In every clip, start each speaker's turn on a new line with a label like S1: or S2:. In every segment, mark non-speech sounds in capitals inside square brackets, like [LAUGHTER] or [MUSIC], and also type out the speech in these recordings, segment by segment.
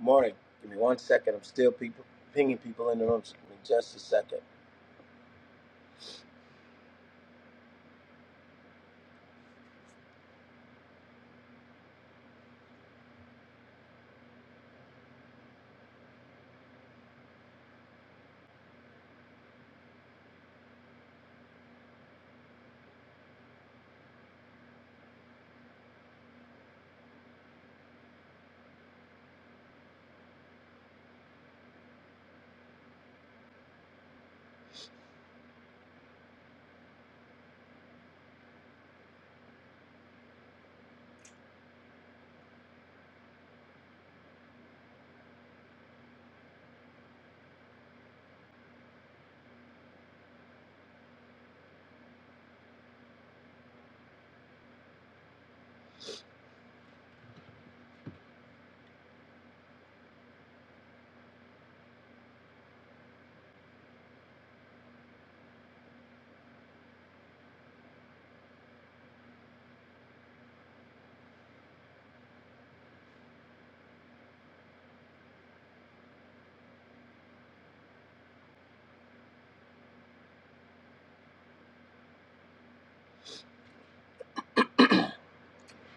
S1: Morning. Give me one second. I'm still people pinging people in the room. Give me just a second.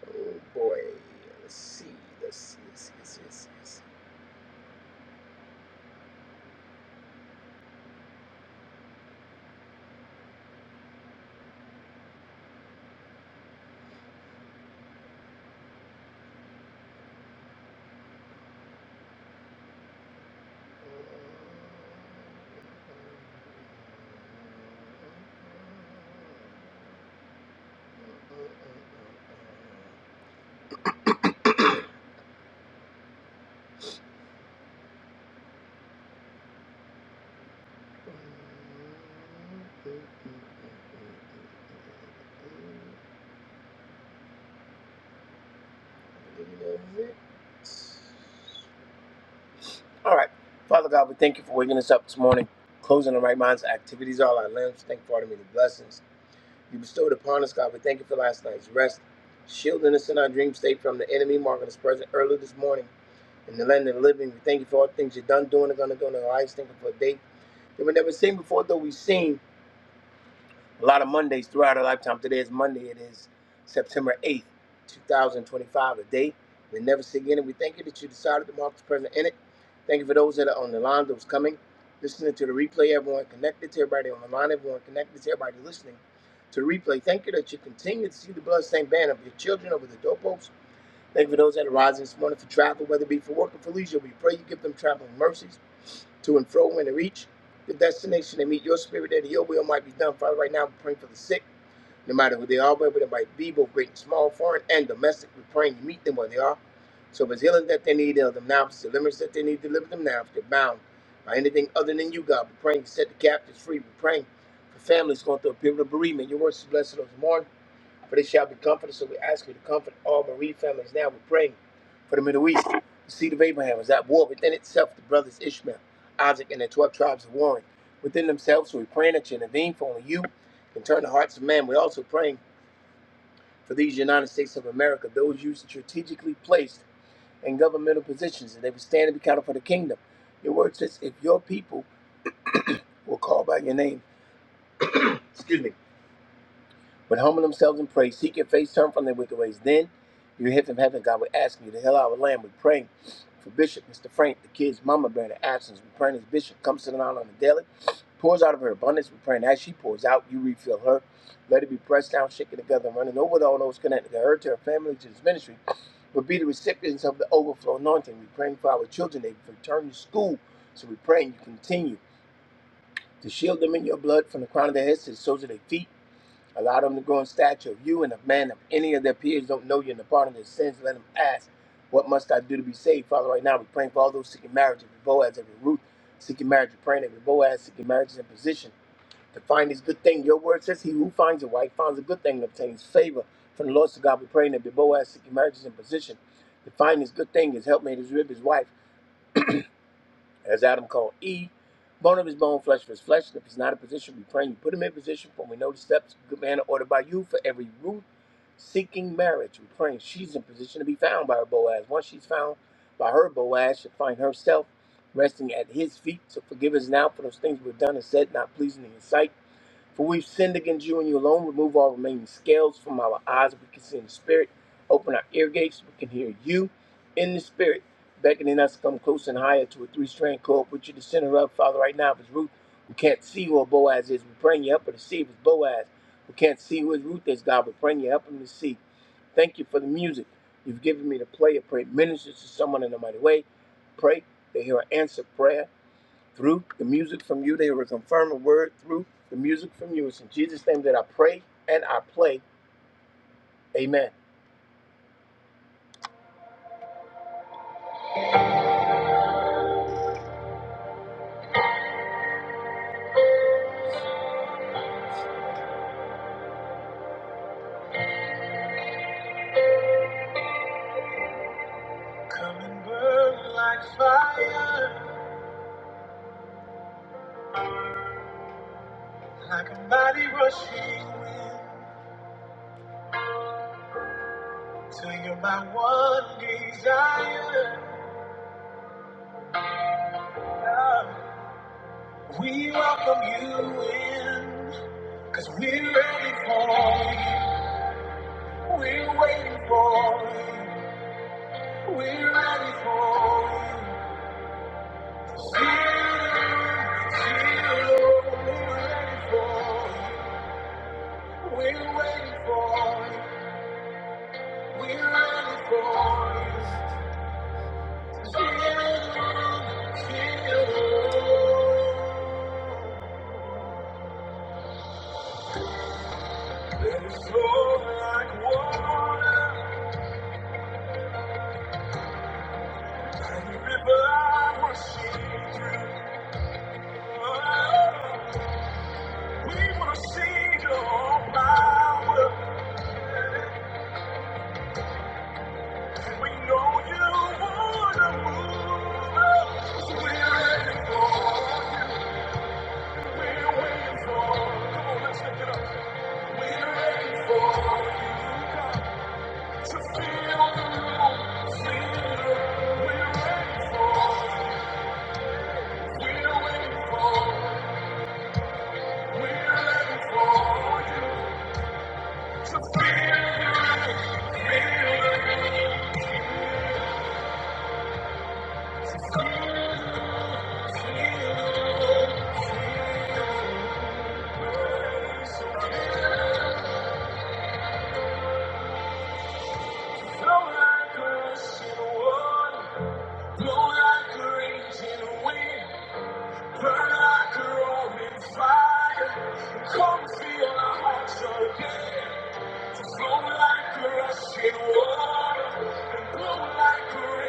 S1: Oh boy. Let's see. Let's see. Let's see. Let's see. Let's see. Let's see. I believe that is it. All right. Father God, we thank you for waking us up this morning, closing the right minds, activities, all our limbs. Thank you for all the many blessings you bestowed upon us, God. We thank you for last night's rest, shielding us in our dream state from the enemy, marking us present early this morning in the land of the living. We thank you for all the things you've done, doing, and going to do in our lives. Thank you for a day that we have never seen before, though we've seen. a lot of Mondays throughout our lifetime. Today is Monday. It is September 8th, 2025, a day we never see again. And we thank you that you decided to mark the present in it. Thank you for those that are on the line, those coming, listening to the replay, everyone connected to everybody on the line, everyone connected to everybody listening to the replay. Thank you that you continue to see the bloodstained banner of your children over the doorposts. Thank you for those that are rising this morning for travel, whether it be for work or for leisure. We pray you give them traveling mercies to and fro and to reach the destination and meet your spirit there that your will might be done. Father, right now we're praying for the sick, no matter who they are, whether they might be, both great and small, foreign and domestic. We're praying to meet them where they are. So if it's healing that they need, heal them now. If it's deliverance that they need, deliver them now. If they're bound by anything other than you, God, we're praying to set the captives free. We're praying for families going through a period of bereavement. Your words blessed those who mourn for they shall be comforted. So we ask you to comfort all bereaved families now. We're praying for the Middle East. The seed of Abraham is at war within itself, the brothers Ishmael, Isaac, and the 12 tribes are warring within themselves. So we're praying that you intervene, for only you can turn the hearts of man. We're also praying for these United States of America, those you strategically placed in governmental positions, and they would stand and be counted for the kingdom. Your word says, if your people will call by your name, excuse me but humble themselves and pray, seek your face, turn from their wicked ways. Then you hear from heaven, God will ask you to heal our land. We pray for Bishop, Mr. Frank, the kids, Mama Bear, the absence. We pray as Bishop comes to the line on the daily, pours out of her abundance. We pray, and as she pours out, you refill her. Let it be pressed down, shaken together, and running over to all those connected to her, to her family, to this ministry. But be the recipients of the overflow anointing. We are praying for our children. They return to school. So we are praying you continue to shield them in your blood from the crown of their heads to the soles of their feet. Allow them to grow in stature of you and of man. If any of their peers don't know you and the pardon of their sins, let them ask, What must I do to be saved? Father, right now we're praying for all those seeking marriage, every Boaz, every Ruth, seeking marriage, we're praying every Boaz, seeking marriage is in position to find this good thing. Your word says, He who finds a wife finds a good thing and obtains favor from the Lord. So God, we're praying every Boaz, seeking marriage is in position to find this good thing, his helpmate, his rib, his wife as Adam called E, bone of his bone, flesh of his flesh. And if he's not in position, we pray you put him in position. For we know the steps, of a good man, are ordered by you for every root seeking marriage. We pray she's in position to be found by her Boaz. Once she's found by her Boaz, she'll find herself resting at his feet. So forgive us now for those things we've done and said, not pleasing in your sight for we've sinned against you and you alone. Remove all remaining scales from our eyes. We can see in the spirit. Open our ear gates. We can hear you in the spirit, beckoning us to come close and higher to a three strand cord. Put you the center up, Father, right now. If it's Ruth, who can't see who Boaz is, we're praying you help her to see. If it's Boaz, who can't see who his Ruth is, God, we're praying you help him to see. Thank you for the music you've given me to play. I pray it ministers to someone in a mighty way. Pray they hear an answer prayer. Through the music from you, they will confirm a word through the music from you. It's in Jesus' name that I pray and I play. Amen. Like a mighty rushing wind, till you're my one desire. We welcome you in, cause we're ready for you. We're waiting for you. We're ready for you. Feel, feel, we're ready for you. We're waiting for you. We're ready for you. Feel, feel. Let it flow like water. And the river rushing through. We want to see your power. And we know you want to move. us. We're ready for you. Burn like a roaring fire, come feel our hearts again. Feel it with your glory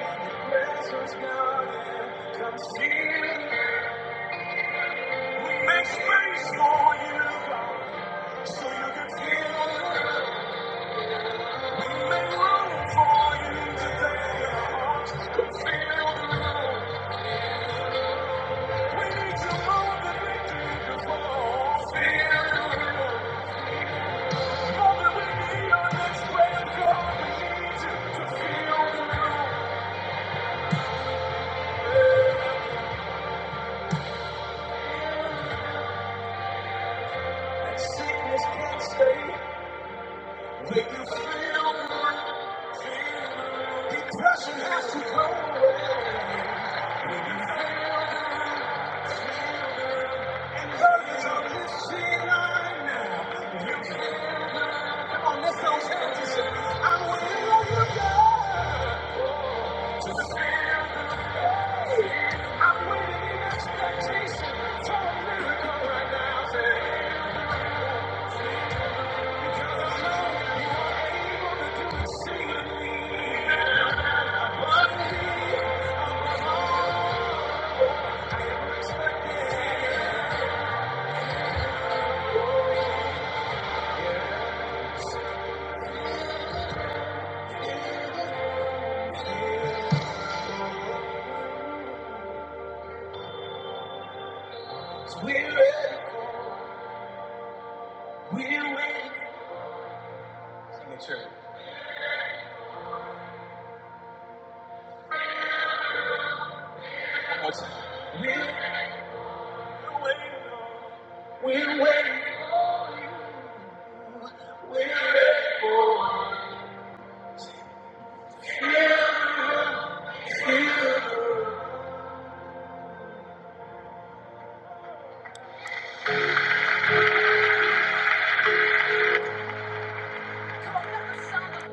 S1: and your presence, God. Come feel it. Make space for you, God, so you can feel. love. Make room for you today. Our hearts can feel the love. We need you more than we did before. Feel the love. More than we need our next breath, God. We need you to feel the love. That sickness can't stay. Make you feel the love. Depression has to go away. Make you feel the love.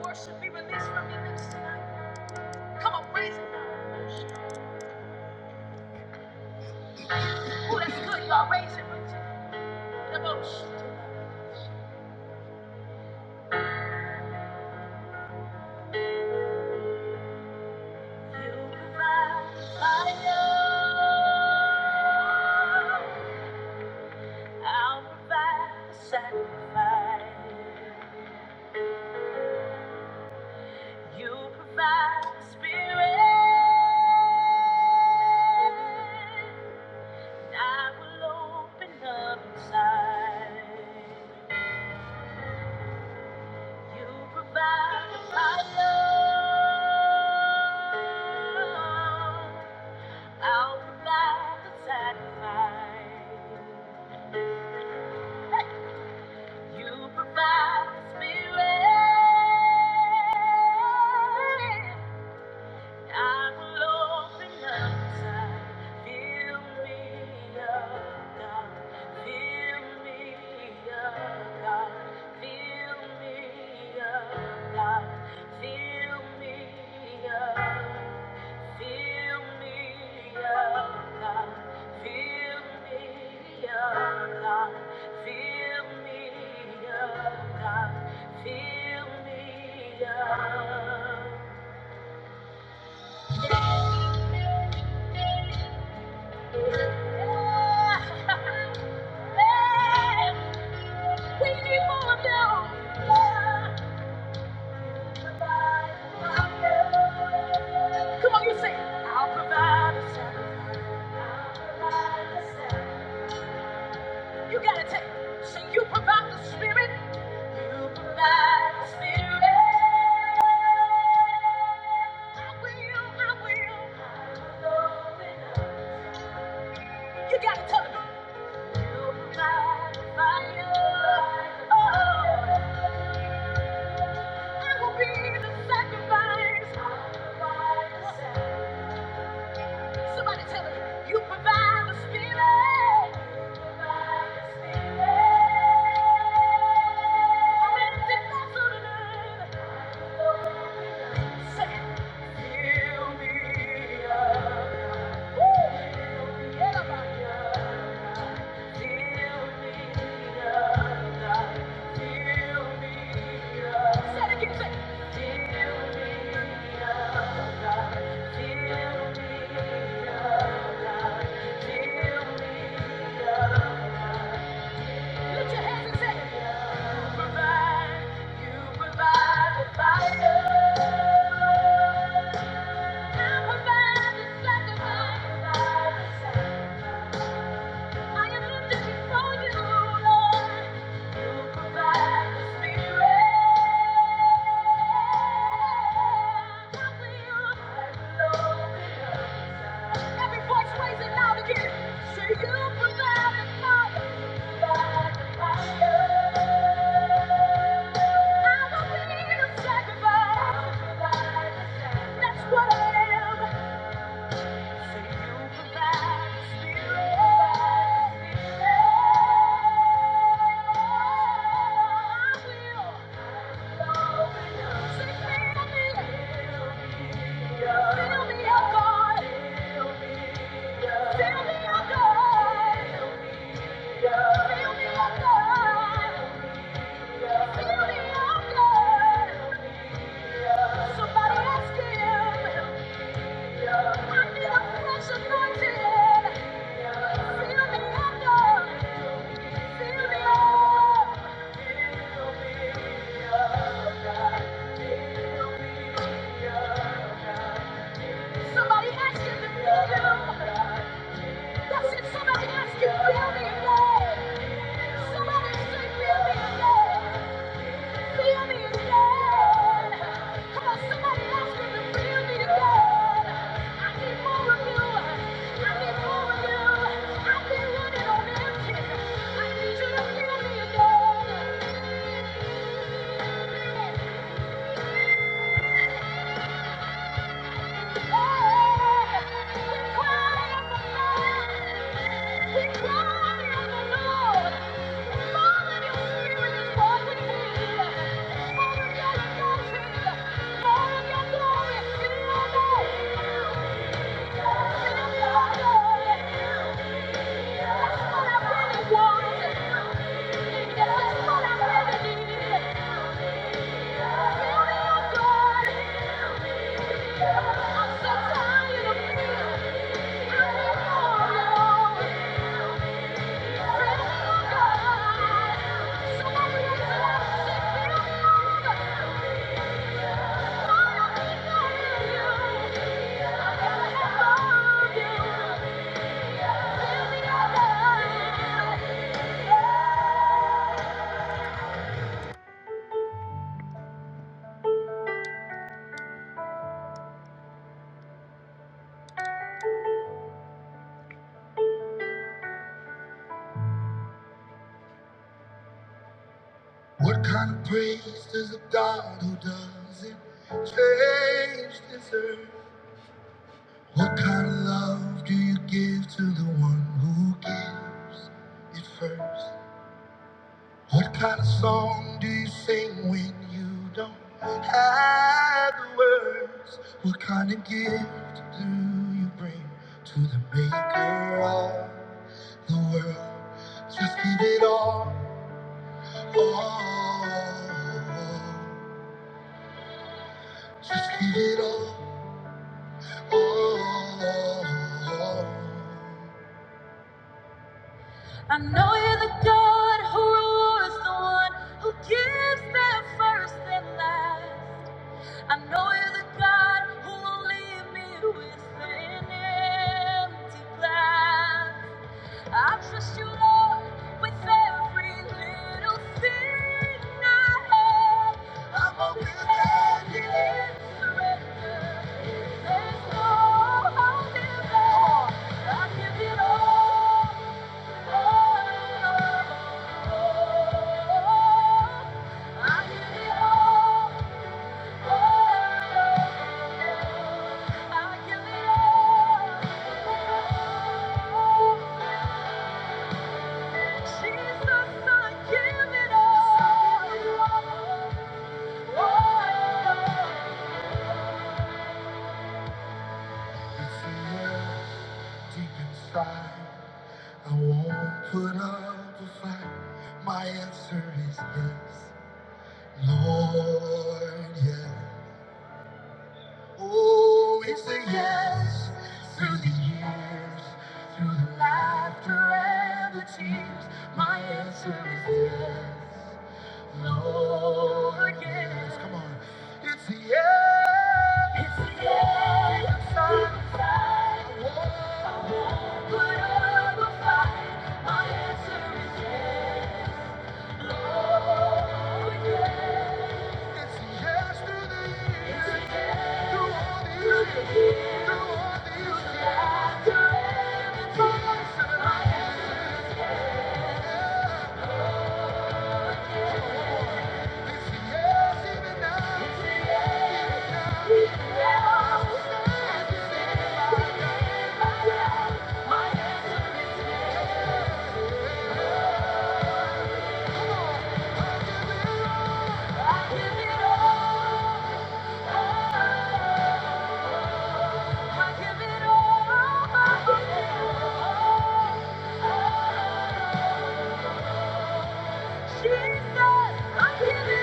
S1: Worship be released from you lips Come on, raise it. Oh, that's good. Y'all raise it. You provide the spirit. I will open up inside. You provide my love. I'll provide the sacrifice. You provide the spirit. I will open up tight. Fill me up, God. Fill me up, God. Fill me up, God. Fill me up. Fill me up, God. Fill me up, God. Fill me up, God. Fill me up. Come on, you say, You gotta take, so you provide the spirit, you provide the spirit. I will, I will. You gotta tell them. Somebody tell me, you provide the spirit. Thank you. Put your hands and say, You provide, you provide the fire. You provide the sacrifice. I am lifted before you, Lord. You provide the spirit. I will open up. Every voice raise it again. Say, You provide the fire. Provide fire. I will be a sacrifice. provide the sacrifice. That's what I am. Somebody ask him. I feel a fresh anointing. Feel the echo. Feel the awe. Somebody ask him to feel you. That's it. Somebody ask him, feel me again. Somebody say, feel me again. Feel me again. Come on, somebody else with the feel me again. I need more of you. I need more of you. I've been running on empty. I need you to feel me again. glory, Thank you. What kind of praise does a God who doesn't change deserve? What kind of love do you give to the one who gives it first? What kind of song do you sing when you don't have the words? What kind of gift do you bring to the maker of the world? Just give it all, all. Just give it all, all. I know you're the God who rewards the one who gives them first and last. I know you're the God who will leave me with an empty glass. I trust you, Lord, with every little thing I have. I'm open handed in surrender. There's no holding back. I give it all. Deep inside, I won't put up a fight. My answer is yes. Lord, yeah. Oh, it's a yes through the years, through the laughter and the tears. My answer is yes, Lord, yes. Come on, it's a yes. It's a yes. It's inside. I won't, I won't put up a fight. My answer is yes, Lord, yes. It's a yes through the years. It's a yes. Yeah. I give it all. Yes. yes, it's a yes. it's a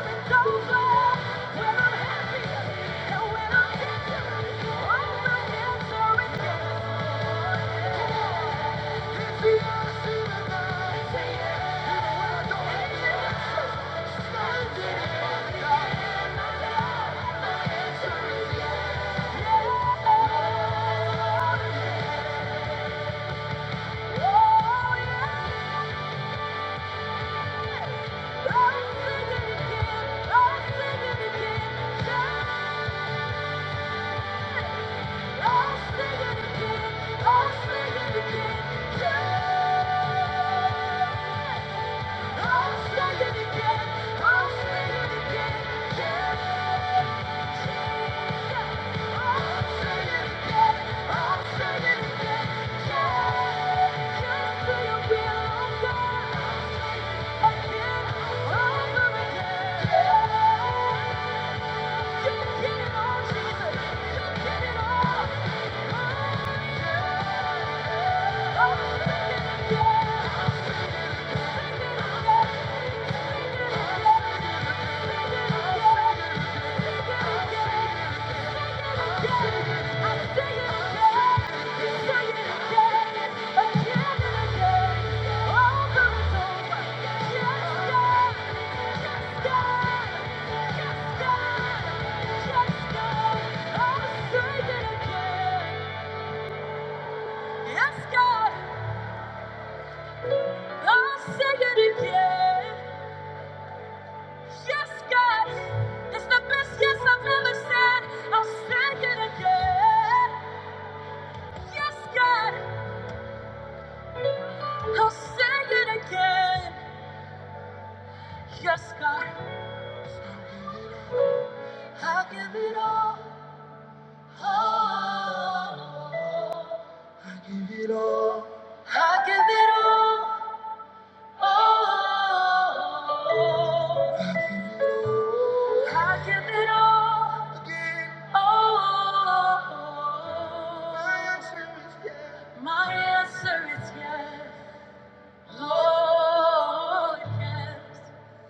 S1: to the way so far. I'm I'm it. it I'll I'll again. Yeah. again. Yeah. Yeah. Yes, God, I'll say it again. Yes, God, it's the best yes I've ever said. I'll say it again. Yes, God, I'll say it again. Yes, I give it all. Oh, I give it all. I give it all. Oh, I give it all. Oh, yes. My answer is yes. Lord, yes.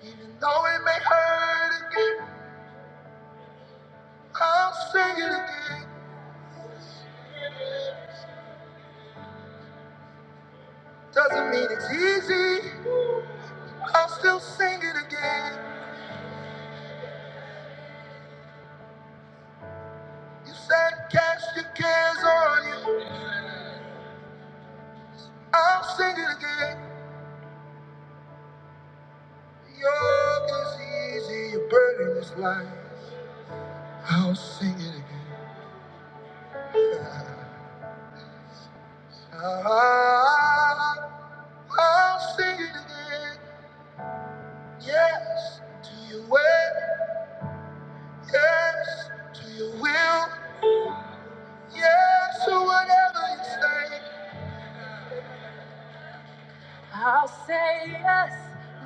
S1: Even though it may hurt again, I'll sing it again. Doesn't mean it's easy, I'll still sing it again. You said cast your cares on you, I'll sing it again. Yoke is easy, your burden is light. I'll sing it again. [LAUGHS] I'll sing it again. Yes to your way. Yes to your will. Yes to whatever you say. I'll say yes,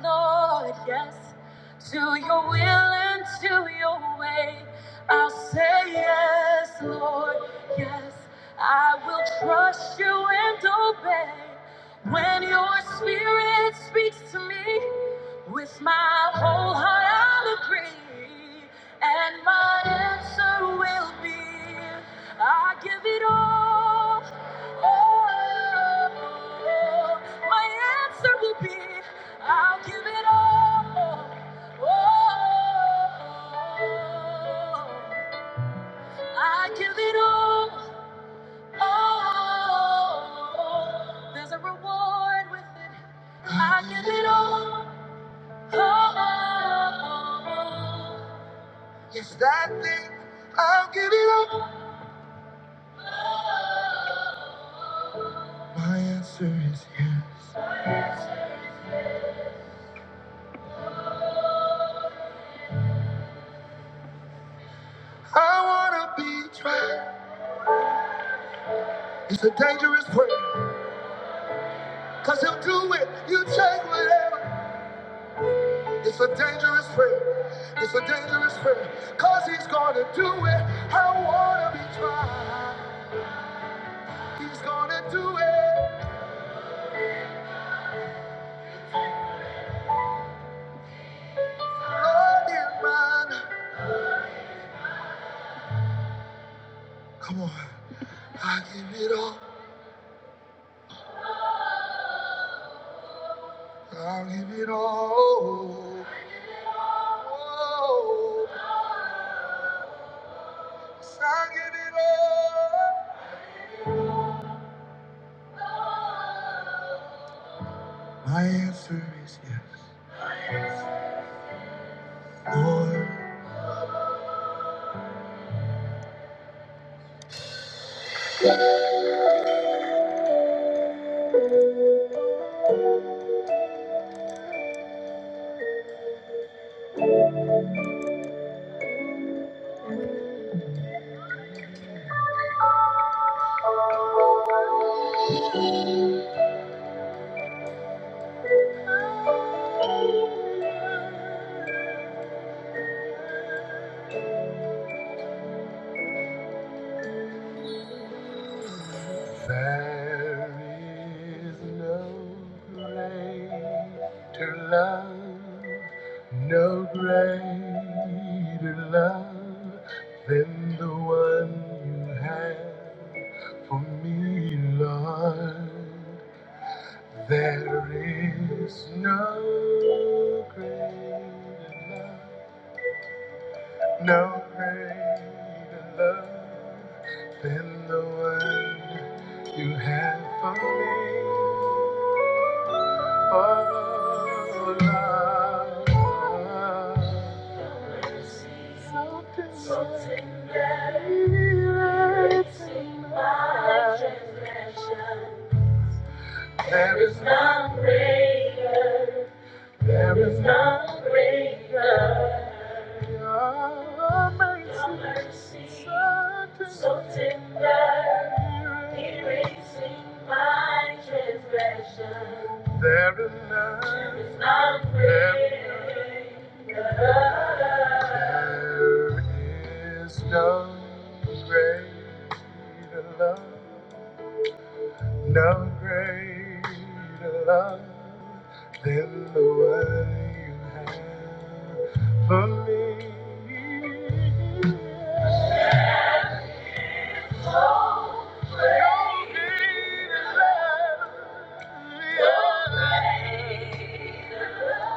S1: Lord, yes, to your will and to your way. I'll say yes, Lord, yes. I will trust you and obey when your spirit speaks to me. With my whole heart, I'll agree, and my answer will be I give it all. Oh, My answer will be, I'll give it all. Oh, I give it all. Oh, there's a reward with it. I give it all. Oh, yes, that thing, I'll give it all. My answer is yes. I wanna be tried. It's a dangerous prayer. Cause he'll do it. You take whatever. It's a dangerous prayer. It's a dangerous prayer. Cause he's gonna do it. I wanna be tried. He's gonna do it. Lord, you're mine. Come on. I give it all. I'll give it all. Oh, yes, I give it all. My answer is yes. Lord. There is no greater love, no greater love than the one you have for me, Lord. There is no greater love. No greater love than the one you have for me. Oh, love, your mercy, something something that erased my transgression. There is none greater. There is none greater. Your mercy, so tender. So Erasing my transgression. There is none greater. And so name.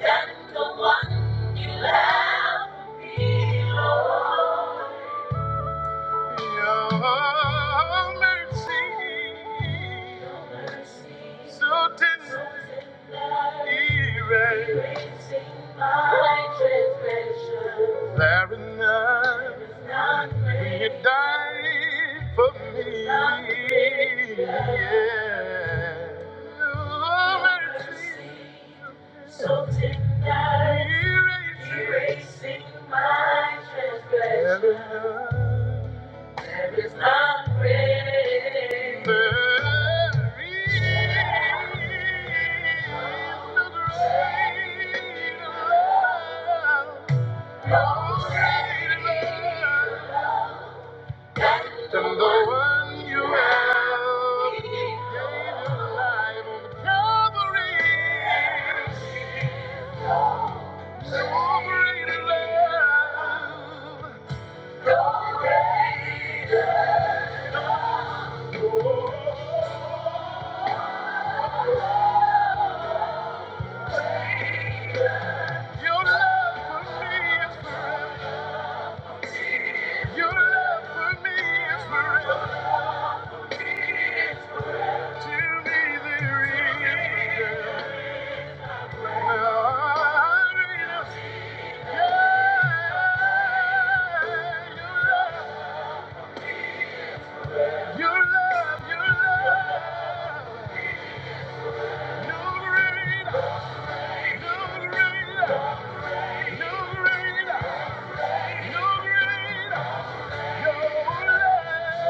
S1: That's the one you have below. Your mercy, Your mercy so tender, so tender, erasing my transgression. There is none when You died for me. Yeah. Your mercy. So tonight, erasing my transgression. There is none greater. There is no greater. No greater than the one you have. Gave your life on Calvary. No greater, no greater, your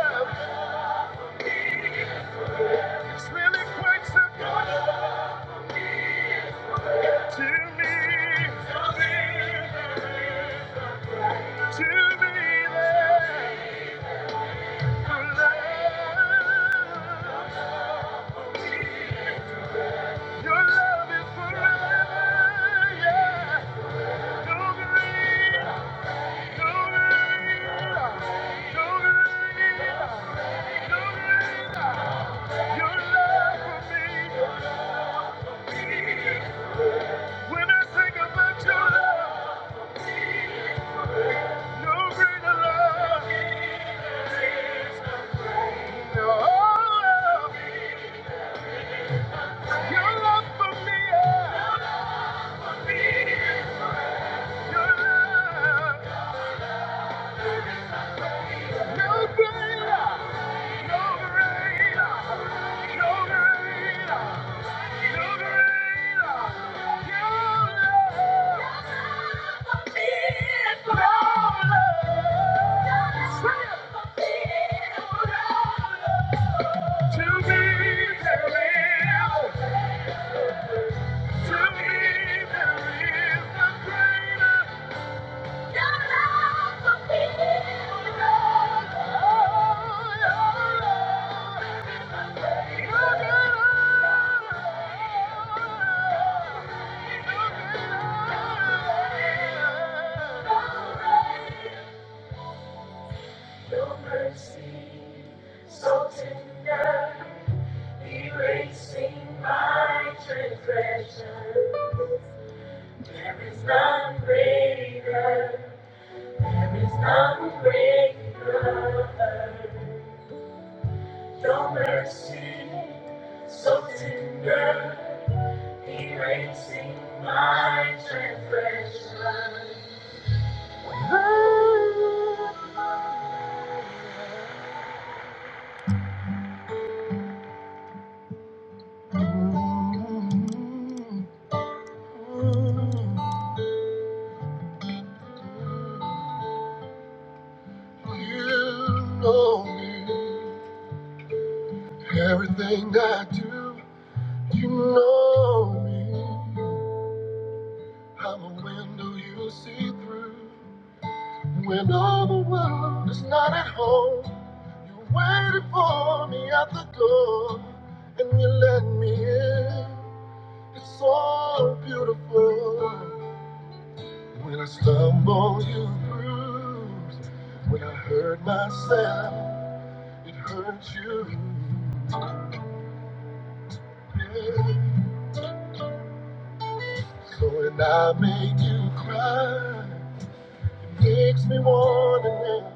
S1: Yeah. It's really quite simple to me. To be there for love. Your love is forever, yeah. Don't grieve, don't believe, don't grieve, don't grieve. Your love for me, when I think about your love, no greater love. To me, to me. Your mercy so tender, erasing my transgressions. There is none greater, there is none greater. Your mercy, so tender, erasing my transgression. Know me, I'm a window you see through. When all the world is not at home, you waited for me at the door, and you let me in. It's so beautiful. When I stumble, you bruise. When I hurt myself, it hurts you. Yeah. So when I make you cry, it makes me wanna never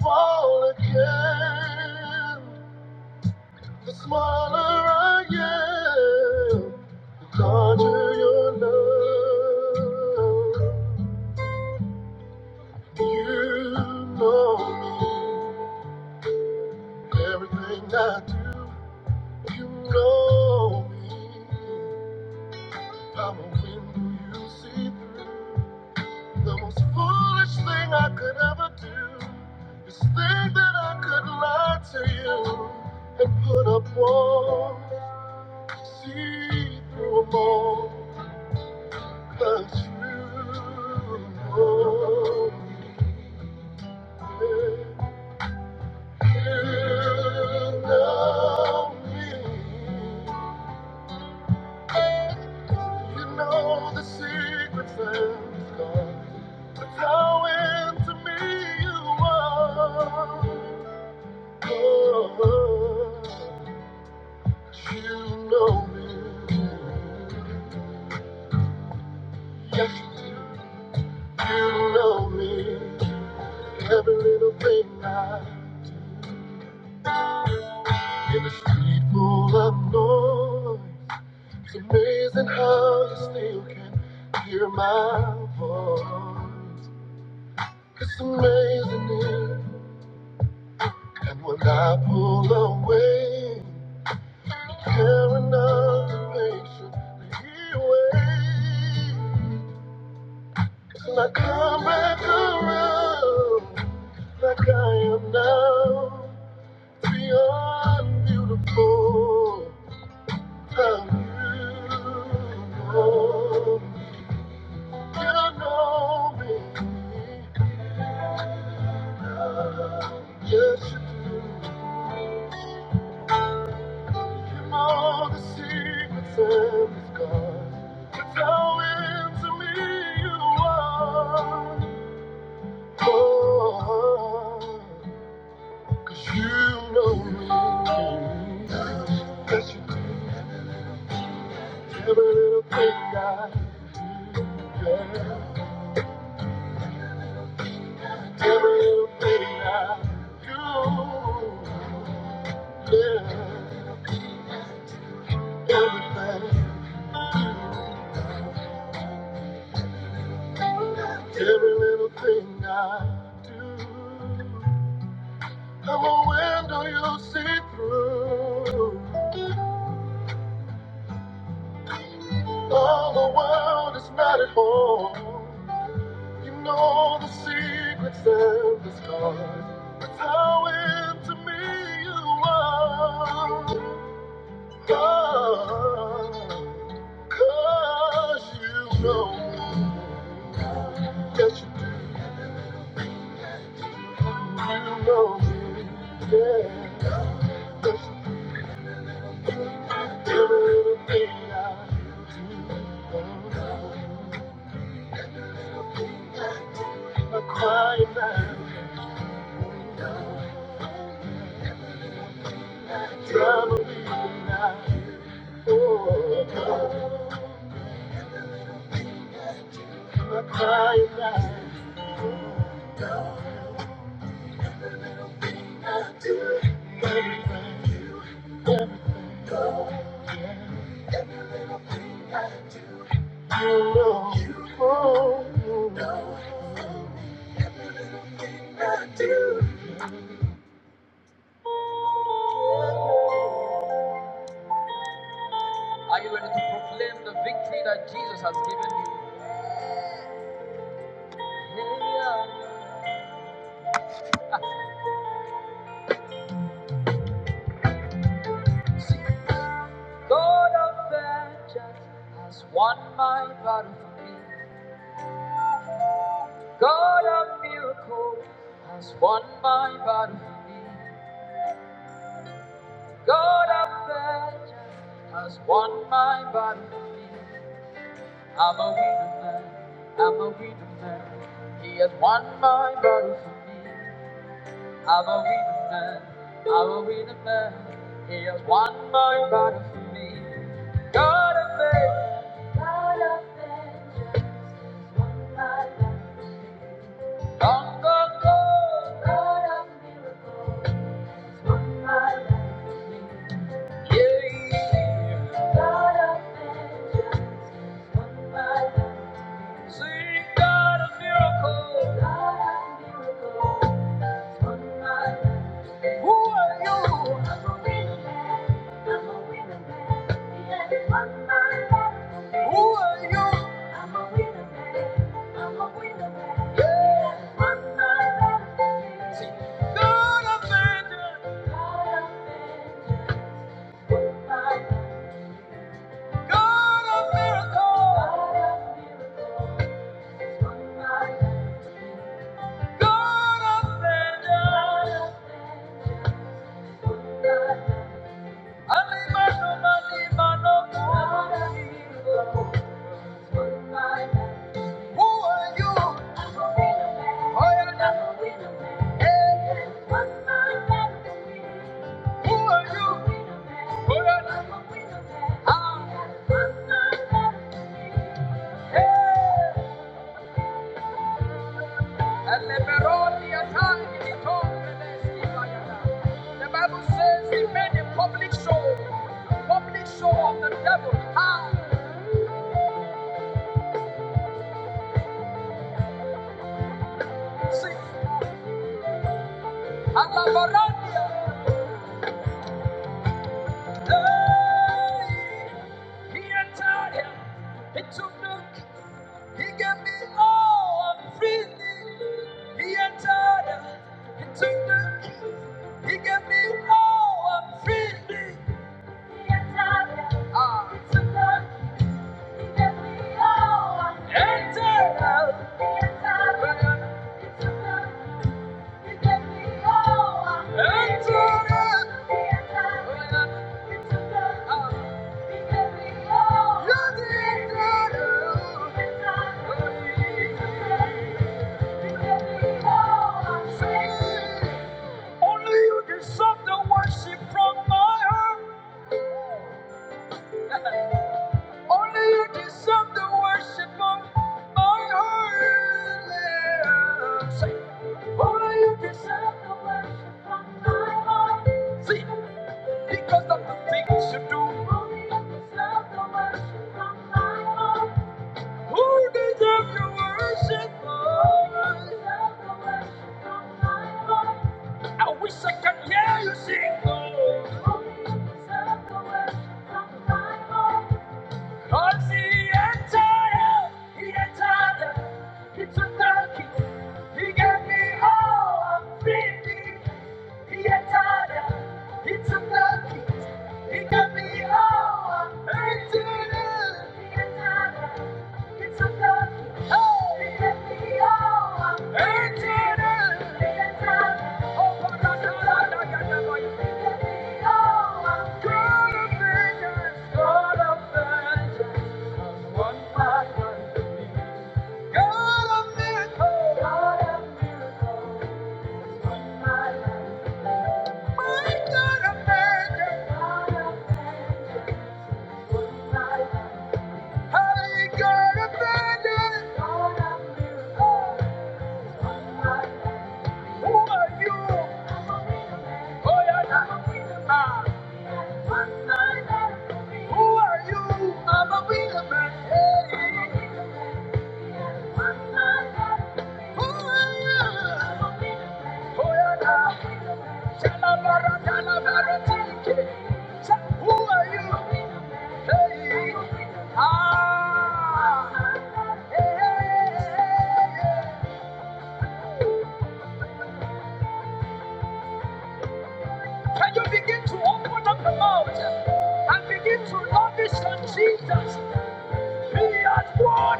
S1: fall again. The smaller I am, the larger your love. You know me, everything I do. You know me. I'm a window you see through. The most foolish thing I could ever do is think that I could lie to you and put up walls, see through them all. The true holy you know me. You know the secret things, God. But how into you are. Oh, you know me. Yes, you little thing I in the street full of noise. It's amazing I still can hear my voice. It's amazing, it? and when I've been held in measure, he know the secrets and the scars. It's how into me you are. oh, 'cause you know me. 'Cause you do every little thing I do, yeah. Everything I do, yeah, everything, every little thing I do. I'm a window you see through. All the world is not at home. You know the secrets and the scars. That's how into me you are. Come, cause you know me. Yes, you do know me. yeah. Cause every little thing I do, I'm a God of vengeance on my knee. God of miracles has won my body. for me. God of vengeance won my body. for me. I'm a winner man. I'm a winner man. He has won my body. I believe the man. I believe the man. The God of vengeance has won my life. The God of miracles has won my life. The God of vengeance has won my life. Sing God of miracles. God of miracles. Who are you? I'm a winning man. I'm a winning man. He Who are you? I'm a winning man. I'm a winning man. He God of vengeance. God of vengeance. On my back. God of miracles. On my back. God of vengeance. Who are you? Oh, yeah, yeah. Hey. Who are you? Oh, yeah. Ah. Hey. And the Beroni attacked the tongue and the skin like that. The Bible says he made a public show, public show of the devil. Ah. See, and He entered him. He took the. He gave me all I'm feeling. He entered him. He took the. He gave me all I'm feeling. He entered him. Ah. He took the. He gave me all I'm feeling. Entered him. He entered him. He took the. He gave me all I'm feeling. Entered him. He entered him. He took the. Ah. Only you deserve the worship from my heart. Only you deserve the worship of my heart. only you deserve the worship from my heart. See, because of the things you do. Only you deserve the worship. Who deserves your worship, Lord? I wish I could hear you sing, Lord. Cause he entire, he entire, he took the key. He gave me all I'm feeling. He had tied He took the keys. He got me all empty. He had tied He took the keys. Oh, he got me all empty. He had tied up. Oh, my God, God, God, God, God, God, God. He got me all good of vengeance, God of vengeance, has won my me. God of miracles, my God of Can you begin to open up the mouth? and begin to love this Jesus. I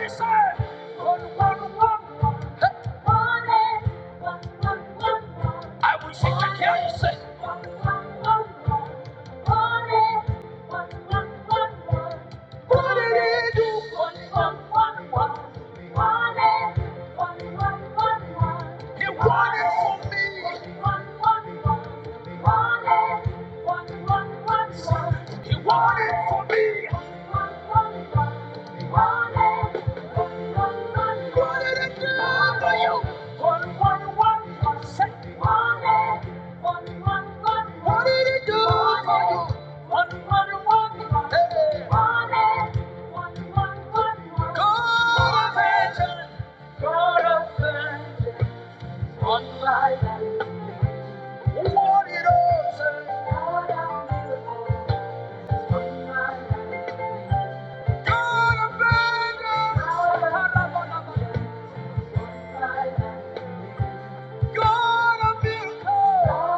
S1: wish I could hear you say, What did he do for you? He wanted for me. He wanted for me. Gonna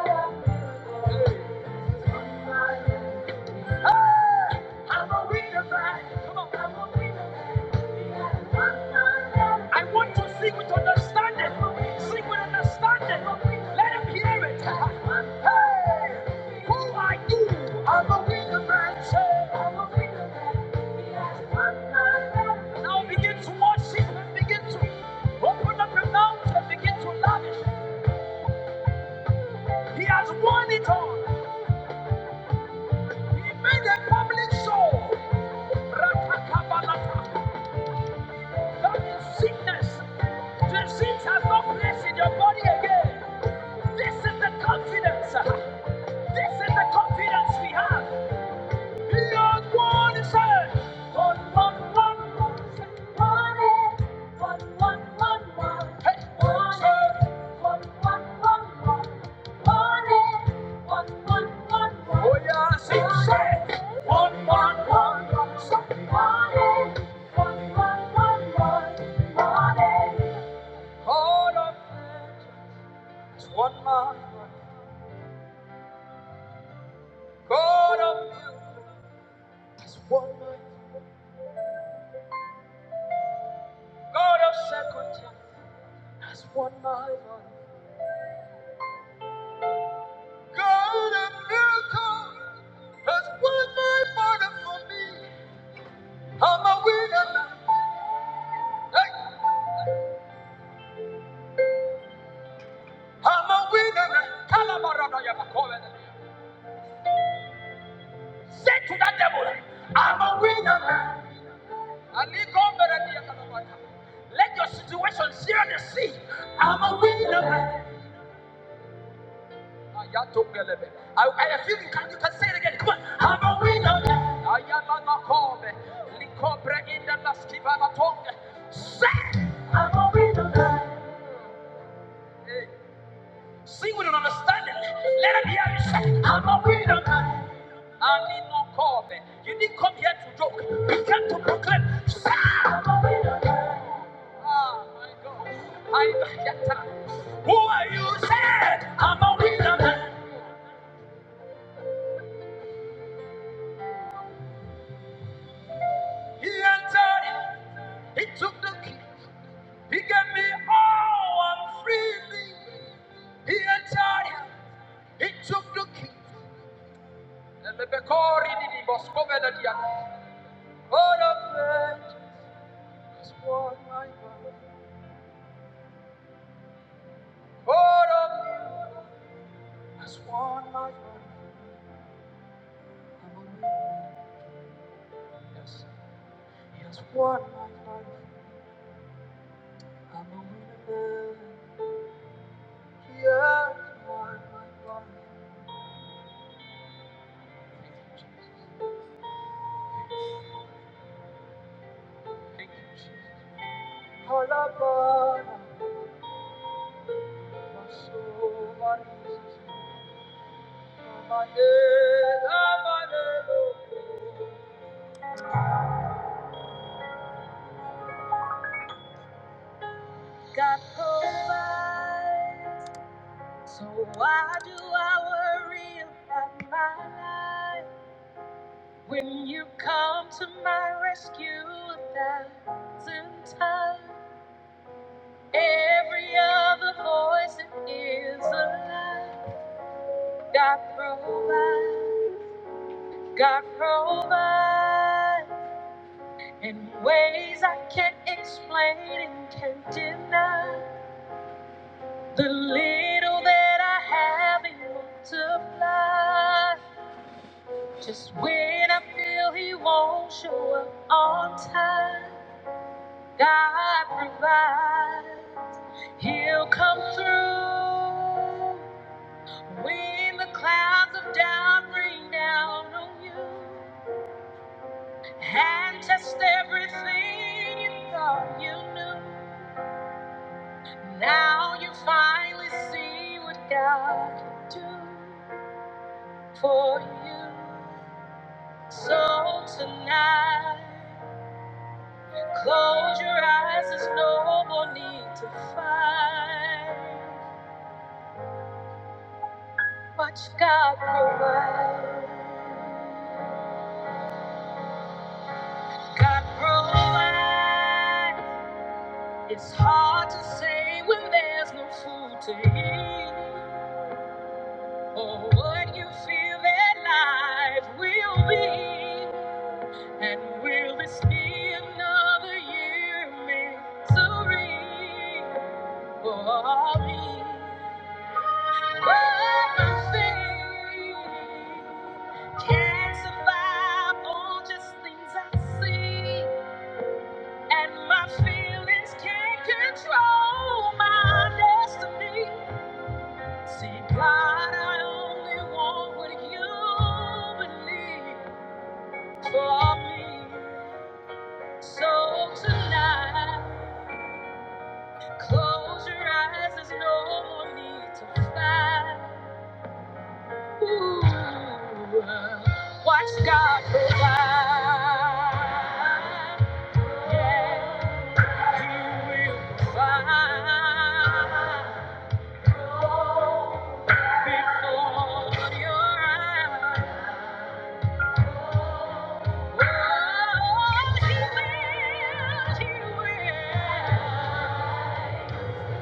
S1: be I will read the Bible. Come on, I will read the Bible. I want to sing with understanding. Sing with understanding. Let him hear it. Hey, who are you? I will read the Bible. Say, I will read the Bible. Now begin to worship and begin to open up your mouth and begin to lavish. He has won it all. He made a public show. Rakakabalata. That is sickness. Disease has no place in your body again. This is the confidence. uh, This is the confidence we have. You are one is said. Oh, hey, one said. Oh, yeah, six said. One, one, one. There's one more part for me. I'm a winner. Hey, I'm a winner. now. Kalabarabaya bakoya. Say to that devil, I'm a winner. Let your situation share the sea. I'm a winner. Ayatombelebe. Ayalanakove. Likobre indelaskivalatong. Eh, Alinokove. You didn't come here to joke. Ah, my God. I- am a winner. He entered. He took the key. He gave me all I'm freely. He entered. He took the key. And the Elebekori didi boskove lediak. What of that has won my heart? What of you has won my heart? I'm a winner. Yes, he has won my heart. I'm a winner. He has won my heart. Thank you, Jesus. Alabama, my soul, my Jesus. My head, my head. God provides. So why do I worry about my life? When you come to my rescue a thousand times, every other voice that is alive. God provides, God provides in ways I can't explain and can't deny. The little that I have, He multiplies. Just when I feel He won't show up on time. God provides. He'll come through when the clouds of doubt rain down on you and test everything you thought you knew. Now you finally see what God can do for you. So tonight, close your eyes. There's no more need to fight. Much God provides. God provides. It's hard to say when there's no food to eat, or what you feel that life will be, and will this be another year of misery for me? But nothing can survive all just things I see. And my feelings can't control my destiny. See, God, I only want what you believe for me. So tonight, close your eyes, there's no more need to fight. Ooh, watch God provide. Yeah, He will provide.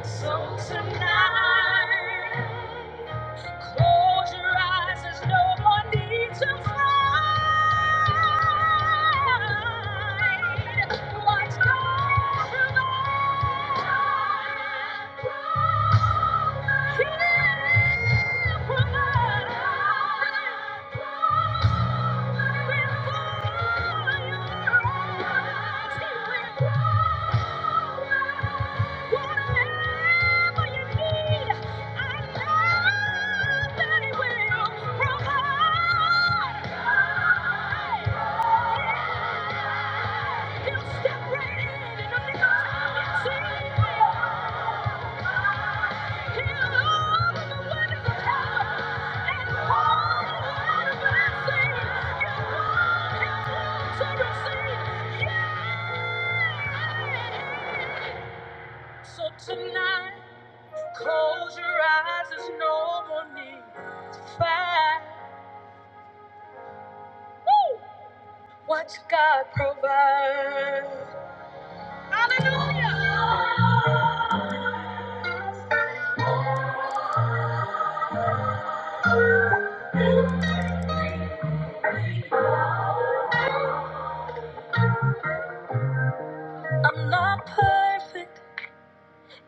S1: So tonight, close your eyes. There's no more need to fight. Watch God provide. That He will provide. right Yes, So tonight, close your eyes. There's no more need to fight. Watch God provide. Hallelujah. I'm not perfect.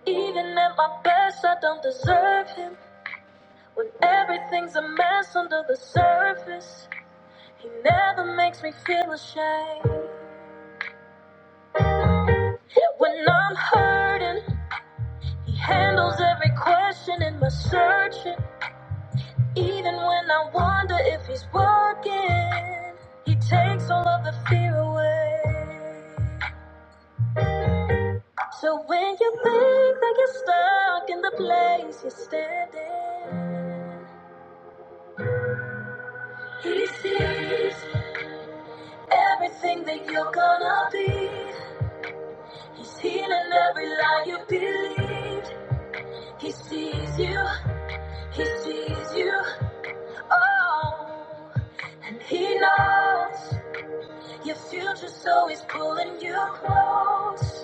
S1: Even at my best, I don't deserve him. When everything's a mess under the surface, he never makes me feel ashamed. Yet when I'm hurting, he handles every question in my searching. Even when I wonder if he's working, he takes all of the fear away. So when you think that you're stuck in the place you're standing, he sees everything that you're gonna be. He's healing every lie you believed. He sees you, he sees you, oh, and he knows your future, so he's pulling you close.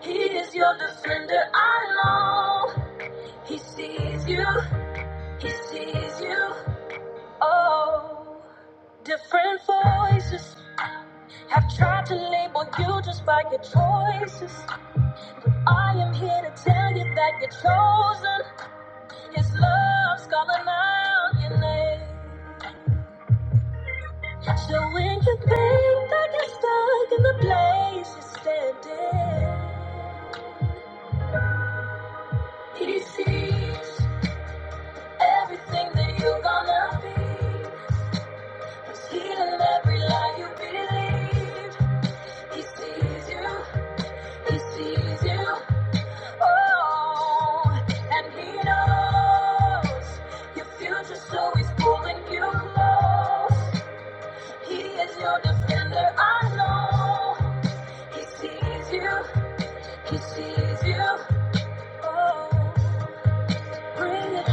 S1: He is your defender, I know. He sees you, he sees you, oh. Different voices have tried to label you just by your choices. I am here to tell you that you're chosen. His love's calling out your name. So when you think that you're stuck in the place you're standing, He sees everything that you're gonna be. He's healing every lie you believe. He sees you, He sees you, oh, and He knows your future, so He's pulling you close. He is your defender, I know. He sees you, he sees you. Oh. Bring it,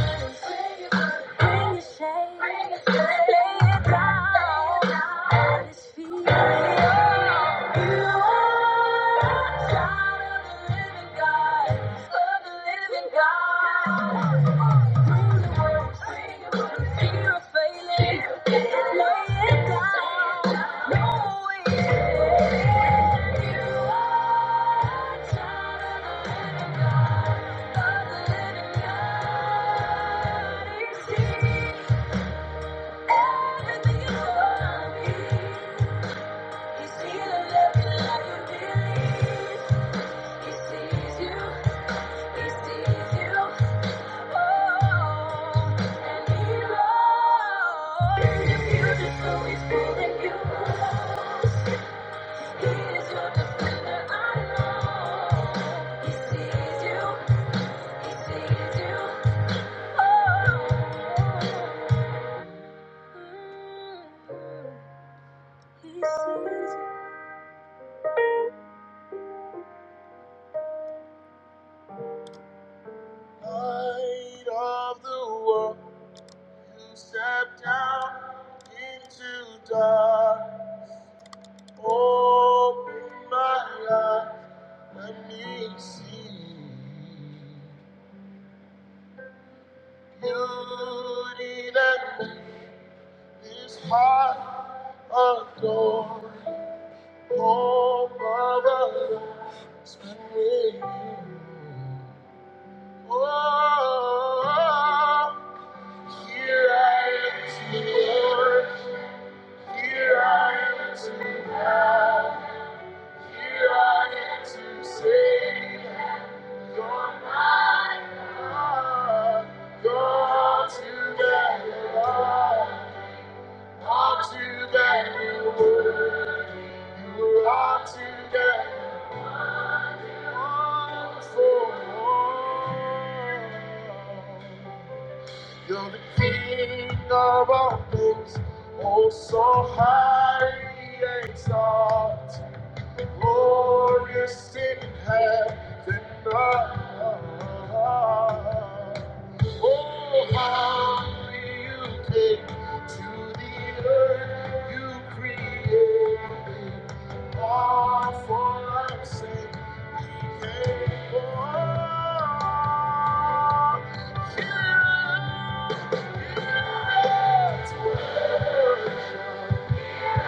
S1: down at his feet. You are a child of the living God, of the living God. Bring the works, fear of failing. Lay it down, no way. You are a child of the living God. He He sees sees you he sees you Oh His heart adore, oh brother, spend with you. Oh, here I am to Lord, here I am to have, here I am to say, that You're my God, God together. You're the king of all things, oh so high and exalted. Glorious in heaven above. Oh, how you came to the earth you created. All for our sake we came for. Here at worship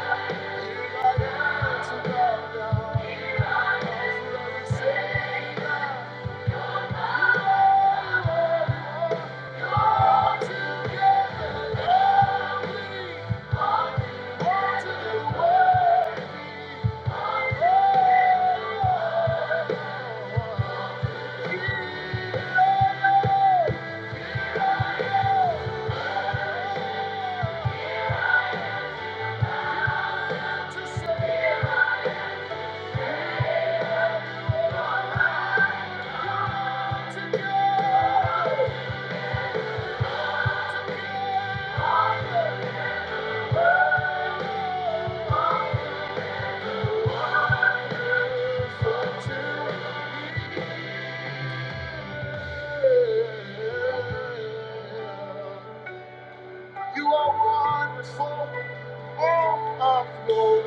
S1: all of your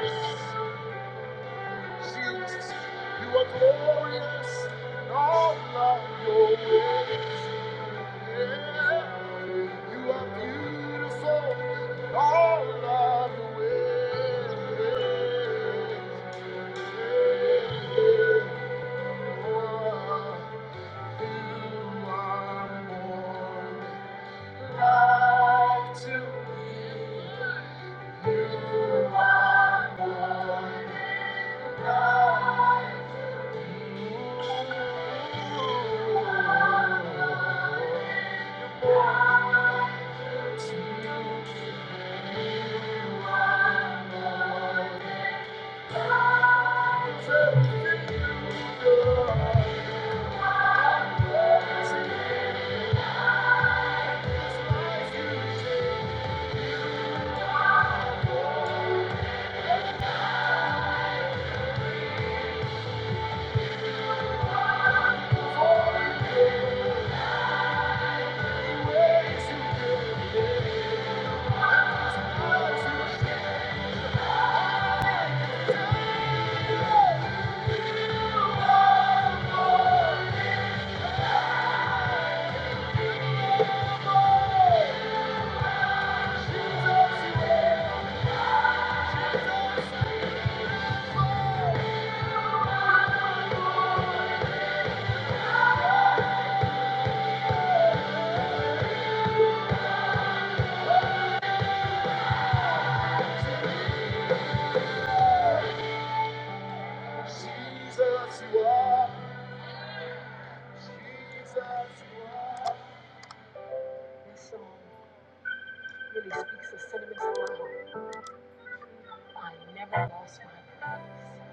S1: ways. Jesus, you are glorious in all of your ways. Yeah, you are beautiful in all of your ways. Yeah, you are more than really speaks the sentiments of my heart. I never lost my place.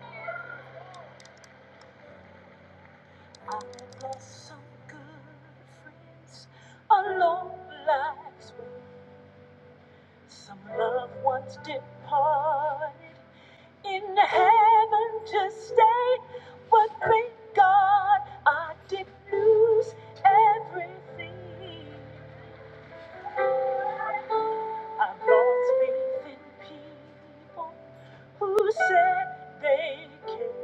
S1: I've lost some good friends along life's way. Some loved ones departed in heaven to stay. But thank God I didn't lose everything. I've lost faith in people who said they cared.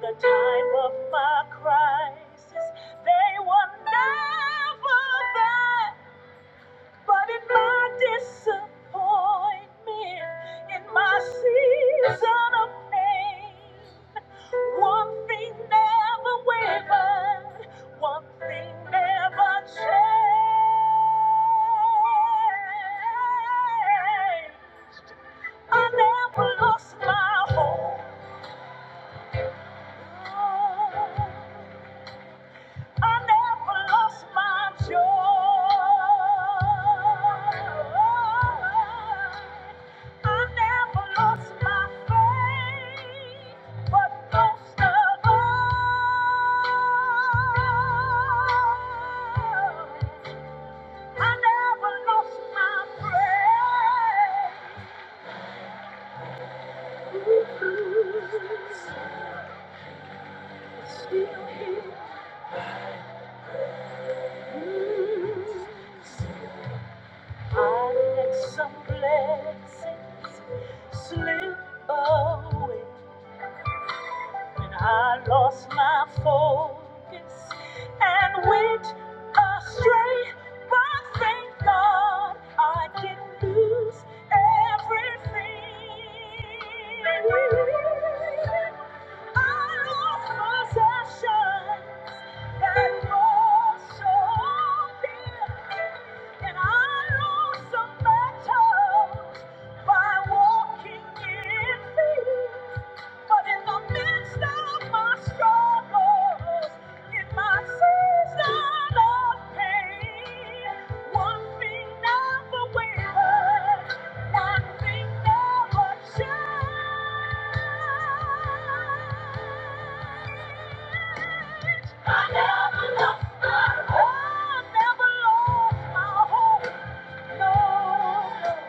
S1: the time of my crisis. They were never there, but in my disappointment, in my season of pain, one thing never wavered, one thing never changed. I never lost my hope. I never lost my joy. I never lost my faith, but most of all, I never lost my praise. Still here. I let some blessings slip away. When I lost my focus and went astray. But thank God I didn't lose everything. I lost possessions that was so dear. And I lost some battles by walking in fear. But in the midst of my struggles, in my season of pain, one thing never wavered, one thing never changed. I never lost my hope. I never lost my hope. No.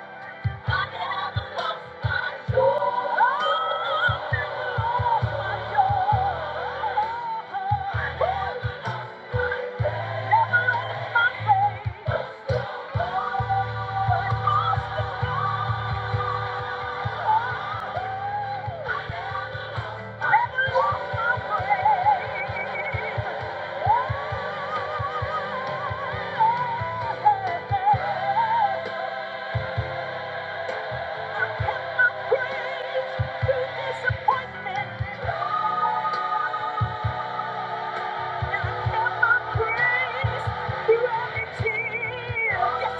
S1: Yes,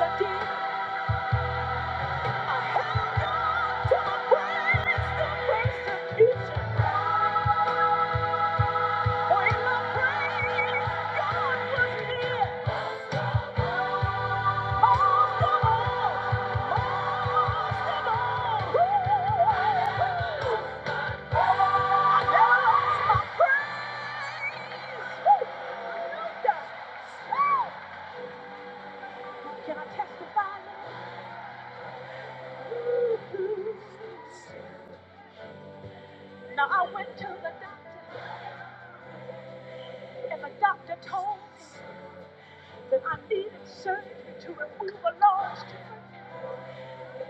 S1: I did. Can I testify Now I went to the doctor. And the doctor told me that I needed surgery to remove a large tumor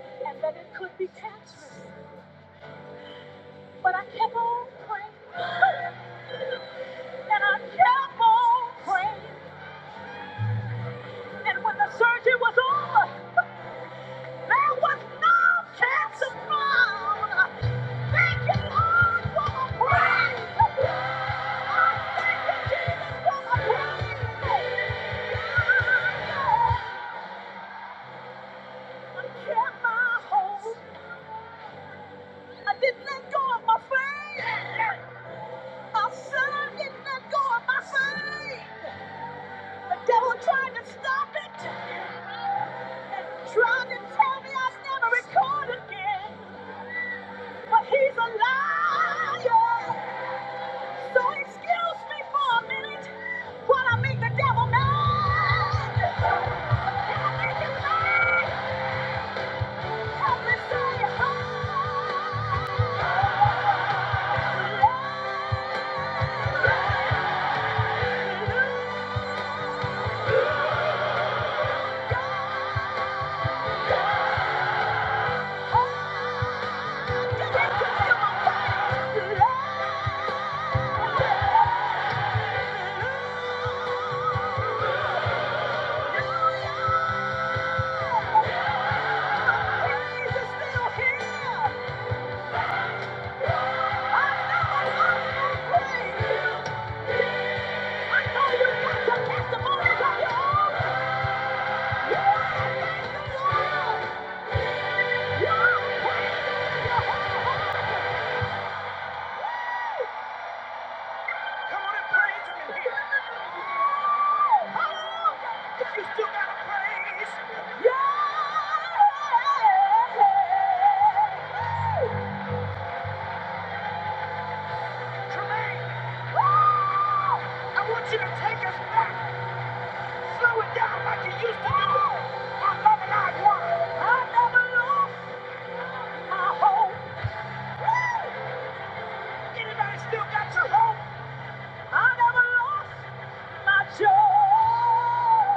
S1: and that it could be cancerous. But I kept on praying and I kept on praying. And when the surgery was over, there was no cancer found. Thank you, Lord, for my praise. Thank you, Jesus, for my praise. I kept my hope. I didn't let go of my faith. My son did not go on my faith. The devil tried to stop it, trying to tell me I'd never record again. But he's a liar. So excuse me for a minute while I make the devil mad. Can I can't Help me say hi. Hallelujah. Yeah. Come on and praise him in here. If you still got a praise, Tremaine, I want you to take us back. Slow it down like you used to I love it, I never lose my hope. Anybody still got your hope? I never lost. Don't lose your mind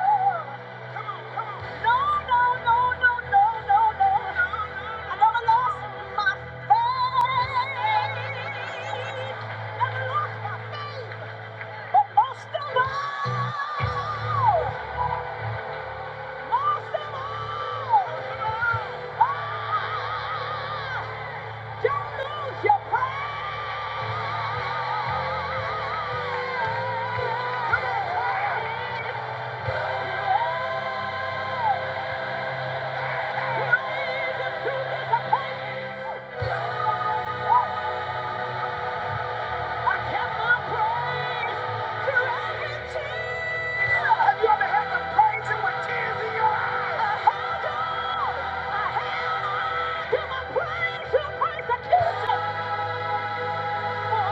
S1: to my praise, your persecution. Yeah.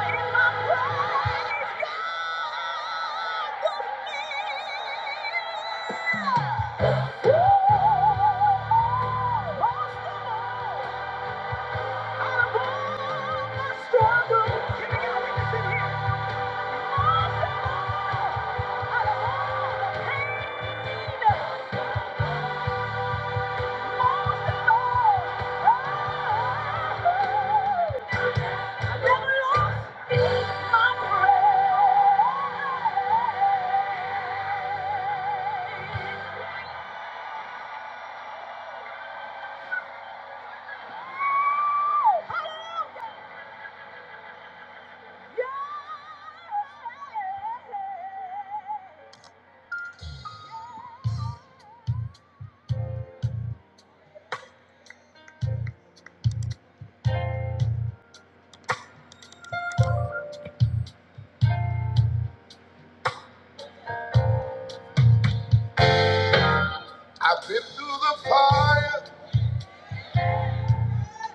S1: I've been through the fire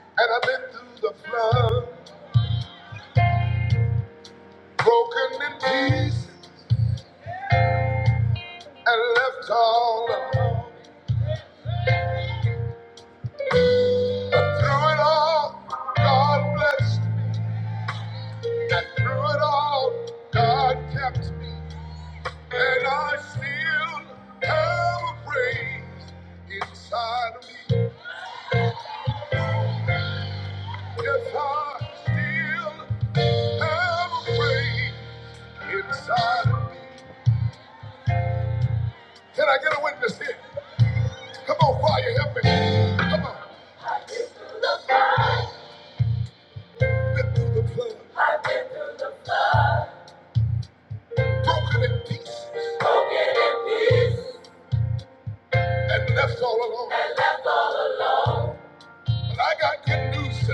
S1: and I've been through the flood, broken in pieces and left all alone. Through it all, God blessed. Through it all, God kept me, and I still have a praise inside of me. Yes, I still have a praise inside of me. Can I get a witness here? Come on, fire, help me. Come on. The fire. Been through the flood. I've been through the flood. Broken in pieces. Broken in pieces. And left all alone. And- But I got good news.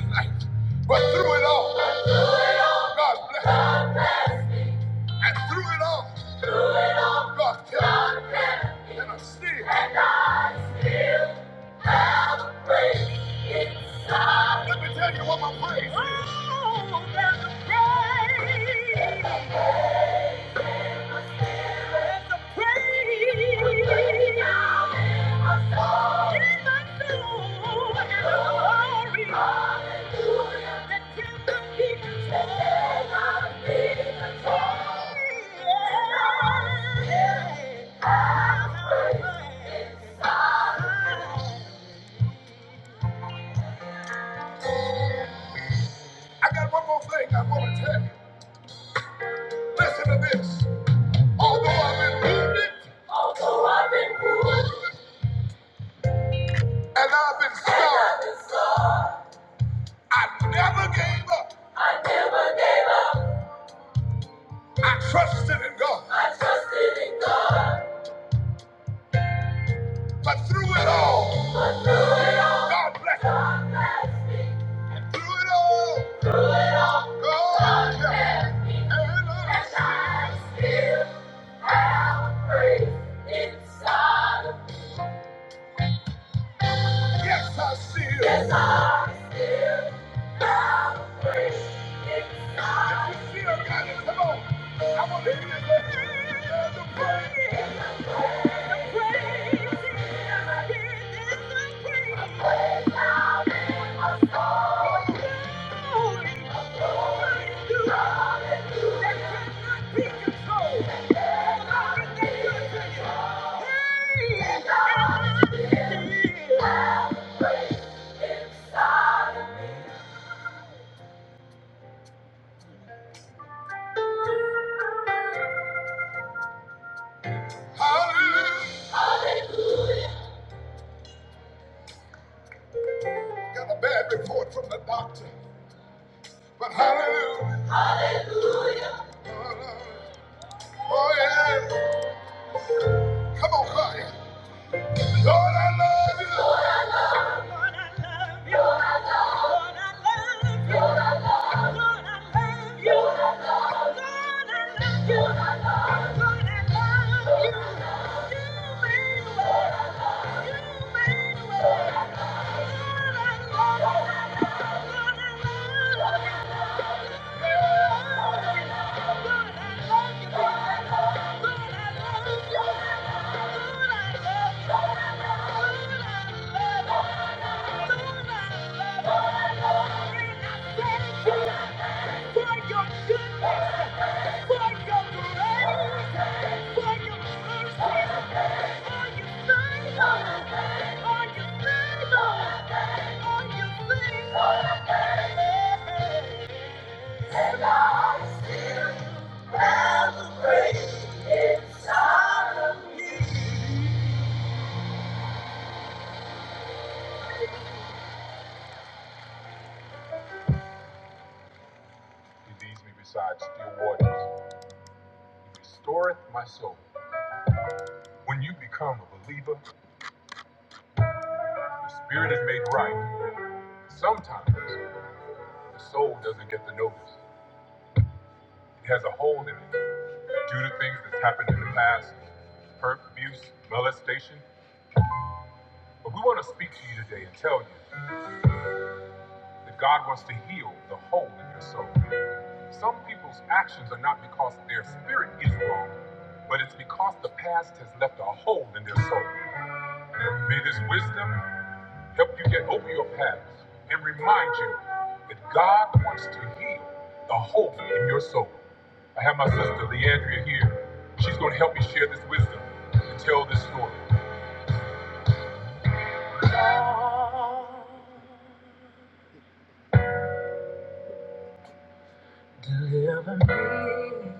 S1: Oh, there's a praise. There's a praise. Praise now In my soul. In my soul. And a glory. That cannot be contained. I got one more thing I want to tell you. Listen to this. And I've been strong. I never gave up. I trusted in God. But through it all, God bless me. Through it all, God kept me. And I still have praise inside of me. Hallelujah. Got a bad report from the doctor, but hallelujah. Oh, yeah. Come on, choir. Lord, I love you. Lord, I love you. Lord, I love you. Lord, I love you. Thank you. He leads me beside still waters, restoreth my soul. When you become a believer, the spirit is made right. Sometimes the soul doesn't get the notice. It has a hole in it due to things that's happened in the past, hurt, abuse, molestation. But we want to speak to you today and tell you. that God wants to heal the hole in your soul. Some people's actions are not because their spirit is wrong, but it's because the past has left a hole in their soul. May this wisdom help you get over your past and remind you that God wants to heal the hole in your soul. I have my sister Leandria here. She's going to help me share this wisdom and tell this story. Deliver me.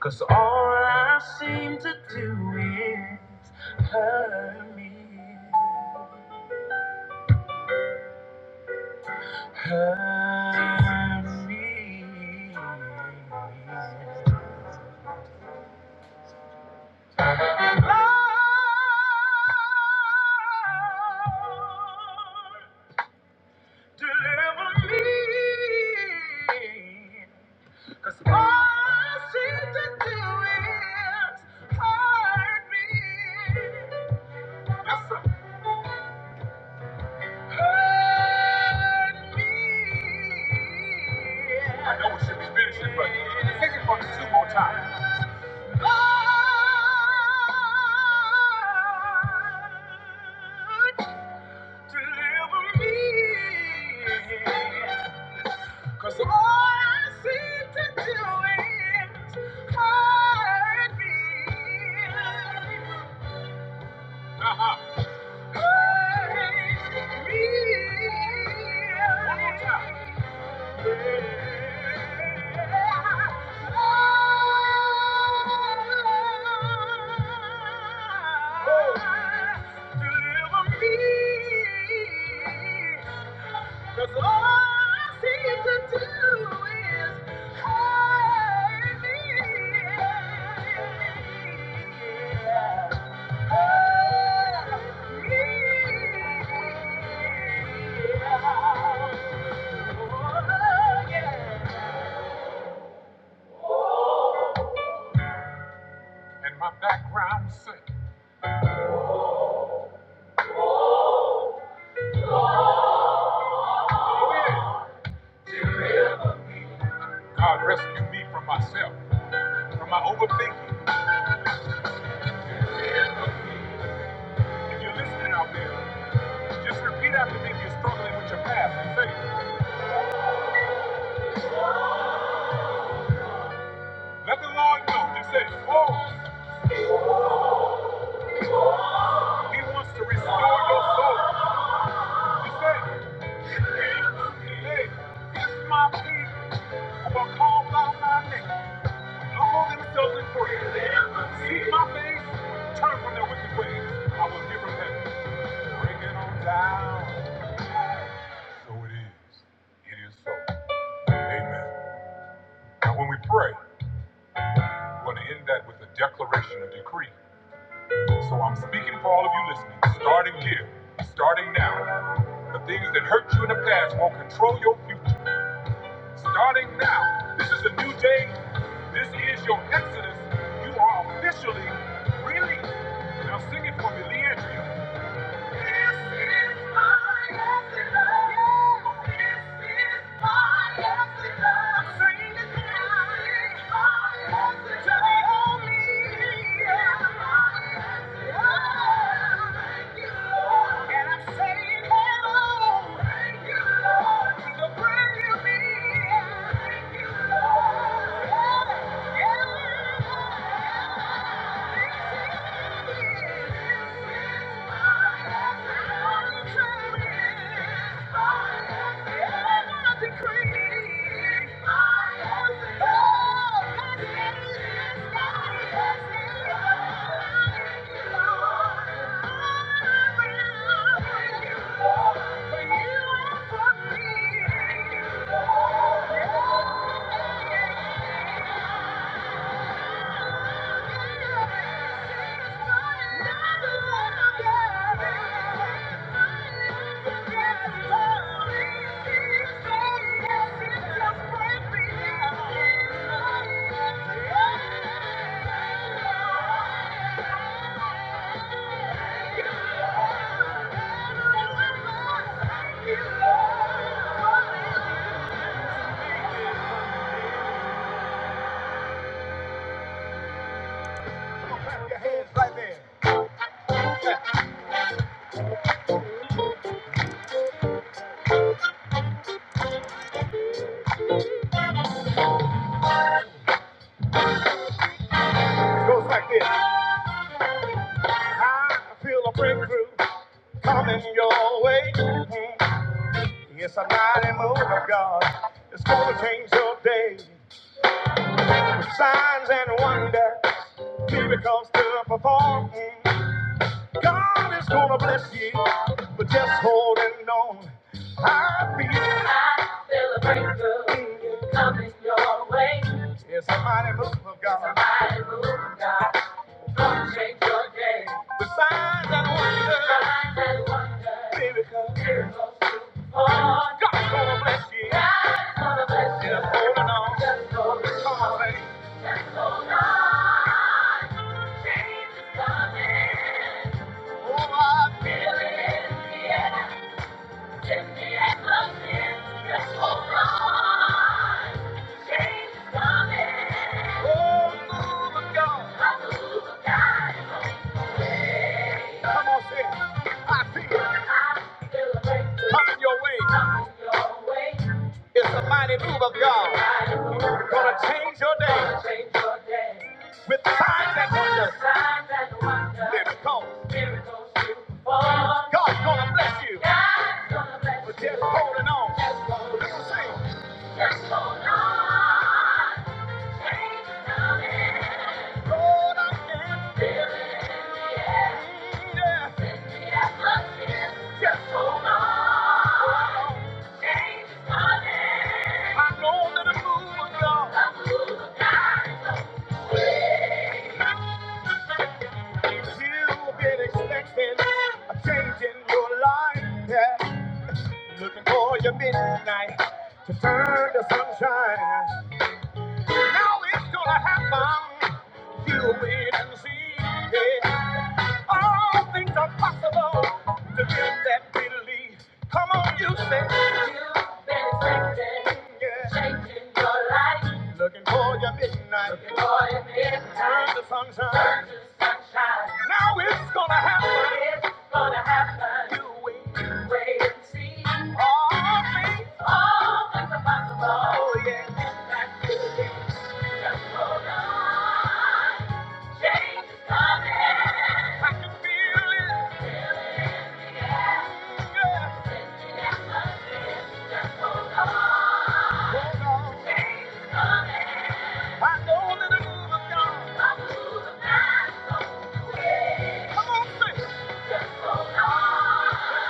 S1: Cause all I seem to do is hurt me, hurt me. Lord, deliver me. 'Cause all I seem to do is hurt me. Yes, sir. I know it should be finishing, but take it from the two more times. God, deliver me. 'Cause all I seem to do is hurt me. Uh-huh. Deliver me. Cause all I seem to do is hurt me. Hurt me. And my background sing. God rescue me from myself, from my overthinking. If you're listening out there, just repeat after me if you're struggling with your past and say, let the Lord know. Just say, oh. He wants to restore your soul. He said, hey, it's my people who are called by my name. Humble themselves and pray. Seek my face, turn from their wicked ways. I will give them heaven. Bring it on down. So it is. It is so. Amen. Now when we pray, we want to end that with a declaration, a decree. So I'm speaking for all of you listening, starting here, starting now. The things that hurt you in the past will not control your future. Starting now, this is a new day. This is your exodus. You are officially released. Now sing it for me, Leandria. Thank you. Thank you. Your hands right there. It goes like this. I feel a breakthrough coming your way. Mm. Yes, a mighty move of God. It's gonna change your day. With signs and wonders, miracles to perform. Mm. God is gonna bless you, but just holding on. I feel, I feel a breakthrough coming your way. Yeah, somebody move of God. Somebody move of God. Come change your day. The signs and wonders. Signs and wonders. Miracles. God's gonna bless you. Just holding on. Come on, baby. Change is coming. Oh, I feel it. in the air. Coming your way, but God change your day with signs and wonders. Let it come. God bless you. But just holding on. hold on. Yeah. Just hold- on. I know that the move of God. You've been expecting a change in your life. Yeah. Looking for your midnight to turn to sunshine. Now it's gonna happen. You wait and see. yeah. All things are possible to them that believe. Come on, you say. You've been changing, yeah. changing your life. Looking for your midnight. Looking for your midnight. Turn to sunshine. Turn to sunshine. Now it's gonna happen. It's gonna happen. You wait, wait and see. All things, all things are possible. Oh, yeah. I can feel it. Yeah. Hold on. I know that the move is gone. Come on, sing.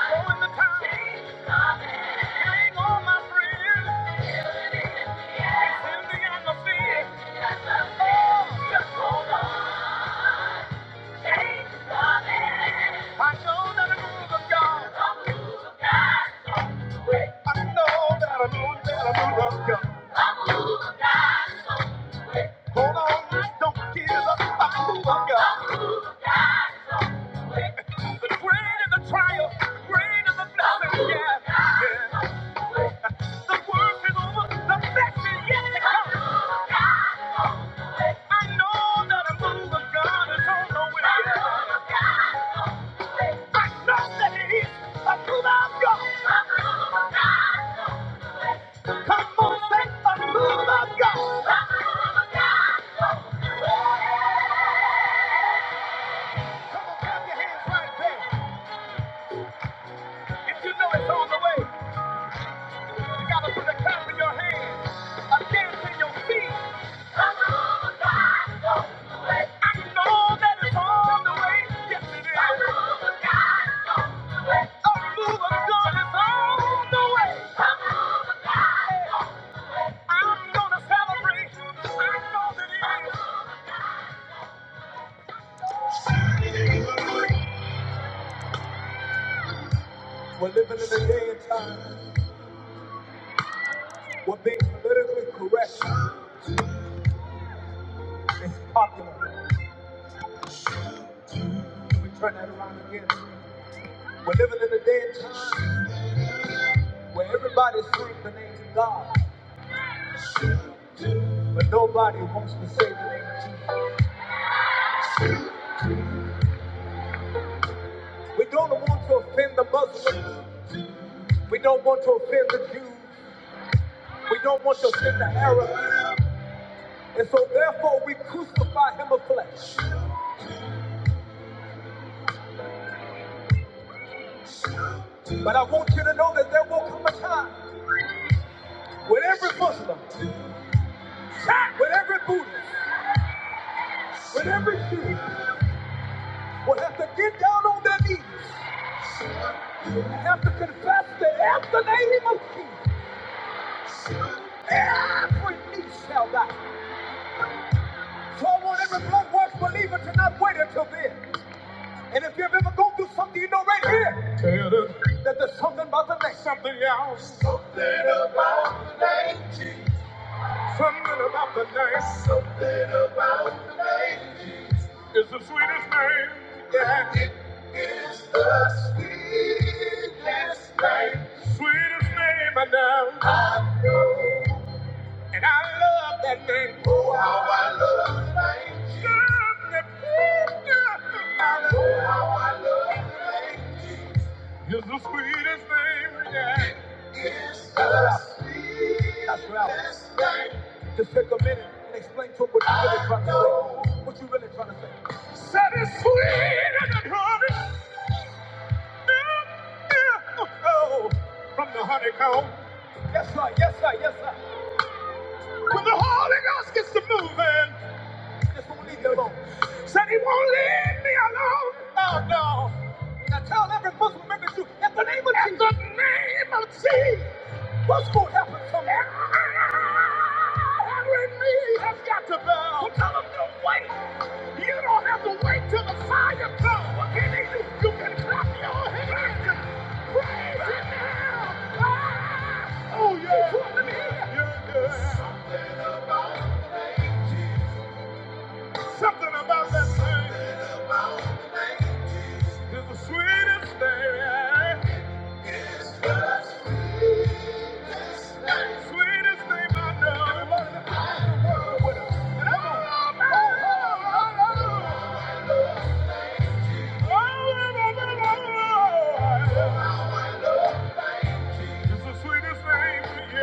S1: Yeah. I know that it is a move of God. A move of God. Come on, say a move of God. A move of God. Come on, clap your hands right there. If you know it's on the way, you gotta put a clap in your hands, a dance in your feet. A move of God. I know that it's on the way. Yes, it is. A move of God. A move of God is on the way. A move of God. I'm gonna celebrate. I know that it is. But nobody wants to say the name of Jesus. We don't want to offend the Muslims. We don't want to offend the Jews. We don't want to offend the Arabs. And so therefore we crucify him of flesh. But I want you to know that there will come a time when every Muslim, when every Buddhist, when every Jew will have to get down on their knees and have to confess that at the name of Jesus, every knee shall bow. So I want every blood washed believer to not wait until then. And if you've ever gone through something, you know right here Tell them that there's something about the name. Something else. Something about the name. It's the sweetest name. Yeah. Sweetest name I know. And I love that name. It's the sweetest name. Yeah. Just take a minute and explain to him what you really trying to say. What you really trying to say. Said it's sweeter than honey. Oh, From the honeycomb. Yes, sir. Yes, sir. Yes, sir. When the Holy Ghost gets to moving, just won't leave you alone. Said he won't leave me alone. Oh, no. Now tell every Muslim member to, at the name of At Jesus. In the name of Jesus. What's going to happen to me? Every knee has got to bow. So tell 'em to wait. You don't have to wait till the fire comes. What can they do? You can clap your hands. Praise him now. Ah! Oh, yeah. You are good. Something about Something about that thing is the sweetest thing. Sweetest thing I know. Everybody in the house, world with us. And I'm all about oh, All about it. All about it. It's the sweetest thing, yeah.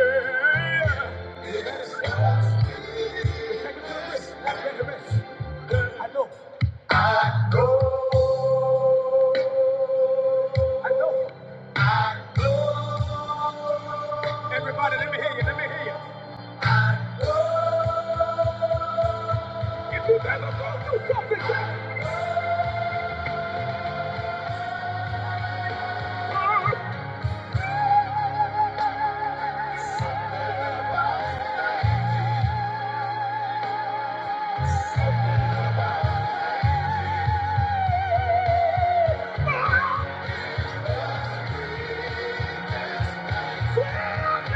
S1: Lord, God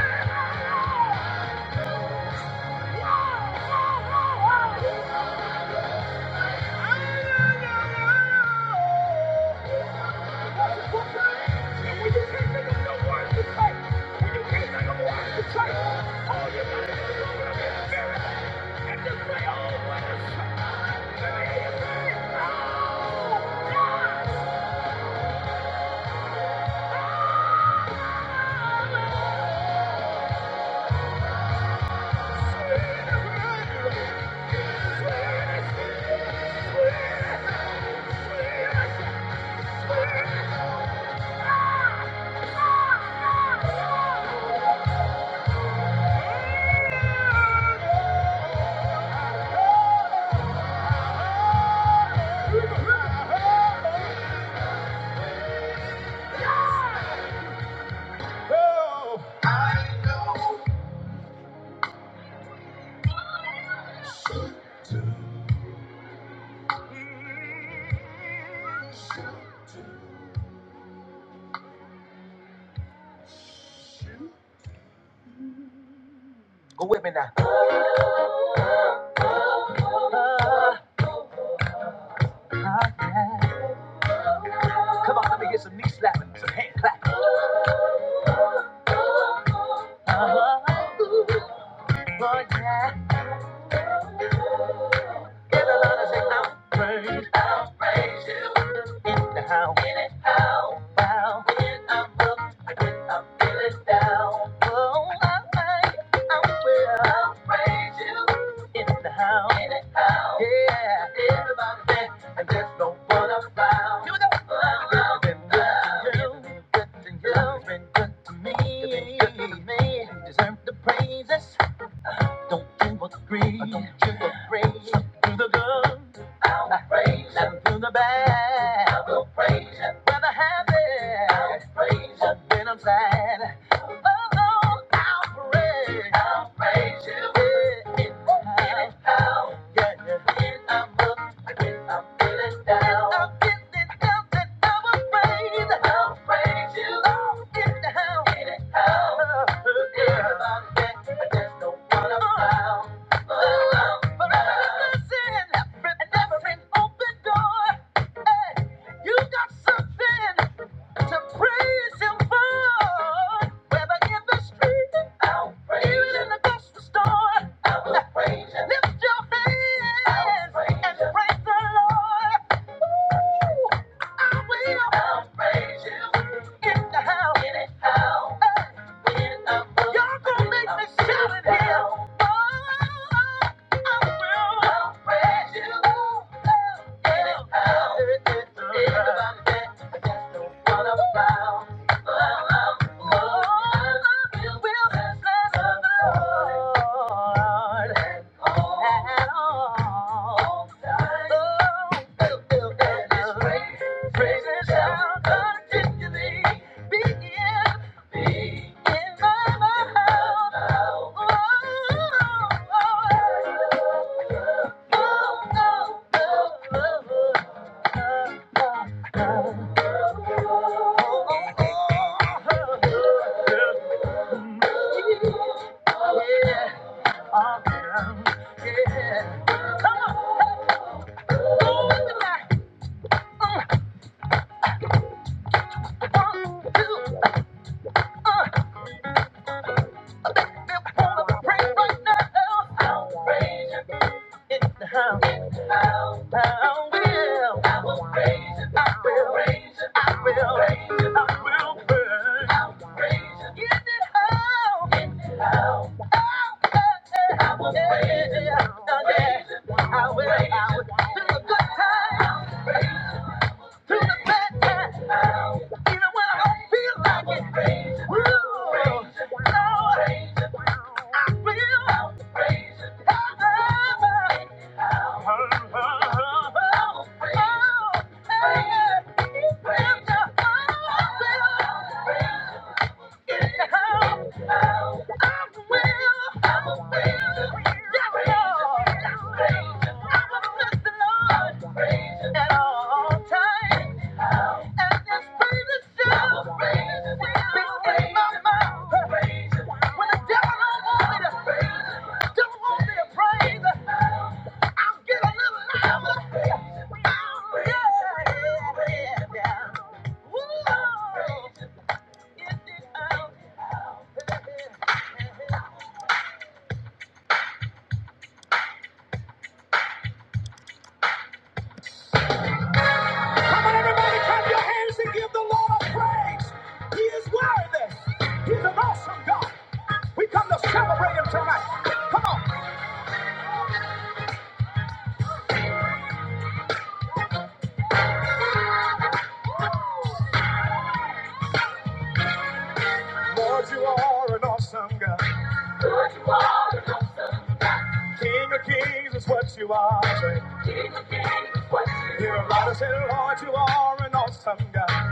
S1: is in the house. Oh, I, I, I will praise you in the house. Yeah, everybody dance, and there's no one around. Here we It's been good to you. It's been good to you. It's been good to me. The praises. Come, come in the house, praise you. Oh, in the house. In the house. Everybody dance, and there's no one around. Oh, forever listen, and every open door. Hey, you got something. to praise him for. Whether in the street, I'll praise even in the grocery store, I will praise him. Lift your hands I'll praise and praise the Lord. Ooh, I will. I'll praise him. In the house. In the house. Hey. Y'all gonna make me shout it here. Oh, I'll praise you. Praise and shout continually. Begin Outrageous. in the house. How, how will I will, praise you, I will praise it. I will praise it. I will praise it. I will praise it. In the house. In the house. I will praise it. I will praise it. I will praise it. Through the good times, through the bad times, even when I don't feel like it. I will praise it. I will praise it. I will praise it. I will praise it. When the devil don't want me to, don't want me to praise. Oh, yeah, yeah. He is worthy. Lord, you are an awesome God. King of kings is what you are. Hear a lot of say, Lord, you are an awesome God.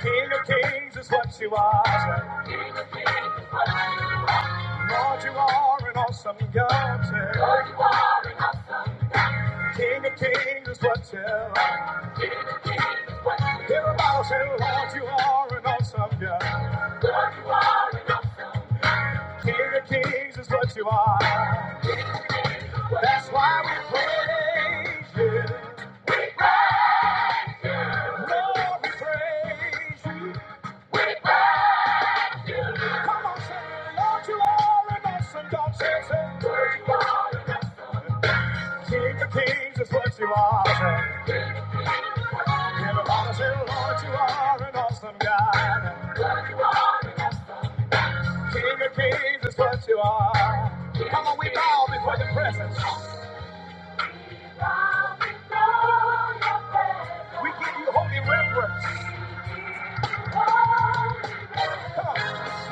S1: King of kings is what you are. You are an awesome God. Say, King of kings is what you are. Hear a lot of say, Lord, you are an awesome God. King of kings is what you are. That's why we praise you. Lord, we praise you. Come on, say, Lord, you are an awesome God. Say, say, King of kings is what you are. Say, Everybody say, Lord, you are an awesome God. King of kings is what you are. Come on, we bow before your presence. We give you holy reverence.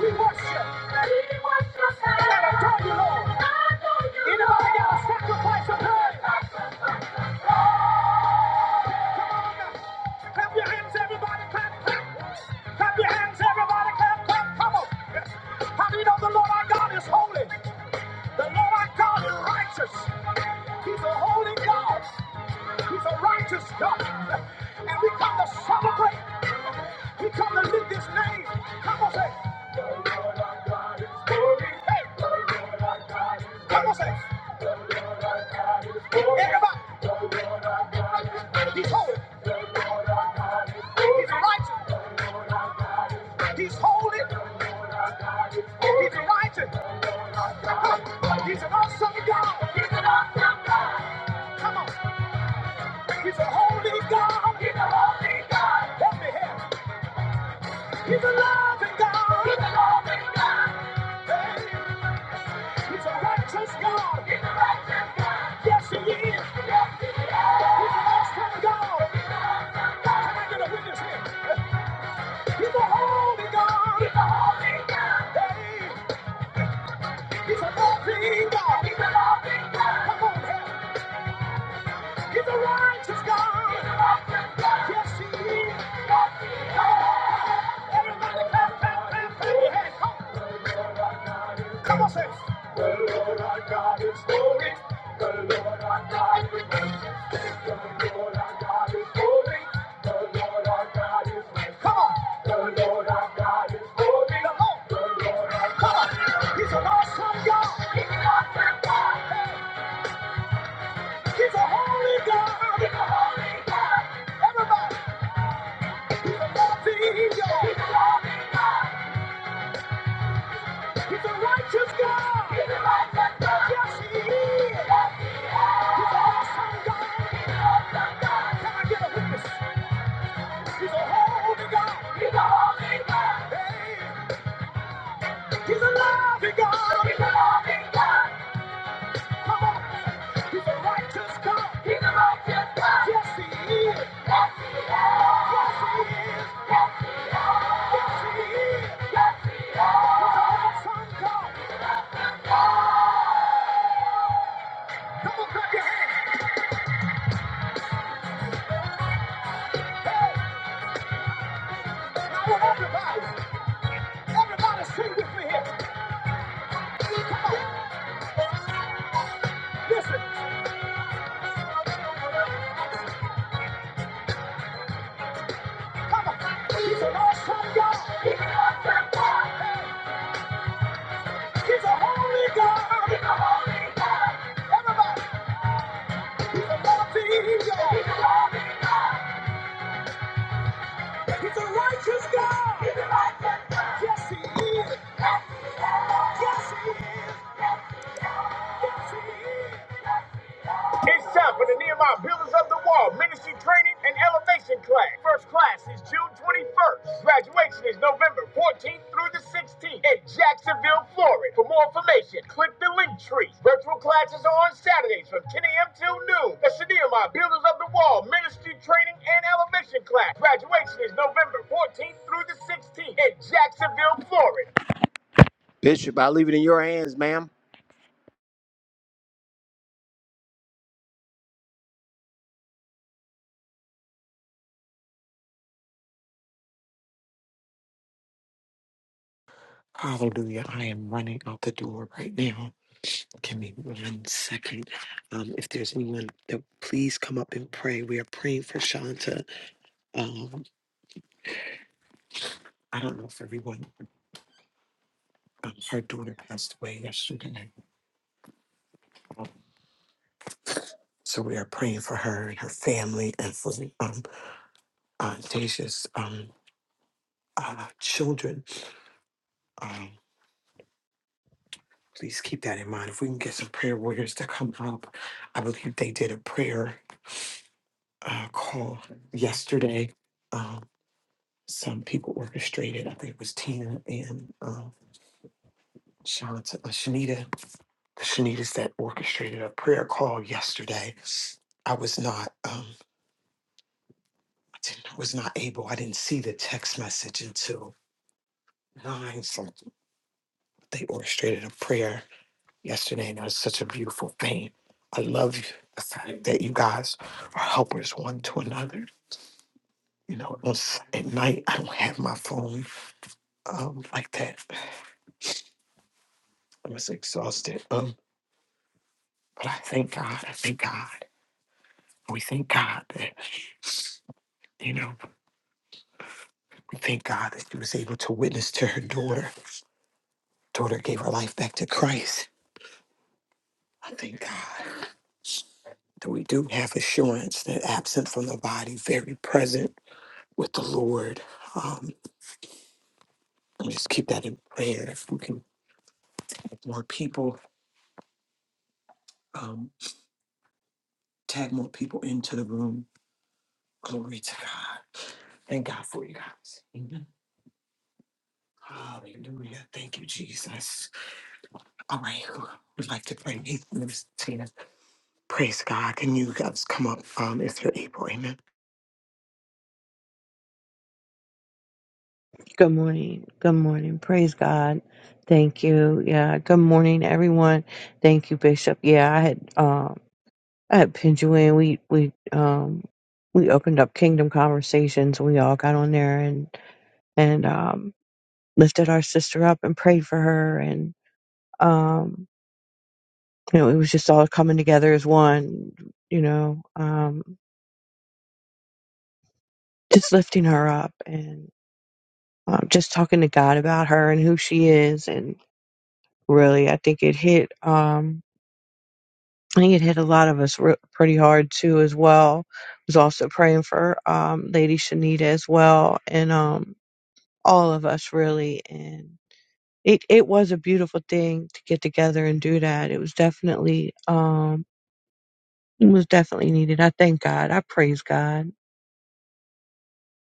S1: We worship. We worship. God. And I adore you, Lord. I adore you, Anybody got a sacrifice of praise? Clap your hands, everybody. Clap, clap. Clap your hands, everybody. Clap, clap. Come on. Yes. How do you know the Lord our God is holy? The Lord our God is righteous. He's a holy God. He's a righteous God. And we come to celebrate. We come to lift his name. Come on, say. Hey, come on, say. Everybody. He's holy. He's righteous. He's holy. Oh, He's a righteous. God. He's an awesome God. Come on, he's a holy God. He's a holy God. Help me here. He's a loving God. He's a loving God. Hey, he's a righteous God. He's a righteous God. Yes, he is. Yes, he is. He's an awesome God. Can I get a witness here? He's a holy God. He's a holy God. Hey, he's a loving God. He's a loving God. Come on, here. He's a righteous God. Yes, he is. Everybody clap, clap, clap, clap hands. Come on, say. The Lord our God is holy. The Lord our God is holy. The Lord our God is holy. The Lord our God is holy. Come on. The Lord our God is holy. Come on. The Lord our God. Come on. He's an awesome God. He's an awesome God. He's a holy God. He's a holy God. Everybody. He's a loving God. He's a loving God. He's a righteous God. He's a righteous God. Yes, he is. Yes, he is. He's an awesome God. He's an awesome God. Can I get a witness? He's a holy God. He's a holy God. Hey. He's a loving God. He's a loving God. Come on. He's Yes, Yes, Yes, Yes, Yes, an awesome God. Come clap your hands. Now, everybody, everybody sing with me here. Come on. Listen. Come on. awesome He's an awesome God. He's a holy God. He's a holy God. Everybody. It's time for the Nehemiah Builders of the Wall Ministry Training and Elevation Class. First class is June 21st. Graduation is November 14th through the 16th in Jacksonville, Florida. For more information, click the link tree. Virtual classes are on Saturday. Bishop, I leave it in your hands, ma'am.
S2: Hallelujah. I am running out the door right now. Give me one second. Um, if there's anyone that please come up and pray. We are praying for Shanta. Um, I don't know if everyone, um, her daughter passed away yesterday. So we are praying for her and her family and for um, uh, Deja's um, uh, children. Um, please keep that in mind. If we can get some prayer warriors to come up, I believe they did a prayer uh, call yesterday. Um, some people orchestrated. I think it was Tina and um, Shanta, uh, Shanita. The Shanitas that orchestrated a prayer call yesterday. I was not, um, I didn't, I was not able. I didn't see the text message until nine. So they orchestrated a prayer yesterday, and that was such a beautiful thing. I love you, the fact that you guys are helpers one to another. You know, on s- at night I don't have my phone um, like that. I was exhausted. Um, But I thank God. I thank God. We thank God that, you know, we thank God that she was able to witness to her daughter. Daughter gave her life back to Christ. I thank God that we do have assurance that absent from the body, very present with the Lord. Um, and just keep that in prayer. If we can get more people, um, tag more people into the room. Glory to God. Thank God for you guys. Amen. Hallelujah. Thank you, Jesus. All right, who would like to pray? Hey, Miss Tina. Praise God. Can you guys come up um, if you're able? Amen.
S3: Good morning. Good morning. Praise God. Thank you. Yeah. Good morning, everyone. Thank you, Bishop. Yeah, I had um I had pinned you in. We we um we opened up Kingdom Conversations. We all got on there and and um lifted our sister up and prayed for her and um you know, it was just all coming together as one, you know, um just lifting her up and um, just talking to God about her and who she is and really I think it hit Um, I think it hit a lot of us re- pretty hard too, as well. Was also praying for um, Lady Shanita as well, and um, all of us really. And it it was a beautiful thing to get together and do that. It was definitely um, it was definitely needed. I thank God. I praise God.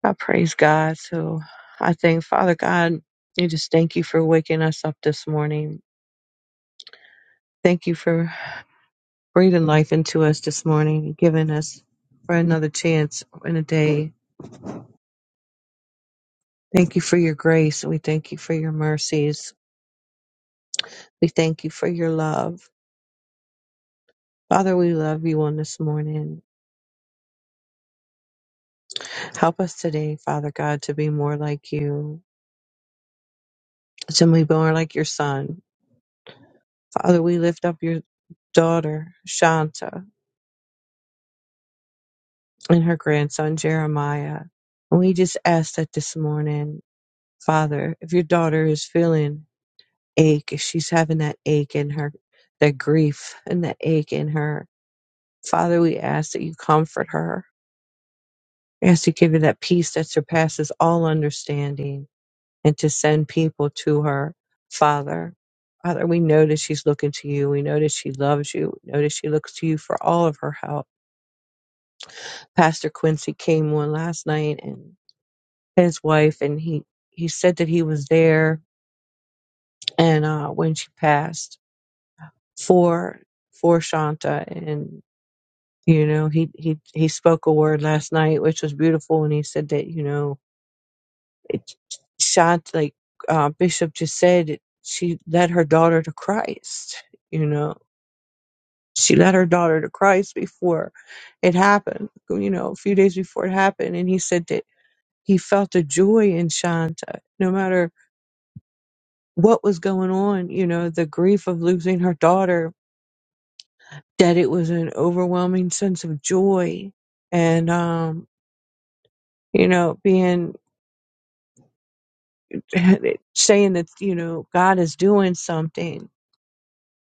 S3: I praise God. So I thank Father God. I just thank you for waking us up this morning. Thank you for breathing life into us this morning, giving us for another chance in a day Thank you for your grace. We thank you for your mercies. We thank you for your love. Father, we love you on this morning. Help us today, Father God, to be more like you, to be more like your son. Father, we lift up your daughter, Shanta, and her grandson, Jeremiah. And we just ask that this morning, Father, if your daughter is feeling ache, if she's having that ache in her, that grief and that ache in her, Father, we ask that you comfort her We ask to give her that peace that surpasses all understanding and to send people to her. Father, Father, we know that she's looking to you. We know that she loves you. We know that she looks to you for all of her help. Pastor Quincy came on last night and his wife, and he, he said that he was there and uh, when she passed for for Shanta and you know he he he spoke a word last night which was beautiful and he said that you know It shot like uh, Bishop just said. It, she led her daughter to Christ. You know, she led her daughter to Christ before it happened. You know, a few days before it happened, and he said that he felt a joy in Shanta, no matter what was going on. You know, the grief of losing her daughter. That it was an overwhelming sense of joy, and um, you know, being [LAUGHS] saying that you know God is doing something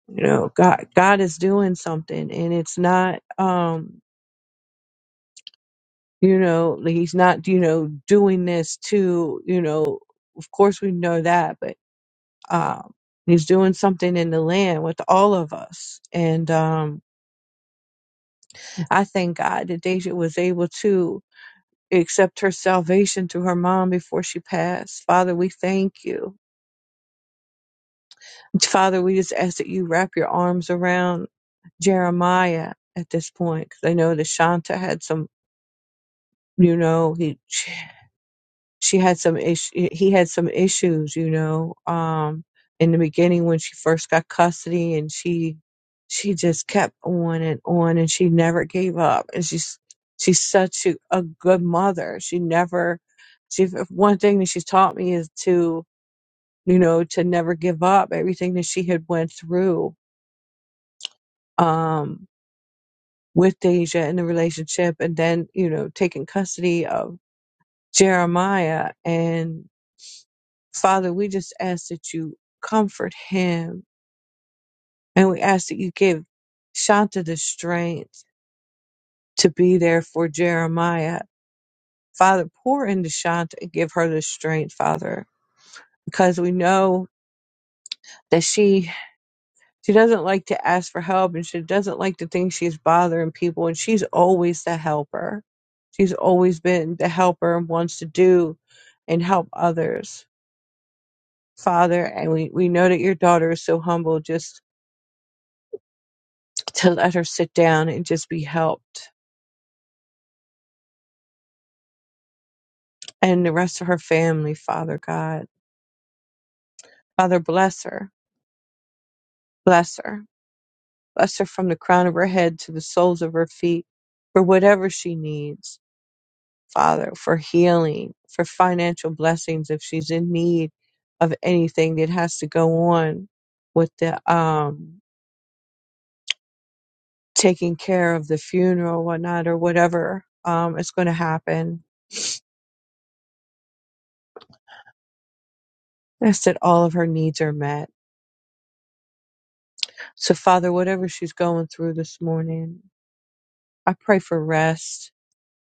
S3: you know god god is doing something and it's not um you know like he's not you know doing this to you know of course we know that but um he's doing something in the land with all of us and um i thank god that deja was able to accept her salvation through her mom before she passed father we thank you father we just ask that you wrap your arms around jeremiah at this point because i know that shanta had some you know he she had some issue he had some issues you know um in the beginning when she first got custody and she she just kept on and on and she never gave up and she's she's such a, a good mother she never she one thing that she's taught me is to you know to never give up everything that she had went through um with Deja in the relationship and then you know taking custody of Jeremiah and. Father, we just ask that you comfort him and we ask that you give Shanta the strength to be there for Jeremiah. Father, pour into Shanta and give her the strength, Father, because we know that she she doesn't like to ask for help and she doesn't like to think she's bothering people and she's always the helper. She's always been the helper and wants to do and help others. Father, and we, we know that your daughter is so humble just to let her sit down and just be helped. And the rest of her family, Father God. Father, bless her. Bless her. Bless her from the crown of her head to the soles of her feet for whatever she needs, Father, for healing, for financial blessings if she's in need of anything that has to go on with the um taking care of the funeral, whatnot, or whatever um is gonna happen. Yes, that all of her needs are met So, Father, whatever she's going through this morning, I pray for rest.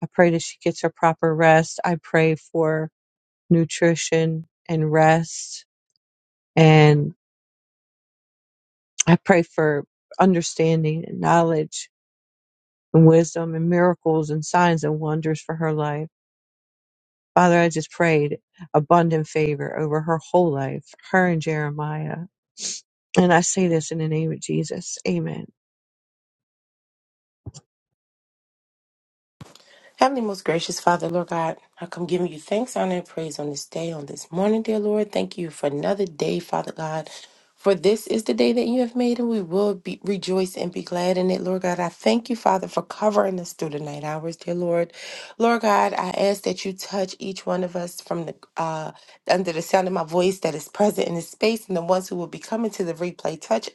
S3: I pray that she gets her proper rest. I pray for nutrition and rest. And I pray for understanding and knowledge and wisdom and miracles and signs and wonders for her life. Father, I just prayed abundant favor over her whole life, her and Jeremiah. And I say this in the name of Jesus. Amen.
S4: Heavenly, most gracious Father, Lord God, I come giving you thanks, honor, and praise on this day, on this morning, dear Lord. Thank you for another day, Father God. For this is the day that you have made, and we will be, rejoice and be glad in it, Lord God. I thank you, Father, for covering us through the night hours, dear Lord. Lord God, I ask that you touch each one of us from the uh, under the sound of my voice that is present in this space, and the ones who will be coming to the replay. Touch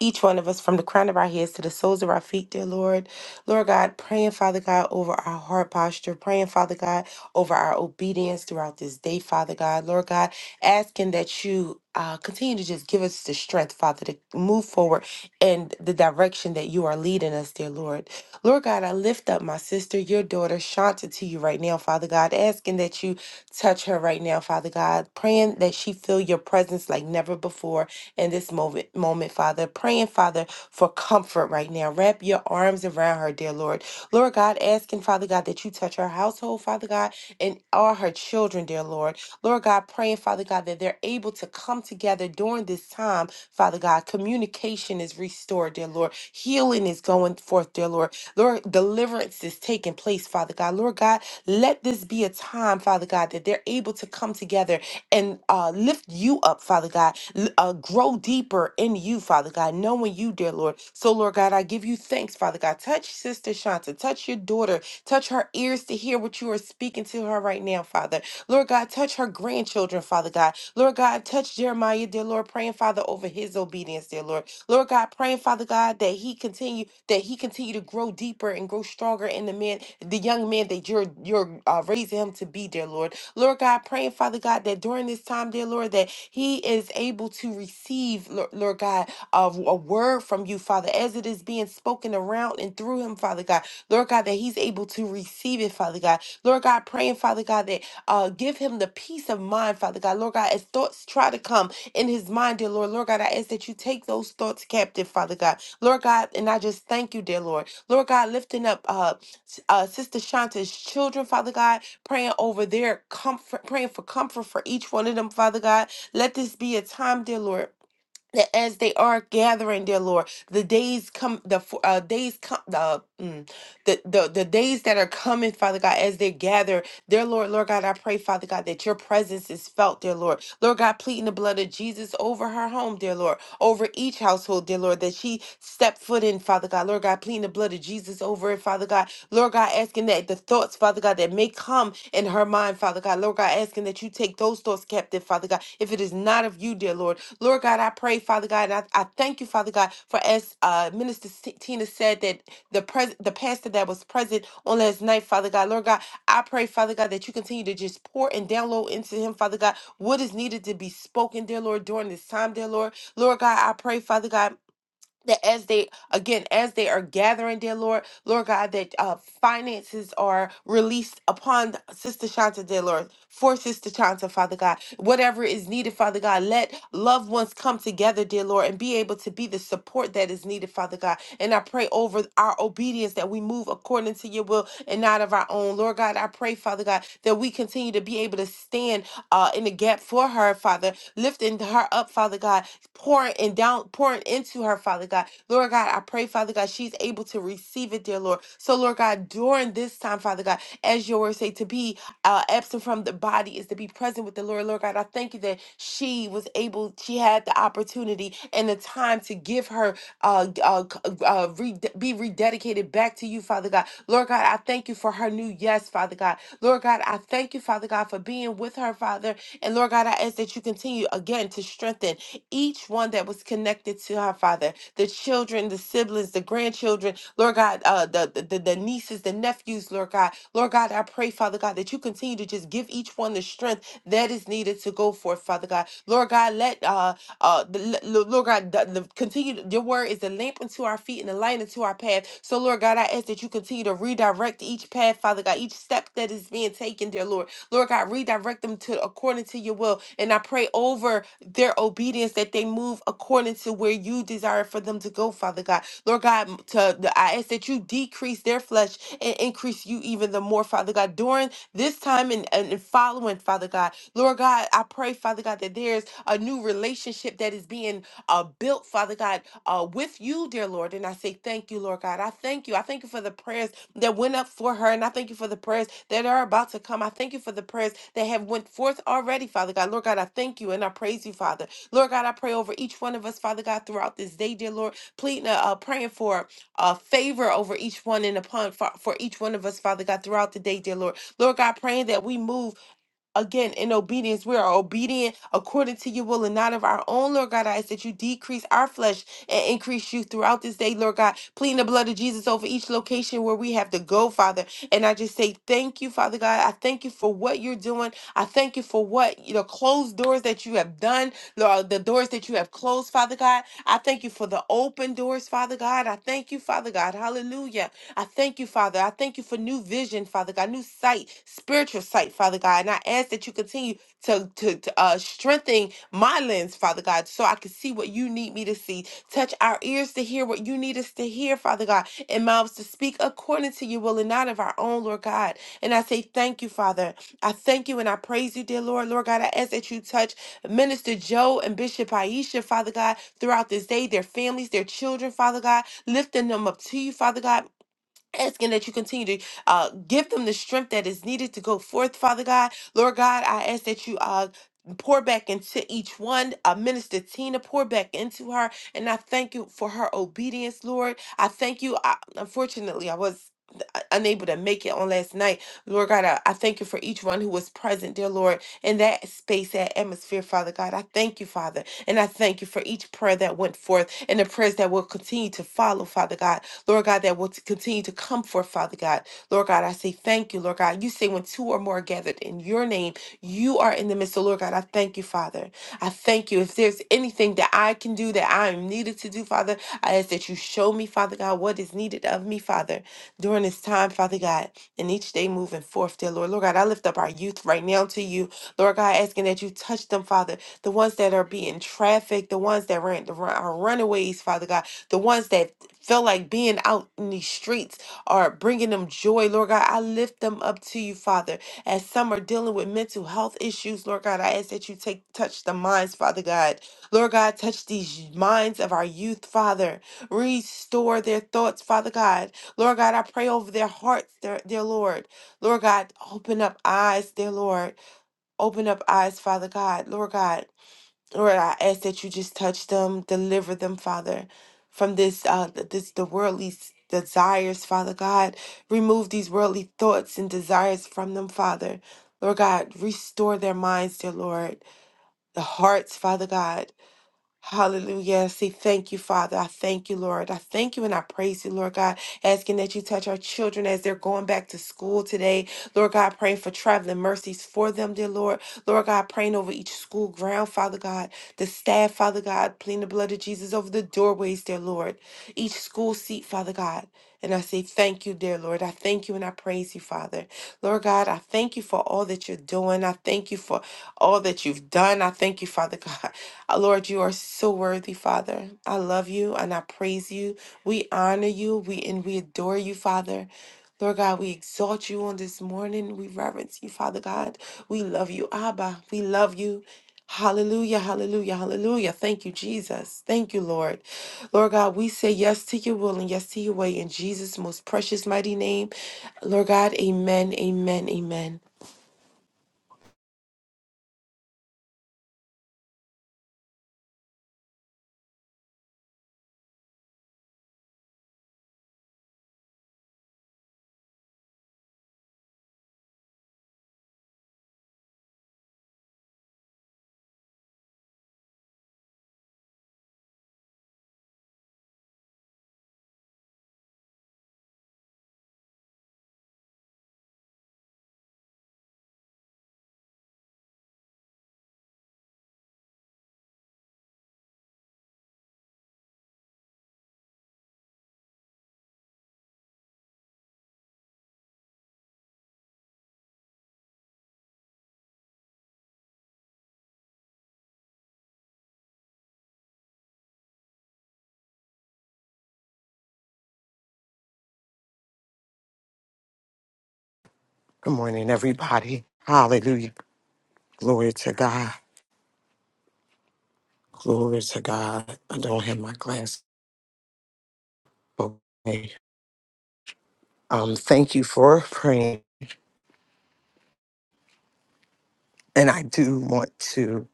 S4: each one of us from the crown of our heads to the soles of our feet, dear Lord. Lord God, praying, Father God, over our heart posture, praying, Father God, over our obedience throughout this day, Father God. Lord God, asking that you uh, continue to just give us the strength, Father, to move forward in the direction that you are leading us, dear Lord. Lord God, I lift up my sister, your daughter, Shanta, to you right now, Father God, asking that you touch her right now, Father God, praying that she feel your presence like never before in this moment, moment Father. Praying, Father for comfort right now. Wrap your arms around her, dear Lord. Lord God, asking, Father God, that you touch her household, Father God, and all her children, dear Lord. Lord God, praying, Father God, that they're able to come together during this time, Father God. Communication is restored, dear Lord. Healing is going forth, dear Lord. Lord, deliverance is taking place, Father God. Lord God, let this be a time, Father God, that they're able to come together and uh, lift you up, Father God. L- Uh, grow deeper in you, Father God, knowing you, dear Lord. So, Lord God, I give you thanks, Father God. Touch Sister Shanta, touch your daughter, touch her ears to hear what you are speaking to her right now, Father. Lord God, touch her grandchildren, Father God. Lord God, touch Jeremiah, dear Lord, praying, Father, over his obedience, dear Lord. Lord God, praying, Father God, that he continue that he continue to grow deeper and grow stronger in the man, the young man that you're you're uh, raising him to be, dear Lord. Lord God, praying, Father God, that during this time, dear Lord, that he is able to receive, Lord Lord God, of a word from you, Father, as it is being spoken around and through him, Father God. Lord God, that he's able to receive it, Father God. Lord God, praying, Father God, that uh, give him the peace of mind, Father God. Lord God, as thoughts try to come in his mind, dear Lord, Lord God, I ask that you take those thoughts captive, Father God. Lord God, and I just thank you, dear Lord. Lord God, lifting up uh, s- uh, Sister Shanta's children, Father God praying over their comfort, praying for comfort for each one of them, Father God. Let this be a time, dear Lord. That as they are gathering, dear Lord, the days come, the fo- uh, days come, the, mm, the the the days that are coming, Father God, as they gather Dear Lord, Lord God, I pray, Father God, that your presence is felt, dear Lord. Lord God, pleading the blood of Jesus over her home, dear Lord, over each household, dear Lord, that she stepped foot in, Father God. Lord God, pleading the blood of Jesus over it, Father God. Lord God, asking that the thoughts, Father God, that may come in her mind, Father God. Lord God, asking that you take those thoughts captive, Father God, if it is not of you, dear Lord. Lord God, I pray, Father God, and I, I thank you, Father God, for as uh, Minister Tina said that the pres- the pastor that was present on last night, Father God, Lord God. I pray, Father God, that you continue to just pour and download into him, Father God, what is needed to be spoken, dear Lord, during this time, dear Lord. Lord God, I pray, Father God that as they again as they are gathering dear lord lord god that uh finances are released upon sister shanta dear lord for sister shanta father god whatever is needed father god let loved ones come together dear lord and be able to be the support that is needed father god and i pray over our obedience that we move according to your will and not of our own lord god i pray father god that we continue to be able to stand uh, in the gap for her, Father, lifting her up, Father God, pouring and down, pouring into her, Father God. Lord God, I pray, Father God, she's able to receive it, dear Lord. So, Lord God, during this time, Father God, as your word say, to be uh, absent from the body is to be present with the Lord. Lord God, I thank you that she was able, she had the opportunity and the time to give her, uh, uh, c- uh re- be rededicated back to you, Father God. Lord God, I thank you for her new yes, Father God. Lord God, I thank you, Father God, for being with her, Father. And Lord God, I ask that you continue again to strengthen each one that was connected to her, Father. The children, the siblings, the grandchildren, Lord God, uh, the, the, the nieces, the nephews, Lord God. Lord God, I pray, Father God, that you continue to just give each one the strength that is needed to go forth, Father God. Lord God, let, uh, uh, the, l- l- Lord God, the, the, continue, your word is a lamp unto our feet and a light unto our path. So, Lord God, I ask that you continue to redirect each path, Father God, each step that is being being taken, dear Lord. Lord God, redirect them to according to your will. And I pray over their obedience that they move according to where you desire for them to go, Father God. Lord God, to the, I ask that you decrease their flesh and increase you even the more, Father God. During this time and, and, and following, Father God, Lord God, I pray, Father God, that there's a new relationship that is being uh, built, Father God, uh, with you, dear Lord. And I say thank you, Lord God. I thank you. I thank you for the prayers that went up for her. And I thank you for the prayers that are about to come. I thank you for the prayers that have went forth already, Father God. Lord God, I thank you and I praise you, Father. Lord God, I pray over each one of us, Father God, throughout this day, dear Lord, pleading, uh, uh, praying for uh, favor over each one and upon for, for each one of us, Father God, throughout the day, dear Lord. Lord God, praying that we move again in obedience we are obedient according to your will and not of our own lord god i ask that you decrease our flesh and increase you throughout this day lord god pleading the blood of jesus over each location where we have to go father and i just say thank you father god i thank you for what you're doing i thank you for what the closed doors that you have done lord the doors that you have closed father god i thank you for the open doors father god i thank you father god hallelujah I thank you, Father. I thank you for new vision, Father God, new sight, spiritual sight, Father God. And I ask that you continue to, to, to uh, strengthen my lens, Father God, so I can see what you need me to see. Touch our ears to hear what you need us to hear, Father God, and mouths to speak according to your will and not of our own, Lord God. And I say thank you, Father. I thank you and I praise you, dear Lord. Lord God, I ask that you touch Minister Joe and Bishop Aisha, Father God, throughout this day, their families, their children, Father God, lifting them up to you, Father God, asking that you continue to uh, give them the strength that is needed to go forth, Father God. Lord God, I ask that you uh, pour back into each one. Uh, Minister Tina, pour back into her. And I thank you for her obedience, Lord. I thank you. I, unfortunately, I was not unable to make it on last night. Lord God, I, I thank you for each one who was present, dear Lord, in that space, that atmosphere, Father God. I thank you, Father. And I thank you for each prayer that went forth and the prayers that will continue to follow, Father God. Lord God, that will t- continue to come forth, Father God. Lord God, I say thank you, Lord God. You say when two or more are gathered in your name, you are in the midst. So, Lord God, I thank you, Father. I thank you. If there's anything that I can do that I am needed to do, Father, I ask that you show me, Father God, what is needed of me, Father during this time, Father God, and each day moving forth, dear Lord. Lord God, I lift up our youth right now to you. Lord God, asking that you touch them, Father. The ones that are being trafficked, the ones that ran, the run, are runaways, Father God. The ones that feel like being out in these streets are bringing them joy, Lord God. I lift them up to you, Father. As some are dealing with mental health issues, Lord God, I ask that you take touch the minds, Father God. Lord God, touch these minds of our youth, Father. Restore their thoughts, Father God. Lord God, I pray over their hearts, their, dear Lord. Lord God, open up eyes, dear Lord. Open up eyes, Father God. Lord God, Lord, I ask that you just touch them, deliver them, Father, from this, uh, th- this the worldly s- desires, Father God. Remove these worldly thoughts and desires from them, Father. Lord God, restore their minds, dear Lord. The hearts, Father God. Hallelujah. I say thank you, Father. I thank you, Lord. I thank you and I praise you, Lord God. Asking that you touch our children as they're going back to school today. Lord God, praying for traveling mercies for them, dear Lord. Lord God, praying over each school ground, Father God. The staff, Father God, pleading the blood of Jesus over the doorways, dear Lord. Each school seat, Father God. And I say thank you, dear Lord. I thank you and I praise you, Father. Lord God, I thank you for all that you're doing. I thank you for all that you've done. I thank you, Father [LAUGHS] God. Uh, Lord, you are so worthy, Father. I love you and I praise you. We honor you. We and we adore you, Father. Lord God, we exalt you on this morning. We reverence you, Father God. We love you, Abba. We love you. Hallelujah, hallelujah, hallelujah. Thank you, Jesus. Thank you, Lord. Lord God, we say yes to your will and yes to your way in Jesus' most precious, mighty name. Lord God, amen, amen, amen.
S2: Good morning, everybody. Hallelujah. Glory to God. Glory to God. I don't have my glass. Okay. Um, thank you for praying. And I do want to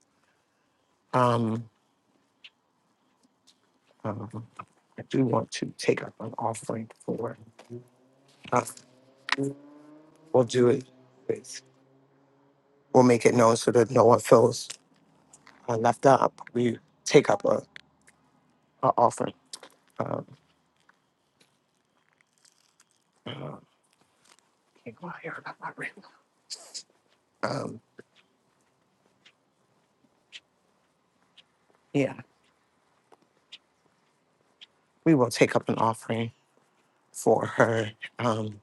S2: um, um I do want to take up an offering for us. We'll do it. with- We'll make it known so that no one feels uh, left out. We take up a, a offering. um, Um, yeah, we will take up an offering for her um,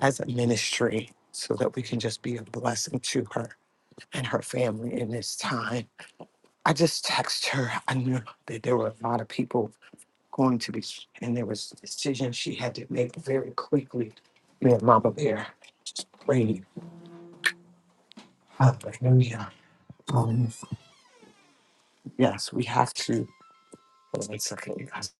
S2: as a ministry so that we can just be a blessing to her and her family in this time. I just text her. I knew that there were a lot of people going to be, and there was a decision she had to make very quickly. Me and Mama Bear just prayed. Hallelujah. Um, yes, we have to. Hold on one second, you guys.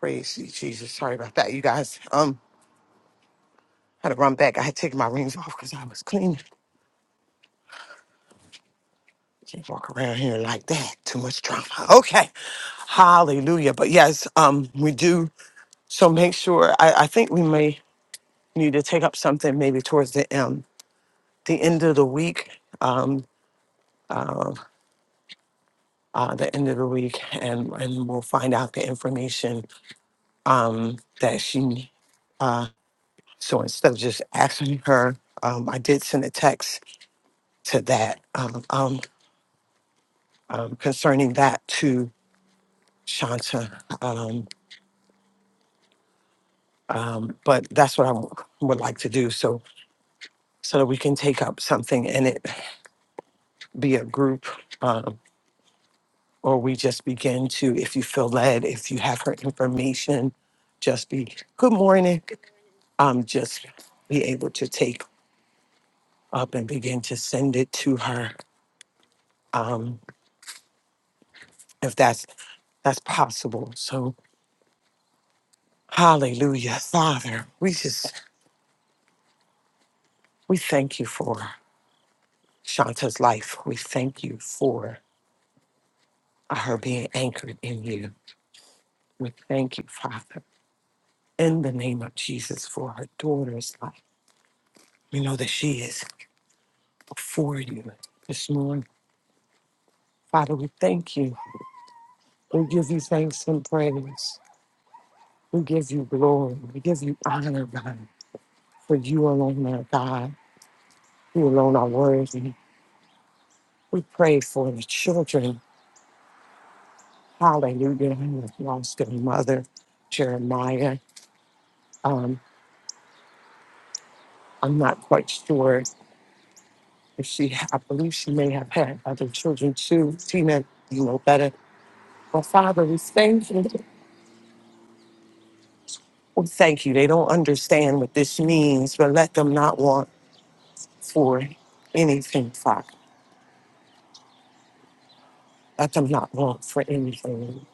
S2: Praise you, Jesus. Sorry about that, you guys. Um, I had to run back. I had taken my rings off because I was cleaning. Can't walk around here like that. Too much drama. [LAUGHS] Okay. Hallelujah. But yes, um, we do. So make sure. I, I think we may need to take up something maybe towards the um the end of the week. Um, uh, uh, the end of the week, and and we'll find out the information um that she. Uh, so instead of just asking her, um, I did send a text to that um, um, um, concerning that too Shanta. Um, um, but that's what I w- would like to do. So so that we can take up something and it be a group, um, or we just begin to, if you feel led, if you have her information, just be good morning. Um, just be able to take up and begin to send it to her, um, if that's that's possible. So hallelujah, Father, we just we thank you for Shanta's life. We thank you for her being anchored in you. We thank you, Father, in the name of Jesus for her daughter's life. We know that she is before you this morning. Father, we thank you. We give you thanks and praise. We give you glory. We give you honor, God, for you alone are God. You alone are worthy. We pray for the children. Hallelujah. Who have lost their mother, Jeremiah. Um, I'm not quite sure And she, I believe she may have had other children too. Tina, you know better. But Father, we thank you. We thank you. They don't understand what this means, but let them not want for anything, Father. Let them not want for anything.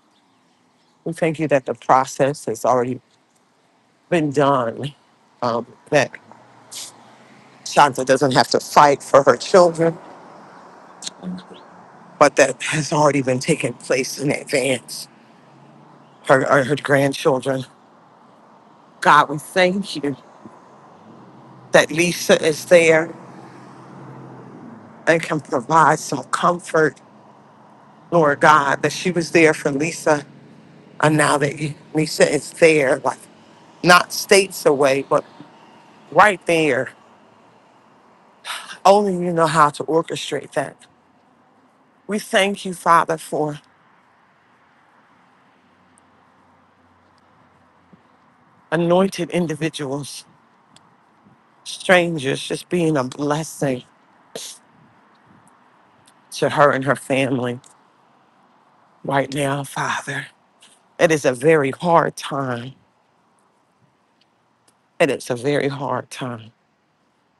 S2: We thank you that the process has already been done, um, that Shanta doesn't have to fight for her children, but that has already been taking place in advance. Her, her, her grandchildren. God, we thank you that Lisa is there and can provide some comfort, Lord God, that she was there for Lisa. And now that Lisa is there, like not states away, but right there, only you know how to orchestrate that. We thank you, Father, for anointed individuals, strangers, just being a blessing to her and her family right now, Father. It is a very hard time. It is a very hard time.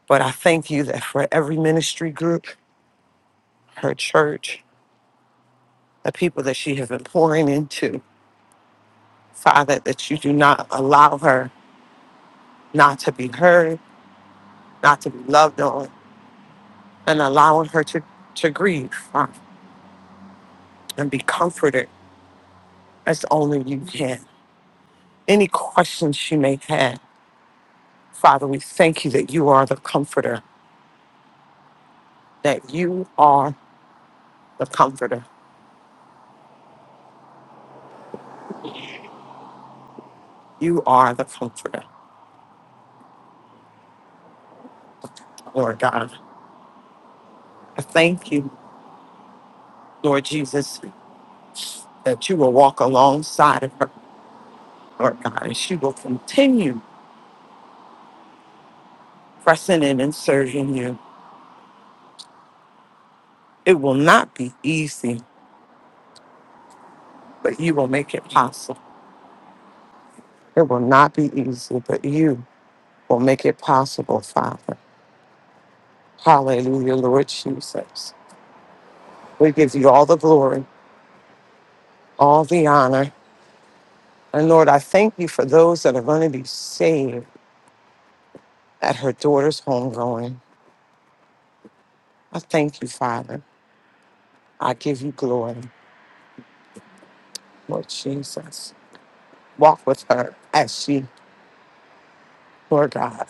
S2: But I thank you that for every ministry group, her church, the people that she has been pouring into, Father, that you do not allow her not to be heard, not to be loved on, and allowing her to, to grieve Father, and be comforted as only you can. Any questions she may have, Father, we thank you that you are the comforter, that you are the comforter. You are the comforter, Lord God. I thank you, Lord Jesus, that you will walk alongside of her, Lord God, and she will continue pressing in and serving you. It will not be easy, but you will make it possible. It will not be easy, but you will make it possible, Father. Hallelujah, Lord Jesus. We give you all the glory, all the honor. And Lord, I thank you for those that are going to be saved at her daughter's homegoing. I thank you, Father. I give you glory, Lord Jesus. Walk with her as she, Lord God.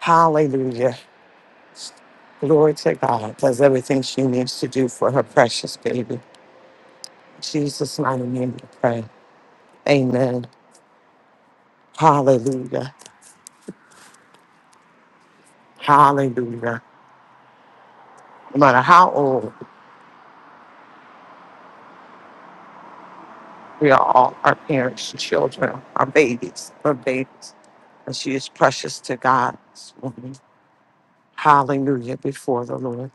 S2: Hallelujah. Glory to God does everything she needs to do for her precious baby. In Jesus' mighty name we pray. Amen. Hallelujah. Hallelujah. No matter how old we are, all our parents, children, our babies, our babies. And she is precious to God this morning. Hallelujah before the Lord.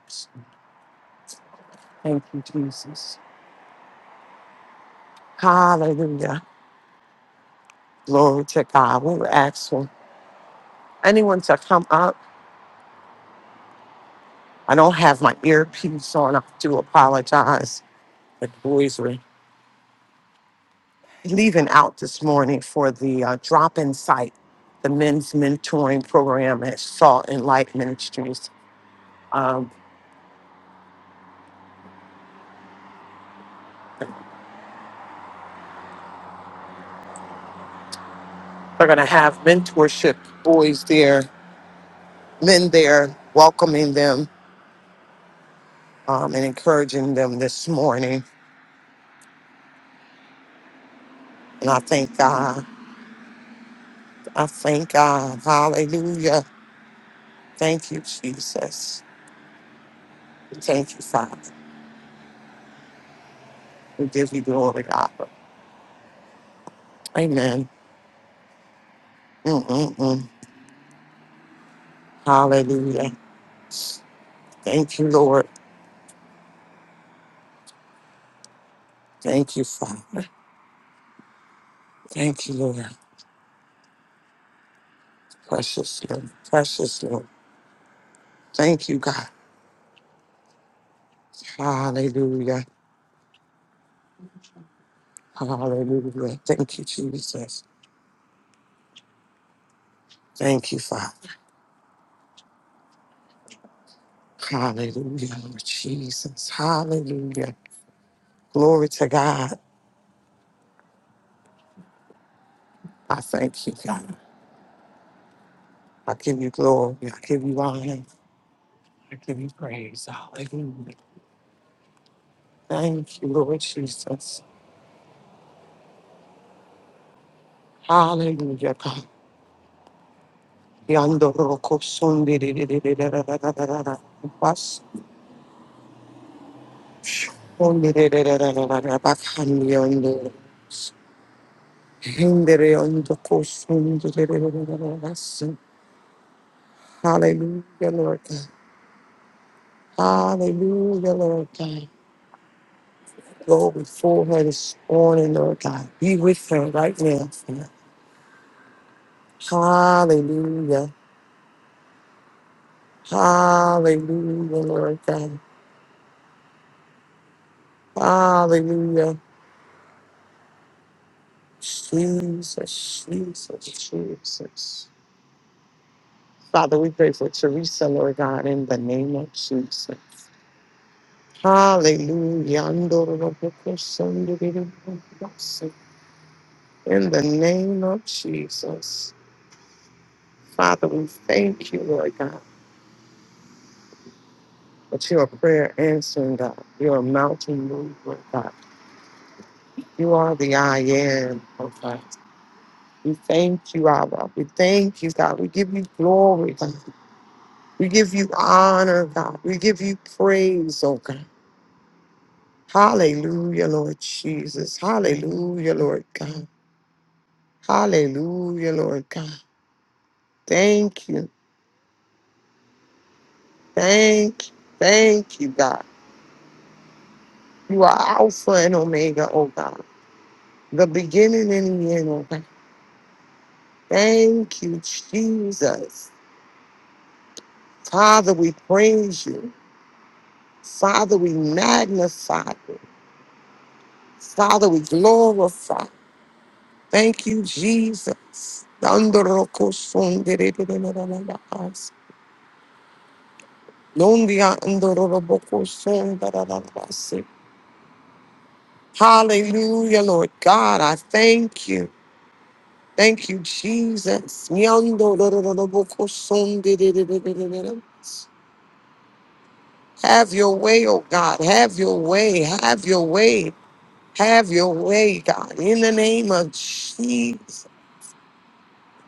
S2: Thank you, Jesus. Hallelujah. Glory to God. We were asking anyone to come up. I don't have my earpiece on. I do apologize advisory leaving out this morning for the uh, drop in site, the men's mentoring program at Salt and Light Ministries. Um, they're going to have mentorship boys there, men there, welcoming them um, and encouraging them this morning. And I thank God. I thank God. Hallelujah. Thank you, Jesus. Thank you, Father. We give you glory, God. Amen. Mm-mm-mm. Hallelujah. Thank you, Lord. Thank you, Father. Thank you, Lord. Precious Lord. Precious Lord. Thank you, God. Hallelujah. Hallelujah. Thank you, Jesus. Thank you, Father. Hallelujah, Lord Jesus. Hallelujah. Glory to God. I thank you, God. I give you glory. I give you honor. I give you praise. Hallelujah. Thank you, Lord Jesus. Hallelujah, God. Yandoroko sundi di di di di da da da da da da. Hallelujah, Lord God. Hallelujah, Lord God. Go before her this morning, Lord God. Be with her right now. Father. Hallelujah. Hallelujah, Lord God. Hallelujah. Jesus, Jesus, Jesus. Father, we pray for Teresa, Lord God, in the name of Jesus. Hallelujah. Andorobokosandiribokosi. In the name of Jesus, Father, we thank you, Lord God, that you're a prayer answering God. You're a mountain mover, Lord God. You are the I am, Lord God. We thank you, Abba. We thank you, God. We give you glory, God. We give you honor, God. We give you praise, oh God. Hallelujah, Lord Jesus. Hallelujah, Lord God. Hallelujah, Lord God. Thank you, thank, thank you, God. You are Alpha and Omega, O God, the beginning and the end. Thank you, Jesus, Father. We praise you, Father. We magnify you, Father. We glorify you. Thank you, Jesus. Hallelujah, Lord God, I thank you. Thank you, Jesus. Have your way, oh God. Have your way. Have your way. Have your way, God. In the name of Jesus,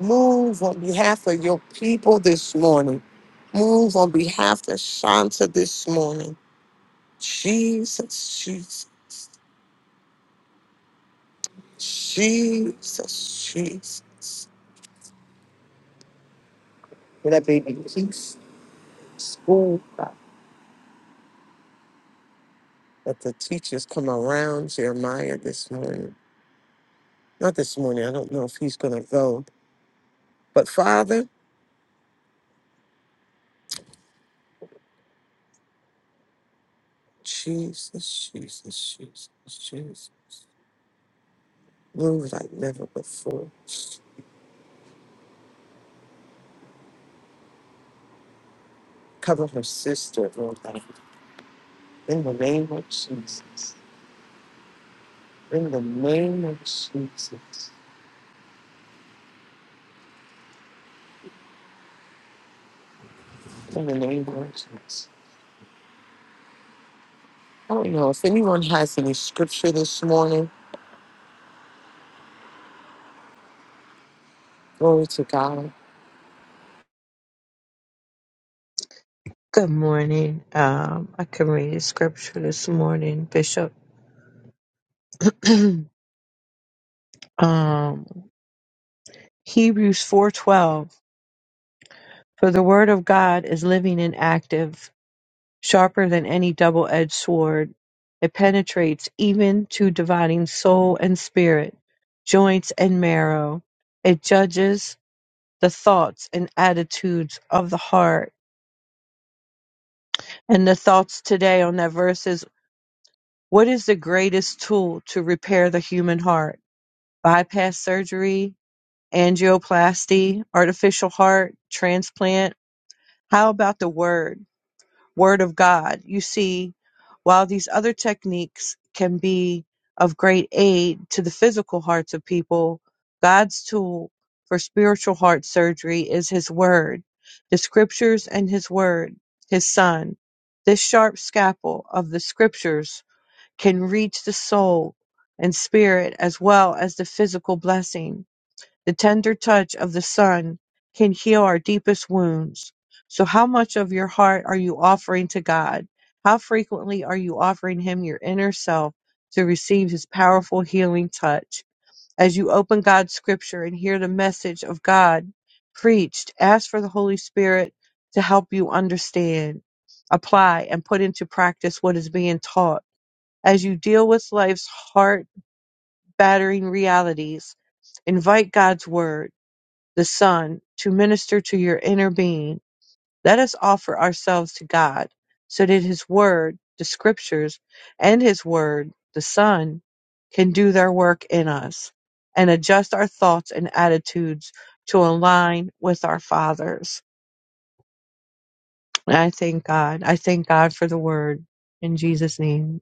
S2: move on behalf of your people this morning. Move on behalf of Shanta this morning. Jesus, Jesus, Jesus, Jesus. Let that baby peace. school, God. that the teachers come around Jeremiah this morning. Not this morning, I don't know if he's going to go. But Father, Jesus, Jesus, Jesus, Jesus, move like never before. Cover her sister, Lord God, in the name of Jesus. In the name of Jesus. In the name of Jesus. I don't know if anyone has any scripture this morning. Glory to God.
S3: Good morning. Um, I can read a scripture this morning, Bishop. [CLEARS THROAT] um, Hebrews four twelve. For the word of God is living and active, sharper than any double edged sword. It penetrates even to dividing soul and spirit, joints and marrow. It judges the thoughts and attitudes of the heart. And the thoughts today on that verse is what is the greatest tool to repair the human heart? bypass surgery, angioplasty, artificial heart, transplant. How about the word, word of God? You see, while these other techniques can be of great aid to the physical hearts of people, God's tool for spiritual heart surgery is His Word, the Scriptures and His Word, His Son. This sharp scalpel of the Scriptures can reach the soul and spirit as well as the physical blessing the tender touch of the sun can heal our deepest wounds. So, how much of your heart are you offering to God? How frequently are you offering Him your inner self to receive His powerful healing touch? As you open God's scripture and hear the message of God preached, ask for the Holy Spirit to help you understand, apply, and put into practice what is being taught. As you deal with life's heart battering realities, invite God's word the Son, to minister to your inner being, let us offer ourselves to God, so that His Word, the Scriptures, and His Word, the Son, can do their work in us and adjust our thoughts and attitudes to align with our Father's. And I thank God. I thank God for the Word in Jesus' name.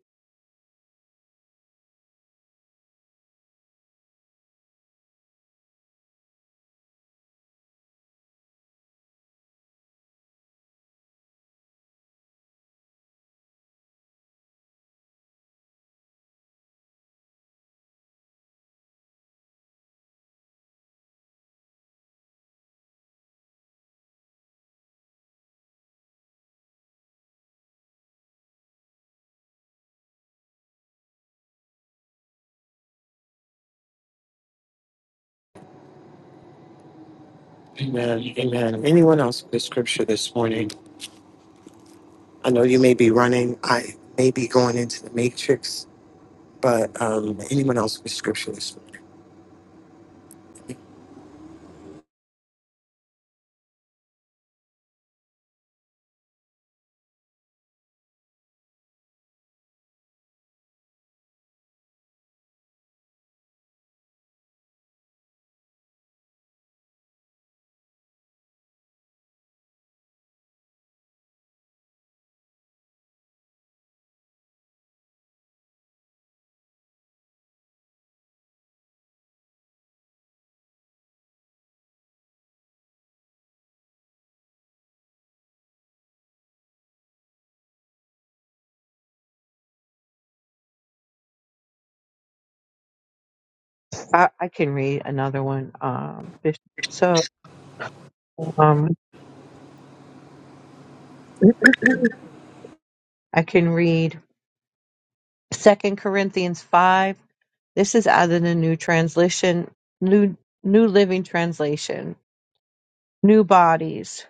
S2: Amen. Amen. Anyone else with the scripture this morning? I know you may be running. I may be going into the matrix, but um, anyone else with scripture this morning?
S3: I, I can read another one. Um, Bishop. so um, [CLEARS THROAT] [LAUGHS] I can read Second Corinthians 5. This is added in New Translation, New New Living Translation, New Bodies.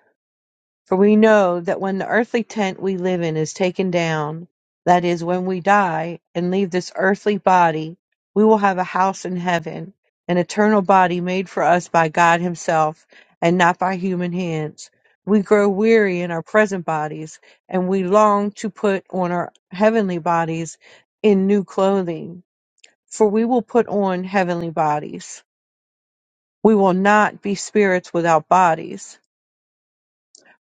S3: For we know that when the earthly tent we live in is taken down, that is, when we die and leave this earthly body, we will have a house in heaven, an eternal body made for us by God Himself and not by human hands. We grow weary in our present bodies, and we long to put on our heavenly bodies in new clothing for we will put on heavenly bodies. We will not be spirits without bodies.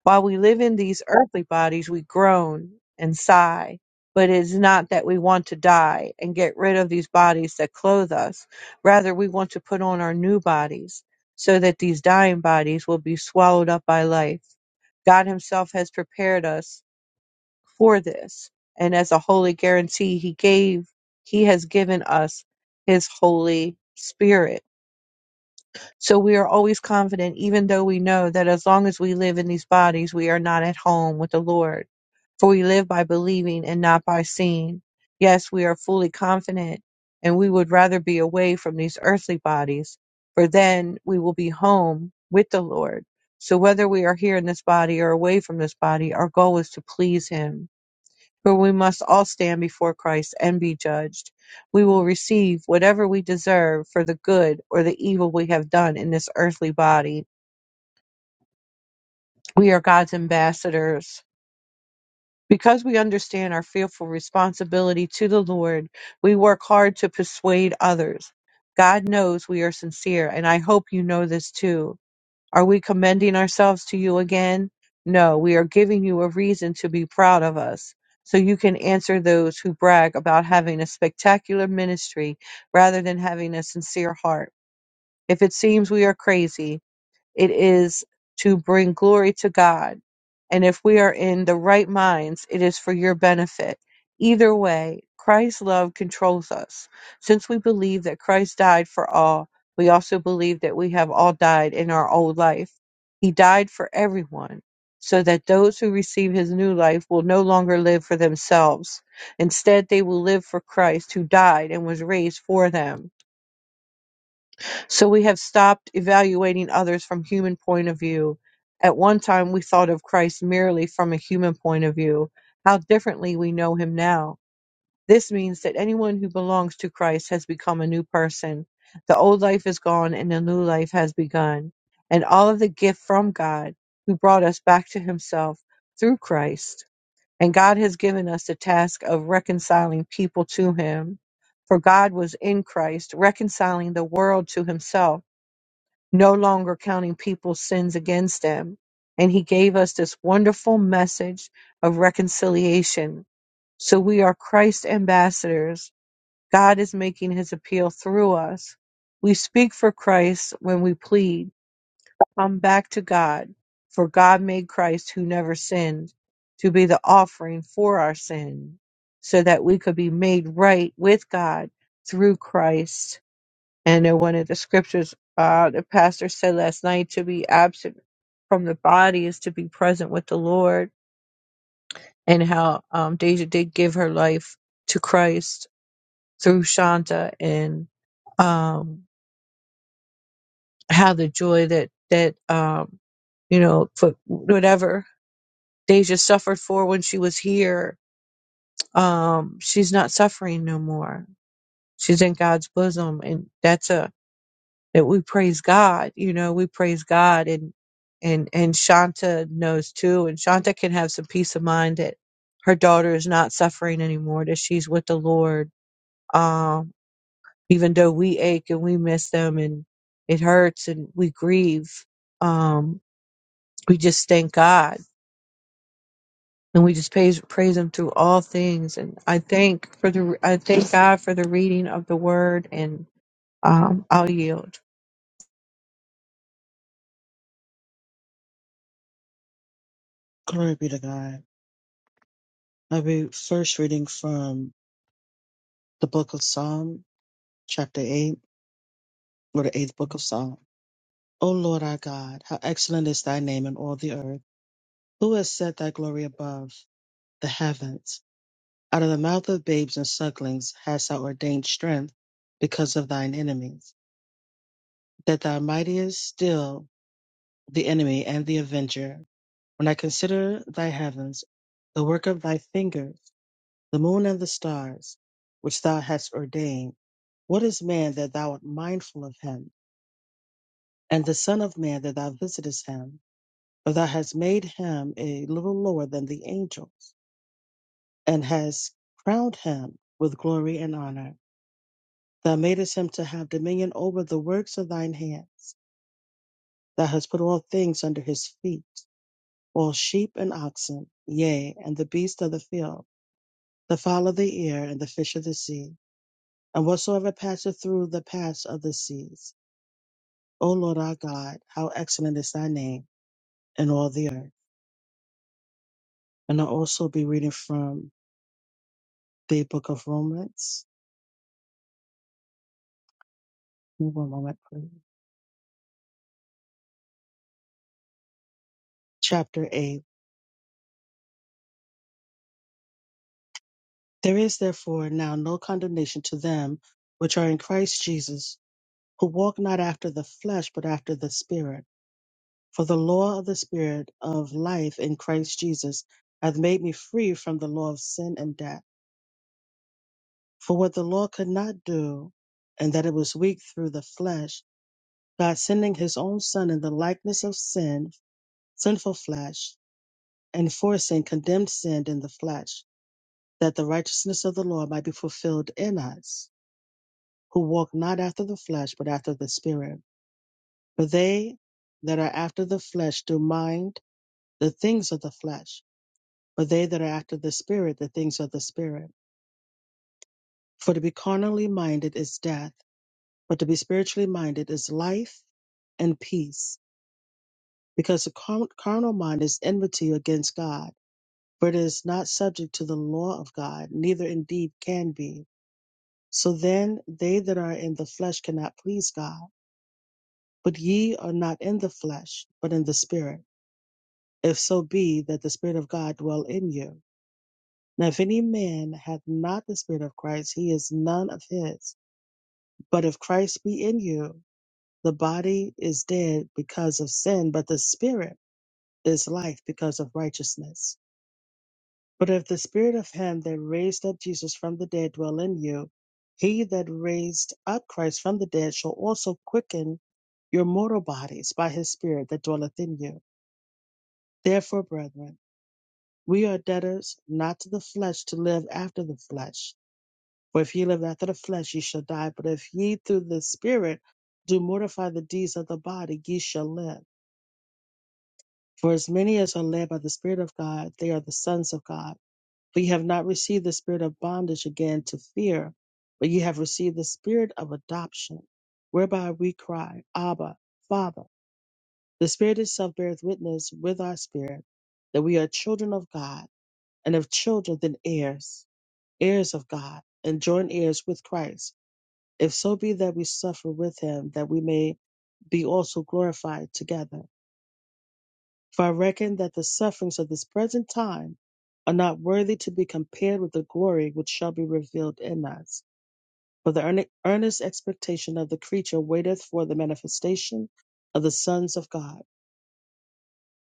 S3: While we live in these earthly bodies, we groan and sigh. But it is not that we want to die and get rid of these bodies that clothe us. Rather, we want to put on our new bodies so that these dying bodies will be swallowed up by life. God Himself has prepared us for this, and as a holy guarantee, He gave, He has given us His Holy Spirit So we are always confident, even though we know that as long as we live in these bodies, we are not at home with the Lord. For we live by believing and not by seeing. Yes, we are fully confident, and we would rather be away from these earthly bodies, for then we will be home with the Lord. So whether we are here in this body or away from this body, our goal is to please Him. For we must all stand before Christ and be judged. We will receive whatever we deserve for the good or the evil we have done in this earthly body. We are God's ambassadors. Because we understand our fearful responsibility to the Lord, we work hard to persuade others. God knows we are sincere, and I hope you know this too. Are we commending ourselves to you again? No, we are giving you a reason to be proud of us. So you can answer those who brag about having a spectacular ministry rather than having a sincere heart. If it seems we are crazy, it is to bring glory to God. And if we are in the right minds, it is for your benefit. Either way, Christ's love controls us. Since we believe that Christ died for all, we also believe that we have all died in our old life. He died for everyone, so that those who receive his new life will no longer live for themselves. Instead, they will live for Christ, who died and was raised for them. So we have stopped evaluating others from human point of view. At one time we thought of Christ merely from a human point of view. How differently we know him now. This means that anyone who belongs to Christ has become a new person. The old life is gone and a new life has begun. And all of the gift from God who brought us back to himself through Christ. And God has given us the task of reconciling people to him. For God was in Christ, reconciling the world to himself no longer counting people's sins against them. And he gave us this wonderful message of reconciliation. So we are Christ's ambassadors. God is making his appeal through us. We speak for Christ when we plead, come back to God, for God made Christ who never sinned to be the offering for our sin so that we could be made right with God through Christ and in one of the scriptures, uh, the pastor said last night to be absent from the body is to be present with the Lord, and how um, Deja did give her life to Christ through Shanta, and um, how the joy that that um, you know for whatever Deja suffered for when she was here, um, she's not suffering no more. She's in God's bosom, and that's a that we praise God. You know, we praise God and and and Shanta knows too. And Shanta can have some peace of mind that her daughter is not suffering anymore, that she's with the Lord. Um, even though we ache and we miss them and it hurts and we grieve. Um, we just thank God and we just praise praise him through all things. And I thank for the I thank God for the reading of the word and um, I'll yield.
S5: Glory be to God. I'll be first reading from the book of Psalm, chapter 8, or the eighth book of Psalm. O Lord our God, how excellent is thy name in all the earth. Who has set thy glory above the heavens? Out of the mouth of babes and sucklings hast thou ordained strength because of thine enemies, that thou mightiest still the enemy and the avenger. When I consider thy heavens, the work of thy fingers, the moon and the stars, which thou hast ordained. What is man that thou art mindful of him, and the Son of Man that thou visitest him? For thou hast made him a little lower than the angels, and hast crowned him with glory and honor. Thou madest him to have dominion over the works of thine hands. Thou hast put all things under his feet, all sheep and oxen, yea, and the beasts of the field, the fowl of the air, and the fish of the sea and whatsoever passeth through the paths of the seas. O Lord our God, how excellent is thy name in all the earth. And I'll also be reading from the book of Romans. Give me One moment, please. Chapter 8. There is therefore now no condemnation to them which are in Christ Jesus, who walk not after the flesh, but after the Spirit. For the law of the Spirit of life in Christ Jesus hath made me free from the law of sin and death. For what the law could not do, and that it was weak through the flesh, God sending his own Son in the likeness of sin, sinful flesh, and for sin condemned sin in the flesh, that the righteousness of the law might be fulfilled in us, who walk not after the flesh, but after the Spirit. For they that are after the flesh do mind the things of the flesh, but they that are after the Spirit, the things of the Spirit. For to be carnally minded is death But to be spiritually minded is life and peace, because the car- carnal mind is enmity against God, for it is not subject to the law of God, neither indeed can be. So then they that are in the flesh cannot please God. But ye are not in the flesh, but in the Spirit, if so be that the Spirit of God dwell in you. Now if any man hath not the Spirit of Christ, he is none of his. But if Christ be in you, the body is dead because of sin, but the Spirit is life because of righteousness. But if the spirit of him that raised up Jesus from the dead dwell in you, he that raised up Christ from the dead shall also quicken your mortal bodies by his spirit that dwelleth in you. Therefore, brethren, we are debtors not to the flesh to live after the flesh. For if ye live after the flesh, ye shall die. But if ye through the spirit do mortify the deeds of the body, ye shall live. For as many as are led by the Spirit of God, they are the sons of God. For you have not received the spirit of bondage again to fear, but you have received the spirit of adoption, whereby we cry, Abba, Father. The Spirit itself beareth witness with our spirit that we are children of God, and if children, then heirs, heirs of God, and joint heirs with Christ, if so be that we suffer with him, that we may be also glorified together. For I reckon that the sufferings of this present time are not worthy to be compared with the glory which shall be revealed in us. For the earne- earnest expectation of the creature waiteth for the manifestation of the sons of God.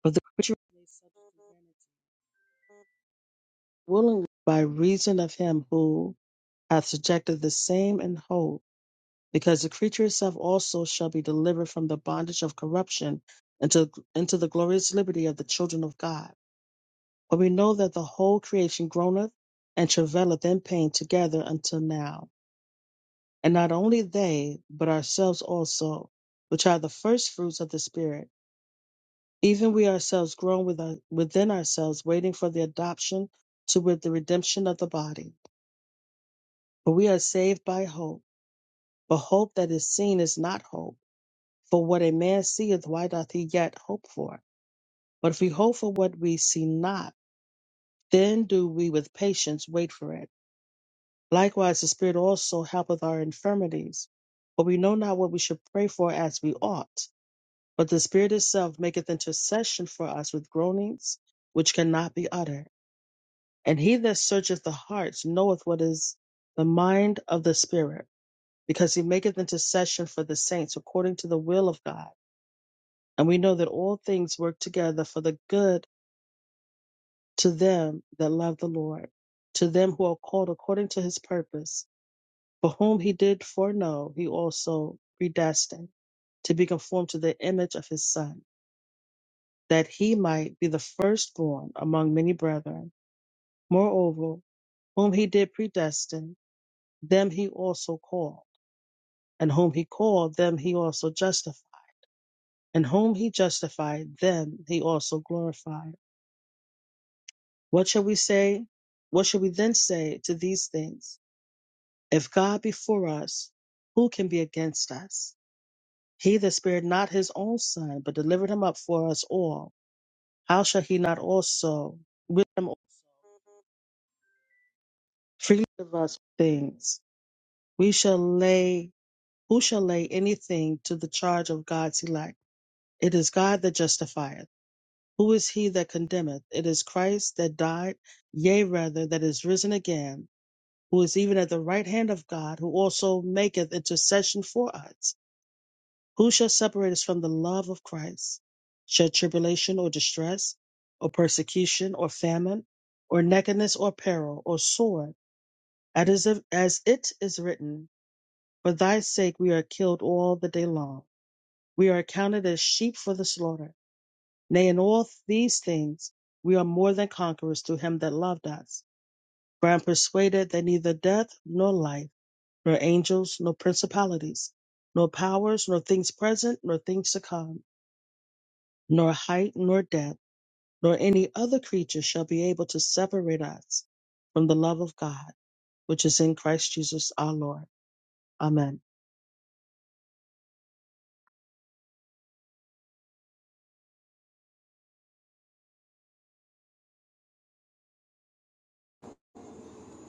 S5: But the creature is made subject to vanity, willingly by reason of him who hath subjected the same in hope, because the creature itself also shall be delivered from the bondage of corruption into, into the glorious liberty of the children of God. But we know that the whole creation groaneth and travaileth in pain together until now. And not only they, but ourselves also, which are the first fruits of the Spirit, even we ourselves groan with our- within ourselves, waiting for the adoption to with the redemption of the body. For we are saved by hope. But hope that is seen is not hope. For what a man seeth, why doth he yet hope for? But if we hope for what we see not, then do we with patience wait for it. Likewise, the Spirit also helpeth our infirmities. For we know not what we should pray for as we ought, but the Spirit itself maketh intercession for us with groanings which cannot be uttered. And he that searcheth the hearts knoweth what is the mind of the Spirit, because he maketh intercession for the saints according to the will of God. And we know that all things work together for the good to them that love the Lord, to them who are called according to his purpose For whom he did foreknow, he also predestined to be conformed to the image of his Son, that he might be the firstborn among many brethren. Moreover, whom he did predestine, them he also called. And whom he called, them he also justified. And whom he justified, them he also glorified. What shall we say? What shall we then say to these things? If God be for us, who can be against us? He that spared not his own son, but delivered him up for us all, how shall he not also with him also freely give us things? We shall lay who shall lay anything to the charge of God's elect? It is God that justifieth. Who is he that condemneth? It is Christ that died, yea rather that is risen again, who is even at the right hand of God, who also maketh intercession for us. Who shall separate us from the love of Christ? Shall tribulation or distress, or persecution, or famine, or nakedness, or peril, or sword? As it is as it is written, For thy sake we are killed all the day long. We are accounted as sheep for the slaughter. Nay, in all these things we are more than conquerors through him that loved us. For I am persuaded that neither death, nor life, nor angels, nor principalities, nor powers, nor things present, nor things to come nor height, nor depth, nor any other creature shall be able to separate us from the love of God, which is in Christ Jesus our Lord. Amen.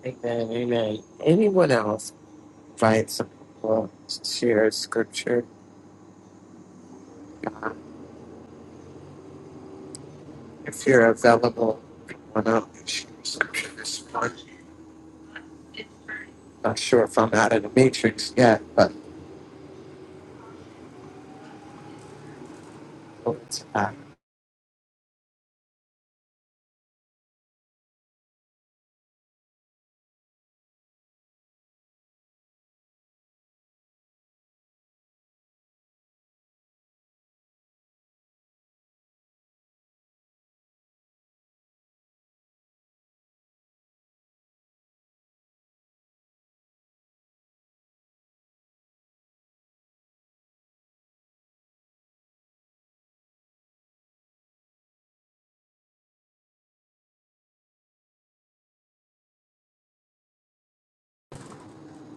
S2: Amen. Amen. Anyone else? Invite some people to share scripture. Um, if you're available, come on up and share scripture this morning. Not sure if I'm out of the matrix yet, but over to that. Go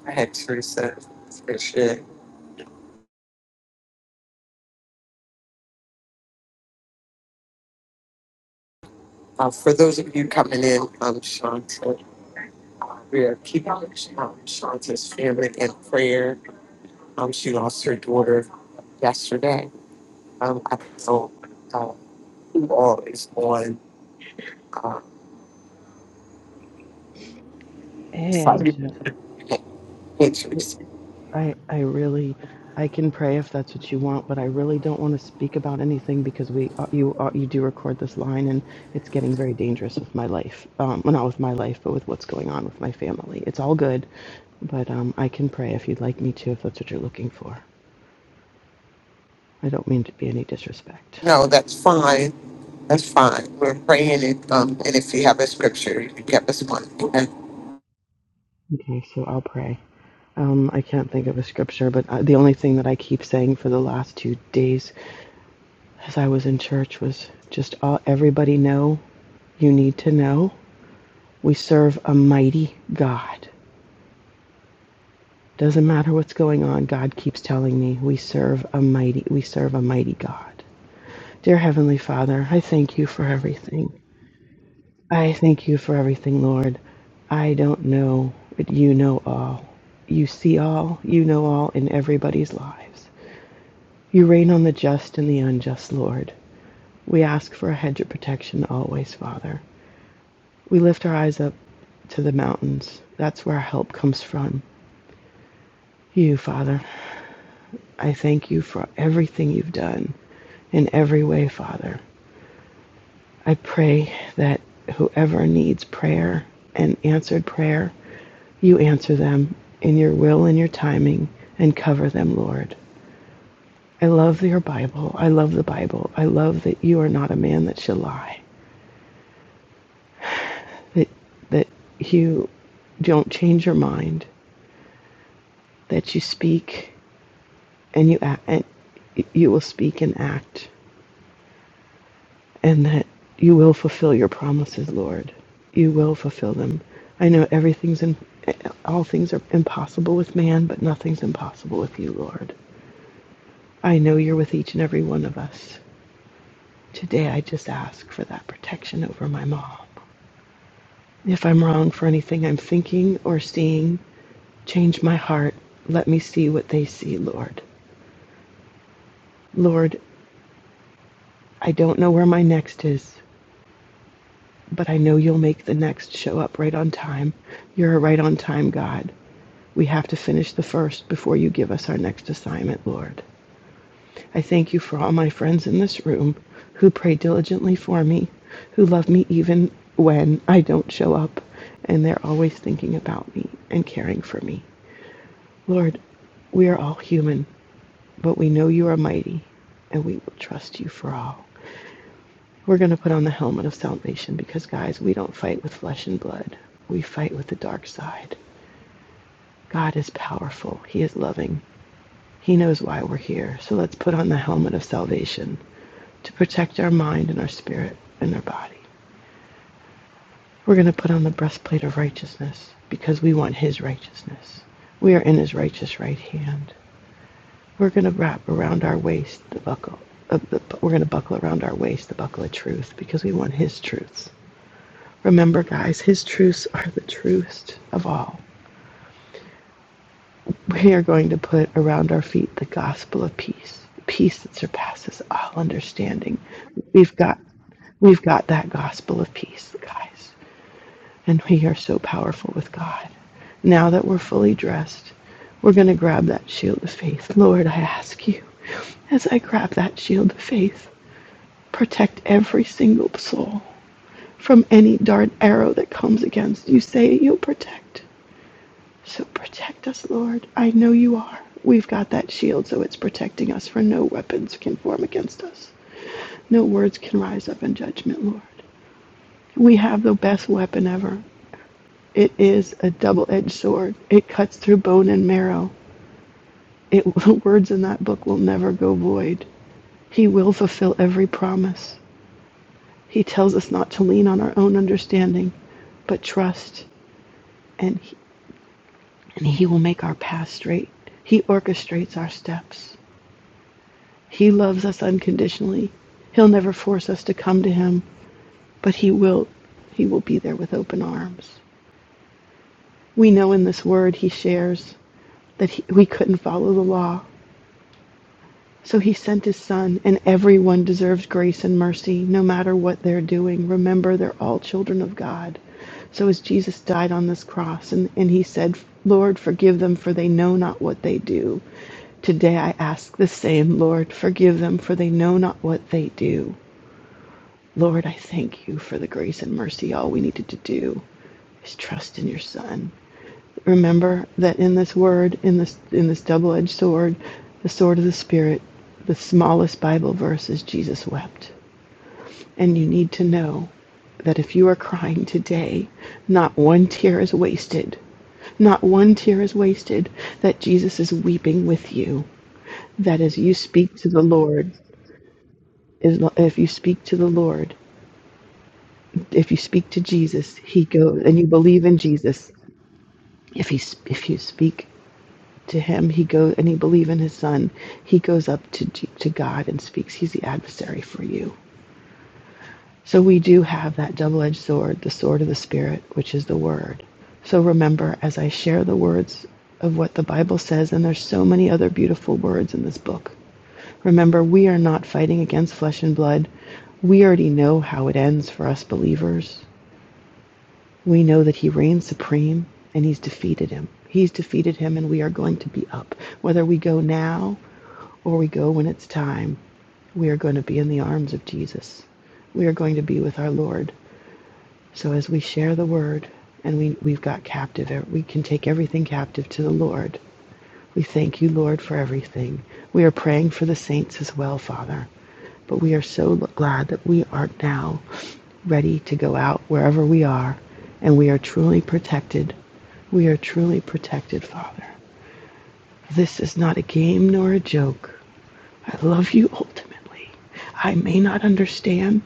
S2: ahead, Teresa. Appreciate it. Uh, for those of you coming in, I'm Shanta. Uh, We are keeping um, Shanta's family in prayer Um, she lost her daughter yesterday. Um, I don't know uh, who all is on. Uh,
S6: Hey,
S2: sorry.
S6: Aisha. Th-
S2: Matrix.
S6: I I really I can pray if that's what you want, but I really don't want to speak about anything because we uh, you uh, you do record this line, and it's getting very dangerous with my life. Um, well, not with my life, but with what's going on with my family. It's all good, but um, I can pray if you'd like me to, if that's what you're looking for. I don't mean to be any disrespect.
S2: [LAUGHS] no, that's fine. That's fine. We're praying it. Um, and if you have a scripture, you can give us one. Amen.
S6: Okay, so I'll pray. Um, I can't think of a scripture, but uh, the only thing that I keep saying for the last two days as I was in church was just all everybody know you need to know. We serve a mighty God. Doesn't matter what's going on, God keeps telling me we serve a mighty we serve a mighty God. Dear heavenly Father, I thank you for everything. I thank you for everything, Lord. I don't know, but you know all. You see all, you know all in everybody's lives. You reign on the just and the unjust, Lord. We ask for a hedge of protection always, Father. We lift our eyes up to the mountains. That's where our help comes from. You, Father. I thank you for everything you've done in every way, Father. I pray that whoever needs prayer and answered prayer, you answer them in your will and your timing and cover them, Lord. I love your Bible. I love the Bible. I love that you are not a man that shall lie. That that you don't change your mind. That you speak and you act, and you will speak and act, and that you will fulfill your promises, Lord. You will fulfill them. I know everything's in, all things are impossible with man, but nothing's impossible with you, Lord. I know you're with each and every one of us. Today, I just ask for that protection over my mom. If I'm wrong for anything I'm thinking or seeing, change my heart. Let me see what they see, Lord. Lord, I don't know where my next is, but I know you'll make the next show up right on time. You're a right on time God. We have to finish the first before you give us our next assignment, Lord. I thank you for all my friends in this room who pray diligently for me, who love me even when I don't show up, and they're always thinking about me and caring for me. Lord, we are all human, but we know you are mighty, and we will trust you for all. We're going to put on the helmet of salvation because, guys, we don't fight with flesh and blood. We fight with the dark side. God is powerful. He is loving. He knows why we're here. So let's put on the helmet of salvation to protect our mind and our spirit and our body. We're going to put on the breastplate of righteousness because we want His righteousness. We are in His righteous right hand. We're going to wrap around our waist the buckle. Of the, we're going to buckle around our waist the buckle of truth because we want His truths. Remember, guys, his truths are the truest of all. We are going to put around our feet the gospel of peace, peace that surpasses all understanding. We've got we've got that gospel of peace, guys. And we are so powerful with God. Now that we're fully dressed, we're going to grab that shield of faith. Lord, I ask you, as I grab that shield of faith, protect every single soul from any dart arrow that comes against. You say you'll protect. So protect us, Lord. I know you are. We've got that shield, so it's protecting us, for no weapons can form against us. No words can rise up in judgment, Lord. We have the best weapon ever. It is a double edged sword, it cuts through bone and marrow. It, [LAUGHS] the words in that book will never go void. He will fulfill every promise. He tells us not to lean on our own understanding, but trust, and he, and he will make our path straight. He orchestrates our steps. He loves us unconditionally. He'll never force us to come to him, but he will he will be there with open arms. We know in this word he shares that he, we couldn't follow the law. So he sent his son, and everyone deserves grace and mercy no matter what they're doing. Remember, they're all children of God. So as Jesus died on this cross and, and he said, Lord, forgive them, for they know not what they do. Today I ask the same, Lord, forgive them, for they know not what they do. Lord, I thank you for the grace and mercy. All we needed to do is trust in your Son. Remember that in this word, in this in this double-edged sword, the sword of the Spirit, the smallest Bible verse is Jesus wept. And you need to know that if you are crying today, not one tear is wasted. Not one tear is wasted, that Jesus is weeping with you. That as you speak to the Lord, is if you speak to the Lord If you speak to Jesus, he goes, and you believe in Jesus. If he if you speak to him, he goes, and you believe in his Son, he goes up to G- to God and speaks. He's the adversary for you. So we do have that double-edged sword, the sword of the Spirit, which is the Word. So remember, as I share the words of what the Bible says, and there's so many other beautiful words in this book. Remember, we are not fighting against flesh and blood. We already know how it ends for us believers. We know that he reigns supreme and he's defeated him. He's defeated him and we are going to be up. Whether we go now or we go when it's time, we are going to be in the arms of Jesus. We are going to be with our Lord. So as we share the word and we, we've got captive, we can take everything captive to the Lord. We thank you, Lord, for everything. We are praying for the saints as well, Father. But we are so glad that we are now ready to go out wherever we are, and we are truly protected. We are truly protected, Father. This is not a game nor a joke. I love you ultimately. I may not understand,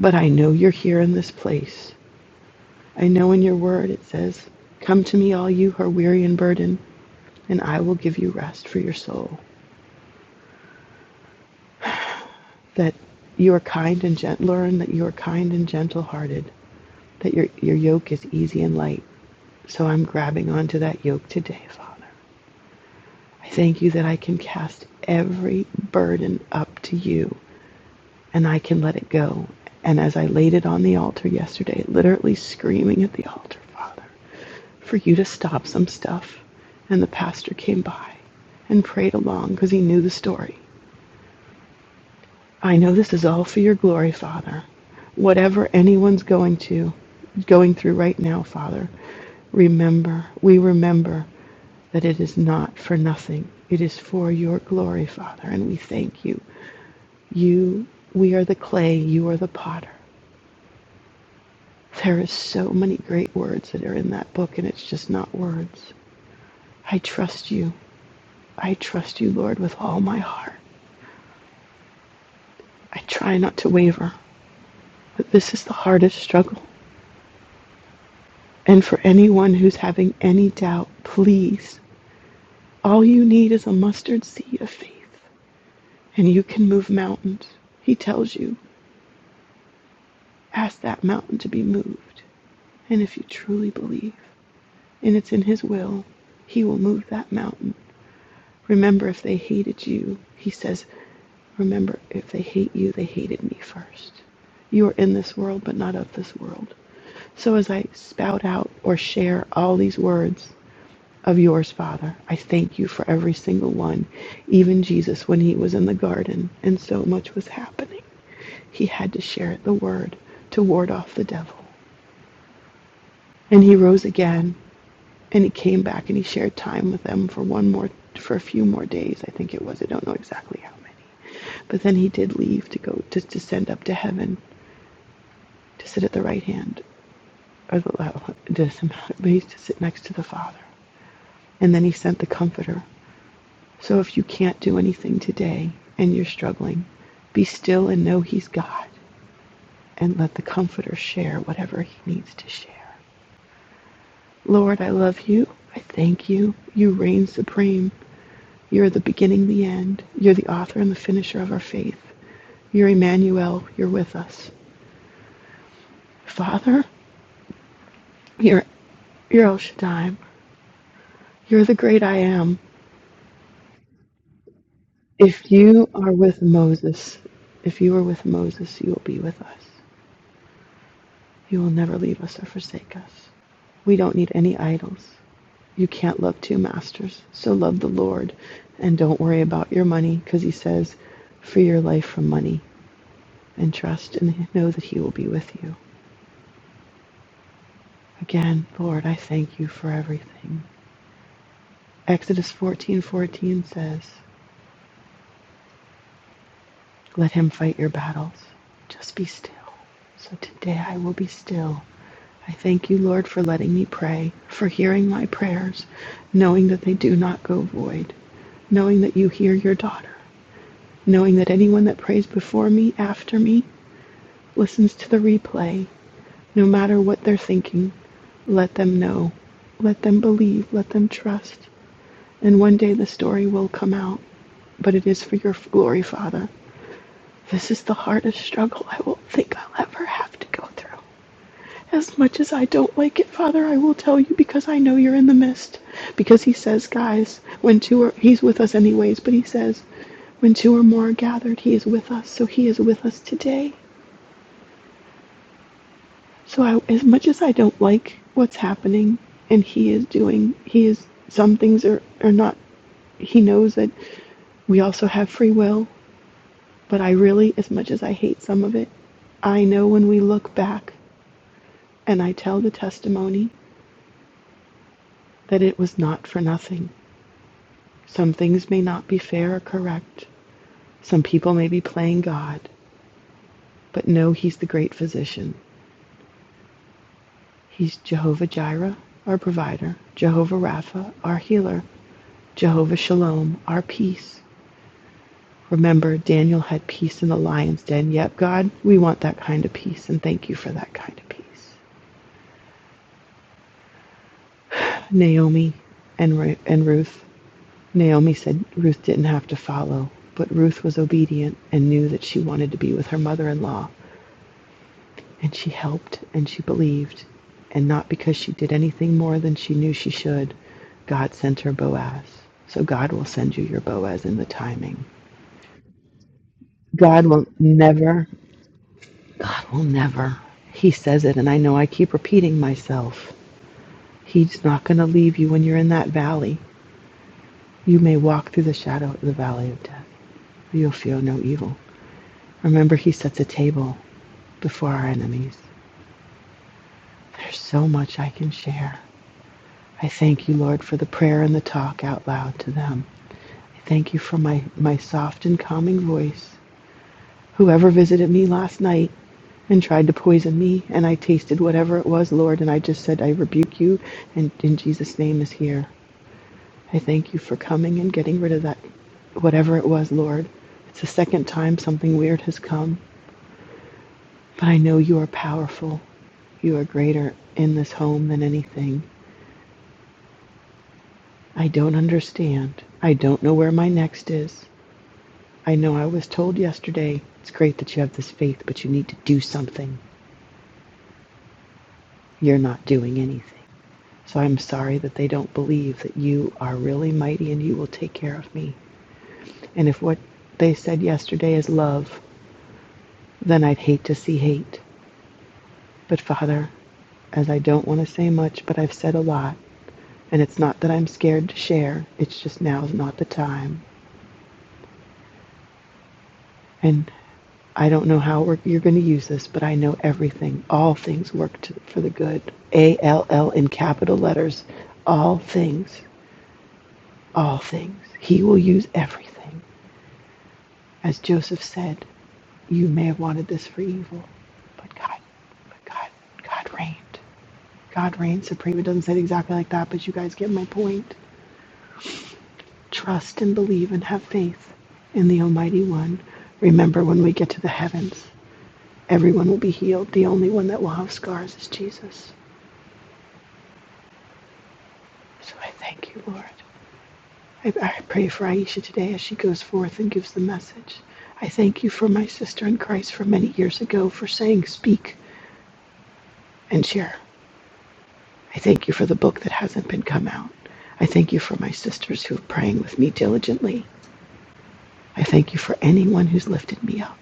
S6: but I know you're here in this place. I know in your word it says, Come to me, all you who are weary and burdened, and I will give you rest for your soul. That you are kind and gentle, learn that you are kind and gentle hearted, that your, your yoke is easy and light. So I'm grabbing onto that yoke today, Father. I thank you that I can cast every burden up to you and I can let it go. And as I laid it on the altar yesterday, literally screaming at the altar, Father. for you to stop some stuff. And the pastor came by and prayed along because he knew the story. I know this is all for your glory, Father. Whatever anyone's going to going through right now, Father, remember, we remember that it is not for nothing. It is for your glory, Father, and we thank you. You we are the clay, you are the potter. There is so many great words that are in that book and it's just not words. I trust you. I trust you, Lord, with all my heart. I try not to waver, but this is the hardest struggle. And for anyone who's having any doubt, please, all you need is a mustard seed of faith, and you can move mountains. He tells you, ask that mountain to be moved. And if you truly believe, and it's in His will, He will move that mountain. Remember, if they hated you, He says, remember, if they hate you, they hated me first. You are in this world, but not of this world. So as I spout out or share all these words of yours, Father, I thank you for every single one, even Jesus when he was in the garden and so much was happening. He had to share the word to ward off the devil. And he rose again and he came back and he shared time with them for one more for a few more days, I think it was. I don't know exactly how many. But then he did leave to go to, to send up to heaven to sit at the right hand or the well, [LAUGHS] it he's to sit next to the Father. And then he sent the Comforter. So if you can't do anything today and you're struggling, be still and know He's God and let the Comforter share whatever He needs to share. Lord, I love you. I thank you. You reign supreme. You're the beginning, the end. You're the author and the finisher of our faith. You're Emmanuel. You're with us. Father, you're, you're El Shaddai. You're the great I am. If you are with Moses, if you are with Moses, you will be with us. You will never leave us or forsake us. We don't need any idols. You can't love two masters, so love the Lord and don't worry about your money because He says, free your life from money and trust and know that He will be with you. Again, Lord, I thank you for everything. Exodus 14:14 says, Let him fight your battles. Just be still. So today I will be still. I thank you, Lord, for letting me pray, for hearing my prayers, knowing that they do not go void, knowing that you hear your daughter, knowing that anyone that prays before me, after me, listens to the replay, no matter what they're thinking. Let them know. Let them believe. Let them trust. And one day the story will come out. But it is for your glory, Father. This is the hardest struggle I will think I'll ever have to go through. As much as I don't like it, Father, I will tell you because I know you're in the midst. Because he says, guys, when two are, he's with us anyways, but he says, when two or more are gathered, he is with us. So he is with us today. So I, as much as I don't like what's happening and he is doing, he is, some things are, are not, he knows that we also have free will, but I really, as much as I hate some of it, I know when we look back And I tell the testimony that it was not for nothing. Some things may not be fair or correct. Some people may be playing God, but know He's the great physician. He's Jehovah Jireh, our provider, Jehovah Rapha, our healer, Jehovah Shalom, our peace. Remember, Daniel had peace in the lion's den. Yep, God, we want that kind of peace, and thank you for that kind of peace. Naomi and, Ru- and Ruth. Naomi said Ruth didn't have to follow, but Ruth was obedient and knew that she wanted to be with her mother in law, and she helped and she believed, and not because she did anything more than she knew she should. God sent her Boaz. So God will send you your Boaz in the timing. God will never, God will never. He says it, and I know I keep repeating myself. He's not going to leave you when you're in that valley. You may walk through the shadow of the valley of death, but you'll feel no evil. Remember, he sets a table before our enemies. There's so much I can share. I thank you, Lord, for the prayer and the talk out loud to them. I thank you for my, my soft and calming voice. Whoever visited me last night and tried to poison me, and I tasted whatever it was, Lord, and I just said, I rebuke you, and in Jesus' name is here. I thank you for coming and getting rid of that, whatever it was, Lord. It's the second time something weird has come. But I know you are powerful. You are greater in this home than anything. I don't understand. I don't know where my next is. I know I was told yesterday it's great that you have this faith, but you need to do something. You're not doing anything. So I'm sorry that they don't believe that you are really mighty and you will take care of me. And if what they said yesterday is love, then I'd hate to see hate. But Father, as I don't want to say much, but I've said a lot. And it's not that I'm scared to share, it's just now is not the time. And I don't know how we're, you're going to use this, but I know everything. All things work to, for the good. A L L in capital letters. All things. All things. He will use everything. As Joseph said, you may have wanted this for evil, but God, but God, God reigned. God reigned supreme. It doesn't say it exactly like that, but you guys get my point. Trust and believe and have faith in the Almighty One. Remember, when we get to the heavens, everyone will be healed. The only one that will have scars is Jesus. So I thank you, Lord. I, I pray for Aisha today as she goes forth and gives the message. I thank you for my sister in Christ from many years ago for saying, Speak and share. I thank you for the book that hasn't been come out. I thank you for my sisters who are praying with me diligently. I thank you for anyone who's lifted me up.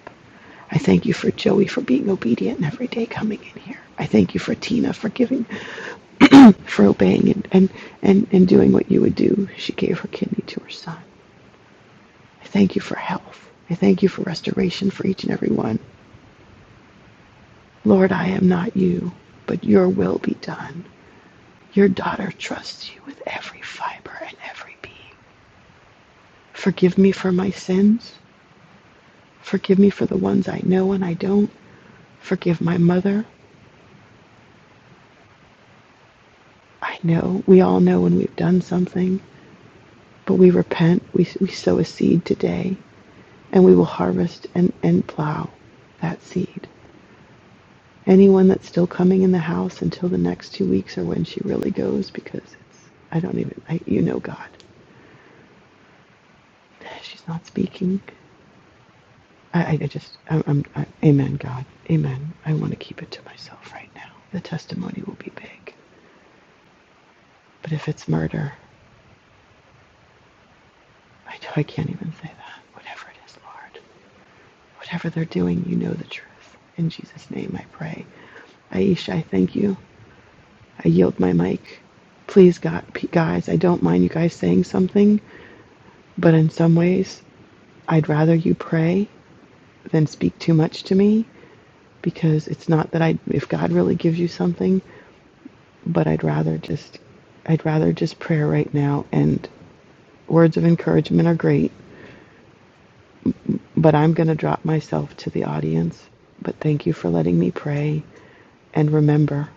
S6: I thank you for Joey for being obedient and every day coming in here. I thank you for Tina for giving, for obeying and, and, and, and doing what you would do. She gave her kidney to her son. I thank you for health. I thank you for restoration for each and every one. Lord, I am not you, but your will be done. Your daughter trusts you with every fiber and every being. Forgive me for my sins. Forgive me for the ones I know and I don't. Forgive my mother. I know, we all know when we've done something. But we repent, we, we sow a seed today, and we will harvest and, and plow that seed. Anyone that's still coming in the house until the next two weeks or when she really goes, because it's, I don't even, I, you know, God. She's not speaking. I, I just, I, I'm, I, amen, God. Amen. I want to keep it to myself right now. The testimony will be big. But if it's murder, I, I can't even say that. Whatever it is, Lord. Whatever they're doing, you know the truth. In Jesus' name I pray. Aisha, I thank you. I yield my mic. Please, God, guys, I don't mind you guys saying something, but in some ways, I'd rather you pray than speak too much to me because it's not that I, if God really gives you something, but I'd rather just, I'd rather just prayer right now. And words of encouragement are great, But I'm going to drop myself to the audience. But thank you for letting me pray. And remember,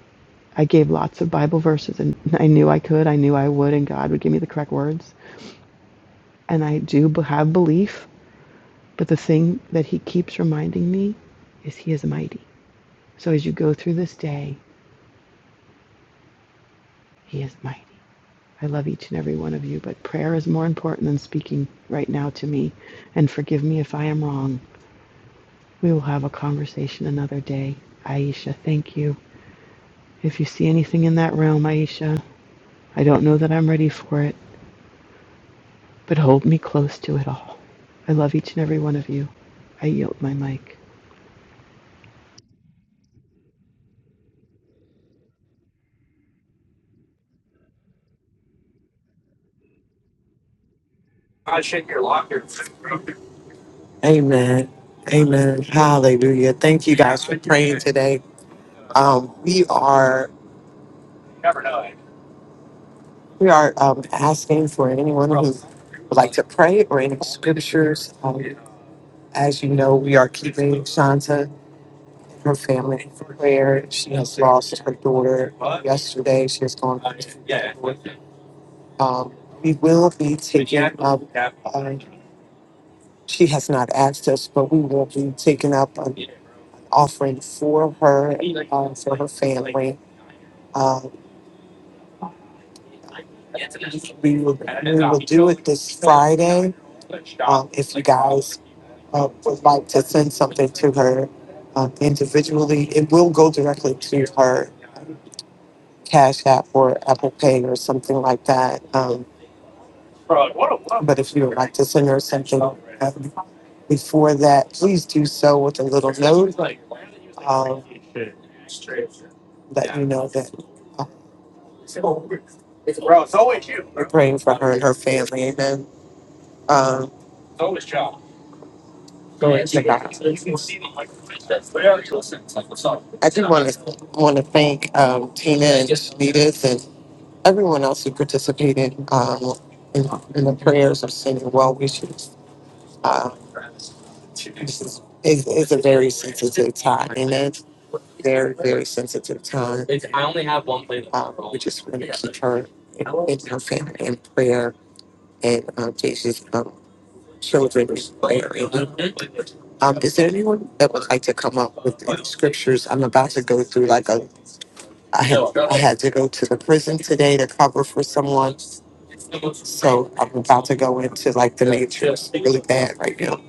S6: I gave lots of Bible verses and I knew I could, I knew I would, and God would give me the correct words. And I do have belief, but the thing that He keeps reminding me is He is mighty. So as you go through this day, He is mighty. I love each and every one of you, but prayer is more important than speaking right now to me. And forgive me if I am wrong. We will have a conversation another day. Aisha, thank you. If you see anything in that realm, Aisha, I don't know that I'm ready for it, but hold me close to it all. I love each and every one of you. I yield my mic.
S2: Amen. Amen. Hallelujah. Thank you guys for praying today. Um, we are we are um, asking for anyone who would like to pray or any scriptures. Um, as you know, we are keeping Shanta her family for prayer. She has lost her daughter yesterday. She has gone back to the Lord. Um, we will be taking up, uh, she has not asked us, but we will be taking up an offering for her, uh, for her family. Uh, we will, we will do it this Friday. Um, if you guys uh, would like to send something to her uh, individually, it will go directly to her Cash App or Apple Pay or something like that. Um, but if you would like to send her something um, before that, please do so with a little note um, that you know that uh, we're praying for her and her family. Amen. Um, glory to God. I do want to want to thank um, Tina and Shanita's and everyone else who participated um, in, in the prayers of sending well wishes. Um, it's, it's a very sensitive time, and it's very, very sensitive time. Um, we just want to keep her in, her family in prayer and um, Jesus' um, children in prayer. Um, is there anyone that would like to come up with the scriptures? I'm about to go through like a. I had I had to go to the prison today to cover for someone, so I'm about to go into like the matrix really bad right now.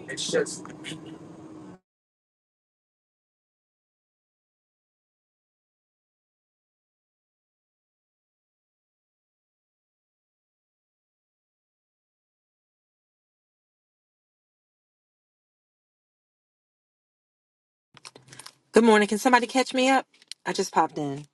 S7: Good morning. Can somebody catch me up? I just popped in.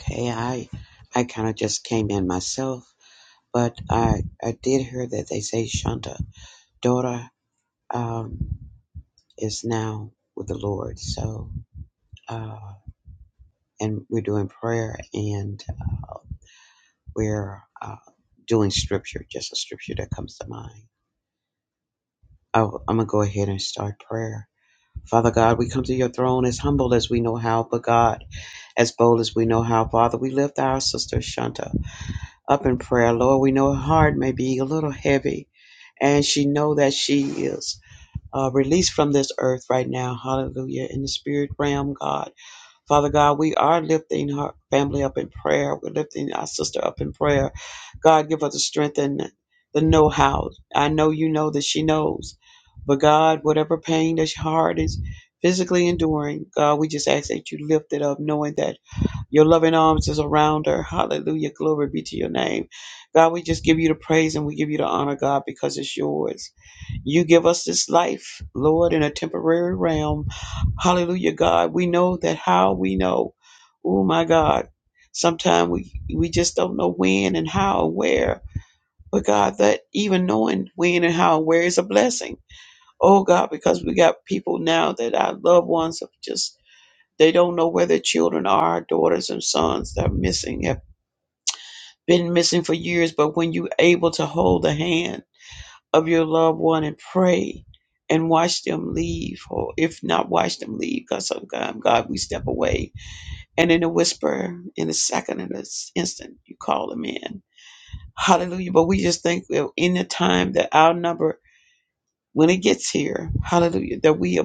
S8: Okay, I I kind of just came in myself, but I I did hear that they say Shanta daughter um, is now with the Lord. So uh, and we're doing prayer and we're uh, doing scripture, just a scripture that comes to mind. I, I'm gonna go ahead and start prayer. Father God, we come to your throne as humble as we know how, but God, as bold as we know how. Father, we lift our sister Shanta. up in prayer. Lord, we know her heart may be a little heavy, and she know that she is uh, released from this earth right now. Hallelujah. In the spirit realm, God. Father God, we are lifting her family up in prayer. We're lifting our sister up in prayer. God, give her the strength and the know how. I know you know that she knows. But God, whatever pain that her heart is physically enduring, God, we just ask that you lift it up, knowing that. Your loving arms is around her. Hallelujah. Glory be to your name. God, we just give you the praise and we give you the honor, God, because it's yours. You give us this life, Lord, in a temporary realm. Hallelujah, God. We know that how we know. Oh, my God. Sometimes we, we just don't know when and how and where. But God, that even knowing when and how and where is a blessing. Oh, God, because we got people now that our loved ones have just they don't know where their children are, daughters and sons that are missing, have been missing for years. But when you're able to hold the hand of your loved one and pray and watch them leave, or if not watch them leave, because sometimes, God, we step away. And in a whisper, in a second, in an instant, you call them in. Hallelujah. But we just think that in the time that our number, when it gets here, hallelujah, that we,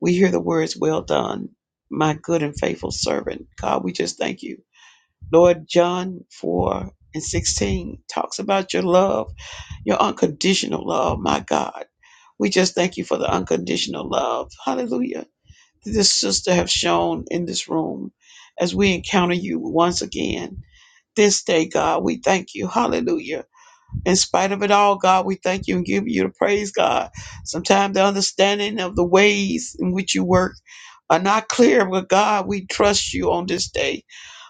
S8: we hear the words, well done, my good and faithful servant. God, we just thank you Lord John 4 and 16 talks about your love, your unconditional love, my God. We just thank you for the unconditional love. Hallelujah. That this sister have shown in this room as we encounter you once again. This day, God, we thank you. Hallelujah in spite of it all, God, we thank you and give you the praise, God. Sometimes the understanding of the ways in which you work are not clear, but God, we trust you on this day.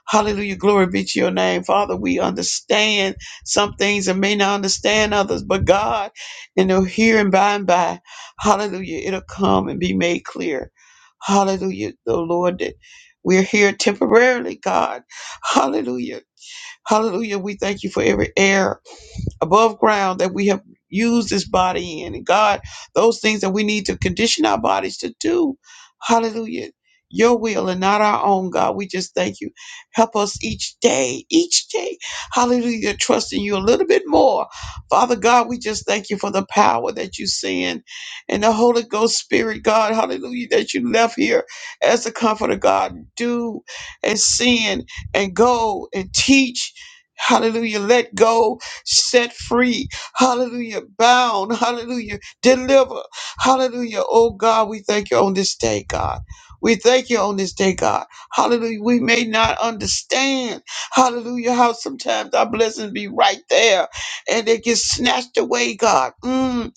S8: Hallelujah. Glory be to your name. Father, we understand some things and may not understand others, but God, you know, here and by and by, hallelujah, it'll come and be made clear. Hallelujah. The Lord, that we're here temporarily, God. Hallelujah. Hallelujah. We thank you for every error above ground that we have used this body in. And God, those things that we need to condition our bodies to do. Hallelujah. Your will and not our own, God. We just thank you. Help us each day, each day. Hallelujah. to Trust in you a little bit more. Father God, we just thank you for the power that you send and the Holy Ghost Spirit, God. Hallelujah. That you left here as the comforter, God. Do and send and go and teach. Hallelujah. Let go set free, hallelujah, bound, hallelujah, deliver, hallelujah. Oh God, we thank you on this day, God. We thank you on this day, God. Hallelujah. We may not understand, hallelujah, how sometimes our blessings be right there and they get snatched away, God. Mm.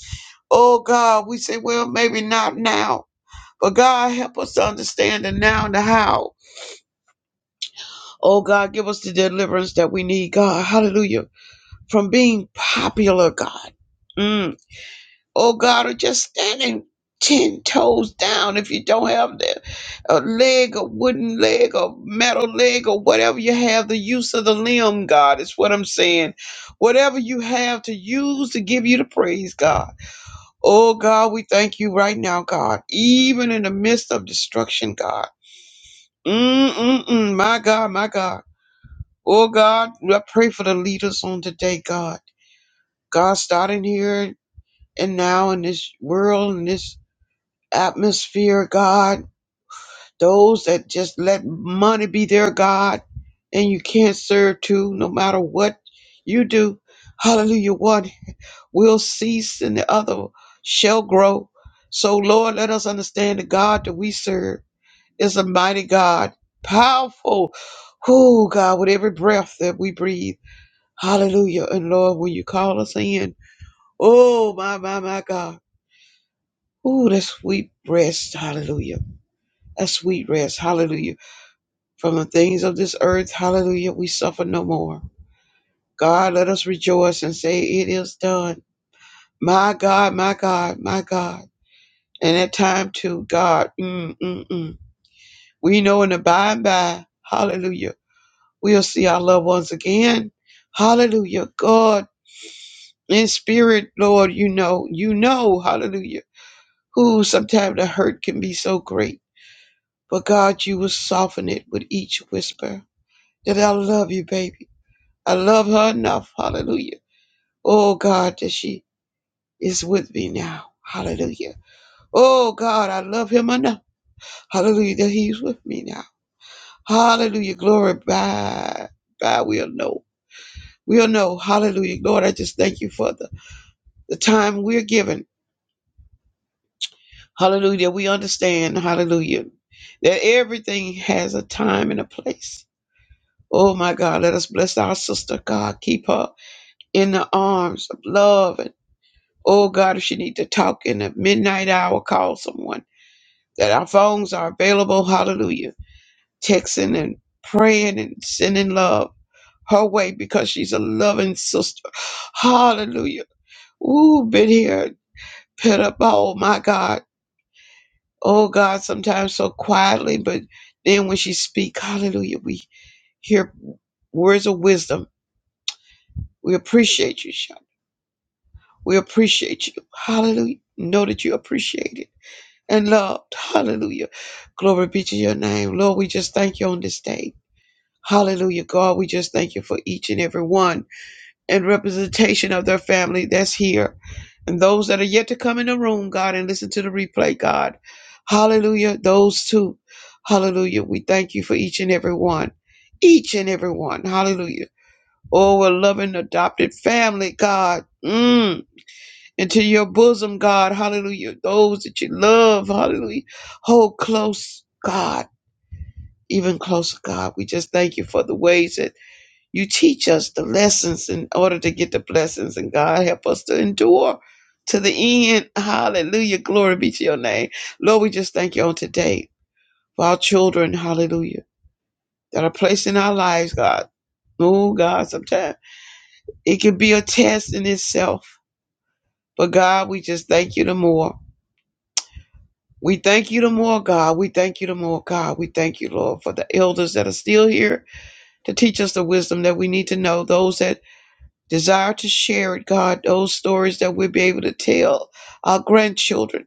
S8: Oh God, we say, well, maybe not now. But God, help us to understand the now and the how. Oh God, give us the deliverance that we need, God. Hallelujah. From being popular, God. Mm. oh God, are just standing ten toes down if you don't have the, a leg, a wooden leg, a metal leg, or whatever you have, the use of the limb, God, is what I'm saying. Whatever you have to use to give you the praise, God. Oh God, we thank you right now, God, even in the midst of destruction, God. Mm-mm-mm, my God, my God. Oh God, I pray for the leaders on today, God. God, starting here and now in this world in this atmosphere, God. Those that just let money be their God and you can't serve two no matter what you do. Hallelujah. One will cease and the other shall grow. So, Lord, let us understand the God that we serve is a mighty God, powerful. Oh, God, with every breath that we breathe. Hallelujah. And Lord, when you call us in, oh, my, my, my God. Oh, that sweet rest. Hallelujah a sweet rest. Hallelujah. From the things of this earth, hallelujah, we suffer no more. God, let us rejoice and say, It is done. My God, my God, my God. And at time too, God, mm, mm, mm. we know in the by and by, hallelujah, we'll see our loved ones again. Hallelujah. God, in spirit, Lord, you know, you know, hallelujah, who sometimes the hurt can be so great. But God, you will soften it with each whisper that I love you, baby. I love her enough. Hallelujah. Oh God, that she is with me now. Hallelujah. Oh God, I love him enough. Hallelujah, that he's with me now. Hallelujah. Glory by by we'll know. We'll know. Hallelujah. Lord, I just thank you for the, the time we're given. Hallelujah. We understand. Hallelujah. That everything has a time and a place. Oh my God, let us bless our sister, God. Keep her in the arms of love and. Oh God, if she need to talk in the midnight hour, call someone. That our phones are available. Hallelujah. Texting and praying and sending love her way because she's a loving sister. Hallelujah. Ooh, been here, pit up. Oh my God. Oh God, sometimes so quietly, but then when she speak, hallelujah, we hear words of wisdom. We appreciate you, Sean. We appreciate you. Hallelujah. Know that you appreciate it. and loved. Hallelujah. Glory be to your name. Lord, we just thank you on this day. Hallelujah, God. We just thank you for each and every one and representation of their family that's here and those that are yet to come in the room, God, and listen to the replay, God. Hallelujah. Those two. Hallelujah. We thank you for each and every one. Each and every one. Hallelujah. Oh, a loving adopted family, God. Mm into your bosom, God. Hallelujah. Those that you love, hallelujah. Hold close, God, even closer, God. We just thank you for the ways that you teach us the lessons in order to get the blessings, and God, help us to endure. To the end, hallelujah. Glory be to your name. Lord, we just thank you on today for our children, hallelujah, that are placed in our lives, God. Oh, God, sometimes it can be a test in itself. But God, we just thank you the more. We thank you the more, God. We thank you the more, God. We thank you, Lord, for the elders that are still here to teach us the wisdom that we need to know. Those that desire to share it, God, those stories that we'll be able to tell our grandchildren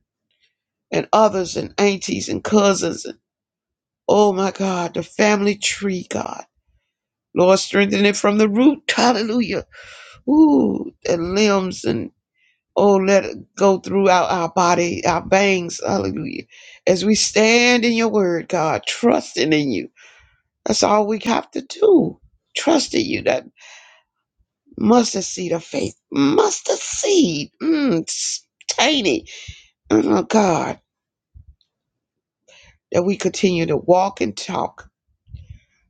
S8: and others and aunties and cousins. And, oh, my God, the family tree, God. Lord, strengthen it from the root. Hallelujah. Ooh, and limbs and Oh, let it go throughout our body, our veins. Hallelujah. As we stand in your word, God, trusting in you. That's all we have to do. Trust in you. That mustard seed of faith. Mustard seed. Mm, it's tiny. Oh, God, that we continue to walk and talk.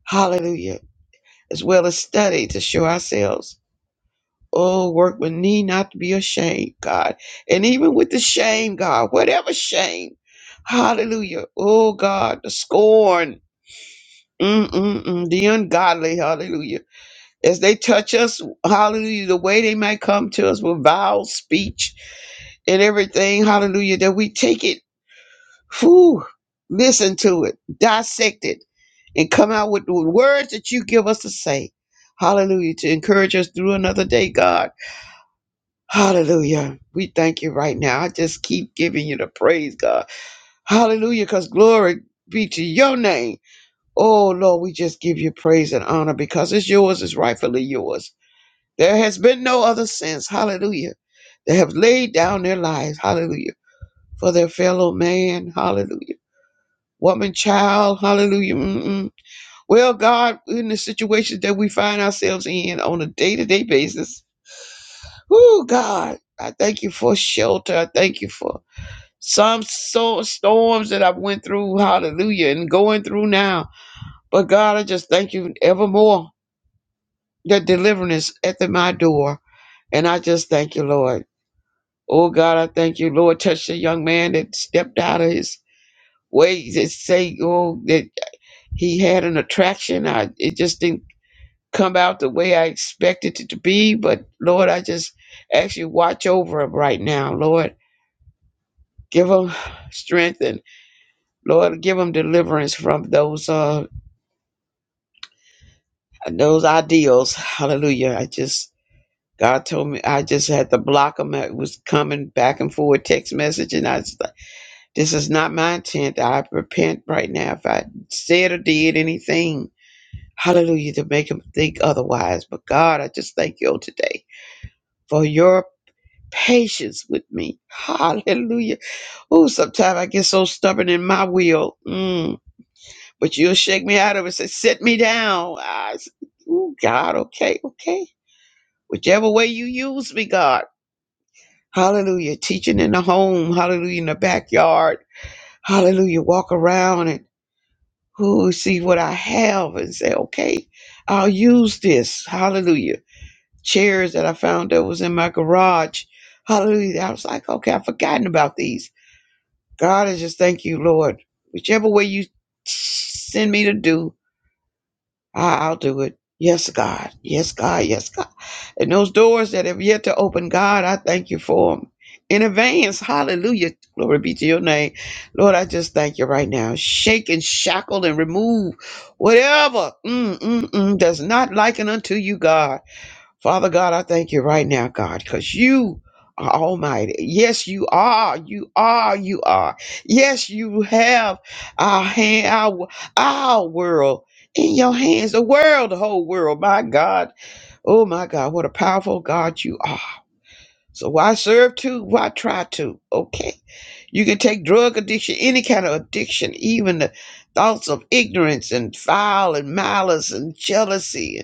S8: Hallelujah. As well as study to show ourselves. Oh, work with me not to be ashamed, God. And even with the shame, God, whatever shame, hallelujah. Oh, God, the scorn, mm-mm-mm, the ungodly, hallelujah. As they touch us, hallelujah, the way they might come to us with vile speech and everything, hallelujah, that we take it, whew, listen to it, dissect it, and come out with the words that you give us to say. Hallelujah, to encourage us through another day, God. Hallelujah. We thank you right now. I just keep giving you the praise, God. Hallelujah, because glory be to your name. Oh, Lord, we just give you praise and honor because it's yours, it's rightfully yours. There has been no other since. Hallelujah. They have laid down their lives. Hallelujah. For their fellow man. Hallelujah. Woman, child. Hallelujah. Mm-mm. Well, God, in the situations that we find ourselves in on a day to day basis, oh, God, I thank you for shelter. I thank you for some so storms that I've went through, hallelujah, and going through now. But God, I just thank you evermore that deliverance is at the, my door. And I just thank you, Lord. Oh God, I thank you, Lord. Touch the young man that stepped out of his way to say, oh, that he had an attraction. I it just didn't come out the way I expected it to be. But Lord, I just actually watch over him right now, Lord. Give him strength and Lord, give them deliverance from those uh those ideals. Hallelujah. I just God told me I just had to block them. It was coming back and forward text message, and I was like, this is not my intent. I repent right now if I said or did anything. Hallelujah to make them think otherwise. But God, I just thank you today for your patience with me. Hallelujah. Oh, sometimes I get so stubborn in my will. Mm but you'll shake me out of it. Say, sit me down. I s- oh God, okay, okay. Whichever way you use me, God. Hallelujah. Teaching in the home. Hallelujah. In the backyard. Hallelujah. Walk around and ooh, see what I have and say, okay, I'll use this. Hallelujah. Chairs that I found that was in my garage. Hallelujah. I was like, okay, I've forgotten about these. God, I just thank you, Lord. Whichever way you send me to do, I- I'll do it. Yes, God. Yes, God. Yes, God. And those doors that have yet to open, God, I thank you for them in advance. Hallelujah. Glory be to your name. Lord, I just thank you right now. Shake and shackle and remove whatever mm, mm, mm, does not liken unto you, God. Father God, I thank you right now, God, because you are almighty. Yes, you are. You are. You are. Yes, you have our hand, our, our world in your hands, the world, the whole world. My God. Oh, my God. What a powerful God you are. So why serve to? Why try to? Okay. You can take drug addiction, any kind of addiction, even the thoughts of ignorance and foul and malice and jealousy.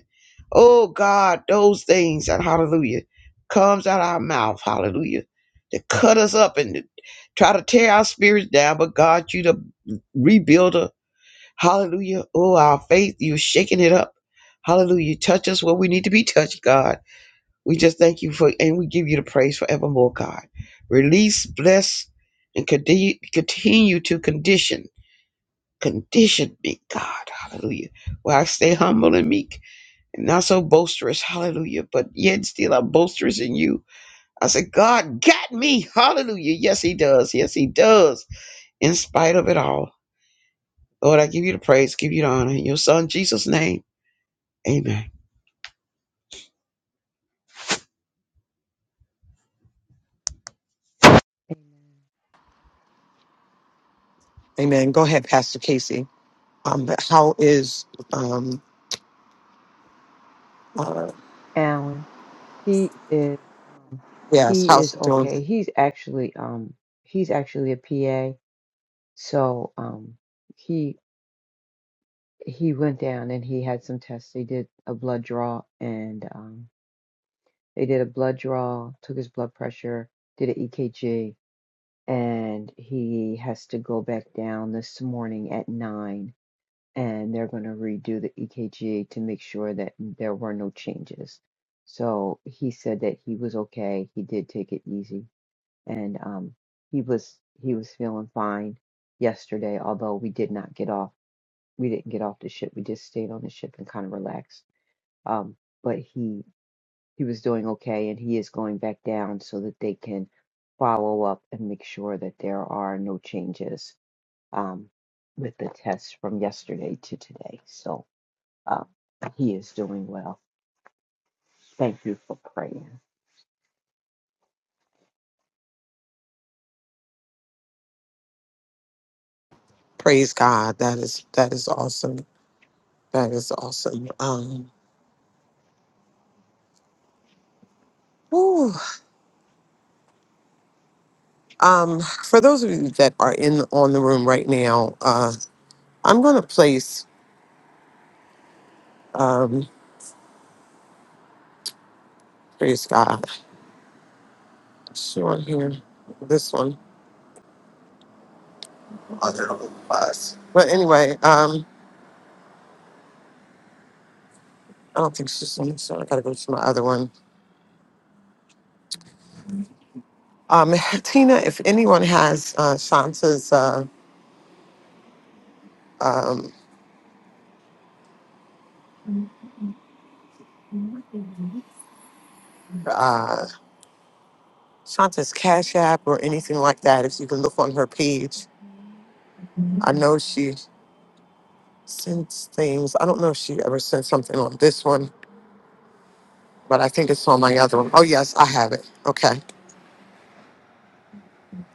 S8: Oh God, those things and hallelujah comes out of our mouth, hallelujah, to cut us up and to try to tear our spirits down. But God, you the rebuilder, hallelujah. Oh, our faith, you shaking it up, hallelujah. Touch us where we need to be touched, God. We just thank you for, and we give you the praise forevermore, God. Release, bless, and continue, continue to condition, condition me, God. Hallelujah. Where I stay humble and meek and not so boisterous. Hallelujah. But yet still I'm boisterous in you. I said, God got me. Hallelujah. Yes, He does. Yes, He does. In spite of it all. Lord, I give you the praise, give you the honor. In your Son, Jesus' name. Amen.
S9: Amen.
S2: Amen. Go ahead, Pastor Casey. Um, how is um, uh,
S9: Alan. He is um
S2: yes,
S9: he is
S2: how's it doing?
S9: okay. He's actually um he's actually a PA. So um he he went down and he had some tests. They did a blood draw and um they did a blood draw, took his blood pressure, did an EKG, and he has to go back down this morning at nine and they're going to redo the EKGA to make sure that there were no changes. So he said that he was okay. He did take it easy, and um, he was he was feeling fine yesterday. Although we did not get off, we didn't get off the ship. We just stayed on the ship and kind of relaxed. Um, but he he was doing okay, and he is going back down so that they can follow up and make sure that there are no changes um, with the tests from yesterday to today. So uh, he is doing well. Thank you for praying.
S2: Praise God. That is that is awesome. That is awesome. Um, whew. um, for those of you that are in on the room right now, uh, I'm gonna place um, praise God. She on here, this one. Other bus. But anyway, um, I don't think she's just so I gotta go to my other one. Um, [LAUGHS] Tina, if anyone has uh, Shanta's. Uh, um, uh, Shanta's Cash App or anything like that. If you can look on her page, I know she sends things. I don't know if she ever sent something on this one, but I think it's on my other one. Oh, yes, I have it. Okay.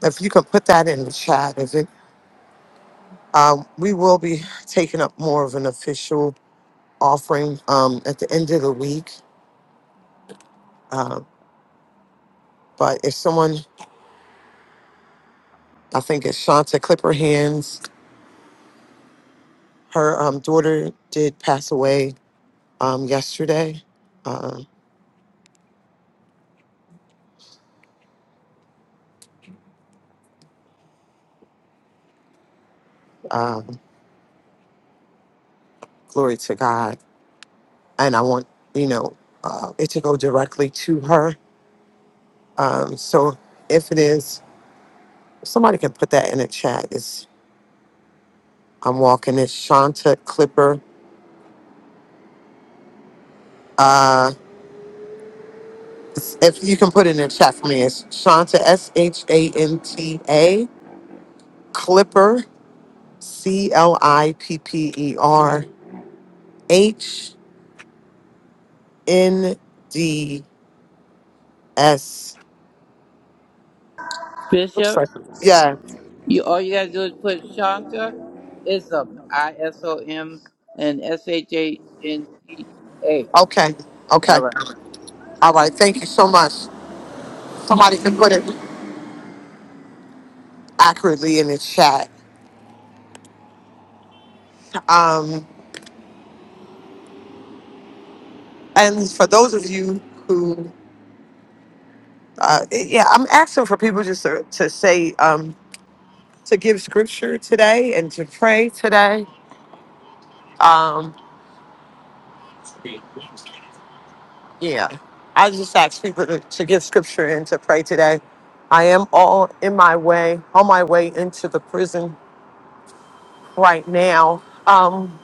S2: If you can put that in the chat, if it, um, we will be taking up more of an official offering um, at the end of the week. Uh, but if someone, I think it's Shanta Clipper Hands, her um, daughter did pass away um, yesterday. Uh, um, Glory to God. And I want, you know, uh, it to go directly to her. Um, so if it is, somebody can put that in the chat. It's, I'm walking, it's Shanta Clipper. Uh, it's- if you can put it in the chat for me, it's Shanta, S H A N T A, Clipper, C L I P P E R, H N D S. Looks
S10: Bishop,
S2: like, yeah,
S10: you all you gotta do is put Shanta Ism, I S O M and S H A N T A.
S2: okay,
S10: All
S2: okay.
S10: right.
S2: All right, thank you so much. Somebody can put it. accurately in the chat. Um, and for those of you who, uh, yeah, I'm asking for people just to, to say, um, to give scripture today and to pray today. Um, yeah, I just ask people to, to give scripture and to pray today. I am all in my way, on my way into the prison right now. Um,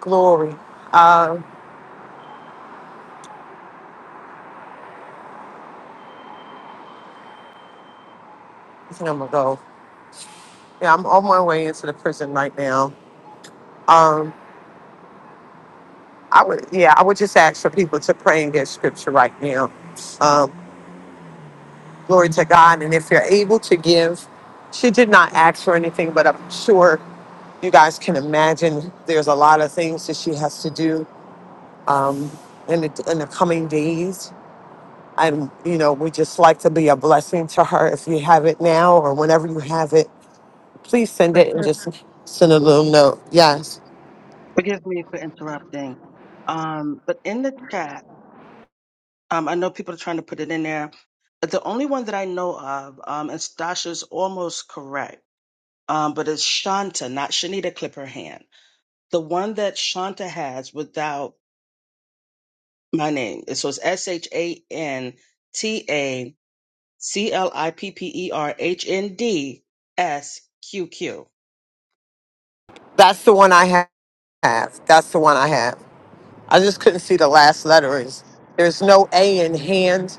S2: glory. Uh, I think I'm gonna go. Yeah, I'm on my way into the prison right now. Um, I would, yeah, I would just ask for people to pray and get scripture right now. Um, glory to God. And if you're able to give, she did not ask for anything, but I'm sure you guys can imagine there's a lot of things that she has to do um, in, the, in the coming days. And, you know, we just like to be a blessing to her. If you have it now or whenever you have it, please send it and just send a little note. Yes,
S5: Forgive me for interrupting. Um, but in the chat, um, I know people are trying to put it in there. But the only one that I know of, um, and Stasha's almost correct, um, but it's Shanta, not Shanita Clip her hand. The one that Shanta has without my name. So it's S H A N T A C L I P P E R H N D S Q Q.
S2: that's the one I have. That's the one I have. I just couldn't see the last letters. There's no A in hand.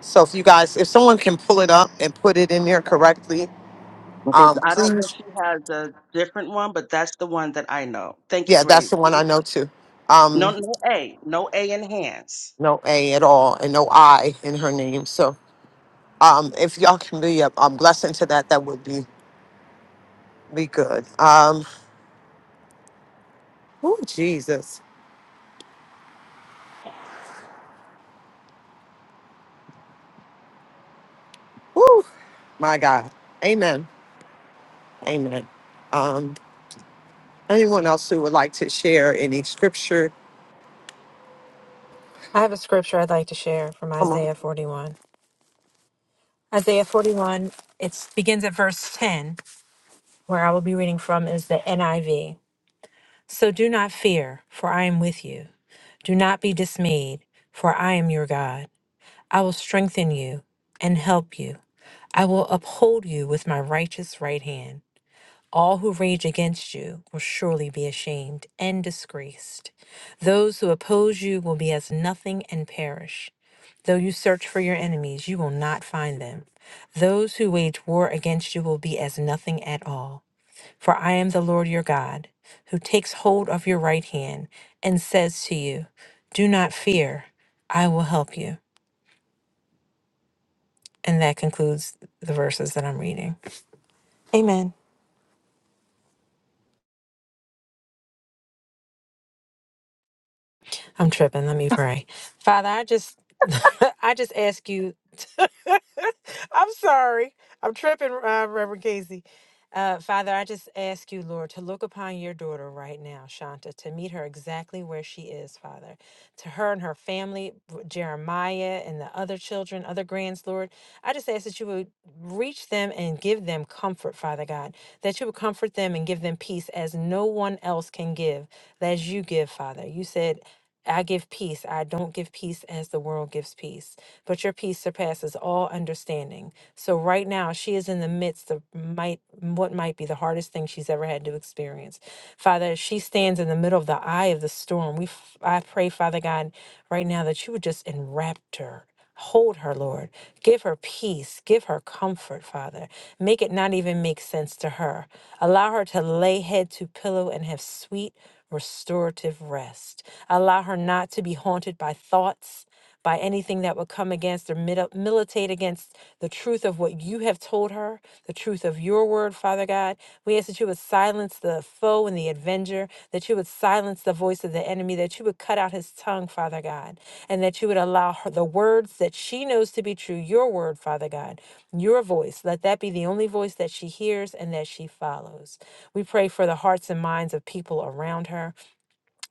S2: So if you guys, if someone can pull it up and put it in there correctly,
S5: Okay, so
S2: um,
S5: I don't know if
S2: please,
S5: she has a different one, but that's the one that I know. Thank you,
S2: yeah, that's
S5: Grace.
S2: the one I know too.
S5: No,
S2: Um,
S5: no A, no A in hands.
S2: no A at all and no I in her name. So um, if y'all can be a, a blessing to that, that would be be good. Um, oh Jesus, oh my God, Amen, Amen. Um, anyone else who would like to share any scripture?
S7: I have a scripture I'd like to share from Isaiah 41. Isaiah 41, it begins at verse 10, where I will be reading from is the NIV. So do not fear, for I am with you. Do not be dismayed, for I am your God. I will strengthen you and help you. I will uphold you with my righteous right hand. All who rage against you will surely be ashamed and disgraced. Those who oppose you will be as nothing and perish. Though you search for your enemies, you will not find them. Those who wage war against you will be as nothing at all. For I am the Lord your God, who takes hold of your right hand and says to you, Do not fear, I will help you. And that concludes the verses that I'm reading. Amen. I'm tripping. Let me pray. Father, I just [LAUGHS] I just ask you. I'm sorry. I'm tripping, uh, Reverend Casey. Uh, Father, I just ask you, Lord, to look upon your daughter right now, Shanta, to meet her exactly where she is, Father. To her and her family, w- Jeremiah and the other children, other grands, Lord, I just ask that you would reach them and give them comfort, Father God, that you would comfort them and give them peace as no one else can give, as you give, Father. You said, I give peace. I don't give peace as the world gives peace. But your peace surpasses all understanding. So right now, she is in the midst of might what might be the hardest thing she's ever had to experience. Father, as she stands in the middle of the eye of the storm. We f- I pray, Father God, right now that you would just enwrap her. Hold her, Lord. Give her peace. Give her comfort, Father. Make it not even make sense to her. Allow her to lay head to pillow and have sweet, restorative rest. Allow her not to be haunted by thoughts, by anything that would come against or mil- militate against the truth of what you have told her, the truth of of your word, Father God. We ask that you would silence the foe and the avenger, that you would silence the voice of the enemy, that you would cut out his tongue, Father God, and that you would allow her the words that she knows to be true, your word, Father God, your voice. Let that be the only voice that she hears and that she follows. We pray for the hearts and minds of people around her.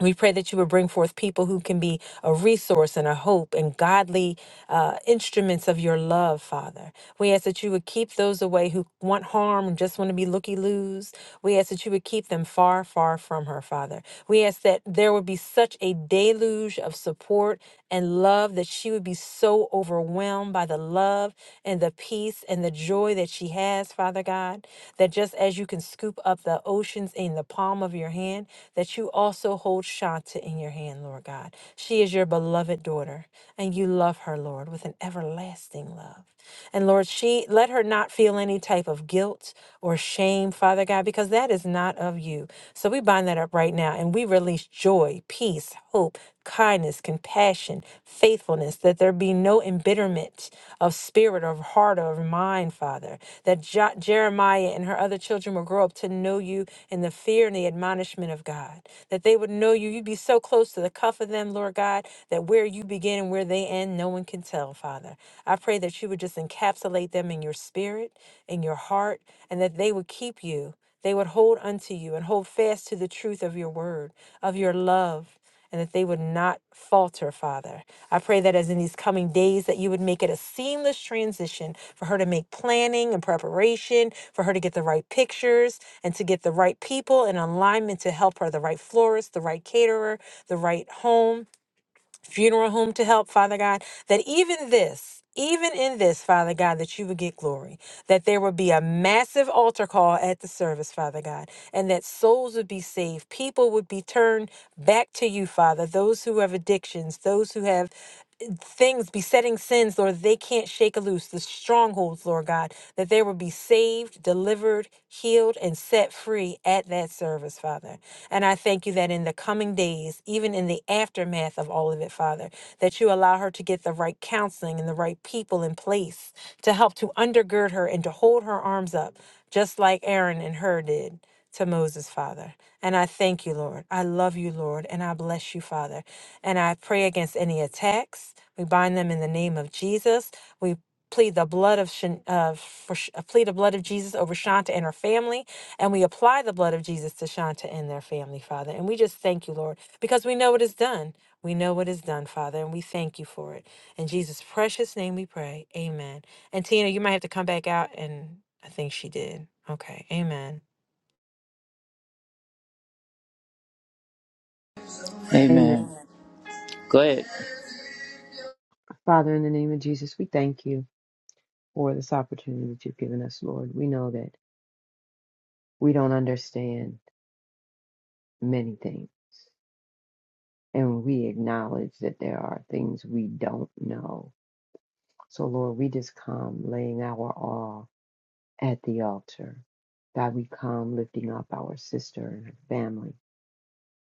S7: We pray that you would bring forth people who can be a resource and a hope and godly uh, instruments of your love, Father. We ask that you would keep those away who want harm and just want to be looky loos. We ask that you would keep them far, far from her, Father. We ask that there would be such a deluge of support and love that she would be so overwhelmed by the love and the peace and the joy joy that she has, Father God, that just as you can scoop up the oceans in the palm of your hand, that you also hold Shanta in your hand, Lord God. She is your beloved daughter, and you love her, Lord, with an everlasting love. And Lord, she let her not feel any type of guilt or shame, Father God, because that is not of you. So we bind that up right now and we release joy, peace, grace, hope, kindness, compassion, faithfulness, that there be no embitterment of spirit or of heart or of mind, Father, that Jo- Jeremiah and her other children will grow up to know you in the fear and the admonishment of God, that they would know you. You'd be so close to the cuff of them, Lord God, that where you begin and where they end, no one can tell, Father. I pray that you would just encapsulate them in your spirit, in your heart, and that they would keep you they would hold unto you and hold fast to the truth of your word, of your love, and that they would not falter, Father. I pray that as in these coming days that you would make it a seamless transition for her to make planning and preparation, for her to get the right pictures and to get the right people in alignment to help her, the right florist, the right caterer, the right home funeral home to help, Father God, that even this, even in this, Father God, that you would get glory, that there would be a massive altar call at the service, Father God, and that souls would be saved, people would be turned back to you, Father, those who have addictions, those who have things, besetting sins, Lord, they can't shake loose, the strongholds, Lord God, that they will be saved, delivered, healed, and set free at that service, Father. And I thank you that in the coming days, even in the aftermath of all of it, Father, that you allow her to get the right counseling and the right people in place to help to undergird her and to hold her arms up, just like Aaron and her did to Moses, Father. And I thank you, Lord. I love you, Lord, and I bless you, Father. And I pray against any attacks. We bind them in the name of Jesus. We plead the blood of Shan- uh, for, Sh- uh, plead the blood of Jesus over Shanta and her family, and we apply the blood of Jesus to Shanta and their family, Father. And we just thank you, Lord, because we know it is done. We know what is done, Father, and we thank you for it. In Jesus' precious name we pray. Amen. And Tina, you might have to come back out and I think she did. Okay. Amen.
S9: Amen.
S10: Amen. Go ahead.
S9: Father, in the name of Jesus, we thank you for this opportunity that you've given us, Lord. We know that we don't understand many things, and we acknowledge that there are things we don't know. So, Lord, we just come laying our all at the altar. God, we come lifting up our sister and her family.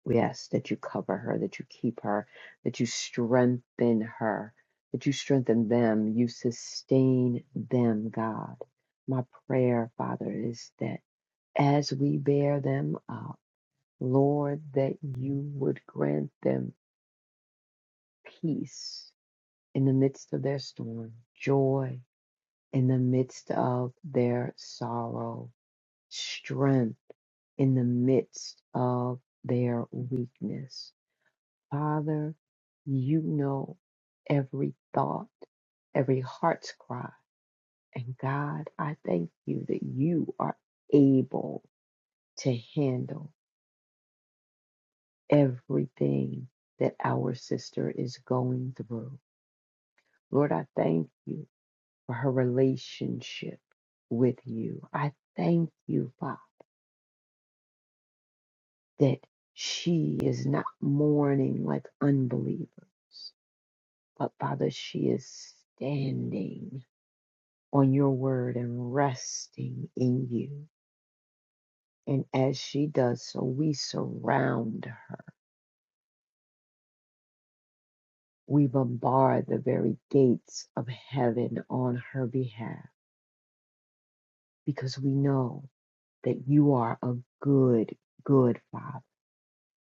S9: We ask that you cover her, that you keep her, that you strengthen her, that you strengthen them, you sustain them, God. My prayer, Father, is that as we bear them up, Lord, that you would grant them peace in the midst of their storm, joy in the midst of their sorrow, strength in the midst of their weakness. Father, you know every thought, every heart's cry. And God, I thank you that you are able to handle everything that our sister is going through. Lord, I thank you for her relationship with you. I thank you, Father, that she is not mourning like unbelievers, but Father, she is standing on your word and resting in you. And as she does so, we surround her. We bombard the very gates of heaven on her behalf because we know that you are a good, good Father,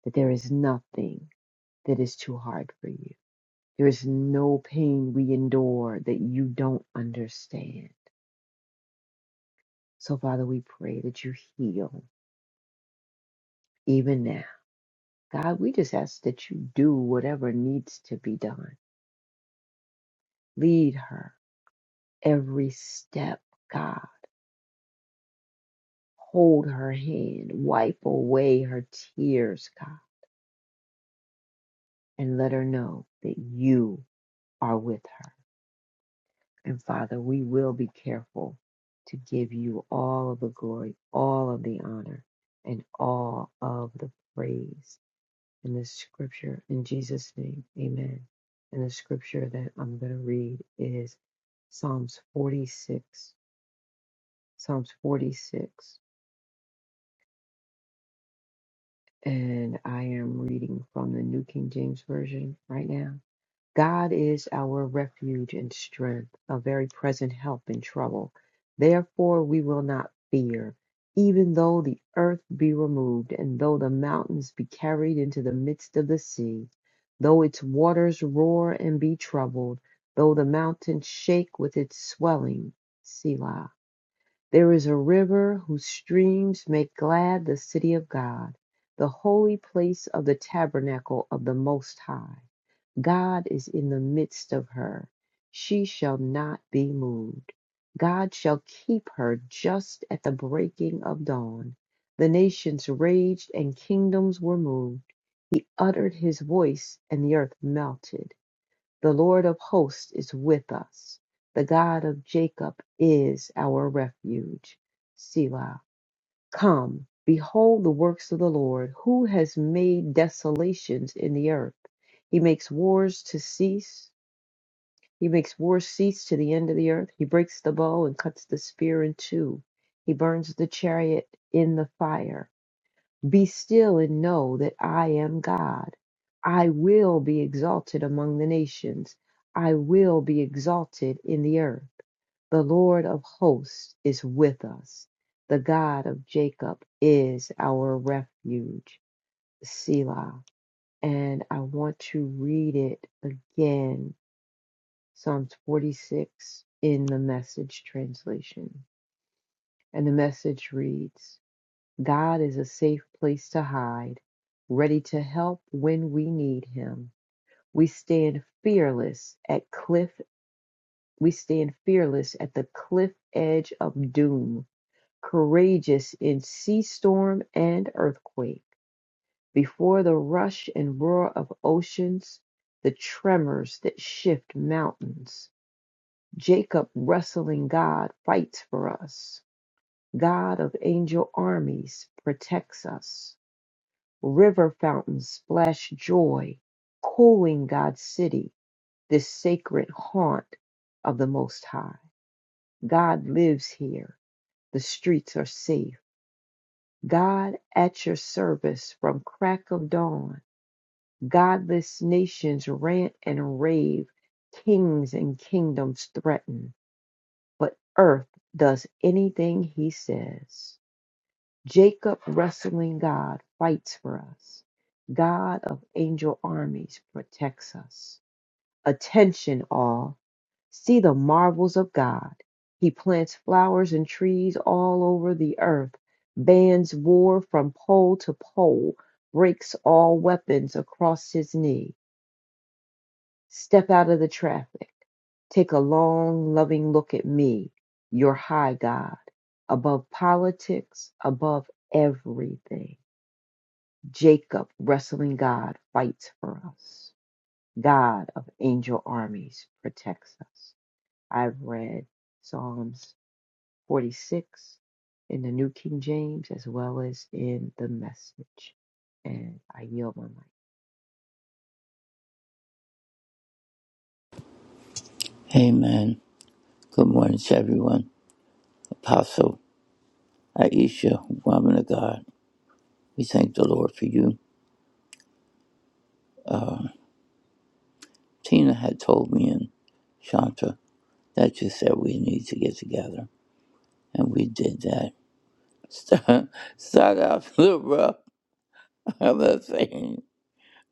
S9: that there is nothing that is too hard for you. There is no pain we endure that you don't understand. So, Father, we pray that you heal even now. God, we just ask that you do whatever needs to be done Lead her every step, God. Hold her hand. Wipe away her tears, God. And let her know that you are with her. And Father, we will be careful to give you all of the glory, all of the honor, and all of the praise in this scripture. In Jesus' name, amen. And the scripture that I'm going to read is Psalms 46. Psalms 46. and I am reading from the New King James Version right now. God is our refuge and strength, a very present help in trouble. Therefore, we will not fear, even though the earth be removed, and though the mountains be carried into the midst of the sea, though its waters roar and be troubled, though the mountains shake with its swelling. Selah. There is a river whose streams make glad the city of God, the holy place of the tabernacle of the Most High. God is in the midst of her. She shall not be moved. God shall keep her just at the breaking of dawn. The nations raged and kingdoms were moved. He uttered his voice and the earth melted. The Lord of hosts is with us. The God of Jacob is our refuge. Selah. Come, behold the works of the Lord, who has made desolations in the earth. He makes wars to cease. He makes wars cease to the end of the earth. He breaks the bow and cuts the spear in two. He burns the chariot in the fire. Be still and know that I am God. I will be exalted among the nations. I will be exalted in the earth. The Lord of hosts is with us. The God of Jacob is our refuge. Selah. And I want to read it again Psalms 46 in the message translation. And the message reads God is a safe place to hide, ready to help when we need him. We stand fearless at cliff we stand fearless at the cliff edge of doom, courageous in sea storm and earthquake, before the rush and roar of oceans, the tremors that shift mountains. Jacob wrestling God fights for us. God of angel armies protects us. River fountains splash joy, cooling God's city, this sacred haunt of the Most High. God lives here. The streets are safe. God at your service from crack of dawn. Godless nations rant and rave, kings and kingdoms threaten, but earth does anything he says. Jacob, wrestling God, fights for us. God of angel armies protects us. Attention, all. See the marvels of God. He plants flowers and trees all over the earth, bans war from pole to pole, breaks all weapons across his knee. Step out of the traffic. Take a long, loving look at me, your high God, above politics, above everything. Jacob, wrestling God, fights for us. God of angel armies protects us. I've read Psalms 46 in the New King James as well as in the message. And I yield my mic.
S10: Amen. Good morning to everyone. Apostle Aisha, woman of God. We thank the Lord for you. Tina had told me and Shanta that you said we need to get together. And we did that. [LAUGHS] Start, started off [LAUGHS] a little rough, [LAUGHS] I'm not saying.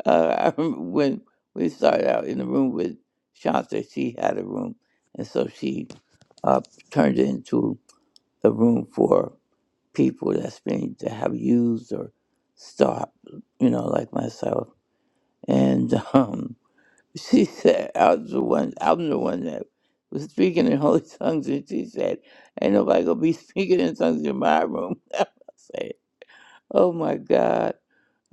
S10: Uh, [LAUGHS] I remember when we started out in the room with Shanta, she had a room, and so she uh, turned it into a room for people that's been to have used or stopped, you know, like myself. And [LAUGHS] um, she said, I was the one, I'm the one that was speaking in [LAUGHS] holy tongues, and she said, "Ain't nobody gonna be [LAUGHS] speaking in tongues in my room." [LAUGHS] Oh my God.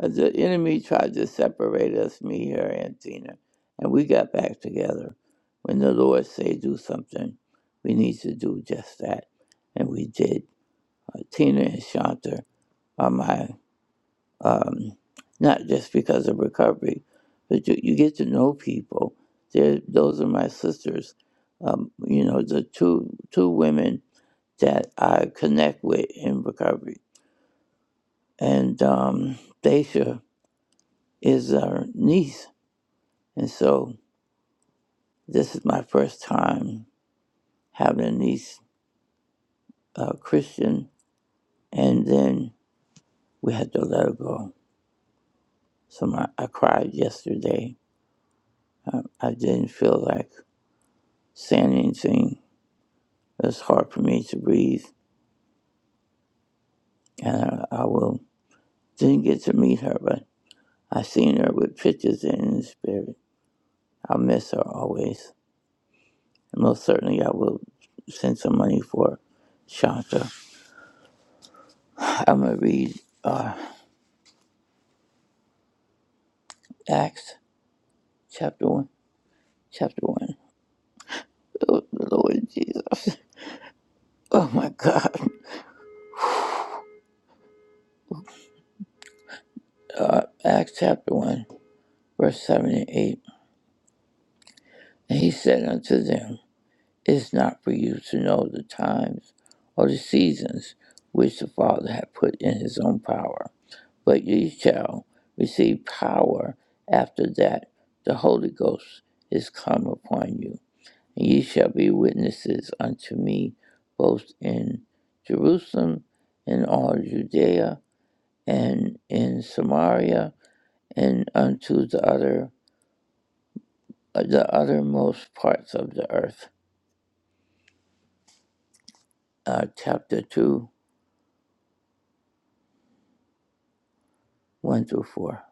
S10: Uh, The enemy tried to separate us, me, her, and Tina, and we got back together. When the Lord say do something, we need to do just that, and we did. Uh, Tina and Shanta are my, um, not just because of recovery, but you, you get to know people. They're, those are my sisters. Um, you know, the two two women that I connect with in recovery, and um, Daisha. is our niece. And so this is my first time having a niece, uh, Christian, and then we had to let her go. So my, I cried yesterday. I, I didn't feel like saying anything. It was hard for me to breathe, and I, I will didn't get to meet her, but I seen her with pictures and in the spirit. I'll miss her always. And most certainly, I will send some money for Shanta. I'm gonna read uh, Acts Chapter 1. Chapter 1. Oh, Lord Jesus. Oh, my God. Uh, Acts chapter 1, verse 7 and 8. And he said unto them, It is not for you to know the times or the seasons which the Father hath put in his own power, but ye shall receive power after that the Holy Ghost is come upon you. And ye shall be witnesses unto me both in Jerusalem and all Judea and in Samaria and unto the other uh, the othermost parts of the earth. Uh, chapter two, one through four.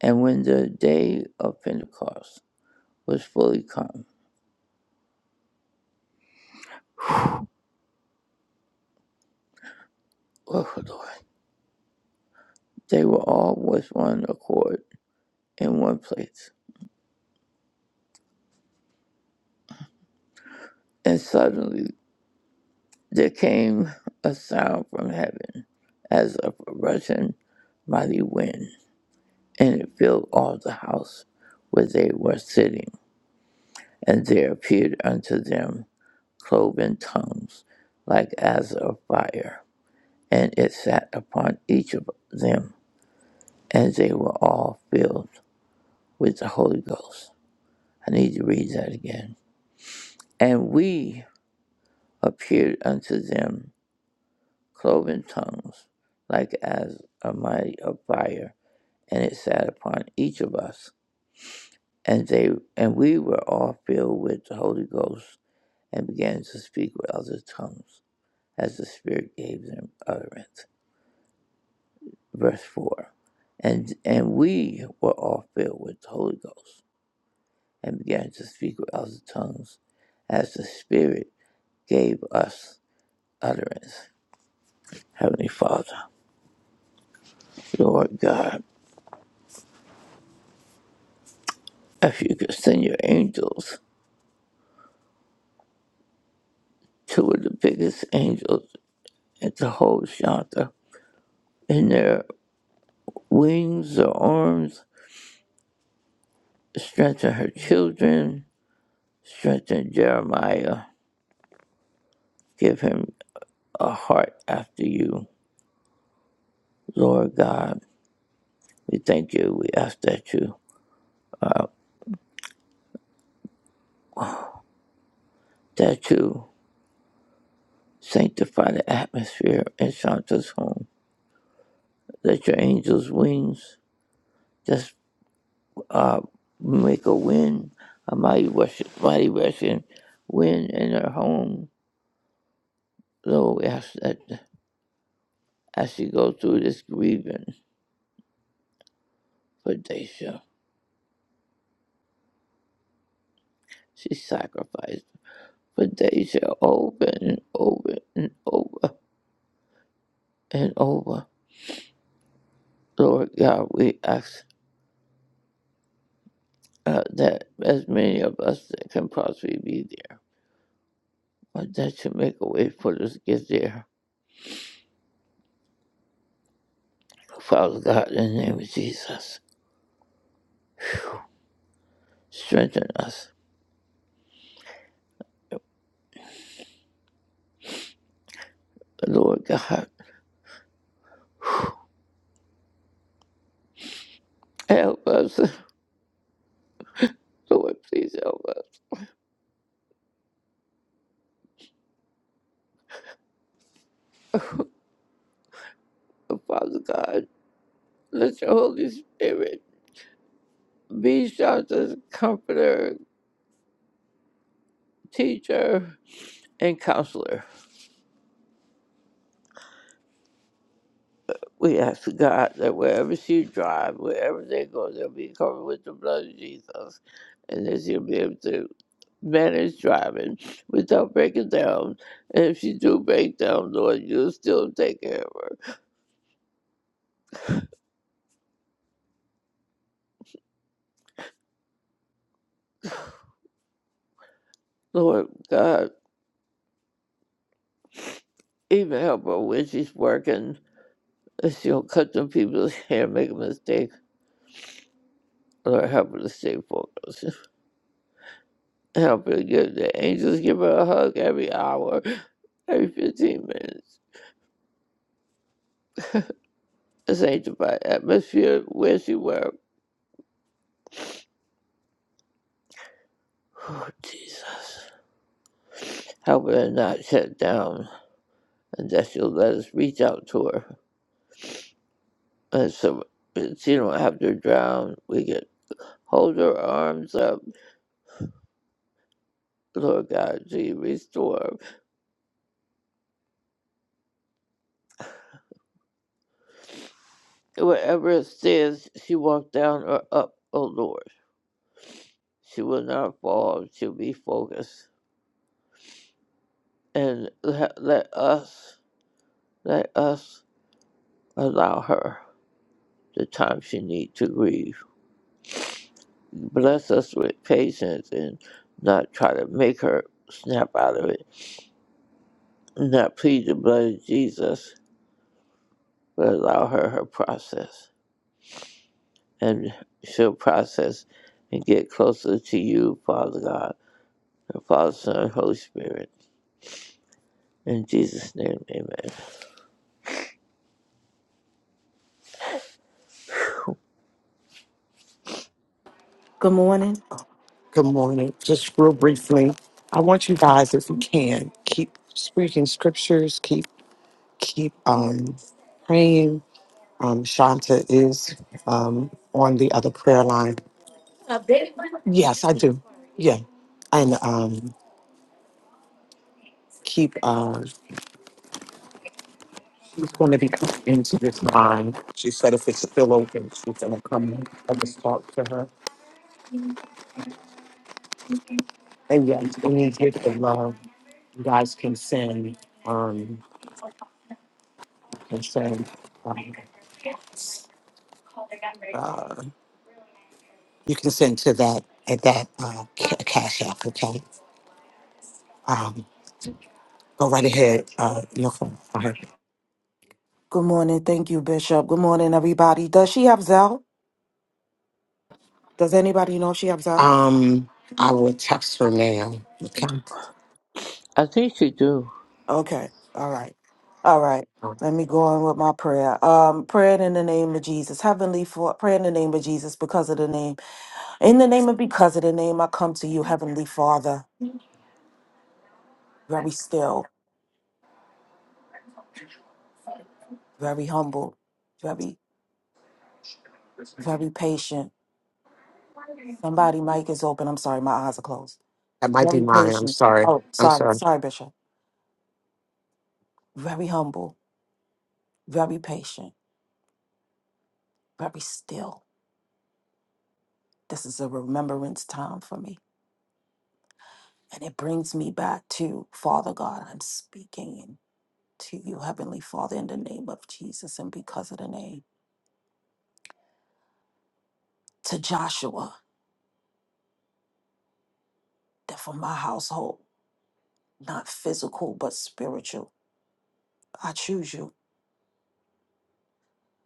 S10: And when the day of Pentecost was fully come, oh Lord, they were all with one accord in one place. And suddenly there came a sound from heaven, as of a rushing mighty wind, and it filled all the house where they were sitting And there appeared unto them cloven tongues, like as of fire, and it sat upon each of them, and they were all filled with the Holy Ghost. I need to read that again. And we appeared unto them cloven tongues, like as a mighty of fire, and it sat upon each of us, and they and we were all filled with the Holy Ghost, and began to speak with other tongues as the Spirit gave them utterance. Verse 4 And, and we were all filled with the Holy Ghost and began to speak with other tongues as the Spirit gave us utterance. Heavenly Father, Lord God, if you could send your angels, two of the biggest angels, and to hold Shanta in their wings or arms, strengthen her children, strengthen Jeremiah, give him a heart after you Lord God, we thank you. We ask that you that you sanctify the atmosphere in Shanta's home. Let your angels' wings just uh, make a wind, a mighty rushing, mighty rushing wind in her home. Lord, we ask that as she goes through this grieving for Daisha, she sacrificed for Daisha over and over and over and over. Lord God, we ask. uh, that as many of us that can possibly be there. But that you make a way for us to get there. Father God, in the name of Jesus, strengthen us. Lord God, help us. [LAUGHS] Lord, please help us. Father God, let your Holy Spirit be shelter, comforter, teacher, and counselor. We ask God that wherever she drives, wherever they go, they'll be covered with the blood of Jesus and that she'll be able to manage driving without breaking down. And if she do break down, Lord, you'll still take care of her. Lord God, even help her when she's working. If she don't cut them people's [LAUGHS] hair, make a mistake. Lord, help her to stay focused. [LAUGHS] Help her give the angels give her a hug every hour, [SIGHS] every 15 minutes. A sanctified atmosphere where she works. Oh, Jesus. Help her to not shut down and that she'll let us reach out to her And so that she don't have to drown. We can hold her arms up. Lord God, she restore her. Whatever stairs she walked down or up, oh Lord, she will not fall. She'll be focused. And let, let us, let us allow her the time she need to grieve. Bless us with patience and not try to make her snap out of it. Not plead the blood of Jesus, but allow her her process. and she'll process and get closer to you, Father God, and Father, Son, and Holy Spirit. In Jesus' name, amen.
S11: Good morning.
S2: Good morning. Just real briefly, I want you guys, if you can, keep speaking scriptures, keep keep um, praying. Um, Shanta is um, on the other prayer line. A big one? Yes, I do. Yeah, and um, keep. Uh, she's going to be coming into this line. She said if it's still open, she's going to come and just talk to her. And yes, any gift of love you guys can send. Um, And so um, uh, you can send to that at that uh, ca- cash app, okay? Um, go right ahead, uh, no phone. Okay.
S11: Good morning. Thank you, Bishop. Good morning, everybody. Does she have Zell? Does anybody know if she have Zell?
S2: Um, I will text her now, okay?
S10: I think you do.
S11: Okay. All right. All right. Let me go on with my prayer. Um, praying in the name of Jesus. Heavenly Father. Pray in the name of Jesus, because of the name. In the name of because of the name, I come to you, Heavenly Father, very still, very humble, very, very patient. Somebody mic is open. I'm sorry, my eyes are closed.
S2: That might be
S11: Very
S2: mine. I'm
S11: patient.
S2: sorry.
S11: Oh,
S2: I'm
S11: sorry,
S2: sorry.
S11: sorry, Bishop. Very humble, very patient but be still. This is a remembrance time for me. And it brings me back to Father God. I'm speaking to you, Heavenly Father, in the name of Jesus and because of the name. To Joshua, that for my household, not physical, but spiritual, I choose you.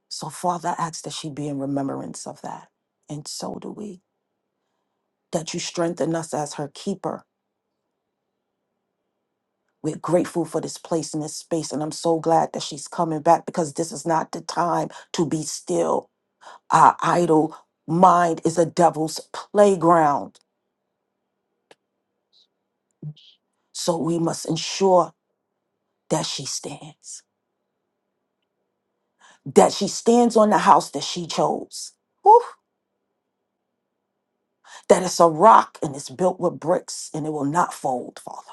S11: So, Father, I ask that she be in remembrance of that. And so do we. That you strengthen us as her keeper. We're grateful for this place and this space. And I'm so glad that she's coming back because this is not the time to be still Our idle mind is a devil's playground. So we must ensure that she stands, that she stands on the house that she chose. Woo! That it's a rock and it's built with bricks and it will not fold, Father.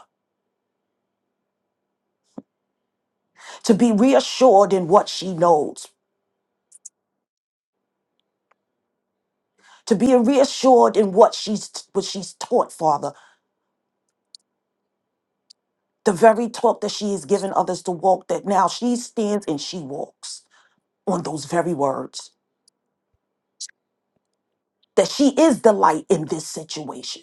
S11: To be reassured in what she knows, to be reassured in what she's what she's taught, Father. The very talk that she has given others to walk, that now she stands and she walks on those very words. That she is the light in this situation.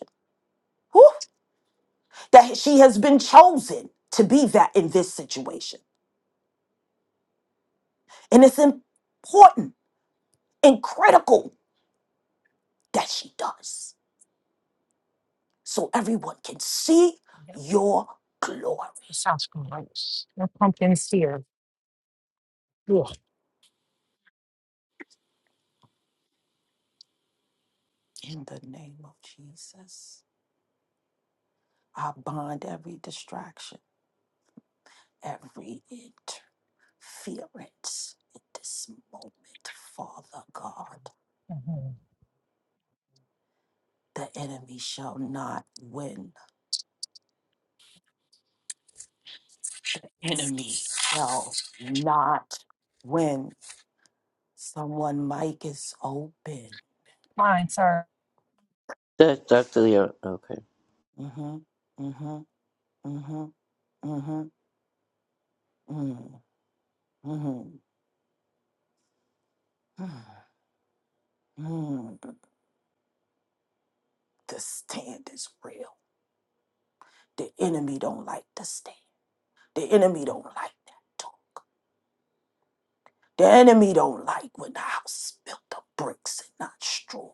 S11: that she has been chosen to be that in this situation. And it's important and critical that she does so everyone can see your glory. In the name of Jesus, I bind every distraction, every interference in this moment, Father God. The enemy shall not win. Enemy shall not win Someone mic is open.
S10: That's Dr. Leon. Okay.
S11: Mm-hmm. Mm-hmm. Mm-hmm. Mm-hmm. Mm-hmm. Mm-hmm. Mm-hmm. The stand is real. The enemy don't like the stand. The enemy don't like that talk. The enemy don't like when the house is built of bricks and not straws.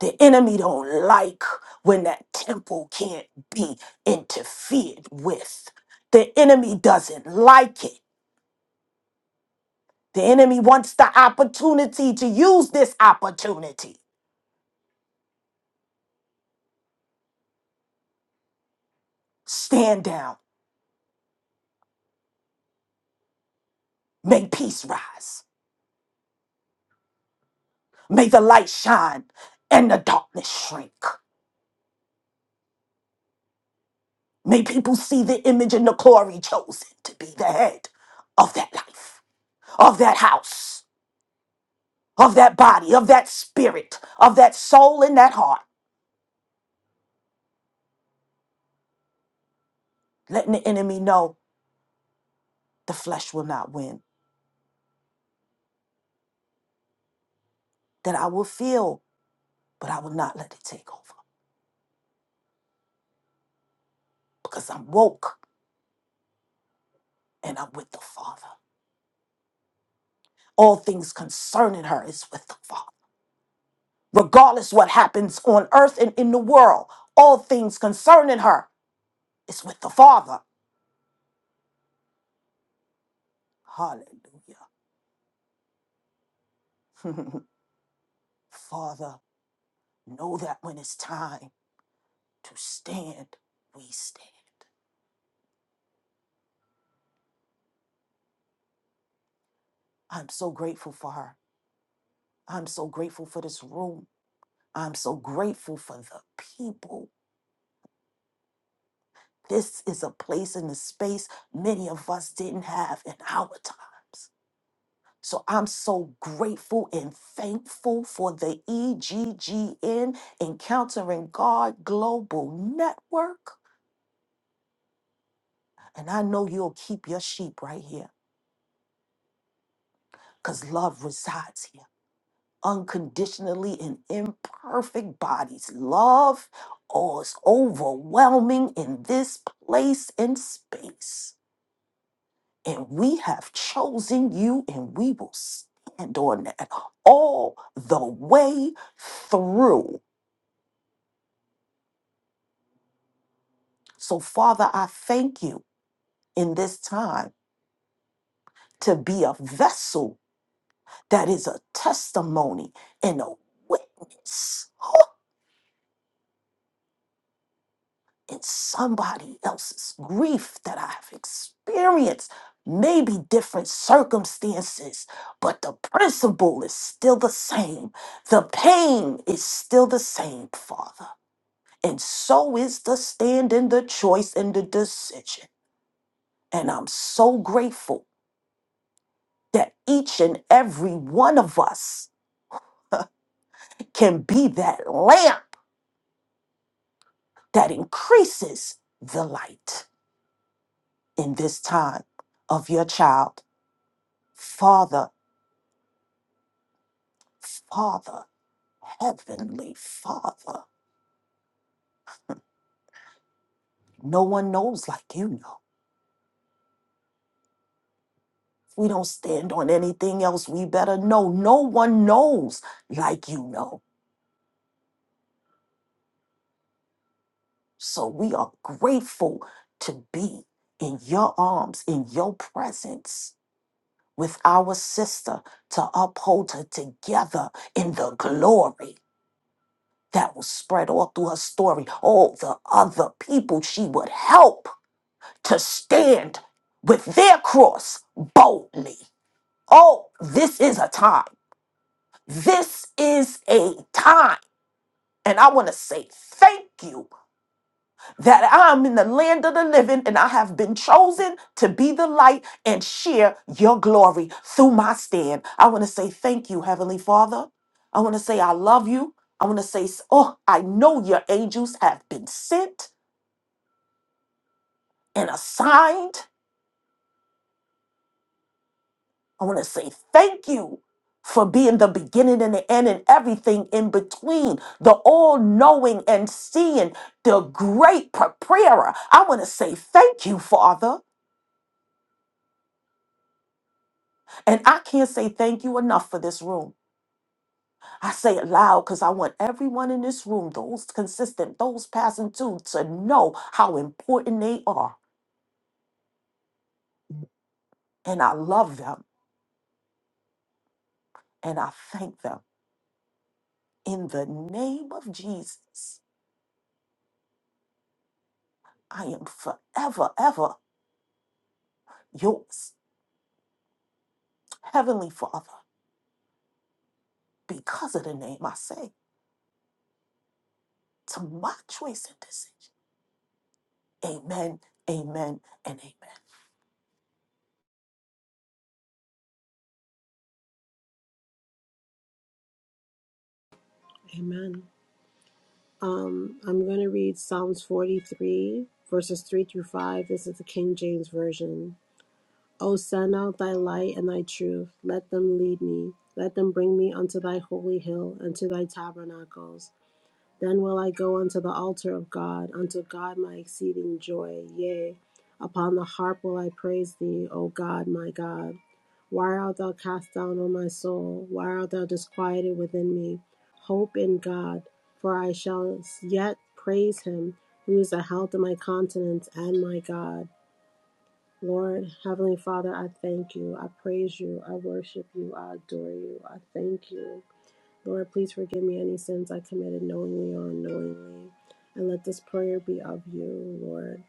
S11: The enemy don't like when that temple can't be interfered with. The enemy doesn't like it. The enemy wants the opportunity to use this opportunity. Stand down. May peace rise. May the light shine and the darkness shrink. May people see the image and the glory chosen to be the head of that life, of that house, of that body, of that spirit, of that soul and that heart. Letting the enemy know the flesh will not win, that I will feel, but I will not let it take over because I'm woke and I'm with the Father. all things concerning her is with the Father. Regardless what happens on earth and in the world, all things concerning her is with the Father. Hallelujah. [LAUGHS] Father, know that when it's time to stand, we stand. I'm so grateful for her. I'm so grateful for this room. I'm so grateful for the people. This is a place in the space many of us didn't have in our times. So I'm so grateful and thankful for the EGGN Encountering God Global Network. And I know you'll keep your sheep right here because love resides here unconditionally in imperfect bodies. Love oh, is overwhelming in this place and space. And we have chosen you and we will stand on that all the way through. So, Father, I thank you in this time to be a vessel that is a testimony and a witness in somebody else's grief that I have experienced. Maybe different circumstances, but the principle is still the same. The pain is still the same, Father. And so is the stand and the choice and the decision. And I'm so grateful that each and every one of us [LAUGHS] can be that lamp that increases the light in this time of your child. Father, Father, Heavenly Father, no one knows like you know. We don't stand on anything else. We better know. No one knows like you know. So we are grateful to be in your arms, in your presence with our sister to uphold her together in the glory that will spread all through her story. All the other people she would help to stand with their cross boldly. Oh, this is a time. This is a time. And I want to say thank you that I'm in the land of the living and I have been chosen to be the light and share your glory through my stand. I want to say thank you, Heavenly Father. I want to say I love you. I want to say, oh, I know your angels have been sent and assigned. I want to say thank you for being the beginning and the end and everything in between, the all knowing and seeing, the great preparer. I want to say thank you, Father. And I can't say thank you enough for this room. I say it loud because I want everyone in this room, those consistent, those passing through, to know how important they are. And I love them and I thank them. In the name of Jesus, I am forever, ever yours, Heavenly Father, because of the name I say to my choice and decision. Amen, amen, and amen.
S12: Amen. Um, I'm going to read Psalms 43, verses 3 through 5. This is the King James Version. O send out thy light and thy truth. Let them lead me. Let them bring me unto thy holy hill, unto thy tabernacles. Then will I go unto the altar of God, unto God my exceeding joy. Yea, upon the harp will I praise thee, O God, my God. Why art thou cast down, O my soul? Why art thou disquieted within me? Hope in God, for I shall yet praise him, who is the health of my countenance and my God. Lord, Heavenly Father, I thank you. I praise you. I worship you. I adore you. I thank you. Lord, please forgive me any sins I committed knowingly or unknowingly. And let this prayer be of you, Lord.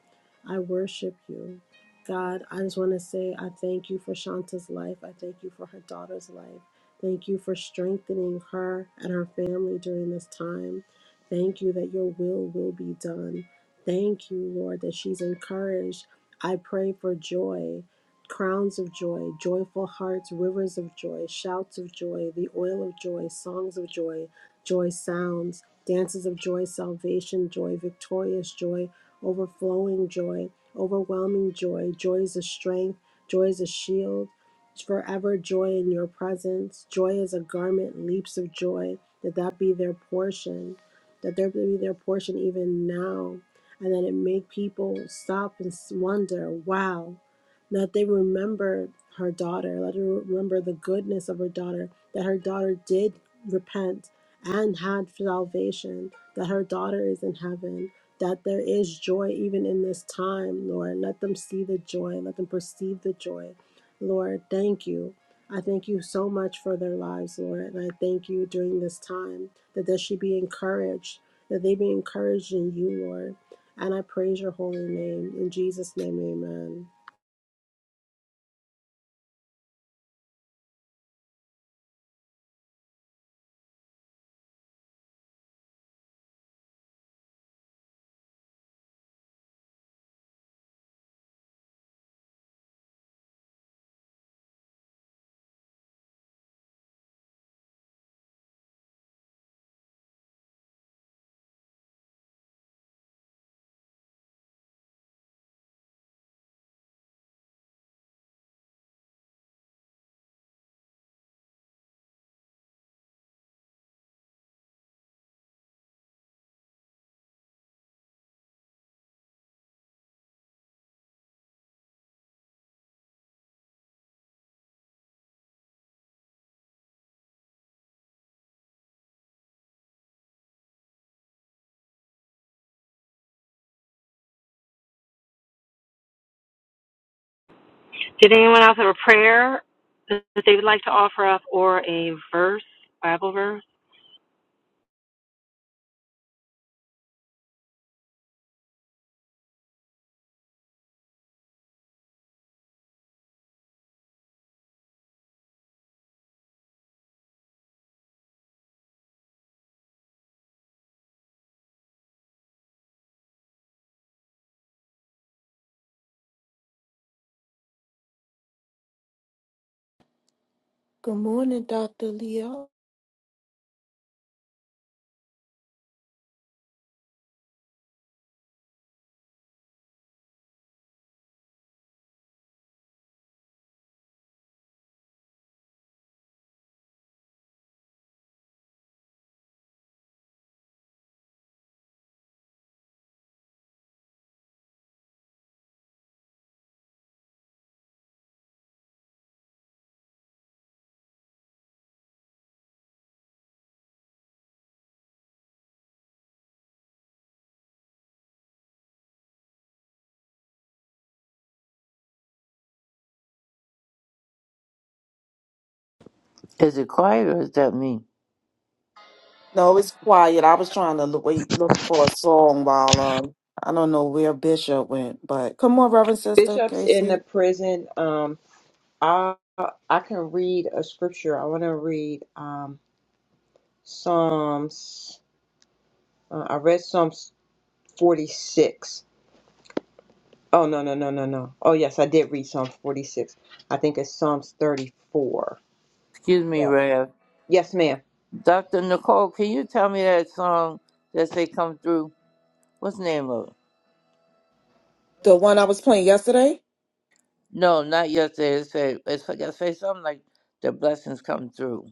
S12: I worship you. God, I just want to say I thank you for Shanta's life. I thank you for her daughter's life. Thank you for strengthening her and her family during this time. Thank you that your will will be done. Thank you, Lord, that she's encouraged. I pray for joy crowns of joy, joyful hearts, rivers of joy, shouts of joy, the oil of joy, songs of joy, joy sounds, dances of joy, salvation, joy, victorious joy, overflowing joy, overwhelming joy, joy is a strength, joy is a shield, forever joy in your presence, joy is a garment, leaps of joy, that that be their portion, that there be their portion even now, and that it make people stop and s- wonder, wow that they remembered her daughter, let her remember the goodness of her daughter, that her daughter did repent and had salvation, that her daughter is in heaven, that there is joy even in this time, Lord. Let them see the joy, let them perceive the joy. Lord, thank you. I thank you so much for their lives, Lord. And I thank you during this time that they should be encouraged, that they be encouraged in you, Lord. And I praise your holy name. In Jesus' name, amen.
S7: Did anyone else have a prayer that they would like to offer up or a verse, Bible verse?
S11: Good morning, Dr. Leo.
S10: Is it quiet or is that me?
S11: No, it's quiet. I was trying to look, wait, look for a song while um I don't know where Bishop went, but come on, Reverend Sister
S9: Bishops in the
S11: Casey.
S9: prison. Um, I I can read a scripture. I want to read um Psalms. Uh, I read Psalms forty six. Oh, no, no, no, no, no. Oh, yes, I did read Psalms 46. I think it's Psalms 34.
S10: Excuse me, Rev.
S9: Yes, ma'am.
S10: Dr. Nicole, can you tell me that song that say come through? What's the name of it?
S11: The one I was playing yesterday.
S10: No, not yesterday. It said, it's like I say something like the blessings come through.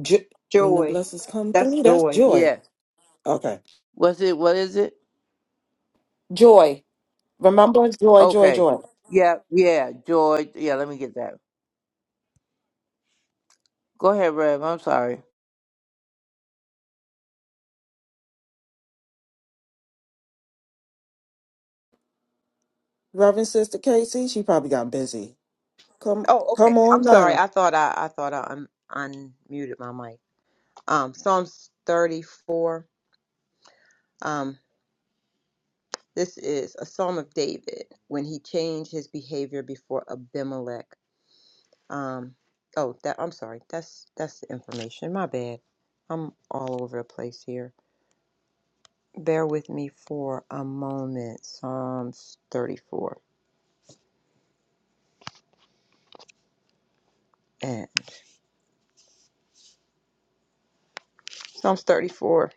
S11: Jo- when the
S9: Joy.
S11: blessings come
S9: That's
S11: through, that's
S9: joy.
S11: joy.
S10: Yeah.
S11: Okay,
S10: Was it, what is it?
S11: joy. Remember, joy, joy,
S10: Okay.
S11: joy.
S10: Yeah, yeah, joy. Yeah, let me get that Go ahead, Rev. I'm sorry.
S11: Reverend Sister Casey, she probably got busy. Come,
S9: Oh, okay.
S11: come
S9: I'm
S11: on
S9: sorry.
S11: now,
S9: I thought I, I thought I un- unmuted my mic. Um, Psalms 34. Um, this is a Psalm of David when he changed his behavior before Abimelech. Um, oh, that I'm sorry. That's that's the information. My bad. I'm all over the place here. bear with me for a moment. Psalms 34 and Psalms 34,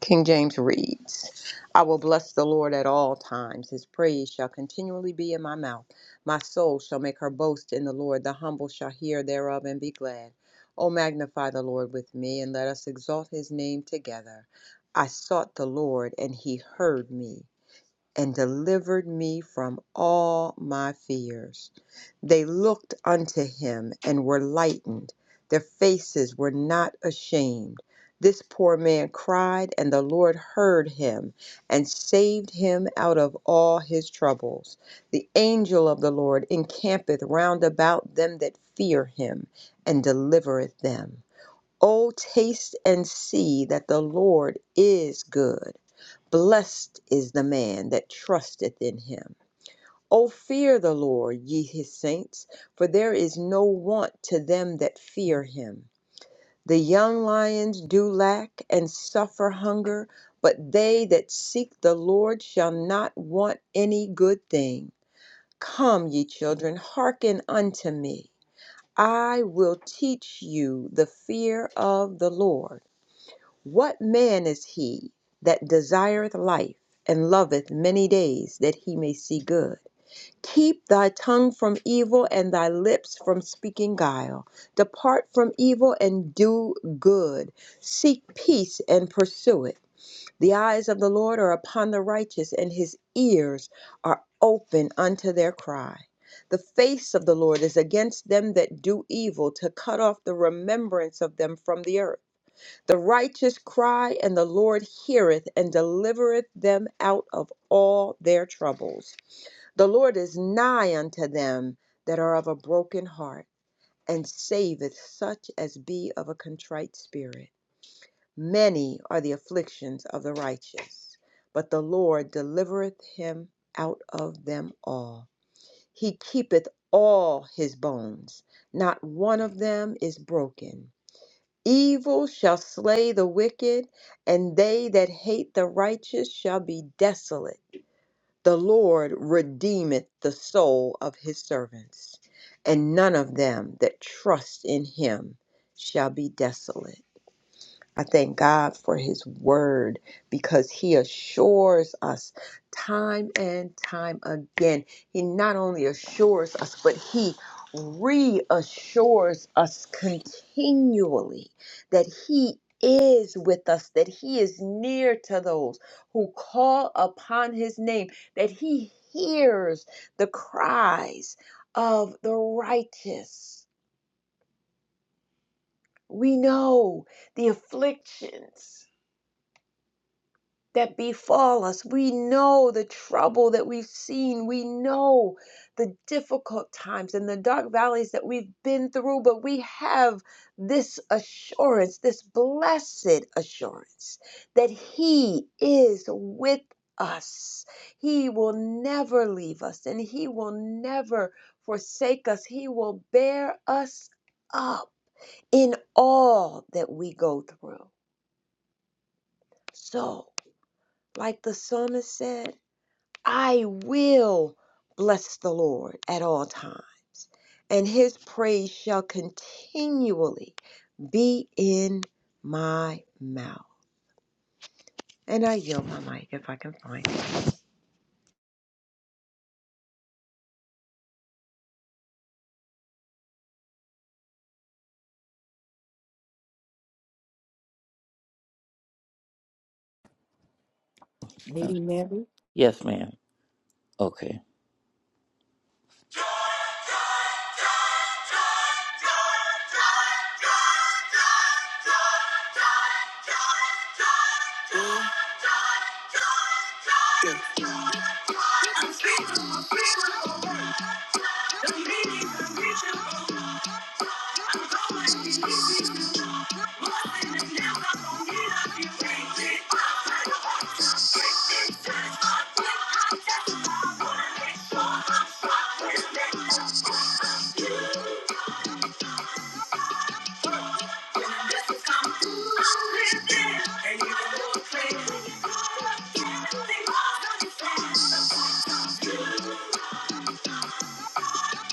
S9: King James reads, I will bless the Lord at all times. His praise shall continually be in my mouth. My soul shall make her boast in the Lord. The humble shall hear thereof and be glad. O magnify the Lord with me, and let us exalt his name together. I sought the Lord, and he heard me and delivered me from all my fears. They looked unto him and were lightened. Their faces were not ashamed. This poor man cried, and the Lord heard him and saved him out of all his troubles. The angel of the Lord encampeth round about them that fear him and delivereth them. O taste and see that the Lord is good. Blessed is the man that trusteth in him. O fear the Lord, ye his saints, for there is no want to them that fear him. The young lions do lack and suffer hunger, but they that seek the Lord shall not want any good thing. Come, ye children, hearken unto me. I will teach you the fear of the Lord. What man is he that desireth life and loveth many days that he may see good? Keep thy tongue from evil and thy lips from speaking guile. Depart from evil and do good. Seek peace and pursue it. The eyes of the Lord are upon the righteous, and his ears are open unto their cry. The face of the Lord is against them that do evil, to cut off the remembrance of them from the earth. The righteous cry, and the Lord heareth and delivereth them out of all their troubles. The Lord is nigh unto them that are of a broken heart, and saveth such as be of a contrite spirit. Many are the afflictions of the righteous, but the Lord delivereth him out of them all. He keepeth all his bones, not one of them is broken. Evil shall slay the wicked, and they that hate the righteous shall be desolate. The Lord redeemeth the soul of his servants, and none of them that trust in him shall be desolate. I thank God for His word because He assures us time and time again. He not only assures us, but He reassures us continually that He is with us, that He is near to those who call upon His name, that He hears the cries of the righteous. We know the afflictions that befall us. We know the trouble that we've seen. We know the difficult times and the dark valleys that we've been through, but we have this assurance, this blessed assurance that He is with us. He will never leave us and He will never forsake us. He will bear us up in all that we go through. So, like the psalmist said, I will bless the Lord at all times, and his praise shall continually be in my mouth. And I yield my mic if I can find it.
S10: Uh,
S11: Lady Mary.
S10: Yes, ma'am. Okay.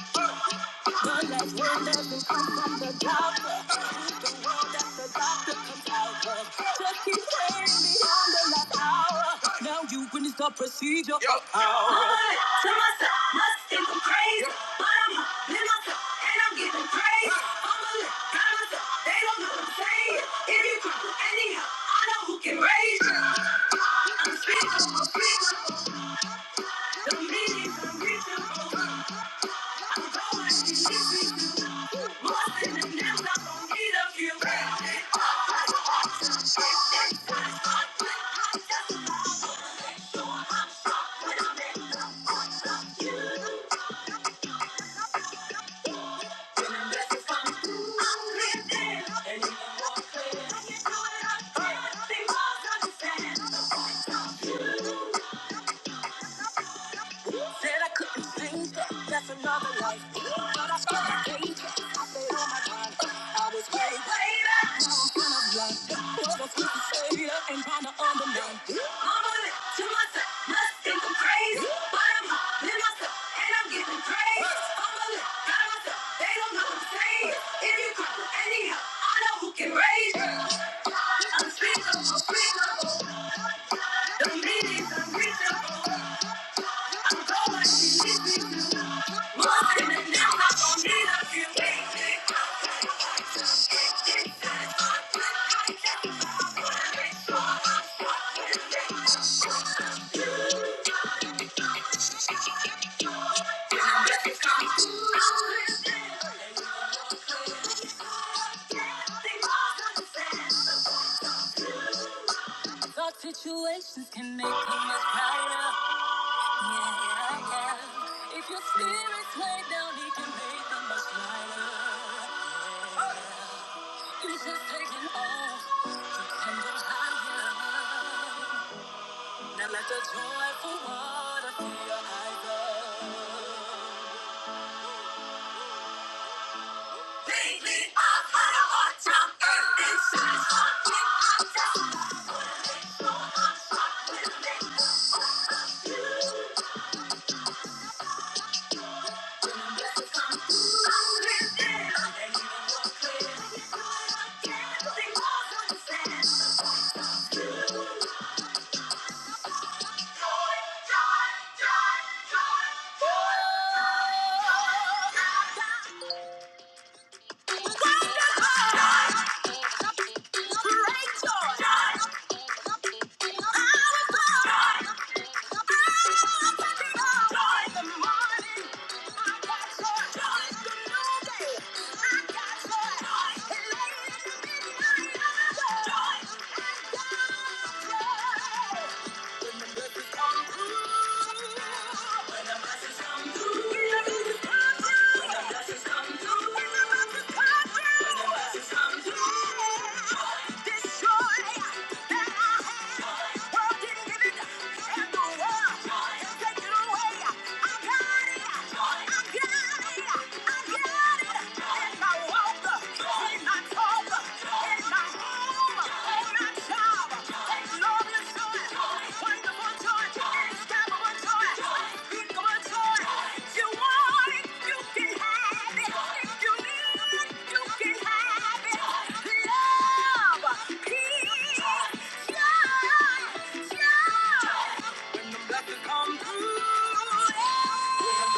S10: Thank you. But like windows who come from the doctor. He's the one that the doctor comes out of. Just keep praying beyond the last hour. Now you witness the procedure. Yo. Hood to myself, must think I'm crazy. Yo. But I'm humbling myself and I'm giving praise. Huh. I'm a little guy myself, they don't know what I'm saying. If you come with any help, I know who can raise you. I'm speaking, I'm preaching, the meaning's i Thank you. Said I couldn't change that. That's another life. But I still hate it. I stayed on my grind. I was way, way back. Now I'm kind of blind. Was a sweet savior and trying to undermine. Mama look to myself. Must think I'm crazy. But I'm hot in myself. And I'm getting praise. Mama look down myself. They don't know what I'm saying. If you come for any help, I know who can raise you. I'm speakable, I'm speakable. The meaning's unreachable. Thought situations can make them much brighter. Yeah, yeah. yeah. If your spirit's laid down, he can make them much lighter. Jesus taking off the candles higher. Now let the joyful water fill your eyes up. Lead me up higher, Lord, jump in and shine on me, I tell you. When the blessings come through, I'm lifted up. And you will walk clear. You do it again, sing more than you said. Joy, joy, joy, joy, joy, joy, joy. Joy. When the blessings come through. When the blessings come through. When the blessings come through. When the world and I got it. I got it. I got it. And I walk in my talk, in my home, in my job. Come through, yeah. When the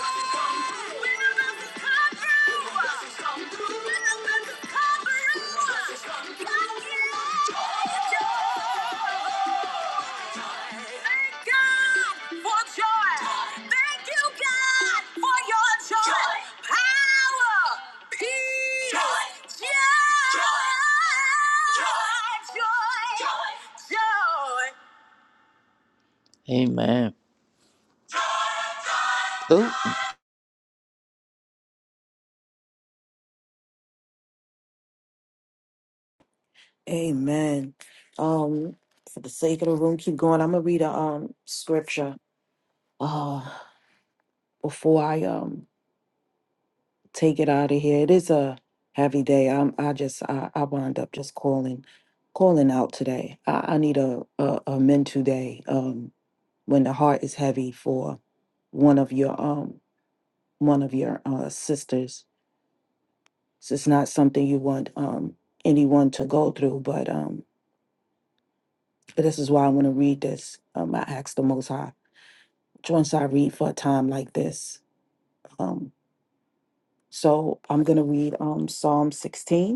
S10: blessings come through, when the blessings come through, when the blessings come through, when the blessings come through, God give joy, joy. Amen. Ooh.
S11: Amen. Um, for the sake of the room, keep going. I'm gonna read a um scripture. Uh, before I um. take it out of here. It is a heavy day. I'm I just I, I wound up just calling calling out today. I, I need a, a, a mental day um when the heart is heavy for one of your um one of your uh sisters. So it's not something you want um anyone to go through, but um but this is why I want to read this. Um I ask the most high. Once I read for a time like this. Um so I'm gonna read um Psalm 16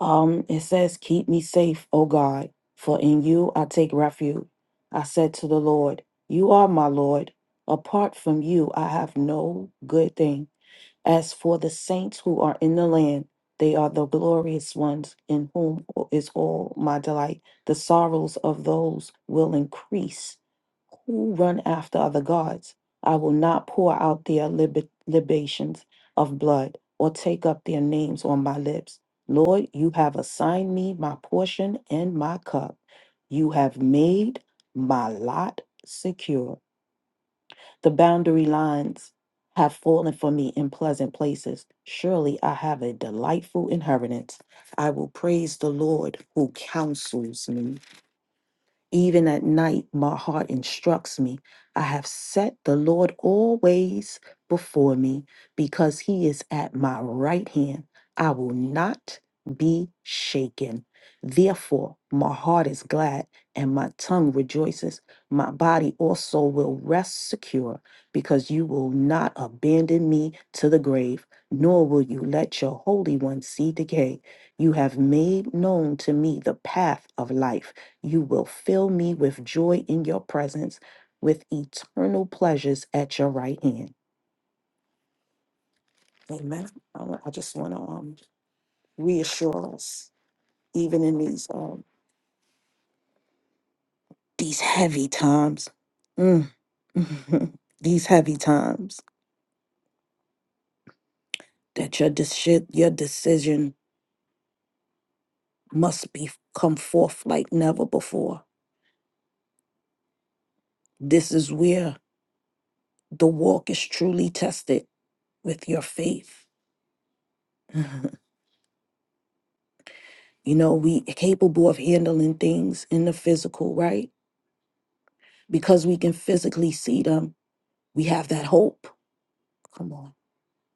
S11: Um, it says, Keep me safe, O God, for in you I take refuge. I said to the Lord, You are my Lord. Apart from you, I have no good thing. As for the saints who are in the land, they are the glorious ones in whom is all my delight. The sorrows of those will increase who run after other gods. I will not pour out their lib- libations of blood or take up their names on my lips. Lord, you have assigned me my portion and my cup. You have made my lot secure. The boundary lines have fallen for me in pleasant places. Surely I have a delightful inheritance. I will praise the Lord who counsels me. Even at night, my heart instructs me. I have set the Lord always before me because he is at my right hand. I will not be shaken. Therefore, my heart is glad and my tongue rejoices. My body also will rest secure because you will not abandon me to the grave, nor will you let your Holy One see decay. You have made known to me the path of life. You will fill me with joy in your presence, with eternal pleasures at your right hand. Amen. I wa- I just want to um, reassure us, even in these um, these heavy times, mm, [LAUGHS] these heavy times, that your deci- your decision must be come forth like never before. This is where the walk is truly tested with your faith. [LAUGHS] You know, we capable of handling things in the physical, right? Because we can physically see them, we have that hope. Come on,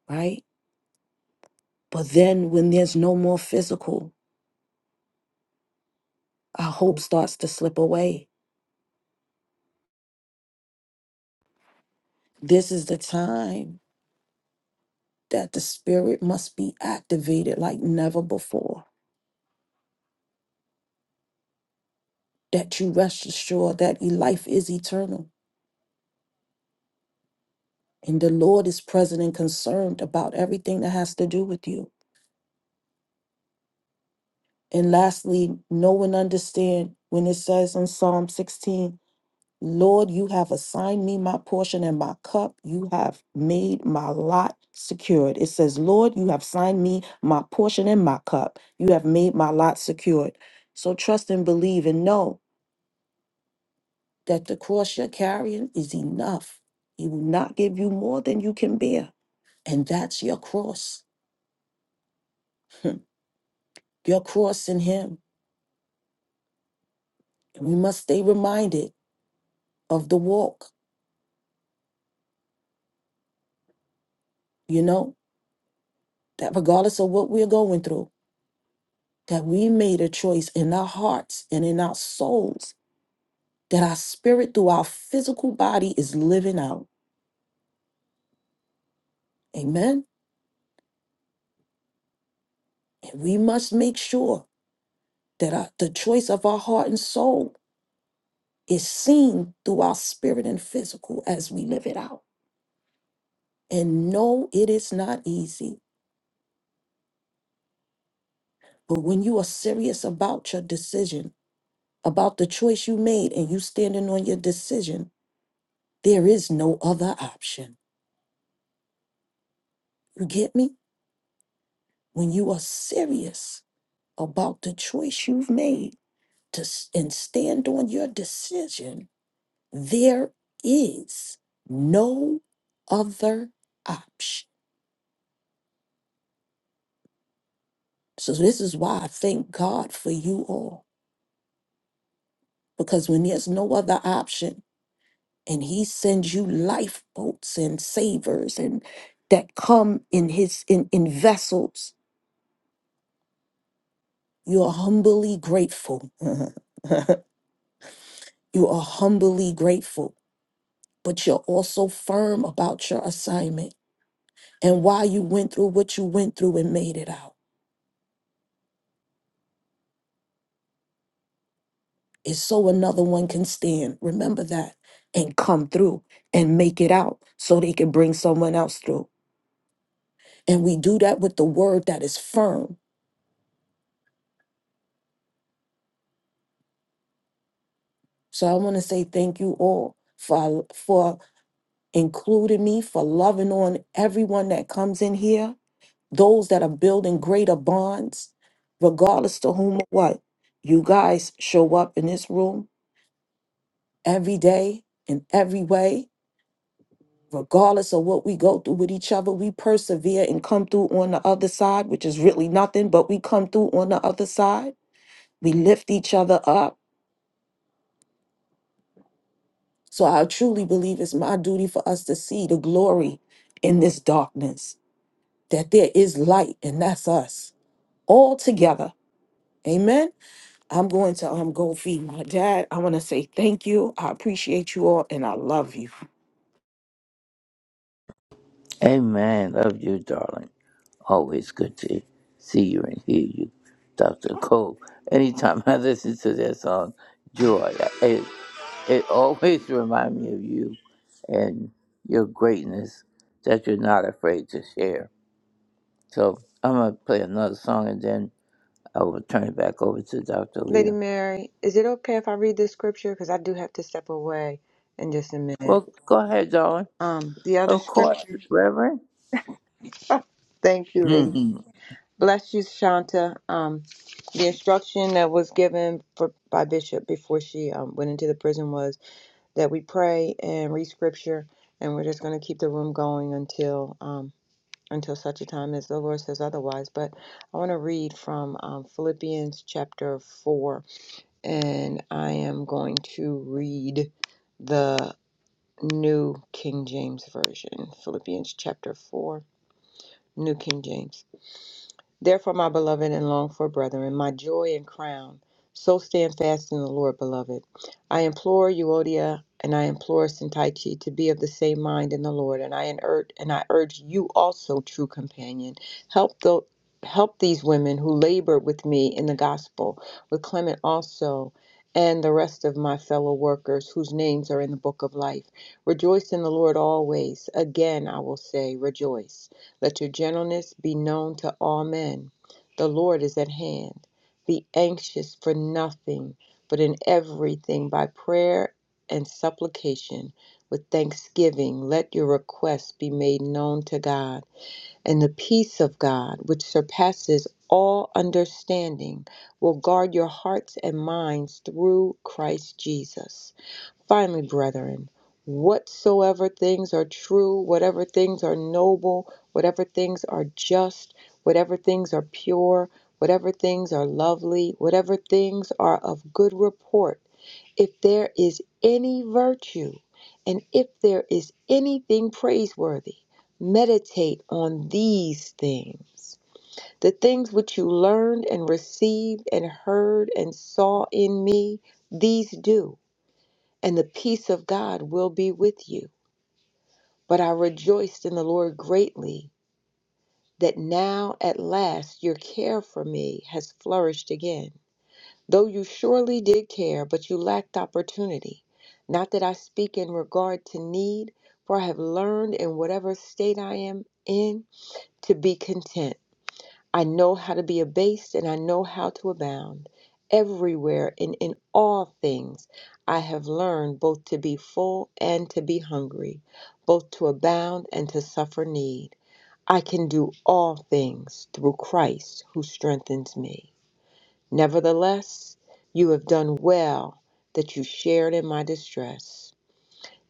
S11: right? But then when there's no more physical, our hope starts to slip away. This is the time that the spirit must be activated like never before. That you rest assured that your life is eternal and the Lord is present and concerned about everything that has to do with you. And lastly, know and understand when it says in Psalm 16, Lord, you have assigned me my portion and my cup. You have made my lot secured. It says, Lord, you have assigned me my portion and my cup. You have made my lot secured. So trust and believe and know that the cross you're carrying is enough. He will not give you more than you can bear. And that's your cross, [LAUGHS] your cross in Him. And we must stay reminded of the walk, you know, that regardless of what we're going through, that we made a choice in our hearts and in our souls that our spirit through our physical body is living out. Amen. And we must make sure that our, the choice of our heart and soul is seen through our spirit and physical as we live it out. And no, it is not easy. But when you are serious about your decision, about the choice you made, and you standing on your decision, there is no other option. You get me? when you are serious about the choice you've made to s- and stand on your decision there is no other option so this is why i thank god for you all because when there's no other option and he sends you lifeboats and savers and that come in his in, in vessels you are humbly grateful [LAUGHS] you are humbly grateful but you're also firm about your assignment and why you went through what you went through and made it out. It's so another one can stand. Remember that and come through and make it out so they can bring someone else through. And we do that with the word that is firm. So I want to say thank you all for for including me, for loving on everyone that comes in here, those that are building greater bonds, regardless to whom or what. You guys show up in this room every day in every way regardless of what we go through with each other we persevere and come through on the other side which is really nothing but we come through on the other side we lift each other up so i truly believe it's my duty for us to see the glory in this darkness that there is light and that's us all together amen i'm going to um go feed my dad i want to say thank you i appreciate you all and i love you
S10: Amen. Love you, darling. Always good to see you and hear you, Dr. Cole. Anytime [LAUGHS] I listen to that song, Joy, it, it always [LAUGHS] reminds me of you and your greatness that you're not afraid to share. So I'm going to play another song and then I will turn it back over to Dr.
S9: Lady
S10: Leah.
S9: Mary, is it okay if I read this scripture? Because I do have to step away in just a minute.
S10: Well, go ahead, darling.
S9: Um, the other
S10: Of course,
S9: scripture.
S10: Reverend.
S9: [LAUGHS] Thank you, lady.
S10: [LAUGHS]
S9: Bless you, Shanta. Um, the instruction that was given for by Bishop before she um, went into the prison was. that we pray and read scripture, and we're just going to keep the room going until um, until such a time as the Lord says otherwise. But I want to read from um, Philippians chapter four, and I am going to read the New King James Version. Philippians chapter four, New King James. Therefore, my beloved and longed for brethren, my joy and crown, so stand fast in the Lord, beloved. I implore Euodia and I implore Sintaichi to be of the same mind in the Lord, and I urge and I urge you also, true companion, help the help these women who labored with me in the gospel, with Clement also. And the rest of my fellow workers whose names are in the book of life. Rejoice in the Lord always. Again, I will say, rejoice. Let your gentleness be known to all men. The Lord is at hand. Be anxious for nothing, but in everything by prayer and supplication with thanksgiving let your requests be made known to God. And the peace of God, which surpasses all understanding, will guard your hearts and minds through Christ Jesus. Finally, brethren, whatsoever things are true, whatever things are noble, whatever things are just, whatever things are pure, whatever things are lovely, whatever things are of good report, if there is any virtue, and if there is anything praiseworthy, meditate on these things. The things which you learned and received and heard and saw in me, these do and the peace of God will be with you. But I rejoiced in the Lord greatly that now at last your care for me has flourished again. Though you surely did care, but you lacked opportunity. Not that I speak in regard to need, for I have learned in whatever state I am in to be content. I know how to be abased and I know how to abound. Everywhere and in all things, I have learned both to be full and to be hungry, both to abound and to suffer need. I can do all things through Christ who strengthens me. Nevertheless, you have done well that you shared in my distress.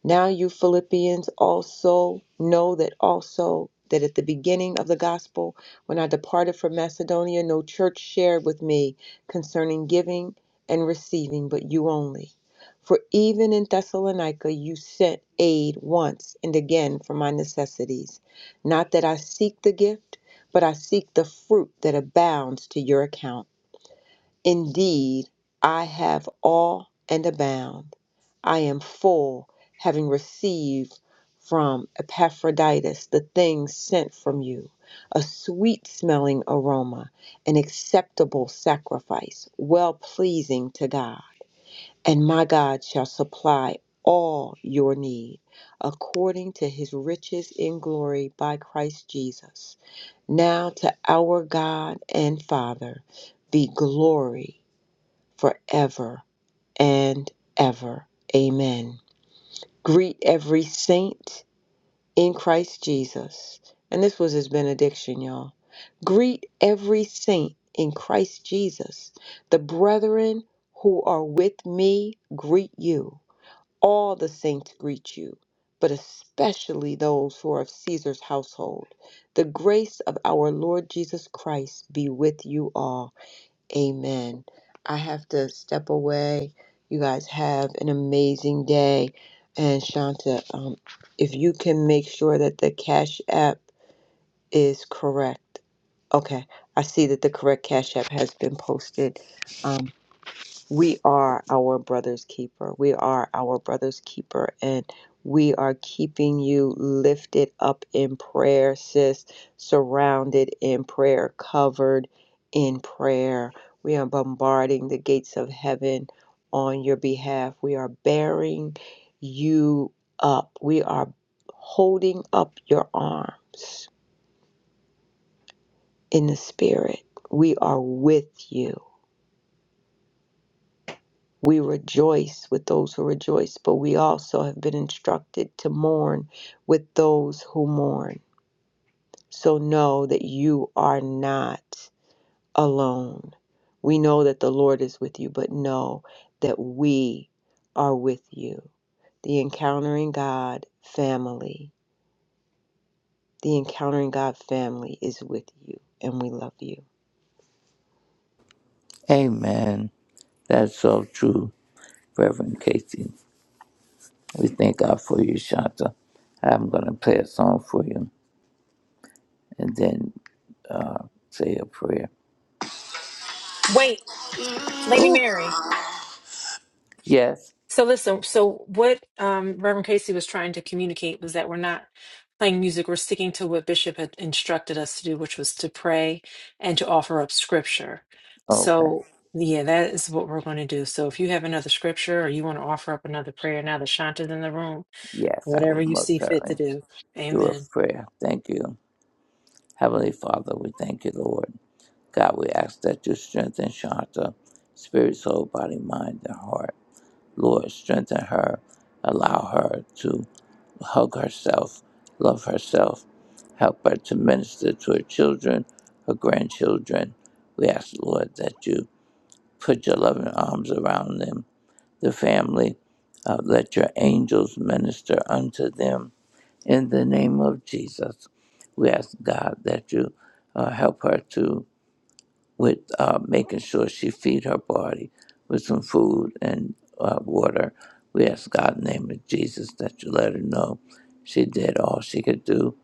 S9: Now you Philippians also know that also that at the beginning of the gospel, when I departed from Macedonia, no church shared with me concerning giving and receiving, but you only. For even in Thessalonica you sent aid once and again for my necessities. Not that I seek the gift, but I seek the fruit that abounds to your account. Indeed, I have all and abound. I am full, having received from Epaphroditus the things sent from you, a sweet smelling aroma, an acceptable sacrifice, well pleasing to God. And my God shall supply all your need according to his riches in glory by Christ Jesus. Now to our God and Father be glory forever and ever. Amen. Greet every saint in Christ Jesus. And this was his benediction, y'all. Greet every saint in Christ Jesus. The brethren who are with me greet you. All the saints greet you, but especially those who are of Caesar's household. The grace of our Lord Jesus Christ be with you all. Amen. I have to step away. You guys have an amazing day. And Shanta, um, if you can make sure that the Cash App is correct. Okay, I see that the correct Cash App has been posted. um we are our brother's keeper. We are our brother's keeper. And we are keeping you lifted up in prayer, sis, surrounded in prayer, covered in prayer. We are bombarding the gates of heaven on your behalf. We are bearing you up. We are holding up your arms in the spirit. We are with you We rejoice with those who rejoice, but we also have been instructed to mourn with those who mourn. So know that you are not alone. We know that the Lord is with you, but know that we are with you. The Encountering God family, the Encountering God family is with you, and we love you.
S10: Amen. That's so true, Reverend Casey. We thank God for you, Shanta. I'm going to play a song for you and then say a prayer.
S7: Wait, Lady Mary.
S10: Yes?
S7: So listen, so what um Reverend Casey was trying to communicate was that we're not playing music, we're sticking to what Bishop had instructed us to do, which was to pray and to offer up scripture.
S10: Okay.
S7: So yeah, that is what we're going to do. So if you have another scripture or you want to offer up another prayer now that Shanta's in the room,
S10: Yes, I will
S7: whatever you see
S10: most
S7: fit to
S10: certainly
S7: do.
S10: do a
S7: Amen.
S10: prayer. Thank you. Heavenly Father, we thank you, Lord. God, we ask that you strengthen Shanta, spirit, soul, body, mind, and heart. Lord, strengthen her. Allow her to hug herself, love herself, help her to minister to her children, her grandchildren. We ask, Lord, that you Put your loving arms around them, the family. Uh, let your angels minister unto them. In the name of Jesus, we ask God that you uh, help her to with uh, making sure she feed her body with some food and uh, water. We ask God in the name of Jesus that you let her know she did all she could do.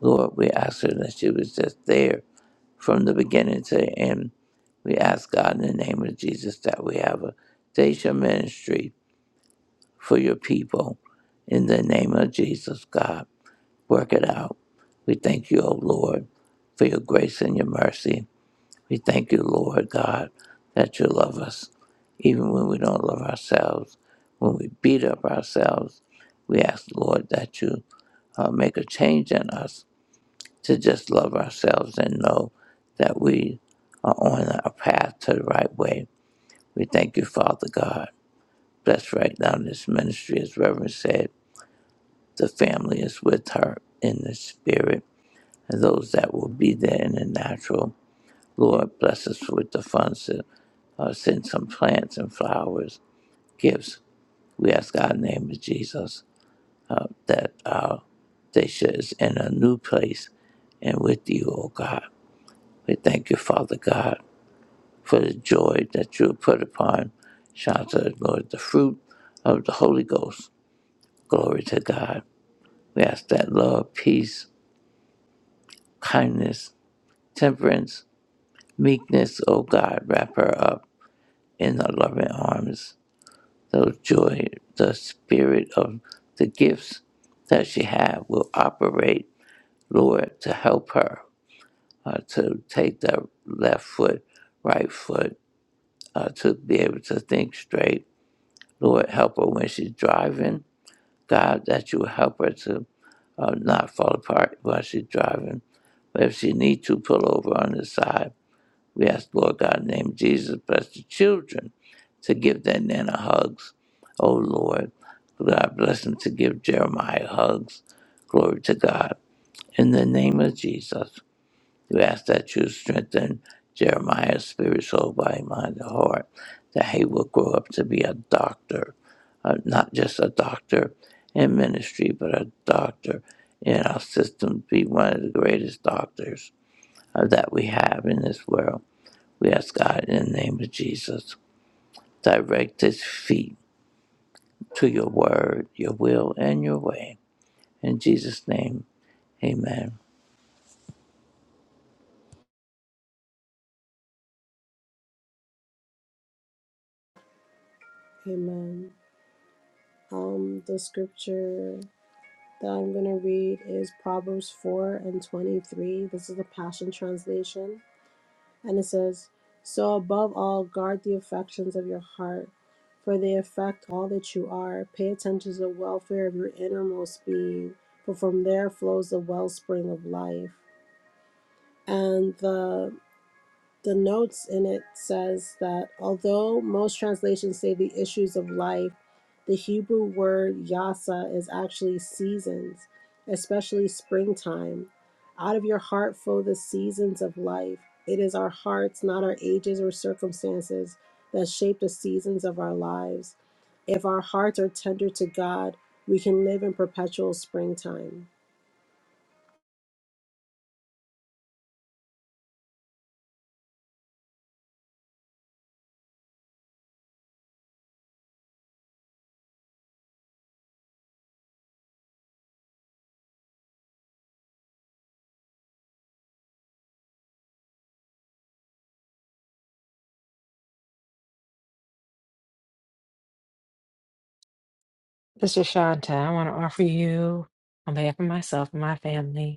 S10: Lord, we ask her that she was just there from the beginning to the end. We ask God in the name of Jesus that we have a Dacia ministry for your people. In the name of Jesus, God, work it out. We thank you, O Lord, for your grace and your mercy. We thank you, Lord God, that you love us, even when we don't love ourselves, when we beat up ourselves. We ask, Lord, that you uh, make a change in us to just love ourselves and know that we are on a path to the right way. We thank you, Father God. Bless right now this ministry, as Reverend said. The family is with her in the spirit, and those that will be there in the natural. Lord, bless us with the funds to uh, send some plants and flowers, gifts. We ask God in the name of Jesus uh, that uh, they should is in a new place and with you, O God. We thank you, Father God. for the joy that you have put upon Shanta, Lord, the fruit of the Holy Ghost. Glory to God. We ask that love, peace, kindness, temperance, meekness, O God, wrap her up in the loving arms. So joy, the spirit of the gifts that she has will operate, Lord, to help her uh, to take the left foot, right foot, uh, to be able to think straight. Lord, help her when she's driving God, that you help her to uh, not fall apart while she's driving. But if she needs to pull over on the side, we ask, Lord God, in the name of Jesus, bless the children to give their Nana hugs. Oh, Lord, God bless them to give Jeremiah hugs. Glory to God. In the name of Jesus. We ask that you strengthen Jeremiah's spirit, soul, body, mind, and heart, that he will grow up to be a doctor, uh, not just a doctor in ministry, but a doctor in our system, be one of the greatest doctors uh, that we have in this world. We ask God in the name of Jesus, direct his feet to your word, your will, and your way. In Jesus' name, amen.
S12: Amen. Um, the scripture that I'm going to read is Proverbs 4 and 23. This is the Passion Translation. And it says, So above all, guard the affections of your heart, for they affect all that you are. Pay attention to the welfare of your innermost being, for from there flows the wellspring of life. And the the notes in it says that although most translations say the issues of life, the Hebrew word yasa is actually seasons, especially springtime. Out of your heart flow the seasons of life. It is our hearts, not our ages or circumstances, that shape the seasons of our lives. If our hearts are tender to God, we can live in perpetual springtime.
S7: Sister Shanta, I want to offer you, on behalf of myself and my family,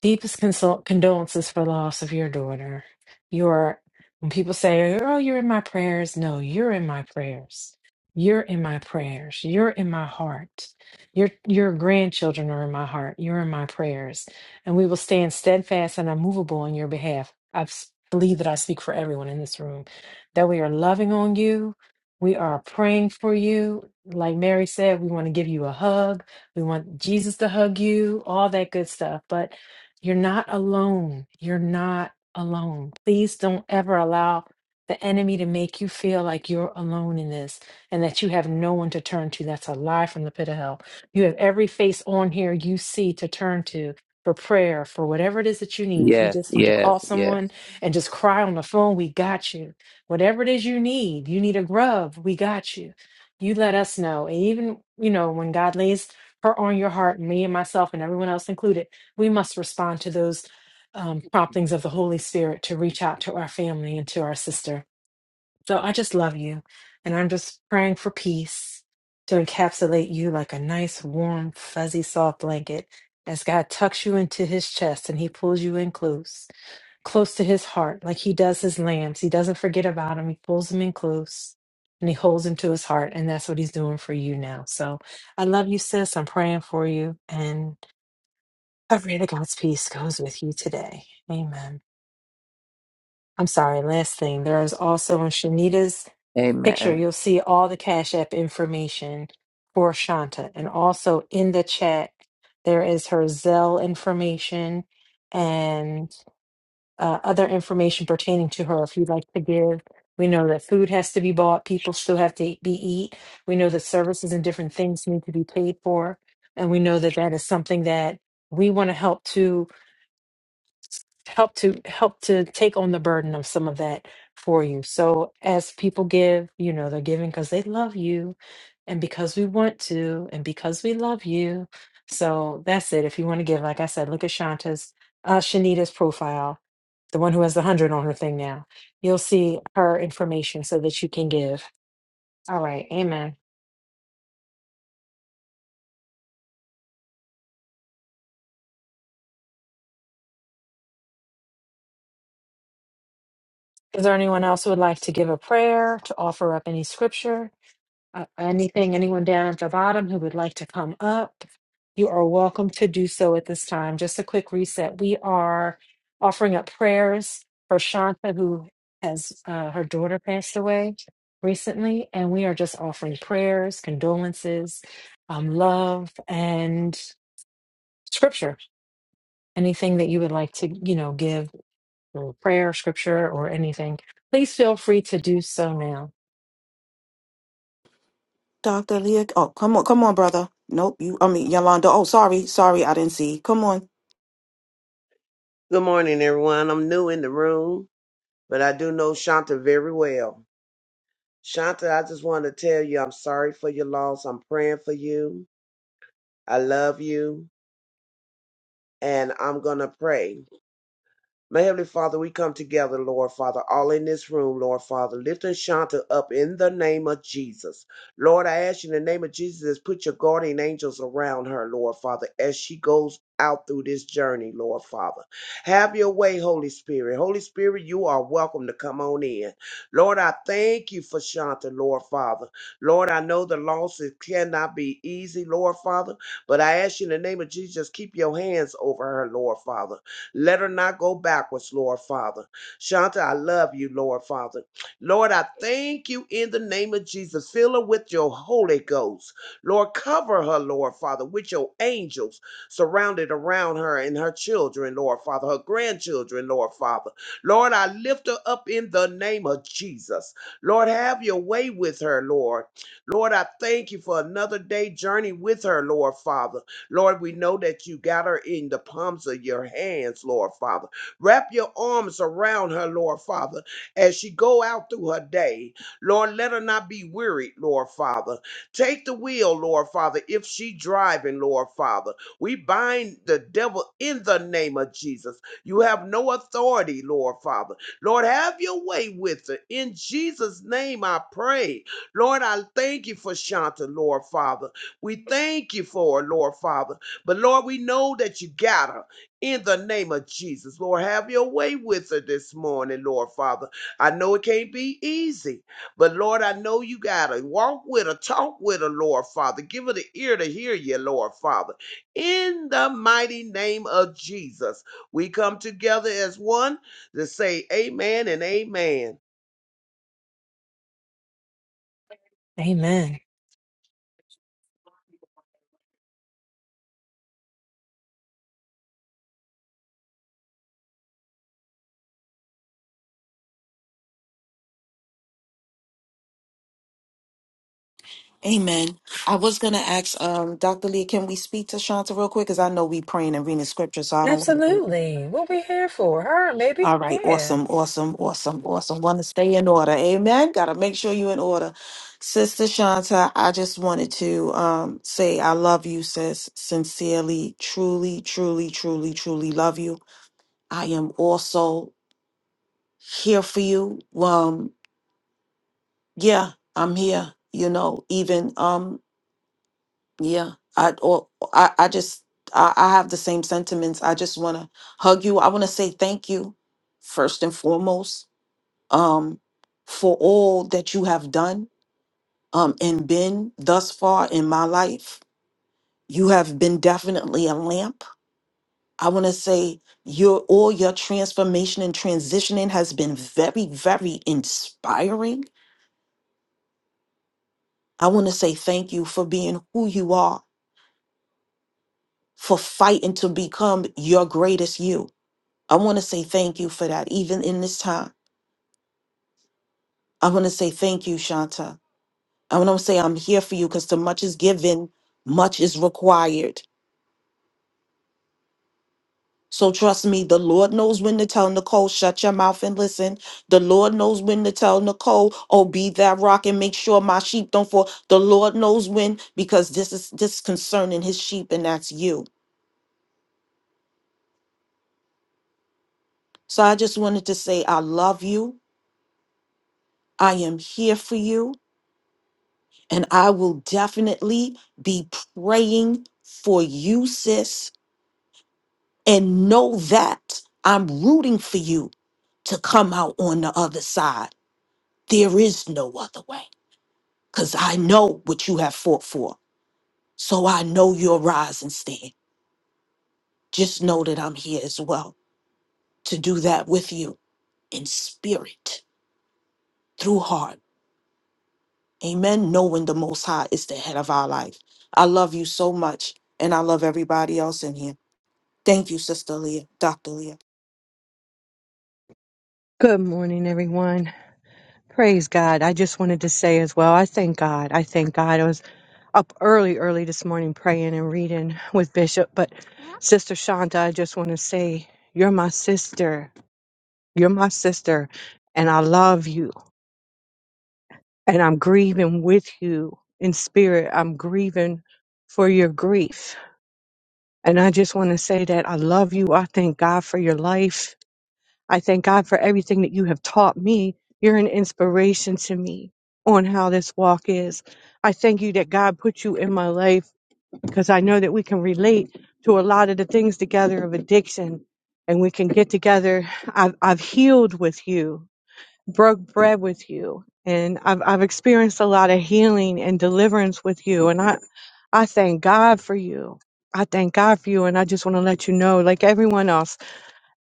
S7: Deepest consol- condolences for the loss of your daughter. You are, when people say, oh, you're in my prayers, no, you're in my prayers. You're in my prayers. You're in my heart. Your, your grandchildren are in my heart. You're in my prayers. And we will stand steadfast and unmovable on your behalf. I s- believe that I speak for everyone in this room, that we are loving on you. We are praying for you. Like Mary said, we want to give you a hug. We want Jesus to hug you, all that good stuff. But you're not alone. You're not alone. Please don't ever allow the enemy to make you feel like you're alone in this and that you have no one to turn to. That's a lie from the pit of hell. You have every face on here you see to turn to for prayer, for whatever it is that you need. If you
S10: Yes,
S7: just need to call
S10: yes, yes.
S7: someone and just cry on the phone, we got you. Whatever it is you need, you need a grub, we got you. You let us know. And even, you know, when God lays her on your heart, me and myself and everyone else included we must respond to those um, promptings of the Holy Spirit to reach out to our family and to our sister. So I just love you. And I'm just praying for peace to encapsulate you like a nice, warm, fuzzy, soft blanket as God tucks you into his chest and he pulls you in close, close to his heart, like he does his lambs. He doesn't forget about them. he pulls them in close. And he holds him to his heart, and that's what he's doing for you now. So I love you, sis. I'm praying for you, and I pray that God's peace goes with you today. Amen. I'm sorry, last thing. There is also in Shanita's picture,
S10: Amen.
S7: you'll see all the Cash App information for Shanta. And also in the chat, there is her Zelle information and uh, other information pertaining to her if you'd like to give. We know that food has to be bought, people still have to be eat. We know that services and different things need to be paid for. And we know that that is something that we want to help to help to help to take on the burden of some of that for you. So as people give, you know, they're giving because they love you and because we want to and because we love you. So that's it. If you want to give, like I said, look at Shanta's uh Shanita's profile, the one who has the hundred on her thing now. You'll see her information so that you can give. All right, amen. Is there anyone else who would like to give a prayer, to offer up any scripture? Uh, anything, anyone down at the bottom who would like to come up, you are welcome to do so at this time. Just a quick reset. We are offering up prayers for Shanta, who has uh, her daughter passed away recently, and we are just offering prayers, condolences, um, love, and scripture. Anything that you would like to, you know, give or prayer, scripture, or anything, please feel free to do so now.
S11: Dr. Leah. Oh, come on, come on, brother. Nope, you I mean Yolanda. Oh, sorry, sorry, I didn't see. Come on.
S13: Good morning, everyone. I'm new in the room, but I do know Shanta very well. Shanta, I just want to tell you I'm sorry for your loss. I'm praying for you. I love you, and I'm going to pray. My Heavenly Father, we come together, Lord Father, all in this room, Lord Father, lifting Shanta up in the name of Jesus. Lord, I ask you in the name of Jesus, put your guardian angels around her, Lord Father, as she goes out through this journey, Lord Father. Have your way, Holy Spirit. Holy Spirit, you are welcome to come on in. Lord, I thank you for Shanta, Lord Father. Lord, I know the losses cannot be easy, Lord Father, but I ask you in the name of Jesus, keep your hands over her, Lord Father. Let her not go backwards, Lord Father. Shanta, I love you, Lord Father. Lord, I thank you in the name of Jesus. Fill her with your Holy Ghost. Lord, cover her, Lord Father, with your angels surrounded around her and her children, Lord Father, her grandchildren, Lord Father. Lord, I lift her up in the name of Jesus. Lord, have your way with her, Lord. Lord, I thank you for another day journey with her, Lord Father. Lord, we know that you got her in the palms of your hands, Lord Father. Wrap your arms around her, Lord Father, as she go out through her day. Lord, let her not be wearied, Lord Father. Take the wheel, Lord Father, if she driving, Lord Father. We bind the devil in the name of Jesus. You have no authority, Lord Father. Lord, have your way with her. In Jesus' name I pray. Lord, I thank you for Shanta, Lord Father. We thank you for it, Lord Father. But Lord, we know that you got her in the name of Jesus. Lord, have your way with her this morning, Lord Father. I know it can't be easy, but Lord, I know you got her. Walk with her, talk with her, Lord Father. Give her the ear to hear you, Lord Father. In the mighty name of Jesus, we come together as one to say amen and amen.
S7: Amen.
S11: Amen. I was gonna ask um Dr. Leah, can we speak to Shanta real quick? Because I know we praying and reading scripture, so I don't
S7: Absolutely. What we here for? Her, maybe?
S11: all right,
S7: Yeah.
S11: awesome, awesome, awesome, awesome. Want to stay in order. Amen. Gotta make sure you in order. Sister Shanta, I just wanted to um say I love you, sis. Sincerely, truly, truly, truly, truly love you. I am also here for you. Um yeah i'm here you know even um yeah i or i, I just I, I have the same sentiments i just want to hug you i want to say thank you first and foremost um for all that you have done um and been thus far in my life you have been definitely a lamp i want to say your all your transformation and transitioning has been very very inspiring i want to say thank you for being who you are for fighting to become your greatest you. I want to say thank you for that, even in this time. I want to say thank you, Shanta. I want to say I'm here for you because too much is given, much is required. So trust me, the Lord knows when to tell Nicole, shut your mouth and listen. The Lord knows when to tell Nicole, oh, be that rock and make sure my sheep don't fall. The Lord knows when, because this is this is concerning his sheep, and that's you. So I just wanted to say I love you. I am here for you. And I will definitely be praying for you, sis, and know that I'm rooting for you to come out on the other side. There is no other way because I know what you have fought for. So I know your rise and stand. Just know that I'm here as well to do that with you in spirit, through heart. Amen. Knowing the Most High is the head of our life. I love you so much, and I love everybody else in here. Thank you, Sister Leah, Dr. Leah.
S3: Good morning, everyone. Praise God. I just wanted to say as well, I thank God. I thank God. I was up early, early this morning praying and reading with Bishop. But Sister Shanta, I just want to say, you're my sister. You're my sister. And I love you. And I'm grieving with you in spirit. I'm grieving for your grief. And I just want to say that I love you. I thank God for your life. I thank God for everything that you have taught me. You're an inspiration to me on how this walk is. I thank you that God put you in my life because I know that we can relate to a lot of the things together of addiction and we can get together. I've, I've healed with you, broke bread with you, and I've, I've experienced a lot of healing and deliverance with you. And I, I thank God for you. I thank God for you. And I just want to let you know, like everyone else,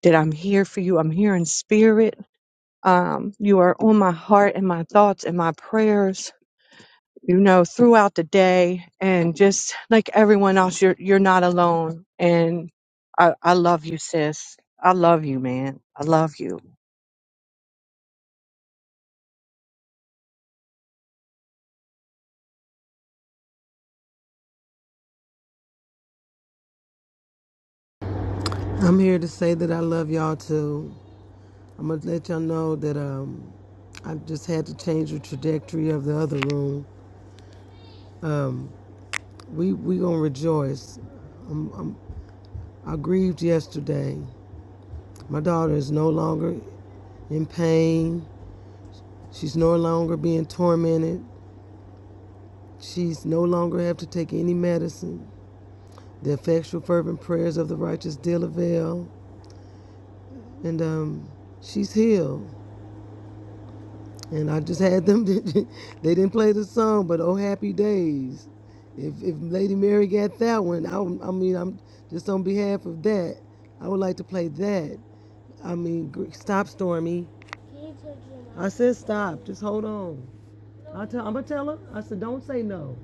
S3: that I'm here for you. I'm here in spirit. Um, you are on my heart and my thoughts and my prayers, you know, throughout the day. And just like everyone else, you're you're not alone. And I, I love you, sis. I love you, man. I love you.
S14: I'm here to say that I love y'all too. I'm gonna let y'all know that um, I just had to change the trajectory of the other room. We we gonna rejoice. I'm, I'm, I grieved yesterday. My daughter is no longer in pain. She's no longer being tormented. She's no longer have to take any medicine. The effectual fervent prayers of the righteous deal avail, and um, she's healed. And I just had them. [LAUGHS] They didn't play the song, but "Oh Happy Days." If if Lady Mary got that one, I, would- I mean, I'm just on behalf of that. I would like to play that. I mean, gr- stop, Stormy. I said stop. Just hold on. I tell. I'm gonna tell her. I said don't say no.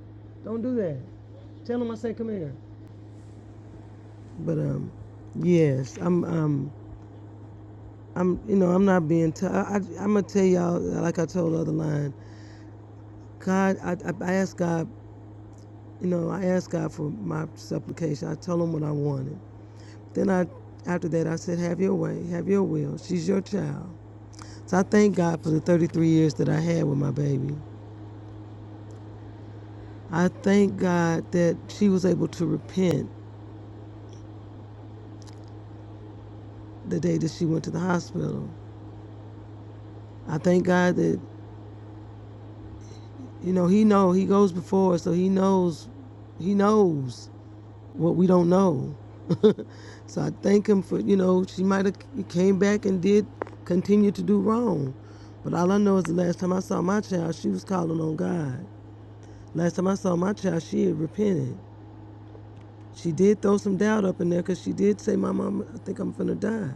S14: Don't do that. Tell him I said come here. But um, yes, I'm um, I'm you know I'm not being. T- I, I I'm gonna tell y'all like I told other line. God, I I I ask God You know, I asked God for my supplication. I told him what I wanted. Then I, after that, I said, "Have your way, have your will. She's your child." So I thank God for the 33 years that I had with my baby. I thank God that she was able to repent the day that she went to the hospital. I thank God that, you know, He know He goes before, us, so He knows, He knows. what we don't know. [LAUGHS] so I thank him for, you know, she might have came back and did continue to do wrong. But all I know is the last time I saw my child, she was calling on God. Last time I saw my child, she had repented. She did throw some doubt up in there because she did say, my mom, I think I'm finna die.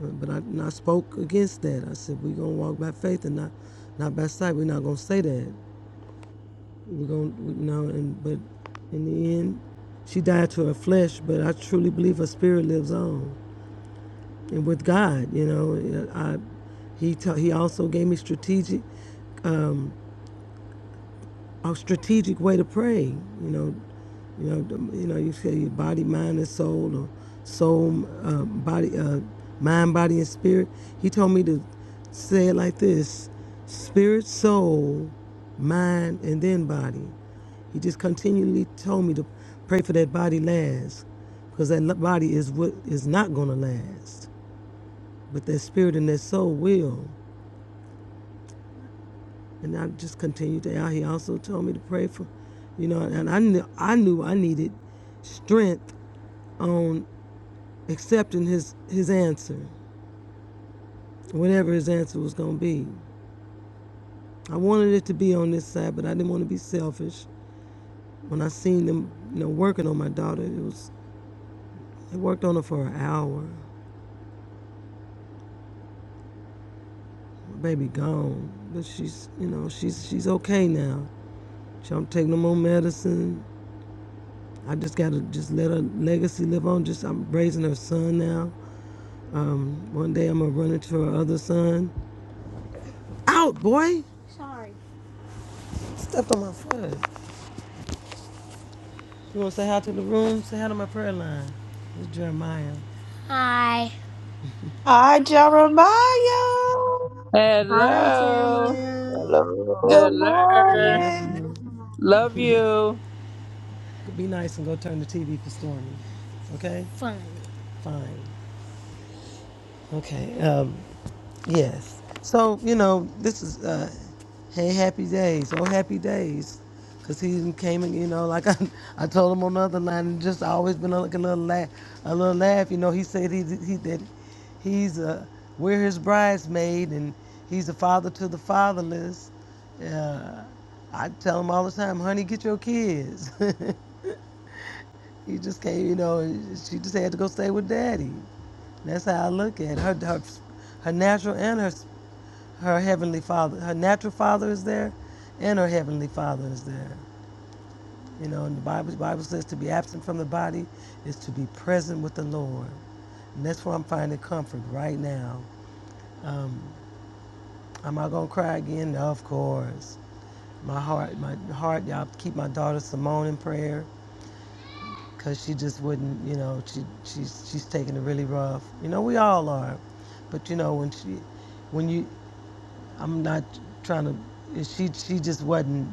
S14: But I, and I spoke against that. I said, we're going to walk by faith and not, not by sight. We're not going to say that. We're going to, you know, and, but in the end, she died to her flesh, but I truly believe her spirit lives on. and with God, you know, I, he ta- he also gave me strategic, um, a strategic way to pray. You know, you know, the- you know, you say your body, mind, and soul, or soul, uh, body, uh, mind, body, and spirit. He told me to say it like this: spirit, soul, mind, and then body. He just continually told me to pray for that body last, because that lo- body is what is not gonna last but their spirit and their soul will. And I just continued to. He also told me to pray for, you know, and I knew I knew I needed strength on accepting his his answer, whatever his answer was going to be. I wanted it to be on this side, but I didn't want to be selfish. When I seen them, you know, working on my daughter, it was they worked on her for an hour. My baby gone, but she's you know she's she's okay now. She don't take no more medicine. I just gotta just let her legacy live on. Just I'm raising her son now. Um, one day I'm gonna run into her other son. Out, boy! Stepped on my foot. You wanna say hi to the room? Say hi to my prayer line. It's Jeremiah.
S11: Hi, Jeremiah.
S12: Hi,
S11: Hey.
S10: Hello.
S12: Jeremiah.
S11: Good
S13: Hello.
S14: They
S10: Hello.
S14: love
S11: morning.
S14: you.
S10: Love you.
S14: Be nice and go turn the TV for Stormy. Okay? Fine. Okay. Um, Yes. So, you know, this is, uh, hey, happy days. Oh, happy days. Because he even came and, you know, like [LAUGHS] I, I told him on the other line, and just always been like a little laugh. A little laugh. You know, he said he, he that he's a, we're his bridesmaid and he's a father to the fatherless. Uh, I tell him all the time, honey, get your kids. [LAUGHS] he just came, you know, and she just had to go stay with daddy. That's how I look at it. her, her, her natural and her her heavenly father, her natural father is there, and her heavenly father is there. You know, and the Bible, the Bible says to be absent from the body is to be present with the Lord. And that's where I'm finding comfort right now. Um, am I going to cry again? No, Of course. My heart, my heart, y'all keep my daughter Simone in prayer because she just wouldn't, you know, she, she's, she's taking it really rough. You know, we all are. But, you know, when she, when you, I'm not trying to. She she just wasn't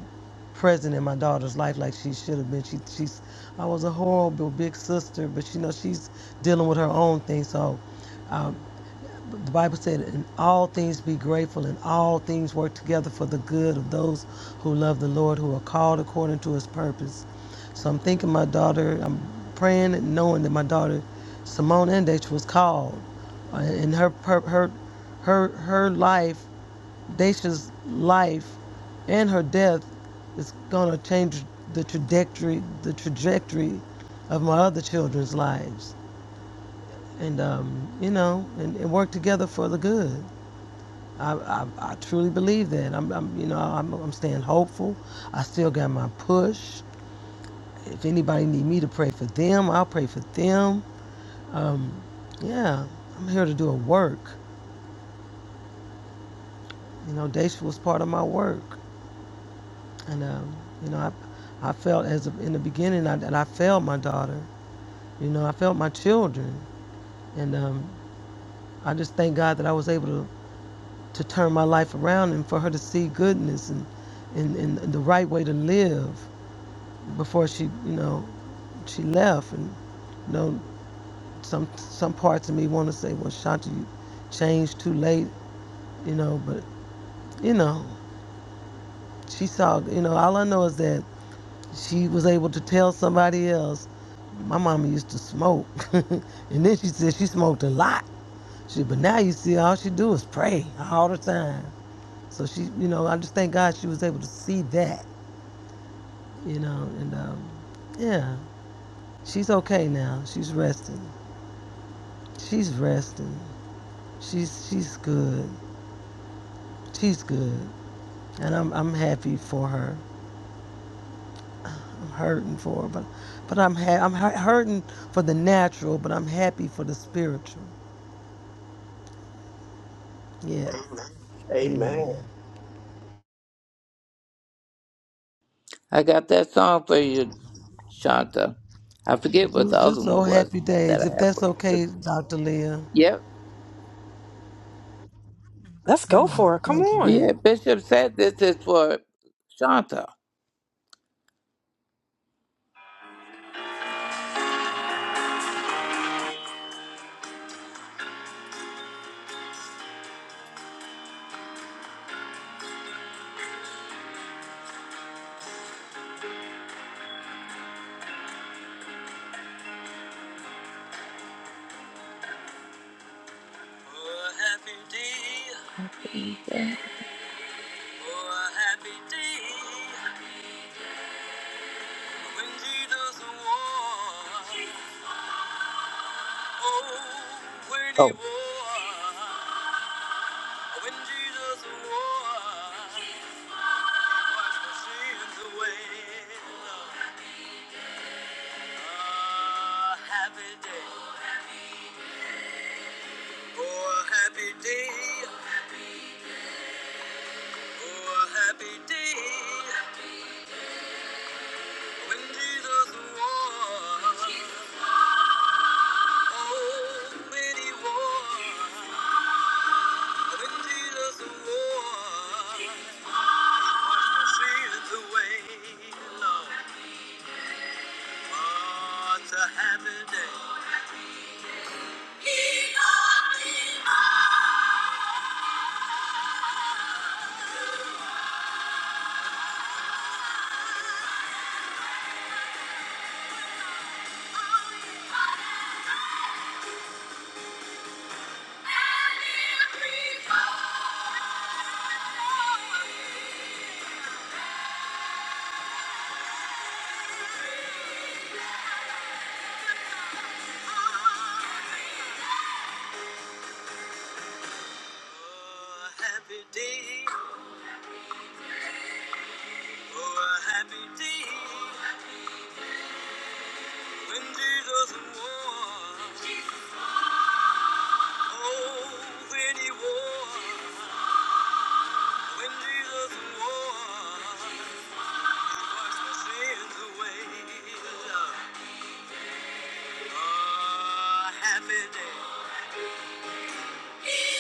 S14: present in my daughter's life like she should have been. She she's I was a horrible big sister, but you know she's dealing with her own thing. So um, the Bible said, "In all things be grateful, and all things work together for the good of those who love the Lord, who are called according to His purpose." So I'm thinking my daughter. I'm praying and knowing that my daughter Simone Endich was called, uh, and her per- her her her life Dacia's life and her death is going to change the trajectory, the trajectory of my other children's lives. And, um, you know, and, and work together for the good. I, I, I truly believe that. I'm, I'm you know, I'm, I'm staying hopeful. I still got my push. If anybody need me to pray for them, I'll pray for them. Um, yeah, I'm here to do a work. You know, Dacia was part of my work. And um, you know, I, I felt as a, in the beginning I, that I failed my daughter. You know, I failed my children, and um, I just thank God that I was able to, to turn my life around and for her to see goodness and, and and the right way to live before she, you know, she left. And you know, some some parts of me want to say, well, Shanti, you changed too late, you know, but you know, she saw. You know, all I know is that she was able to tell somebody else My mama used to smoke, [LAUGHS] and then she said she smoked a lot. She, but now you see, all she do is pray all the time. So she, you know, I just thank God she was able to see that, you know, and um, yeah, she's okay now. She's resting. She's resting. She's she's good. She's good, and I'm I'm happy for her. I'm hurting for her, but but I'm ha- I'm hurting for the natural, but I'm happy for the spiritual. Yes, Amen.
S13: Amen.
S14: Amen.
S10: I got that song for you, Shanta. I forget what the
S14: Just, just
S10: other one
S14: so
S10: was
S14: happy
S10: but that
S14: days,
S10: I
S14: if
S10: have
S14: that's
S10: for you. But
S14: okay, Dr. Leah.
S10: yep.
S7: Let's go
S14: Oh,
S7: for it. Come
S14: thank you.
S7: on.
S10: Yeah, Bishop said this is for Shanta. oh, Oh, Oh. A happy day. Oh, a happy day. Oh, a happy day. When Jesus was. Oh, when he was. When Jesus was. Sees the way, Lord. Oh, it's a happy day. He loved me. more. Oh, a happy day. Oh, a happy day. When Jesus was. Oh, when he was. When Jesus was. Washed my sins away. Oh, a happy day. He's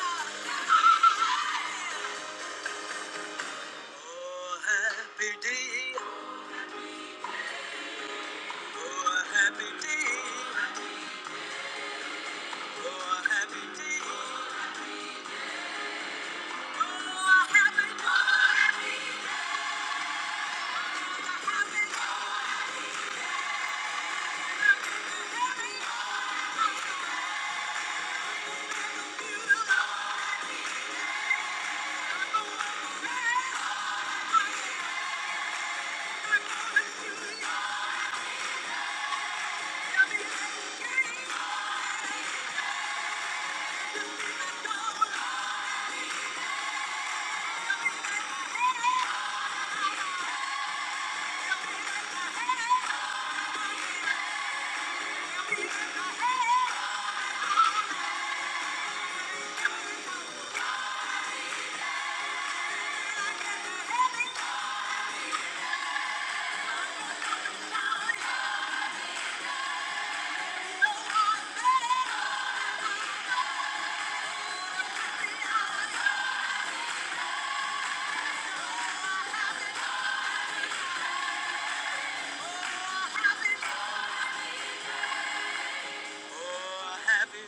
S10: on the Oh, happy day. Oh, happy day. Oh, happy day. Oh, happy day. Oh, happy day. Oh, happy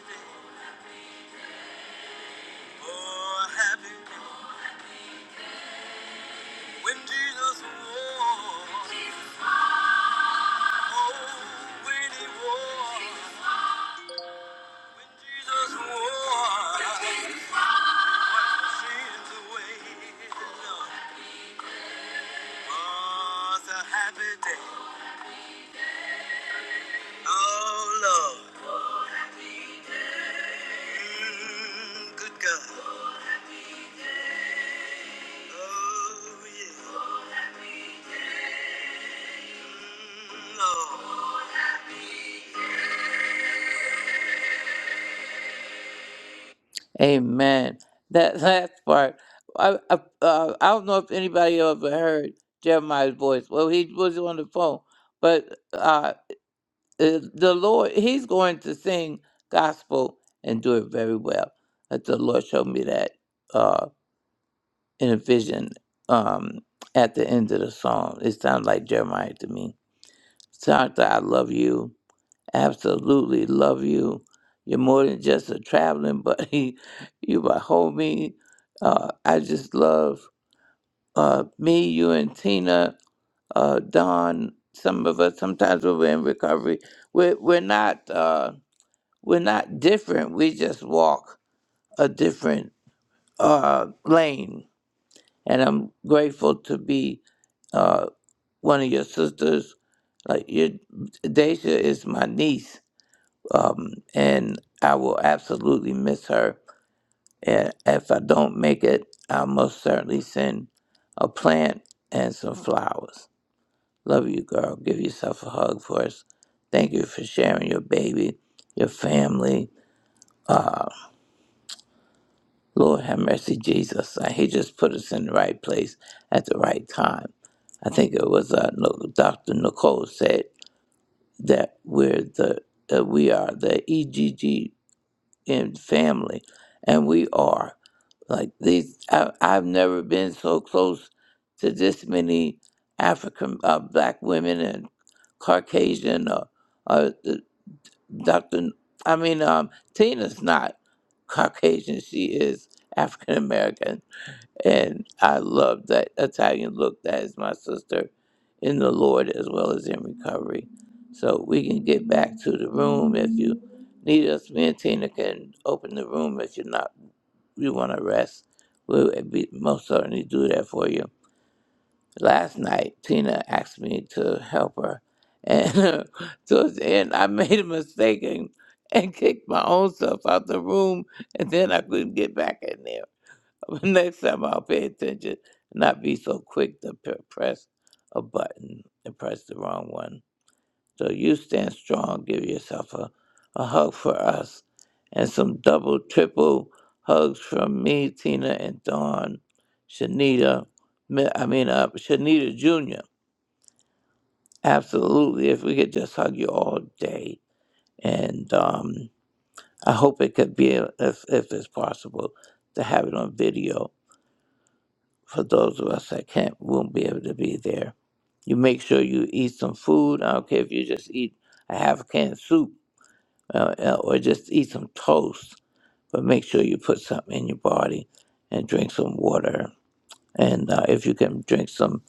S10: day. Oh, happy day. When Jesus walked. Oh, when he walked. When Jesus walked. Sins away. Oh, it's a happy day. Oh, Lord. Mm, good God. Oh, yeah. Mm, Lord. Amen. That [LAUGHS] last part, I, I, uh, I don't know if anybody ever heard Jeremiah's voice. Well, he was on the phone, but uh, uh, the Lord, he's going to sing gospel and do it very well. That the Lord showed me that uh, in a vision um, at the end of the song. It sounded like Jeremiah to me. Sounds like I love you. Absolutely love you. You're more than just a traveling buddy. [LAUGHS] You my homie. Uh, I just love uh, me, you, and Tina, uh, Don. Some of us sometimes when we're in recovery, we're we're not uh, we're not different. We just walk a different uh, lane. And I'm grateful to be uh, one of your sisters. Like your Dacia is my niece, um, and I will absolutely miss her. And if I don't make it, I'll most certainly send a plant and some flowers. Love you, girl. Give yourself a hug for us. Thank you for sharing your baby, your family. Uh, Lord have mercy, Jesus. Uh, He just put us in the right place at the right time. I think it was uh, No- Dr. Nicole said that we're the uh, we are the EGGM family, and we are. Like these, I, I've never been so close to this many African uh, black women and Caucasian or, or the Dr. I mean, um, Tina's not Caucasian. She is African American. And I love that Italian look. That is my sister in the Lord as well as in recovery. So we can get back to the room if you need us. Me and Tina can open the room if you're not you want to rest, we would be most certainly do that for you. Last night, Tina asked me to help her, and [LAUGHS] uh, towards the end, I made a mistake and, and kicked my own self out the room, and then I couldn't get back in there. [LAUGHS] But next time, I'll pay attention, and not be so quick to p- press a button and press the wrong one. So you stand strong. Give yourself a, a hug for us and some double, triple hugs from me, Tina, and Dawn, Shanita, Mi- I mean, uh, Shanita Jr. Absolutely. If we could just hug you all day. And um, I hope it could be, if, if it's possible, to have it on video for those of us that can't, won't be able to be there. You make sure you eat some food. I don't care if you just eat a half a can of soup uh, uh, or just eat some toast, but make sure you put something in your body and drink some water. And uh, if you can drink some,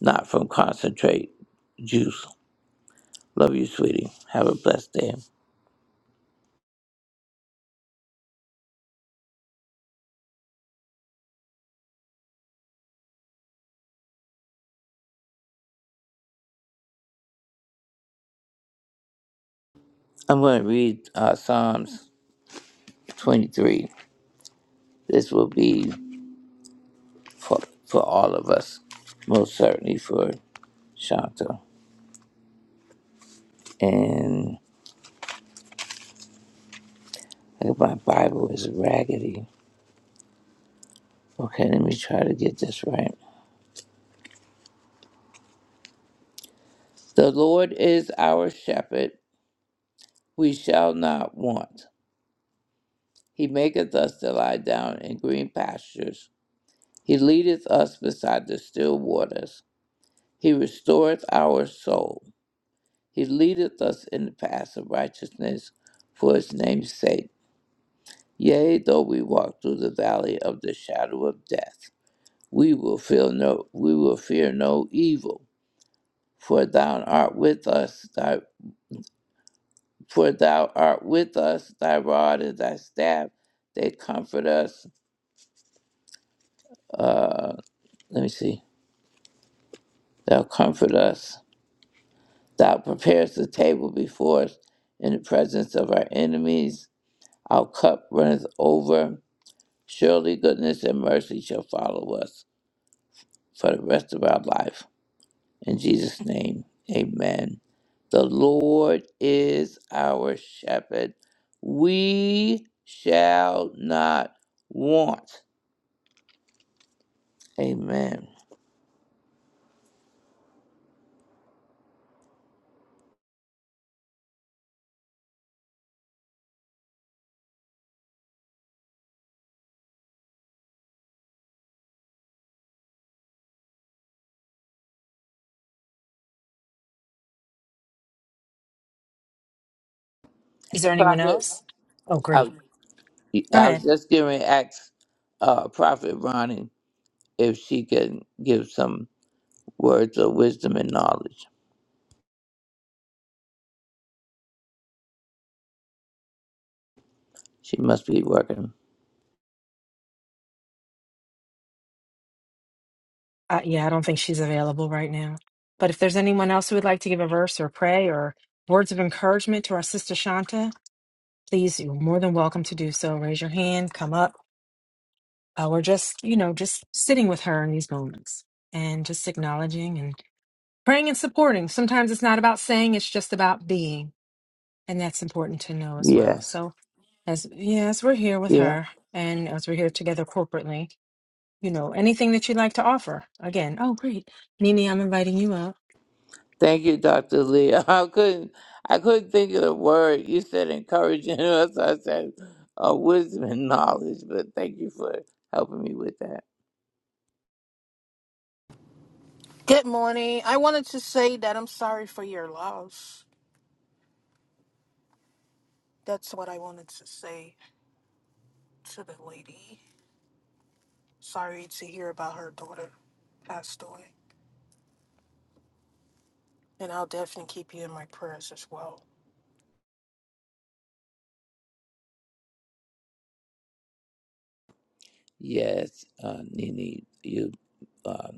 S10: not from concentrate, juice. Love you, sweetie. Have a blessed day. I'm going to read uh, Psalms 23. This will be for, for all of us, most certainly for Shanta. And look, my Bible is raggedy. Okay, let me try to get this right. The Lord is our shepherd we shall not want. He maketh us to lie down in green pastures. He leadeth us beside the still waters. He restoreth our soul. He leadeth us in the paths of righteousness for his name's sake. Yea, though we walk through the valley of the shadow of death, we will feel no we will fear no evil, for thou art with us, thy for thou art with us, thy rod and thy staff, they comfort us. Let me see. Thou comfort us. Thou preparest the table before us in the presence of our enemies. Our cup runneth over. Surely goodness and mercy shall follow us for the rest of our life. In Jesus' name, amen. The Lord is our shepherd. We shall not want. Amen.
S7: Is there anyone
S10: Prophet,
S7: else? Oh, great.
S10: I,
S7: Go
S10: I was
S7: ahead.
S10: just giving Acts, uh, Prophet Ronnie. if she can give some words of wisdom and knowledge. She must be working.
S7: Uh, yeah, I don't think she's available right now. But if there's anyone else who would like to give a verse or pray or words of encouragement to our sister Shanta, please, you're more than welcome to do so. Raise your hand, come up. Uh, we're just, you know, just sitting with her in these moments and just acknowledging and praying and supporting. Sometimes it's not about saying, it's just about being. And that's important to know as well.
S10: Yes.
S7: So, As yeah, as we're here with
S10: Yeah.
S7: her and as we're here together corporately, you know, anything that you'd like to offer. Again, oh great. Nini, I'm inviting you up.
S10: Thank you, Dr. Lee. [LAUGHS] I couldn't I couldn't think of the word. You said encouraging [LAUGHS] us. I said uh, wisdom and knowledge, but thank you for helping me with that.
S15: Good morning. I wanted to say that I'm sorry for your loss. That's what I wanted to say to the lady. Sorry to hear about her daughter passed away. And I'll definitely keep you in my prayers as well.
S10: Yes, uh, Nini, you uh,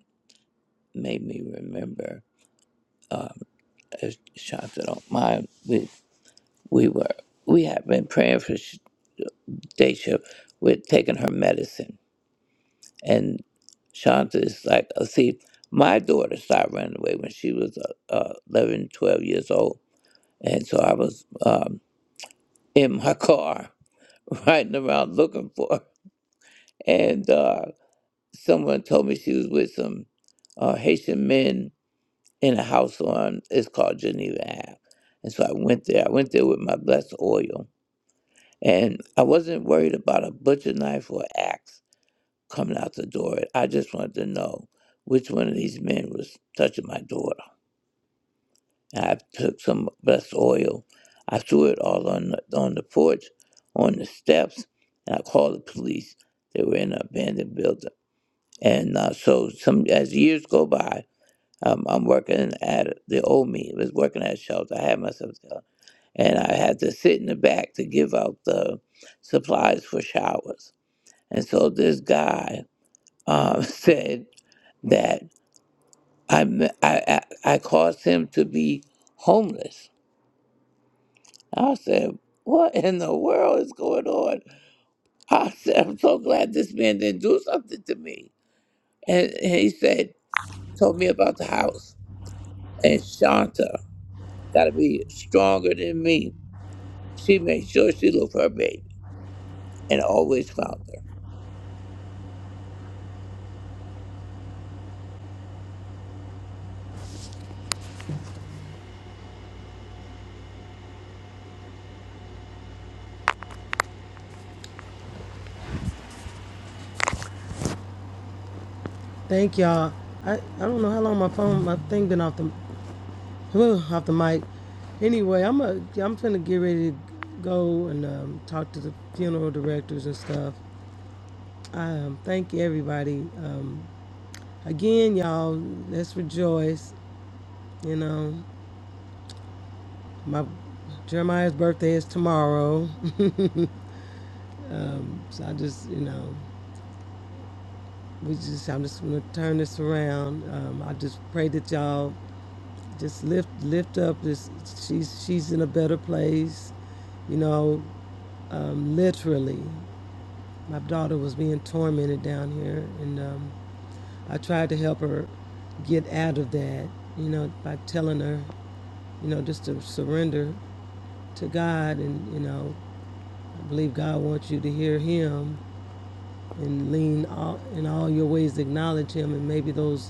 S10: made me remember. As Shanta don't mind, we, we were we had been praying for Sh- Daisha with taking her medicine And Shanta is like, uh, see, my daughter started running away when she was uh, uh, 11, twelve years old. And so I was um, in my car [LAUGHS] riding around looking for her. And uh, someone told me she was with some uh, Haitian men in a house on, it's called Geneva Ave. And so I went there. I went there with my blessed oil. And I wasn't worried about a butcher knife or axe. coming out the door. I just wanted to know which one of these men was touching my daughter. And I took some blessed oil. I threw it all on the, on the porch, on the steps, and I called the police. They were in an abandoned building. And uh, so, some as years go by, um, I'm working at the old me I was working at a shelter. I had myself there, and I had to sit in the back to give out the supplies for showers. And so this guy um, [LAUGHS] said that I, m- I, I, I caused him to be homeless. I said, What in the world is going on? I said, I'm so glad this man didn't do something to me. And, and he said, Told me about the house. And Shanta got to be stronger than me. She made sure she looked for her baby and always found her.
S14: Thank y'all. I, I don't know how long my phone my thing been off the [SIGHS] whew, off the mic. Anyway, I'm a yeah, I'm finna get ready to go and um, talk to the funeral directors and stuff. I um, thank you everybody. Um, again, y'all, let's rejoice. You know, my Jeremiah's birthday is tomorrow, [LAUGHS] um, so I just you know. we just I'm just gonna turn this around. Um, I just pray that y'all just lift lift up this she's she's in a better place, you know, um, literally. My daughter was being tormented down here and um, I tried to help her get out of that, you know, by telling her, you know, just to surrender to God and, you know, I believe God wants you to hear him and lean all, in all your ways acknowledge him and maybe those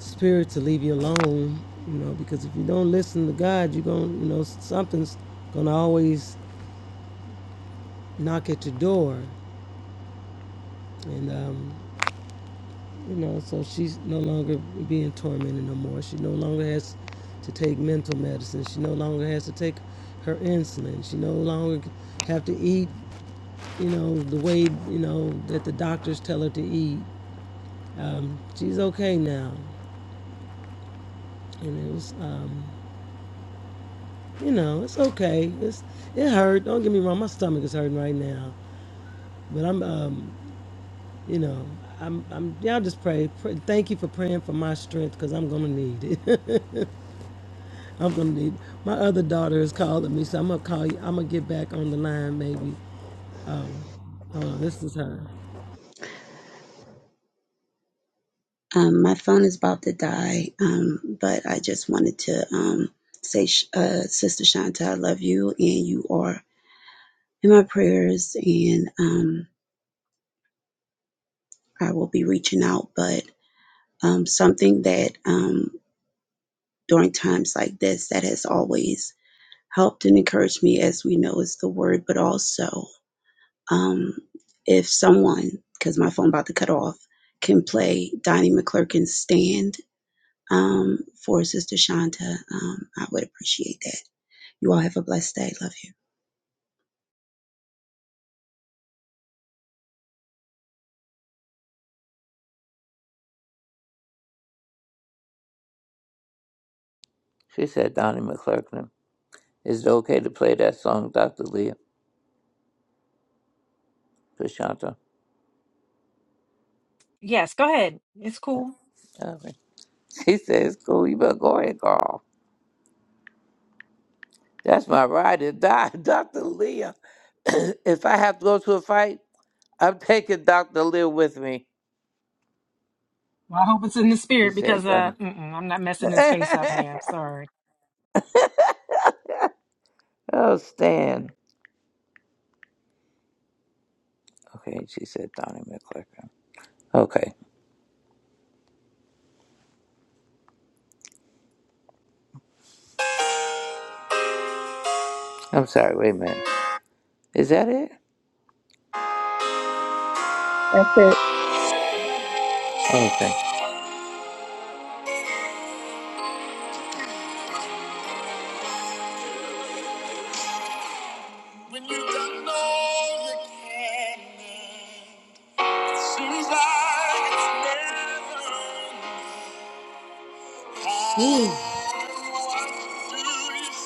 S14: spirit to leave you alone, you know, because if you don't listen to God, you're going, to you know, something's going to always knock at your door. And, um, you know, so she's no longer being tormented no more. She no longer has to take mental medicine. She no longer has to take her insulin. She no longer have to eat, you know, the way, you know, that the doctors tell her to eat. Um, she's okay now. And it was, um, You know, it's okay. It's it hurt. Don't get me wrong. My stomach is hurting right now, but I'm um, you know, I'm I'm y'all just pray. pray thank you for praying for my strength because I'm gonna need it. [LAUGHS] I'm gonna need. My other daughter is calling me, so I'm gonna call you. I'm gonna get back on the line maybe. Hold on, this is her.
S16: Um, my phone is about to die, um, but I just wanted to um, say, uh, Sister Shanta, I love you, and you are in my prayers, and um, I will be reaching out. But um, something that um, during times like this that has always helped and encouraged me, as we know, is the word, but also um, if someone, because my phone about to cut off, can play Donnie McClurkin's Stand um, for Sister Shanta. Um, I would appreciate that. You all have a blessed day. Love you.
S10: She said, Donnie McClurkin, is it okay to play that song, Dr. Leah Kashanta?
S7: Yes, go ahead. It's cool.
S10: Okay. [LAUGHS] She said, it's cool. You better go ahead, girl. That's my ride or die, [LAUGHS] Dr. Leah. [CLEARS THROAT] if I have to go to a fight, I'm taking Dr. Leah with me.
S7: Well, I hope it's in the
S10: He
S7: spirit because
S10: said,
S7: uh
S10: Donnie.
S7: mm-mm, I'm not messing his
S10: [LAUGHS]
S7: face up, man. Sorry.
S10: oh, Stan. Okay, she said, Donnie McClurkin. Okay. I'm sorry. Wait a minute. Is that it? Okay. When you've done all you can. Seems like it's never enough. Ooh. enough. What do you say when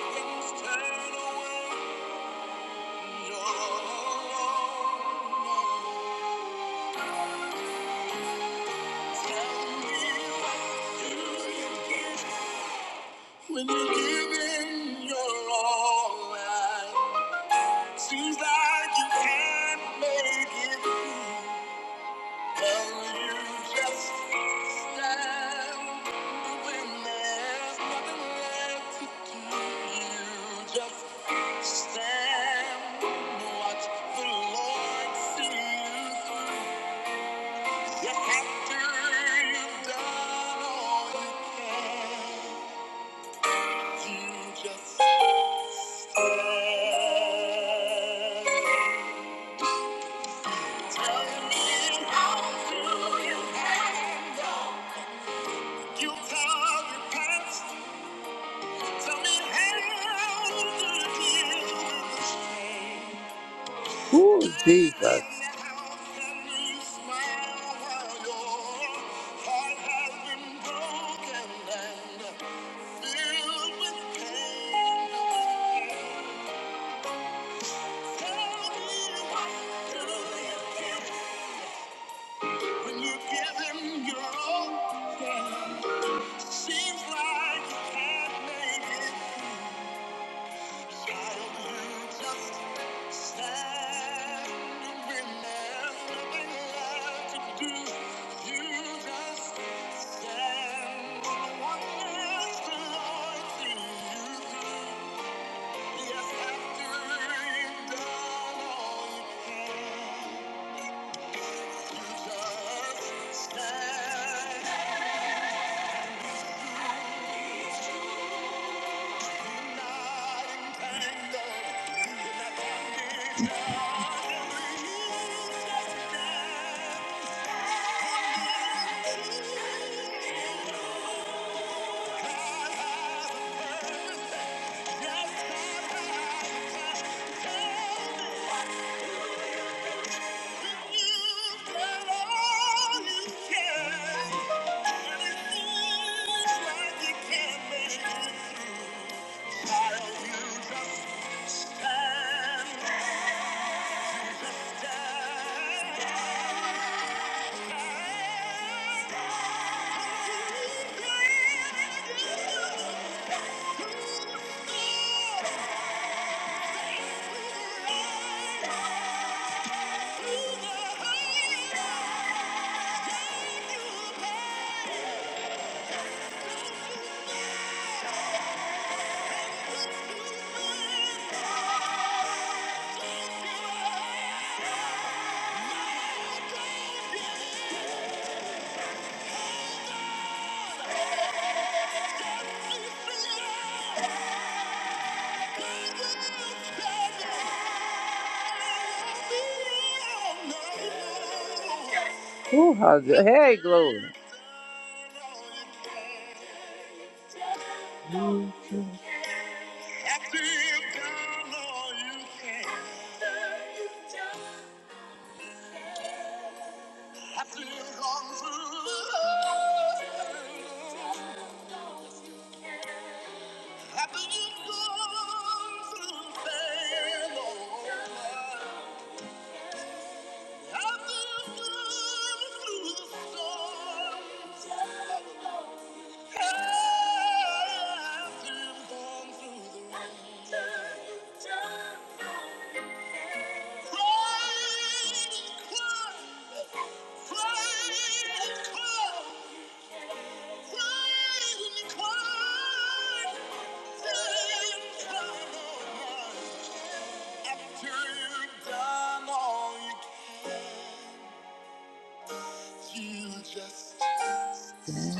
S10: your things turn away and you're all alone? Tell me what do you get when you give in your all? right. Seems like you can't make it. through. Well, you just stand when there's nothing left to do. You just stand and watch the Lord see you through. Yes, after you've done all you can. Ooh, Jesus. When you give him your all, then it seems like you can't make it. through. Childhood just standing when there's nothing left to do. You just stand on the wonders the Lord sees you through. Yes, after you've done all you can. Thank you. Ooh, how's it? hair Glory. I've gone through I've been gone through pain, oh, I've been gone through the storm. I've been gone through the rain. Cried, cried, cried. Just stand. Oh,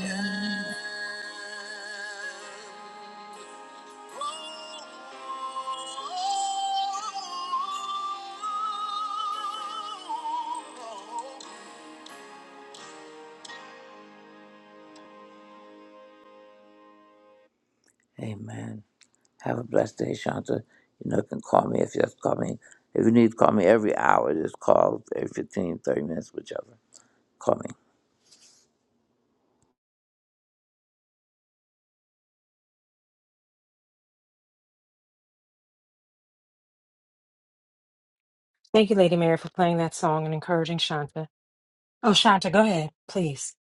S10: Amen. Have a blessed day, Shanta. You know, you can call me if you have to call me. If you need to call me every hour, just call every 15, 30 minutes, whichever. Call me.
S7: Thank you, Lady Mary, for playing that song and encouraging Shanta. Oh, Shanta, go ahead, please.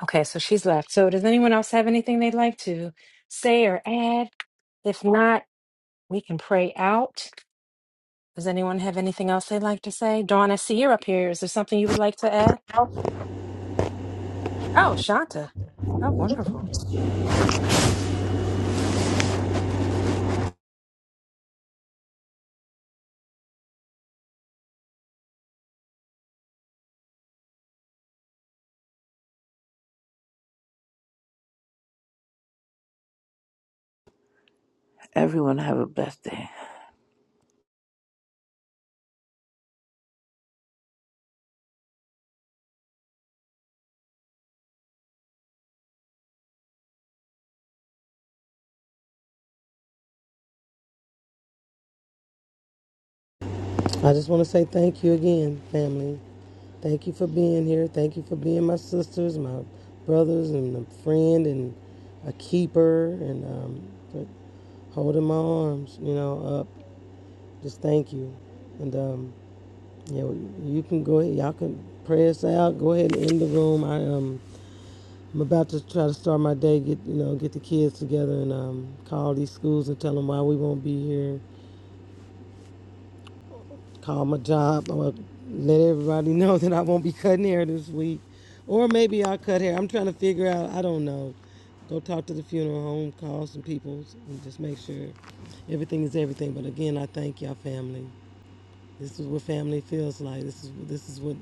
S7: Okay, so she's left. So does anyone else have anything they'd like to say or add? If not, we can pray out. Does anyone have anything else they'd like to say? Dawn, I see you're up here. Is there something you would like to add? Oh, Shanta. Oh, wonderful.
S10: Everyone have a blessed day.
S14: I just want to say thank you again, family. Thank you for being here. Thank you for being my sisters, my brothers, and a friend and a keeper, and um, for holding my arms, you know, up. Just thank you. And um, yeah, well, you can go ahead. Y'all can pray us out. Go ahead and end the room. I um, I'm about to try to start my day. Get you know, get the kids together and um, call these schools and tell them why we won't be here. call my job. I'm gonna let everybody [LAUGHS] know that I won't be cutting hair this week. Or maybe I'll cut hair. I'm trying to figure out, I don't know. Go talk to the funeral home, call some people, and just make sure everything is everything. But again, I thank y'all family. This is what family feels like. This is this is what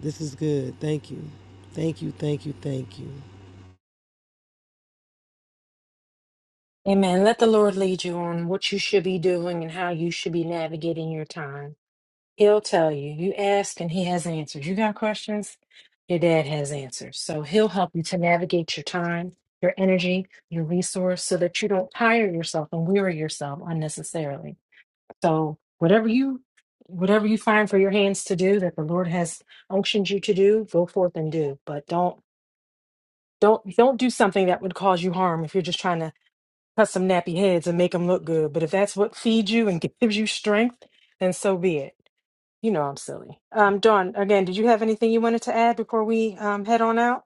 S14: this is good. Thank you. Thank you, thank you, thank you.
S7: Amen. Let the Lord lead you on what you should be doing and how you should be navigating your time. He'll tell you. You ask and he has answers. You got questions? Your dad has answers. So he'll help you to navigate your time, your energy, your resource so that you don't tire yourself and weary yourself unnecessarily. So whatever you whatever you find for your hands to do that the Lord has unctioned you to do, go forth and do. But don't don't don't do something that would cause you harm if you're just trying to cut some nappy heads and make them look good. But if that's what feeds you and gives you strength, then so be it. You know I'm silly. Um, Dawn, again, did you have anything you wanted to add before we um, head on out?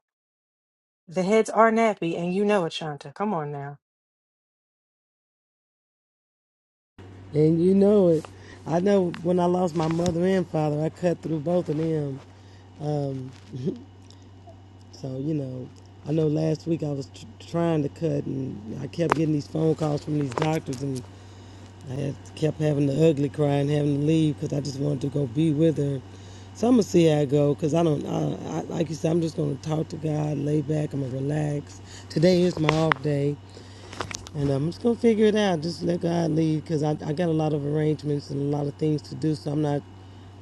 S7: The heads are nappy, and you know it, Shanta. Come on now.
S14: And you know it. I know when I lost my mother and father, I cut through both of them. Um, So, you know, I know last week I was tr- trying to cut and I kept getting these phone calls from these doctors and I had, kept having the ugly cry and having to leave because I just wanted to go be with her. So I'm gonna see how I go because I don't, I, I, like you said, I'm just gonna talk to God, lay back, I'm gonna relax. Today is my off day. And I'm just gonna figure it out. Just let God lead, cause I, I got a lot of arrangements and a lot of things to do. So I'm not.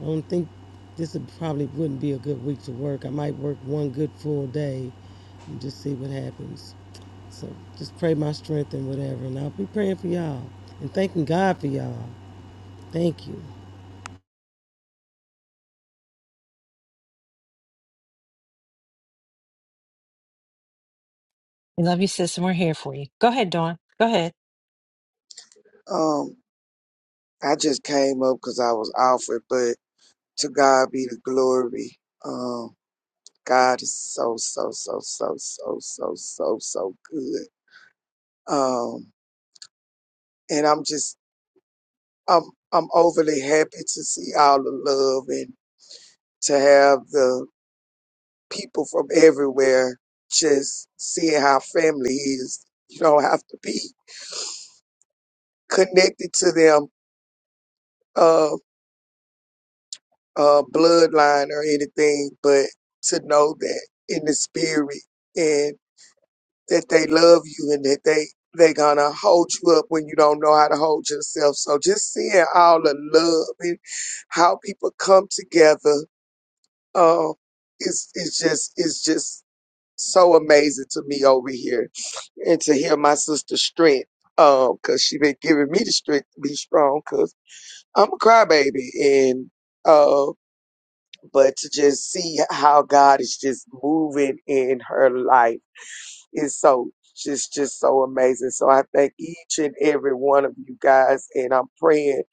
S14: I don't think this would probably wouldn't be a good week to work. I might work one good full day, and just see what happens. So just pray my strength and whatever, and I'll be praying for y'all and thanking God for y'all. Thank you.
S7: We love you, sis, and we're here for you. Go ahead, Dawn. Go ahead.
S17: Um, I just came up because I was offered, but to God be the glory. Um, God is so, so, so, so, so, so, so, so good. Um, and I'm just, I'm, I'm overly happy to see all the love and to have the people from everywhere just seeing how family is. You don't have to be connected to them. Um. uh, bloodline or anything, but to know that in the spirit and that they love you and that they they gonna hold you up when you don't know how to hold yourself. So just seeing all the love and how people come together, um, it's it's just it's just so amazing to me over here and to hear my sister's strength, um, cause she been giving me the strength to be strong. Cause I'm a crybaby and uh, but to just see how God is just moving in her life is so just just so amazing. So I thank each and every one of you guys, and I'm praying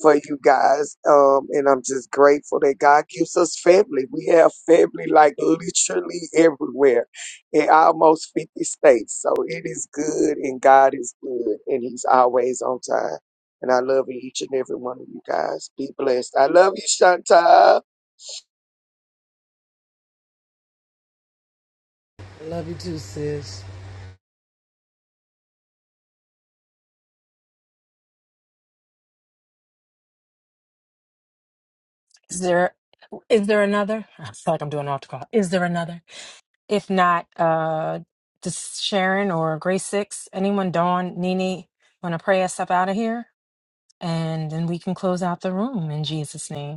S17: for you guys. Um, and I'm just grateful that God gives us family. We have family like literally everywhere in almost 50 states. So it is good, and God is good, and He's always on time. And I love each and every one of you guys. Be blessed. I love you, Chantal.
S14: I love you too, sis.
S7: Is there is there another? [LAUGHS] I feel like I'm doing an after call. Is there another? If not, uh, just Sharon or Grace Six, anyone, Dawn, Nene, want to pray us up out of here, and then we can close out the room in Jesus' name.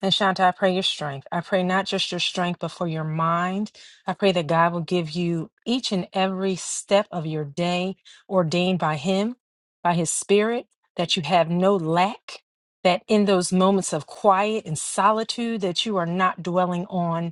S7: And Shanta, I pray your strength. I pray not just your strength, but for your mind. I pray that God will give you each and every step of your day ordained by Him, by His Spirit, that you have no lack, that in those moments of quiet and solitude that you are not dwelling on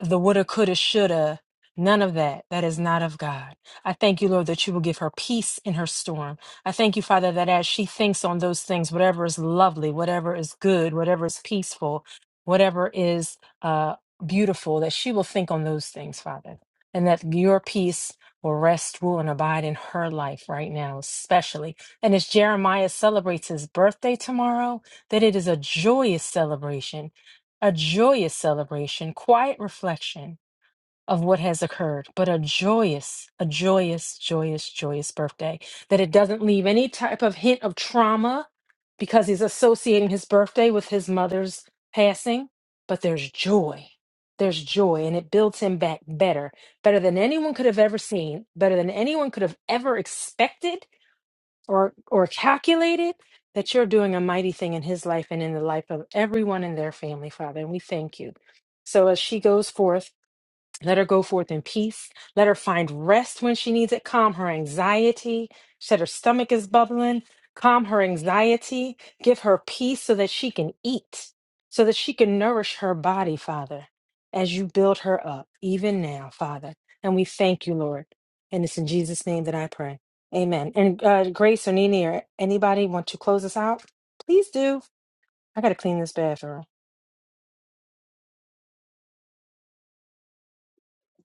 S7: the woulda, coulda, shoulda, none of that. That is not of God. I thank you, Lord, that you will give her peace in her storm. I thank you, Father, that as she thinks on those things, whatever is lovely, whatever is good, whatever is peaceful, whatever is uh, beautiful, that she will think on those things, Father, and that your peace will rest, rule, and abide in her life right now, especially. And as Jeremiah celebrates his birthday tomorrow, that it is a joyous celebration a joyous celebration, quiet reflection of what has occurred, but a joyous, a joyous, joyous, joyous birthday. That it doesn't leave any type of hint of trauma because he's associating his birthday with his mother's passing, but there's joy. There's joy, and it builds him back better, better than anyone could have ever seen, better than anyone could have ever expected or or calculate it that you're doing a mighty thing in his life and in the life of everyone in their family father and we thank you so as she goes forth let her go forth in peace. Let her find rest when she needs it. Calm her anxiety. She said her stomach is bubbling. Calm her anxiety. Give her peace so that she can eat, so that she can nourish her body, Father, as you build her up, even now, Father. And we thank you, Lord. And it's in Jesus' name that I pray. Amen. And uh, Grace or Nini or anybody want to close us out? Please do. I got to clean this bathroom.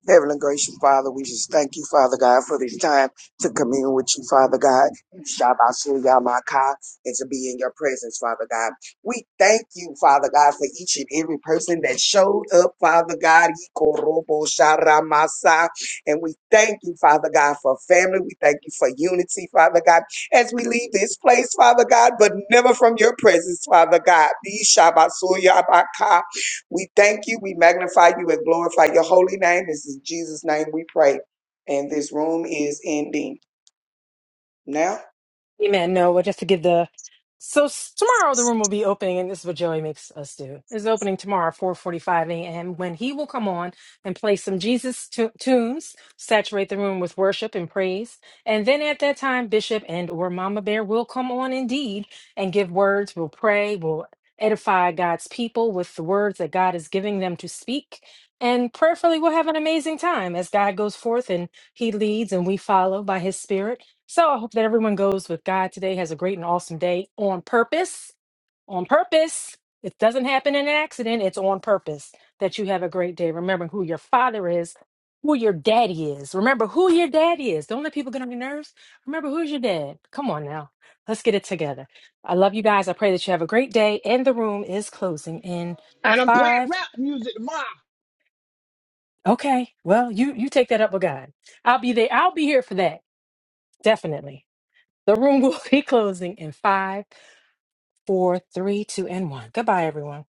S17: Heavenly gracious Father, we just thank you, Father God, for this time to commune with you, Father God. Shabasu Yamaka, and to be in your presence, Father God. We thank you, Father God, for each and every person that showed up, Father God. Ikorobo Sharamasa. And we thank you, Father God, for family. We thank you for unity, Father God, as we leave this place, Father God, but never from your presence, Father God. Shabasu Yamaka. We thank you, we magnify you, and glorify your holy name. This is Jesus' name we pray. And this room is ending now.
S7: Amen. No, but just to give the so s- tomorrow the room will be opening, and this is what Joey makes us do. It's opening tomorrow, four forty-five a.m. When he will come on and play some Jesus tu- tunes, saturate the room with worship and praise, and then at that time, Bishop and or Mama Bear will come on indeed and give words. We'll pray. We'll edify God's people with the words that God is giving them to speak. And prayerfully, we'll have an amazing time as God goes forth and He leads and we follow by His Spirit. So I hope that everyone goes with God today, has a great and awesome day on purpose. On purpose. It doesn't happen in an accident, it's on purpose that you have a great day. Remembering who your father is, who your daddy is. Remember who your daddy is. Don't let people get on your nerves. Remember who's your dad. Come on now. Let's get it together. I love you guys. I pray that you have a great day. And the room is closing in
S18: And I'm playing
S7: five.
S18: rap music tomorrow.
S7: Okay. Well, you you take that up with God. I'll be there. I'll be here for that. Definitely. The room will [LAUGHS] be closing in five four, three, two, and one. Goodbye, everyone.